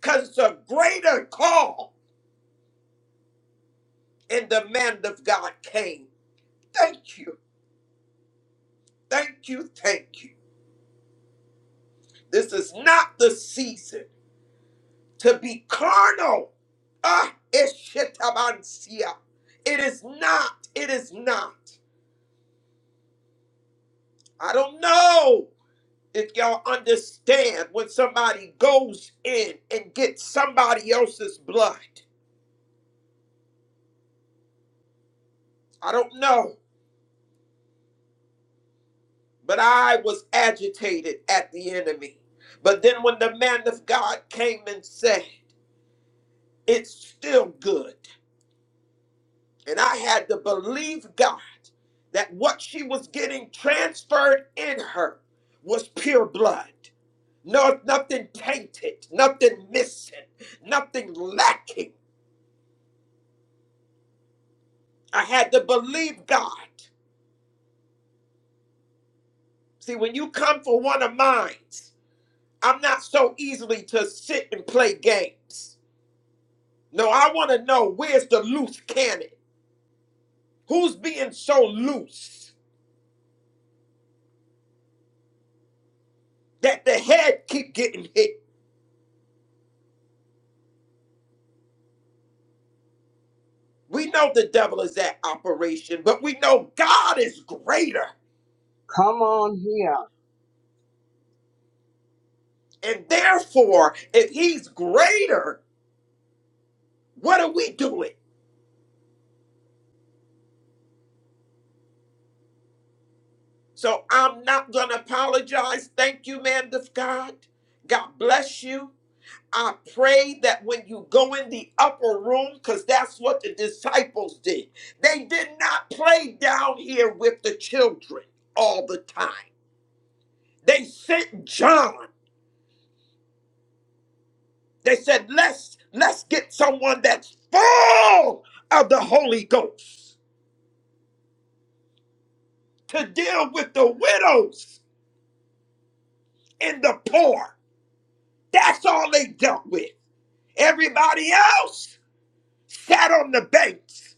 Speaker 15: because it's a greater call. And the man of God came. Thank you. Thank you, thank you. This is not the season to be carnal. Ah, eshitabansia. It is not. It is not. I don't know if y'all understand when somebody goes in and gets somebody else's blood. I don't know. But I was agitated at the enemy. But then when the man of God came and said, It's still good. And I had to believe God that what she was getting transferred in her was pure blood. No, nothing tainted, nothing missing, nothing lacking. I had to believe God. See, when you come for one of mine, I'm not so easily to sit and play games. No, I want to know where's the loose cannon? Who's being so loose that the head keep getting hit? We know the devil is at operation, but we know God is greater.
Speaker 3: Come on here.
Speaker 15: And therefore, if he's greater, what are we doing? So I'm not going to apologize. Thank you, man of God. God bless you. I pray that when you go in the upper room, because that's what the disciples did, they did not play down here with the children all the time. They sent John. They said, let's let's get someone that's full of the Holy Ghost to deal with the widows and the poor. That's all they dealt with. Everybody else sat on the banks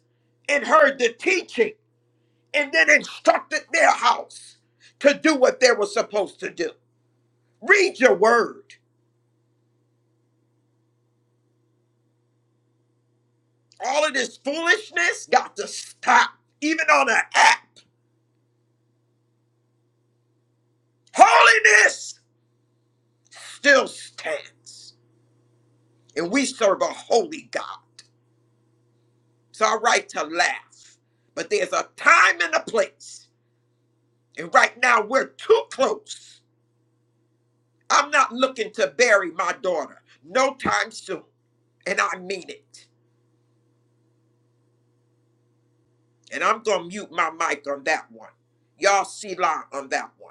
Speaker 15: and heard the teaching and then instructed their house to do what they were supposed to do. Read your word. All of this foolishness got to stop, even on an app. Holiness still stands. and we serve a holy God. It's all right to laugh, but there's a time and a place. And right now, we're too close. I'm not looking to bury my daughter no time soon. And I mean it. And I'm going to mute my mic on that one. Y'all see line on that one.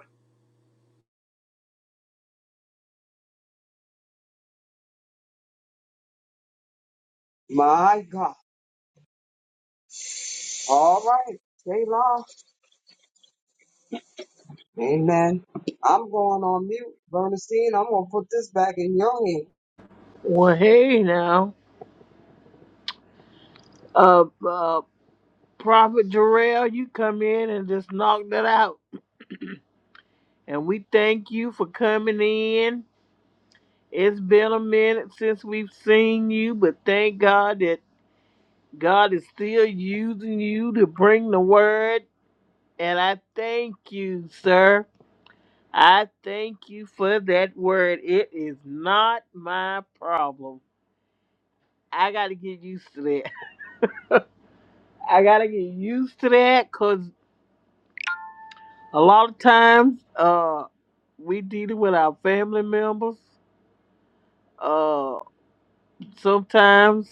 Speaker 3: My God. All right. Stay long. Amen. I'm going on mute. Bernstein, I'm going to put this back in your hand.
Speaker 1: Well, hey now, uh, uh, Prophet Jarrell, you come in and just knock that out. And we thank you for coming in. It's been a minute since we've seen you, but thank God that God is still using you to bring the word. And I thank you, sir. I thank you for that word. It is not my problem. I got to get used to that. [laughs] I got to get used to that because a lot of times uh, we dealing with our family members. Uh, sometimes.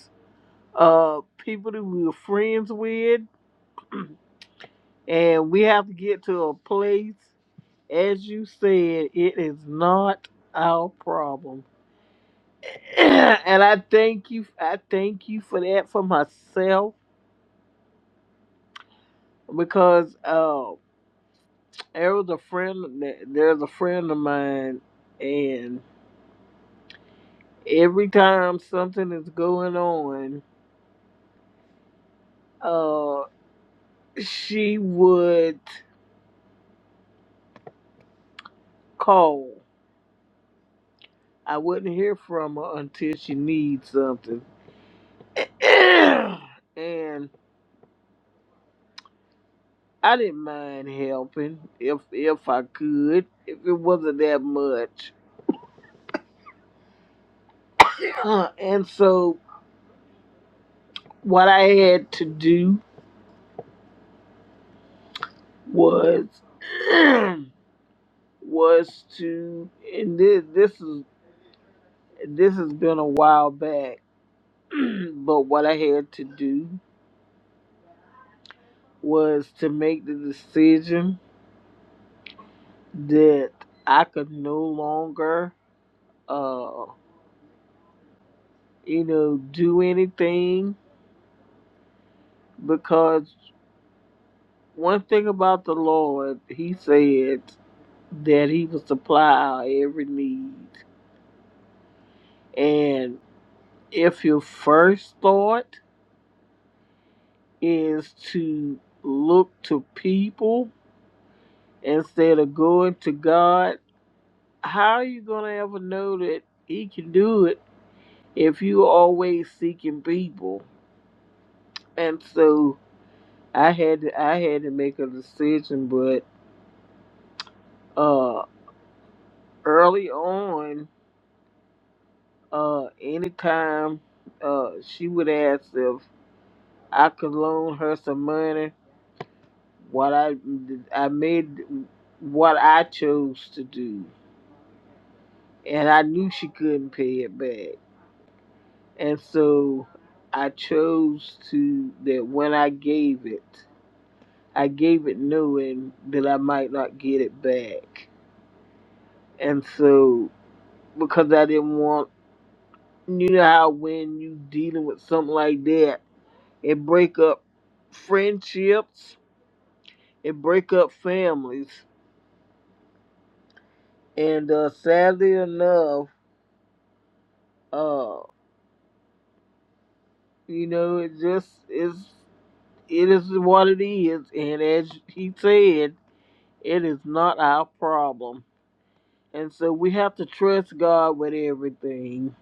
Speaker 1: uh people that we were friends with and we have to get to a place as you said it is not our problem [clears throat] and i thank you i thank you for that for myself because uh there was a friend there's a friend of mine and every time something is going on uh she would call i wouldn't hear from her until she needs something [sighs] and I didn't mind helping if if I could, if it wasn't that much. [clears throat] and so what I had to do was [clears throat] was to and this this is this has been a while back, [clears throat] but what I had to do was to make the decision that I could no longer uh you know do anything because. One thing about the Lord, He said that He will supply our every need. And if your first thought is to look to people instead of going to God, how are you going to ever know that He can do it if you always seeking people? And so I had to, I had to make a decision, but uh, early on Uh, anytime uh, she would ask if I could loan her some money, what I I made what I chose to do, and I knew she couldn't pay it back, and so I chose to that when I gave it, I gave it knowing that I might not get it back, and so because I didn't want you know how when you dealing with something like that It break up friendships. It break up families. And uh, sadly enough, uh, you know, it just is. It is what it is. And as he said, it is not our problem. And so we have to trust God with everything.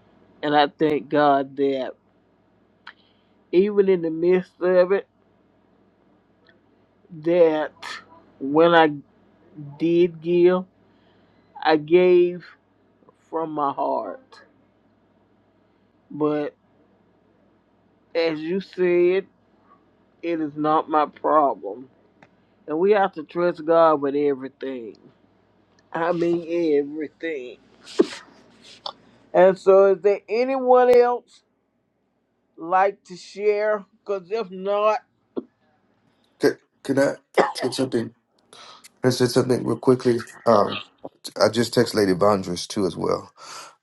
Speaker 1: And I thank God that even in the midst of it, that when I did give, I gave from my heart. But As you said, it is not my problem. And we have to trust God with everything. I mean, everything. And so, is there anyone else like to share? Because if not,
Speaker 14: Can, can I say something? Can I say something real quickly? Um, I just text Lady Vondris too as well.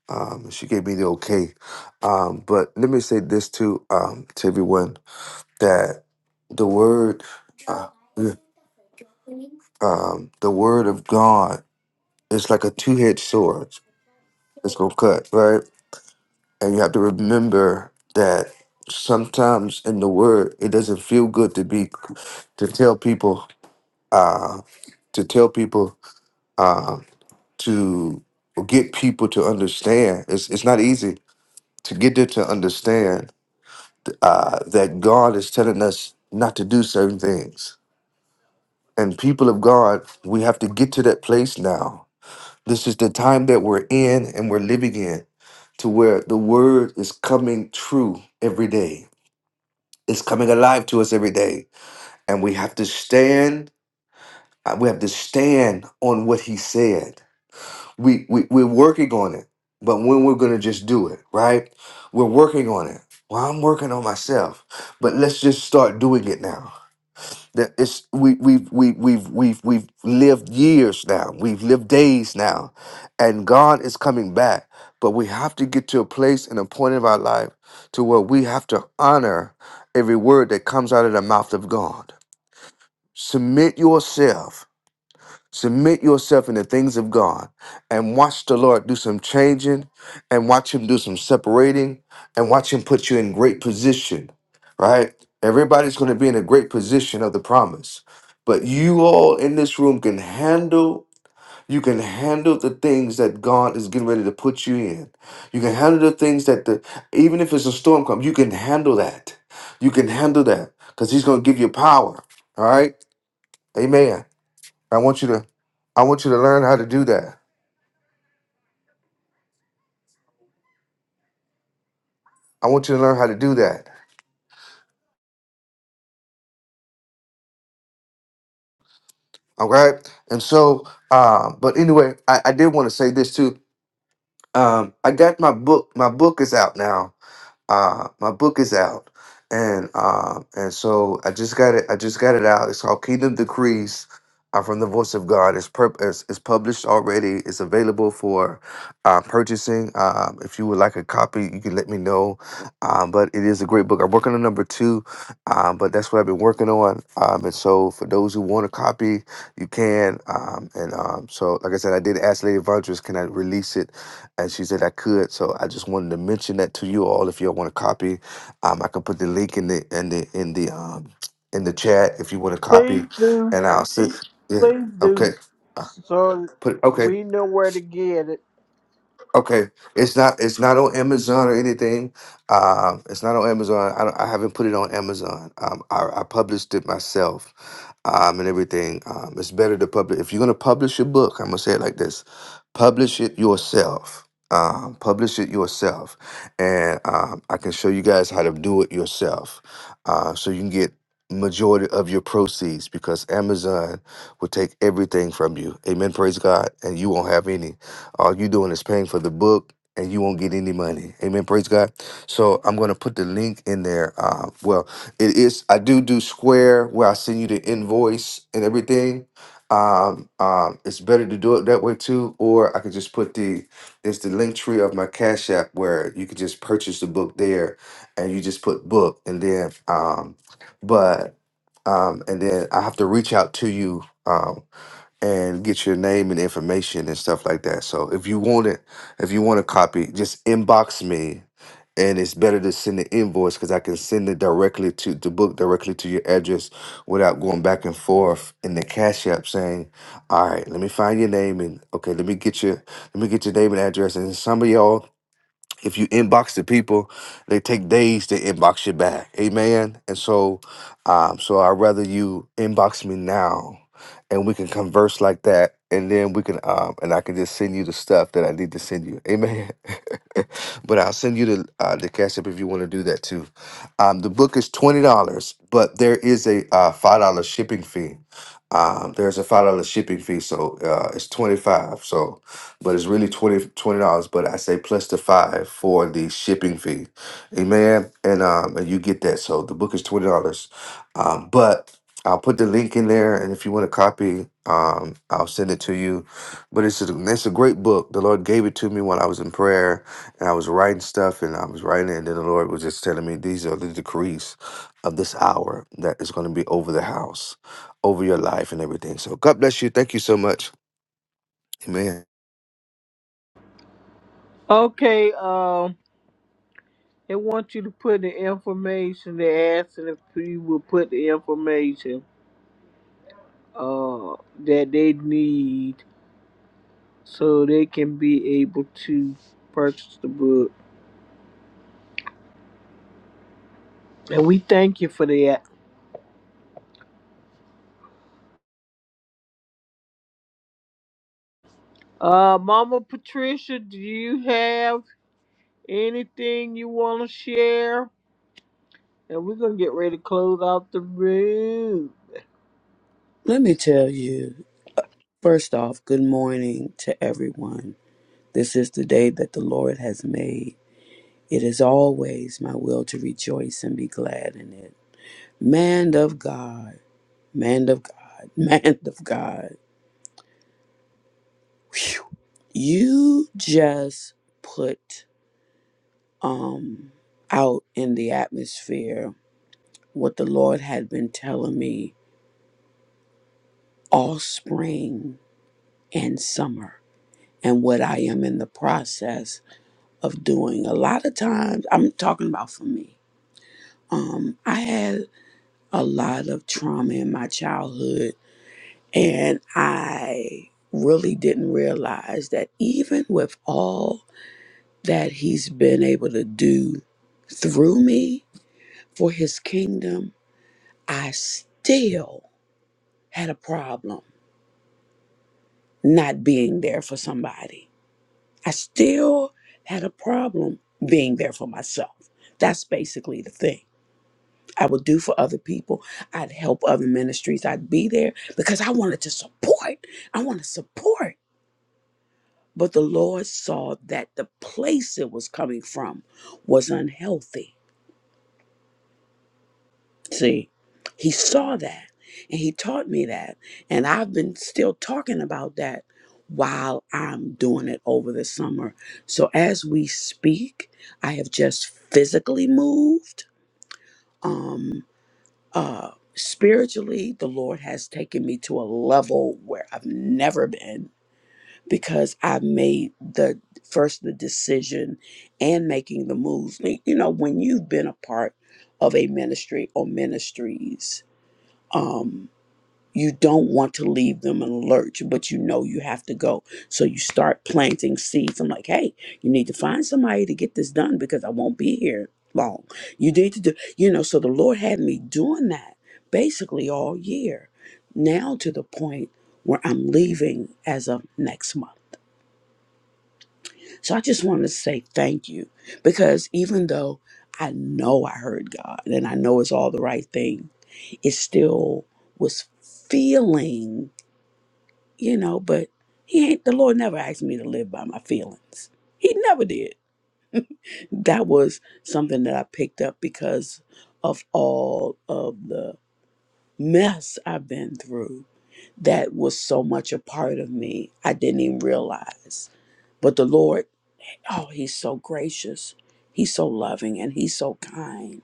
Speaker 14: Um, she gave me the okay. Um, but let me say this too um, to everyone that the word, uh, yeah, um, the word of God is like a two-edged sword. It's gonna cut right. And you have to remember that sometimes in the word, it doesn't feel good to be to tell people uh, to tell people uh, to get people to understand. It's it's not easy to get them to understand uh, that God is telling us not to do certain things. And people of God, we have to get to that place now. This is the time that we're in and we're living in, to where the word is coming true every day is coming alive to us every day. And we have to stand, uh, we have to stand on what he said. We, we we're working on it, but when we're gonna just do it, right? We're working on it. Well, I'm working on myself, but let's just start doing it now that it's we we've we, we've we've we've lived years now we've lived days now and god is coming back but we have to get to a place and a point of our life to where we have to honor every word that comes out of the mouth of god submit yourself Submit yourself in the things of God and watch the Lord do some changing and watch Him do some separating and watch Him put you in great position, right? Everybody's going to be in a great position of the promise. But you all in this room can handle, you can handle the things that God is getting ready to put you in. You can handle the things that the, even if it's a storm come, you can handle that. You can handle that because He's going to give you power, all right? Amen. I want you to I want you to learn how to do that. I want you to learn how to do that. Okay. And so, um, but anyway, I, I did want to say this too. Um, I got my book. My book is out now uh my book is out and um and so i just got it i just got it out it's called kingdom decrees uh, from the voice of god it's, pur- it's it's published already it's available for uh purchasing um if you would like a copy you can let me know um but it is a great book i'm working on number two um but that's what i've been working on um and so for those who want a copy you can um and um so like i said i did ask lady Vondrous, can i release it and she said I could. So I just wanted to mention that to you all. If you all want to copy, um, I can put the link in the in the in the um in the chat if you want to copy, and I'll send. Yeah. Okay. Uh,
Speaker 1: so
Speaker 14: Put okay.
Speaker 1: we know where to get it.
Speaker 14: Okay, it's not it's not on Amazon or anything. Um, it's not on Amazon. I, don't, I haven't put it on Amazon. Um, I, I published it myself, um, and everything. Um, it's better to publish if you're gonna publish your book. I'm gonna say it like this: publish it yourself. Um, publish it yourself, and um, I can show you guys how to do it yourself, uh, so you can get majority of your proceeds because Amazon will take everything from you. Amen. Praise God, and you won't have any. All you doing is paying for the book and you won't get any money. Amen. Praise God. So I'm going to put the link in there. Uh, well, it is, I do do Square where I send you the invoice and everything. Um, um, it's better to do it that way too, or I could just put the, it's the link tree of my Cash App where you could just purchase the book there and you just put book and then, um, but, um, and then I have to reach out to you. Um, and get your name and information and stuff like that. So if you want it, if you want a copy, just inbox me. And it's better to send the invoice because I can send it directly to the book directly to your address without going back and forth in the cash app saying, All right, let me find your name and okay, let me get your let me get your name and address. And some of y'all if you inbox the people, they take days to inbox you back. Amen. And so, um, so I'd rather you inbox me now and we can converse like that. And then we can, um, and I can just send you the stuff that I need to send you. Amen. [laughs] but I'll send you the, uh, the cash app if you want to do that too. Um, the book is $20, but there is a, uh, $5 shipping fee. Um, there's a $5 shipping fee. So, uh, it's 25. So, but it's really 20 dollars. But I say plus the five for the shipping fee, amen. And um, and you get that. So the book is twenty dollars, um, but I'll put the link in there, and if you want a copy, um, I'll send it to you. But it's a, it's a great book. The Lord gave it to me when I was in prayer, and I was writing stuff, and I was writing, it, and then the Lord was just telling me these are the decrees of this hour that is going to be over the house, over your life, and everything. So God bless you. Thank you so much. Amen.
Speaker 1: Okay, um, they want you to put the information. They're asking if you will put the information uh that they need so they can be able to purchase the book. And we thank you for that. Uh, Mama Patricia, do you have anything you want to share? And we're going to get ready to close out the room.
Speaker 16: Let me tell you, first off, good morning to everyone. This is the day that the Lord has made. It is always my will to rejoice and be glad in it. Man of God, man of God, [laughs] man of God. Phew. You just put um out in the atmosphere what the Lord had been telling me all spring and summer and what I am in the process of doing. A lot of times, I'm talking about for me. Um, I had a lot of trauma in my childhood, and I really didn't realize that even with all that he's been able to do through me for his kingdom, I still had a problem not being there for somebody. I still had a problem being there for myself. That's basically the thing I would do for other people. I'd help other ministries. I'd be there because I wanted to support. I want to support. But the Lord saw that the place it was coming from was unhealthy. See, He saw that and He taught me that. And I've been still talking about that while I'm doing it over the summer. So as we speak, I have just physically moved. Um, Uh, spiritually, the Lord has taken me to a level where I've never been because I made the first the decision and making the moves. You know, when you've been a part of a ministry or ministries, um, you don't want to leave them in a lurch, but you know you have to go. So you start planting seeds. I'm like, hey, you need to find somebody to get this done because I won't be here long. You need to do, you know, so the Lord had me doing that basically all year. Now to the point where I'm leaving as of next month. So I just wanted to say thank you because even though I know I heard God and I know it's all the right thing, it still was feeling you know, but he ain't the Lord never asked me to live by my feelings. He never did. That was something that I picked up because of all of the mess I've been through. That was so much a part of me. I didn't even realize. But the Lord, oh, he's so gracious. He's so loving and he's so kind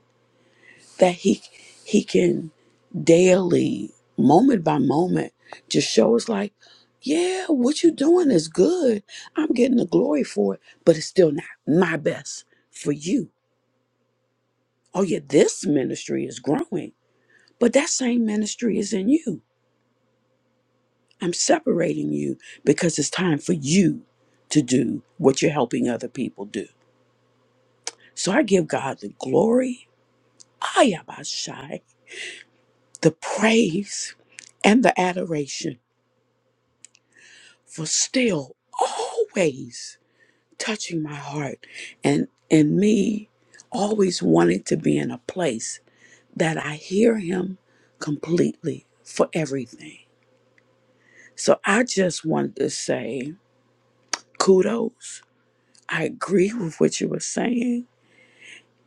Speaker 16: that he he can daily moment by moment just show us like yeah what you doing is good i'm getting the glory for it but it's still not my best for you oh yeah this ministry is growing but that same ministry is in you i'm separating you because it's time for you to do what you're helping other people do so i give god the glory ayabashai the praise and the adoration for still always touching my heart and and me always wanting to be in a place that I hear him completely for everything. So I just wanted to say kudos. I agree with what you were saying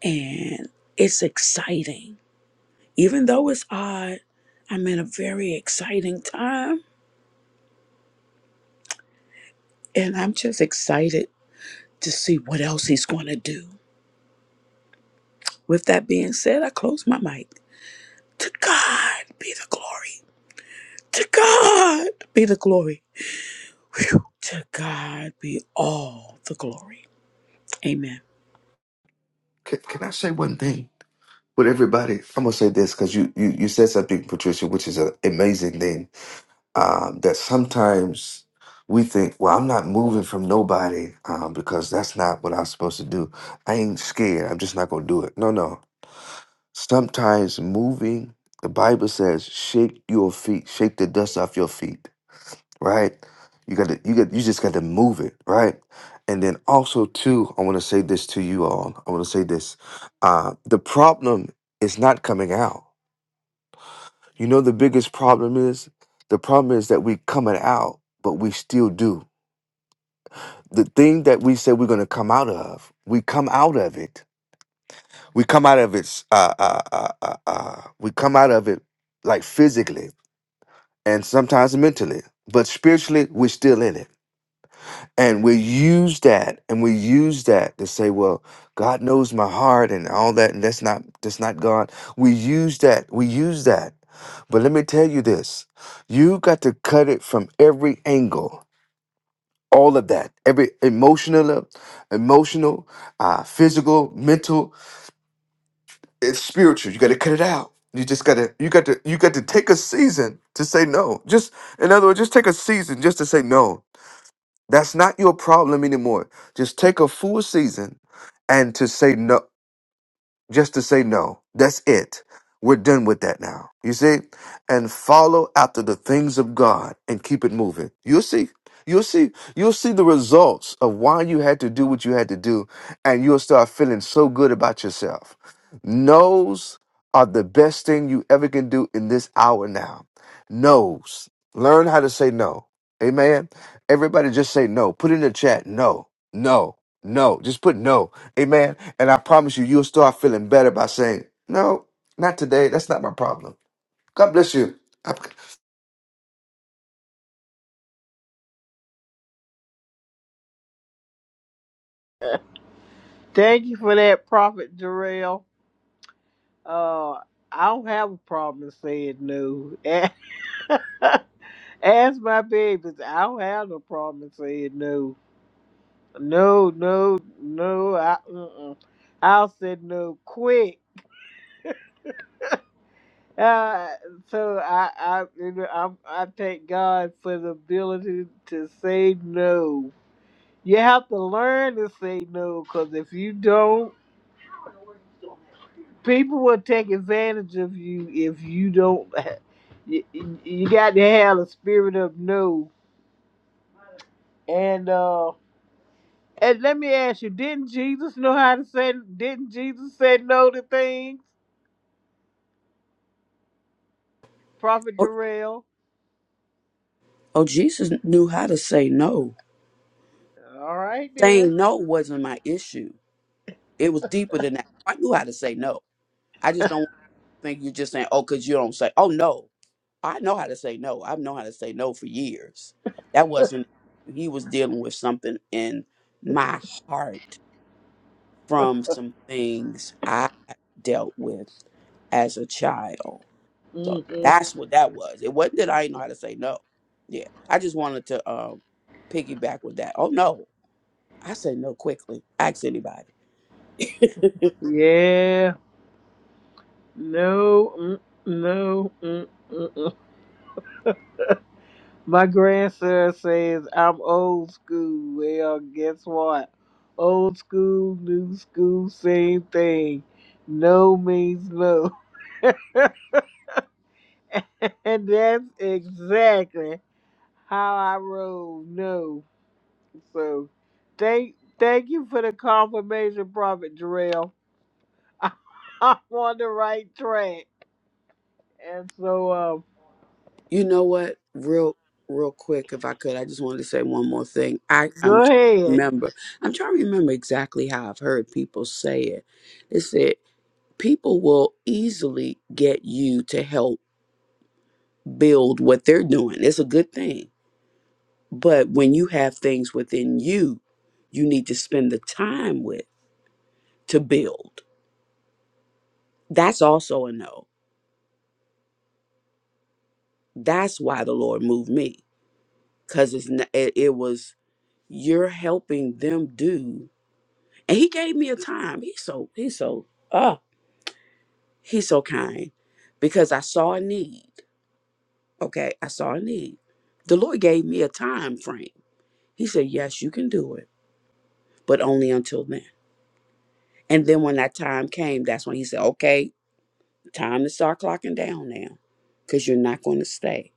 Speaker 16: and it's exciting. Even though it's odd, I'm in a very exciting time and I'm just excited to see what else he's going to do. With that being said, I close my mic. To God be the glory. To God be the glory. Whew. To God be all the glory. Amen.
Speaker 14: Can, can I say one thing? With everybody, I'm gonna say this because you, you you said something, Patricia, which is an amazing thing. Um, that sometimes we think, well, I'm not moving from nobody um, because that's not what I'm supposed to do. I ain't scared. I'm just not gonna do it. No, no. Sometimes moving, the Bible says, shake your feet, shake the dust off your feet right? You got to you got you just got to move it, right? And then also too, I want to say this to you all. I want to say this. Uh, the problem is not coming out. You know the biggest problem is the problem is that we coming out, but we still do the thing that we say we're going to come out of. We come out of it. We come out of its. Uh, uh, uh, uh, uh, we come out of it like physically and sometimes mentally, but spiritually we're still in it. And we use that, and we use that to say, "Well, God knows my heart and all that," and that's not that's not God. We use that. We use that. But let me tell you this: you got to cut it from every angle. All of that, every emotional, emotional, uh, physical, mental, it's spiritual. You got to cut it out. You just gotta, you got to, you got to take a season to say no. Just, in other words, just take a season just to say no that's not your problem anymore. Just take a full season and to say no just to say no. That's it. We're done with that now. You see? And follow after the things of God and keep it moving. You'll see. You'll see. You'll see the results of why you had to do what you had to do, and you'll start feeling so good about yourself. No's are the best thing you ever can do in this hour now. No's. Learn how to say no. Amen. Everybody just say no. Put in the chat no, no, no. Just put no. Amen. And I promise you, you'll start feeling better by saying, no, not today. That's not my problem. God bless you. I-
Speaker 1: Thank you for that, Prophet Jarrell. Uh, I don't have a problem saying no. [laughs] As my babies, I don't have no problem saying no. No, no, no. I, uh-uh. I'll say no quick. Uh, so I, I, you know, i I thank God for the ability to say no. You have to learn to say no, because if you don't, people will take advantage of you if you don't. [laughs] You, you got to have a spirit of no. And uh, and let me ask you, didn't Jesus know how to say? Didn't Jesus say no to things? Prophet
Speaker 16: Oh,
Speaker 1: Jarrell.
Speaker 16: oh, Jesus knew how to say no.
Speaker 1: All right then.
Speaker 16: Saying no wasn't my issue. It was deeper than that. I knew how to say no. I just don't think you're just saying, oh, because you don't say, oh, no. I know how to say no. I've known how to say no for years. That wasn't, he was dealing with something in my heart from some things I dealt with as a child. So
Speaker 1: hmm
Speaker 16: that's what that was. It wasn't that I didn't know how to say no. Yeah. I just wanted to um piggyback with that. Oh no. I say no quickly. Ask anybody.
Speaker 1: Yeah. No, mm, no. Mm, mm, mm. My grandson says I'm old school. Well, guess what? Old school, new school, same thing. No means no. [laughs] and that's exactly how I roll. No. So thank thank you for the confirmation, Prophet Jarrell. [laughs] I'm on the right track. And so um
Speaker 16: [laughs] you know what? Real real quick, if I could, I just wanted to say one more thing. I, I'm trying
Speaker 1: go
Speaker 16: to
Speaker 1: ahead.
Speaker 16: remember. I'm trying to remember exactly how I've heard people say it. They said people will easily get you to help build what they're doing. It's a good thing. But when you have things within you, you need to spend the time with to build. That's also a no. That's why the Lord moved me because it's n- it, it was you're helping them do, and He gave me a time. He's so He's so ah He's so kind because I saw a need. Okay, I saw a need. The Lord gave me a time frame. He said, "Yes, you can do it, but only until then." And then when that time came, that's when he said, okay, time to start clocking down now because you're not going to stay.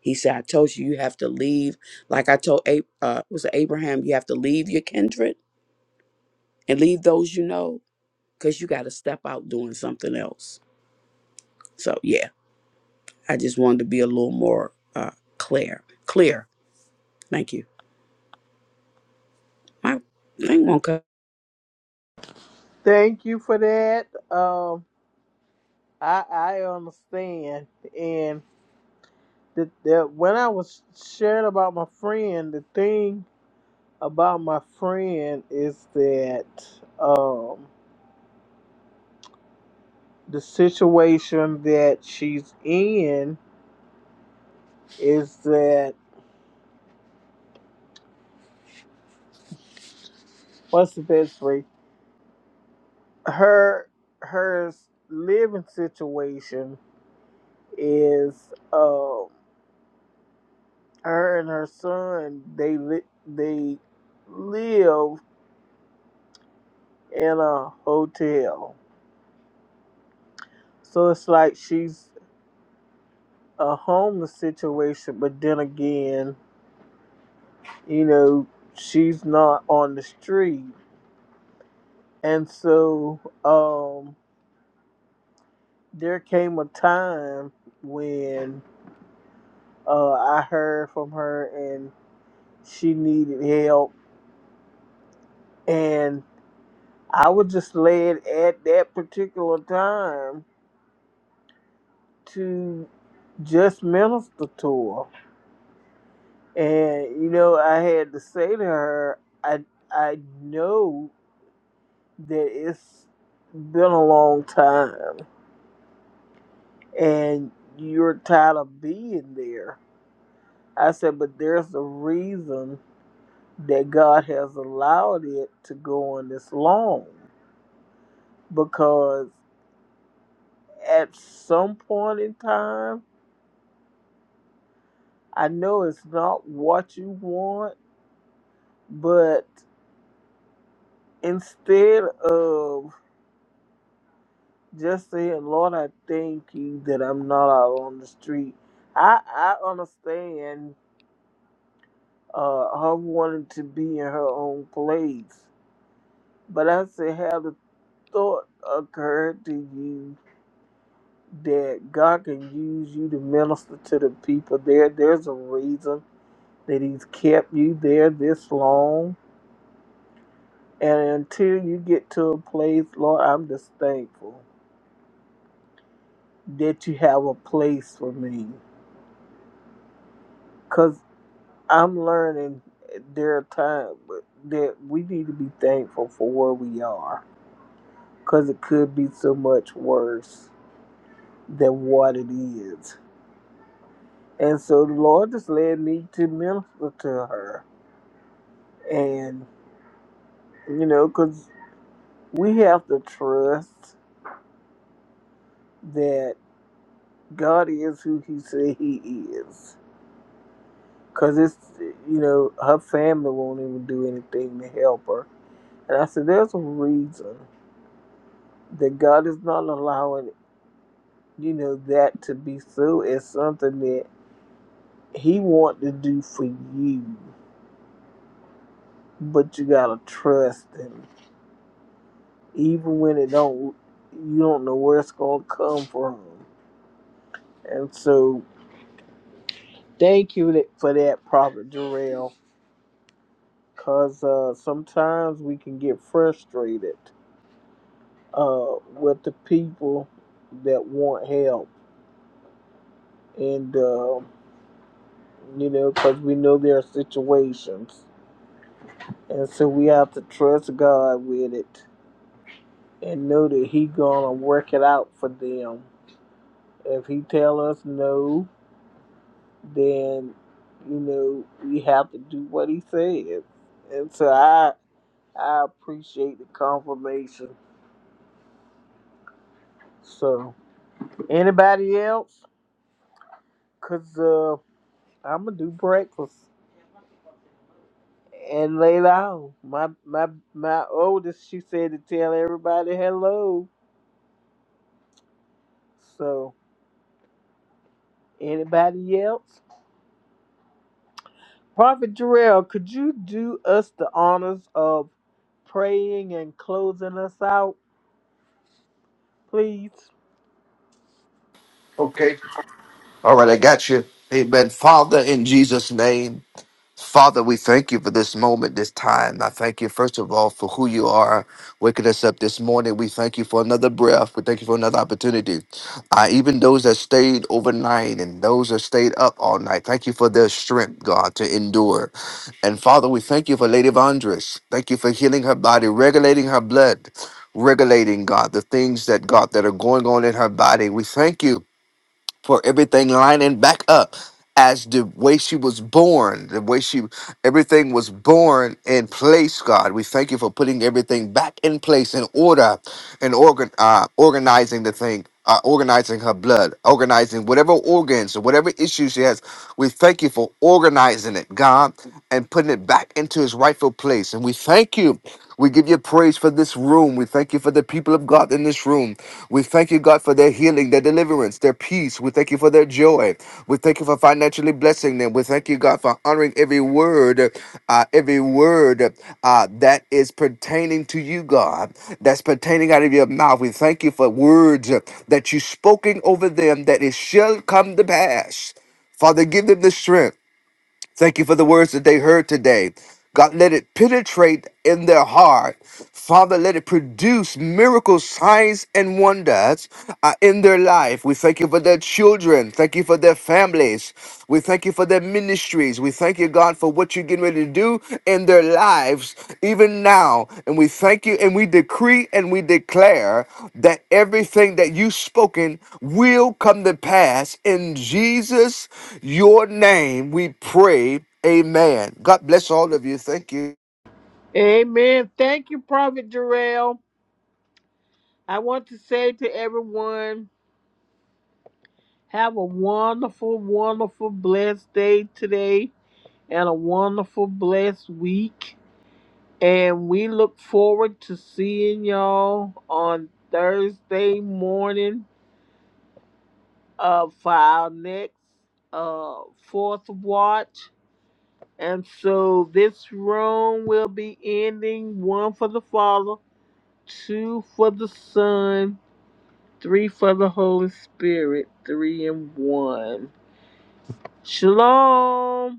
Speaker 16: He said, I told you, you have to leave. Like I told Ab- uh, was it Abraham, you have to leave your kindred and leave those you know because you got to step out doing something else. So, yeah, I just wanted to be a little more uh, clear. Clear. Thank you. My thing won't come.
Speaker 1: Thank you for that. Um, I I understand, and the, the when I was sharing about my friend, the thing about my friend is that um the situation that she's in is that what's the best way her her living situation is um her and her son they li- they live in a hotel. So it's like she's a homeless situation, but then again, you know, she's not on the street. And so um, there came a time when uh, I heard from her and she needed help. And I was just led at that particular time to just minister to her And you know, I had to say to her, I I know that it's been a long time and you're tired of being there. I said, but there's a reason that God has allowed it to go on this long because at some point in time, I know it's not what you want, but instead of just saying, Lord, I thank you that I'm not out on the street. I I understand uh, her wanting to be in her own place, but I say, have the thought occurred to you that God can use you to minister to the people there? There's a reason that He's kept you there this long, and until you get to a place, Lord, I'm just thankful that you have a place for me. I'm learning eh, there are times that we need to be thankful for where we are because it could be so much worse than what it is. And so the Lord just led me to minister to her. And, you know, because we have to trust that God is who He said He is. Because it's, you know, her family won't even do anything to help her. And I said, there's a reason that God is not allowing You know, that to be so is something that he want to do for you, but you gotta trust him. Even when it don't you don't know where it's gonna come from. And so thank you for that, Prophet Jarrell, because uh, sometimes we can get frustrated uh, with the people that want help. And, uh, you know, because we know there are situations. And so we have to trust God with it and know that he gonna work it out for them. If he tell us no, then you know we have to do what he says. And so I I appreciate the confirmation. So anybody else? Cause uh, I'm gonna do breakfast and lay down. My my my oldest she said to tell everybody hello. So anybody else? Prophet Jarrell, could you do us the honors of praying and closing us out, please?
Speaker 14: Okay. All right. I got you. Amen. Father, in Jesus' name. Father, we thank you for this moment, this time. I thank you, first of all, for who you are, waking us up this morning. We thank you for another breath. We thank you for another opportunity. Uh, even those that stayed overnight and those that stayed up all night, thank you for their strength, God, to endure. And Father, we thank you for Lady Vondres. Thank you for healing her body, regulating her blood, regulating, God, the things that, God, that are going on in her body. We thank you for everything lining back up as the way she was born, the way she everything was born in place, God. We thank you for putting everything back in place in order and organ uh, organizing the thing. Uh, organizing her blood, organizing whatever organs or whatever issues she has. We thank you for organizing it, God, and putting it back into its rightful place. And we thank you. We give you praise praise for this room. We thank you for the people of God in this room. We thank you, God, for their healing, their deliverance, their peace. We thank you for their joy. We thank you for financially blessing them. We thank you, God, for honoring every word, uh, every word uh, that is pertaining to you, God, that's pertaining out of your mouth. We thank you for words that you spoken over them that it shall come to pass. Father, give them the strength. Thank you for the words that they heard today. God, let it penetrate in their heart. Father, let it produce miracles, signs, and wonders uh, in their life. We thank you for their children. Thank you for their families. We thank you for their ministries. We thank you, God, for what you're getting ready to do in their lives, even now. And we thank you and we decree and we declare that everything that you've spoken will come to pass. In Jesus, your name, we pray. Amen. God bless all of you. Thank you.
Speaker 1: Amen. Thank you, Prophet Jarrell. I want to say to everyone, have a wonderful, wonderful, blessed day today and a wonderful, blessed week. And we look forward to seeing y'all on Thursday morning uh, for our next uh, fourth watch. And so this room will be ending one for the Father, two for the Son, three for the Holy Spirit, three and one. Shalom.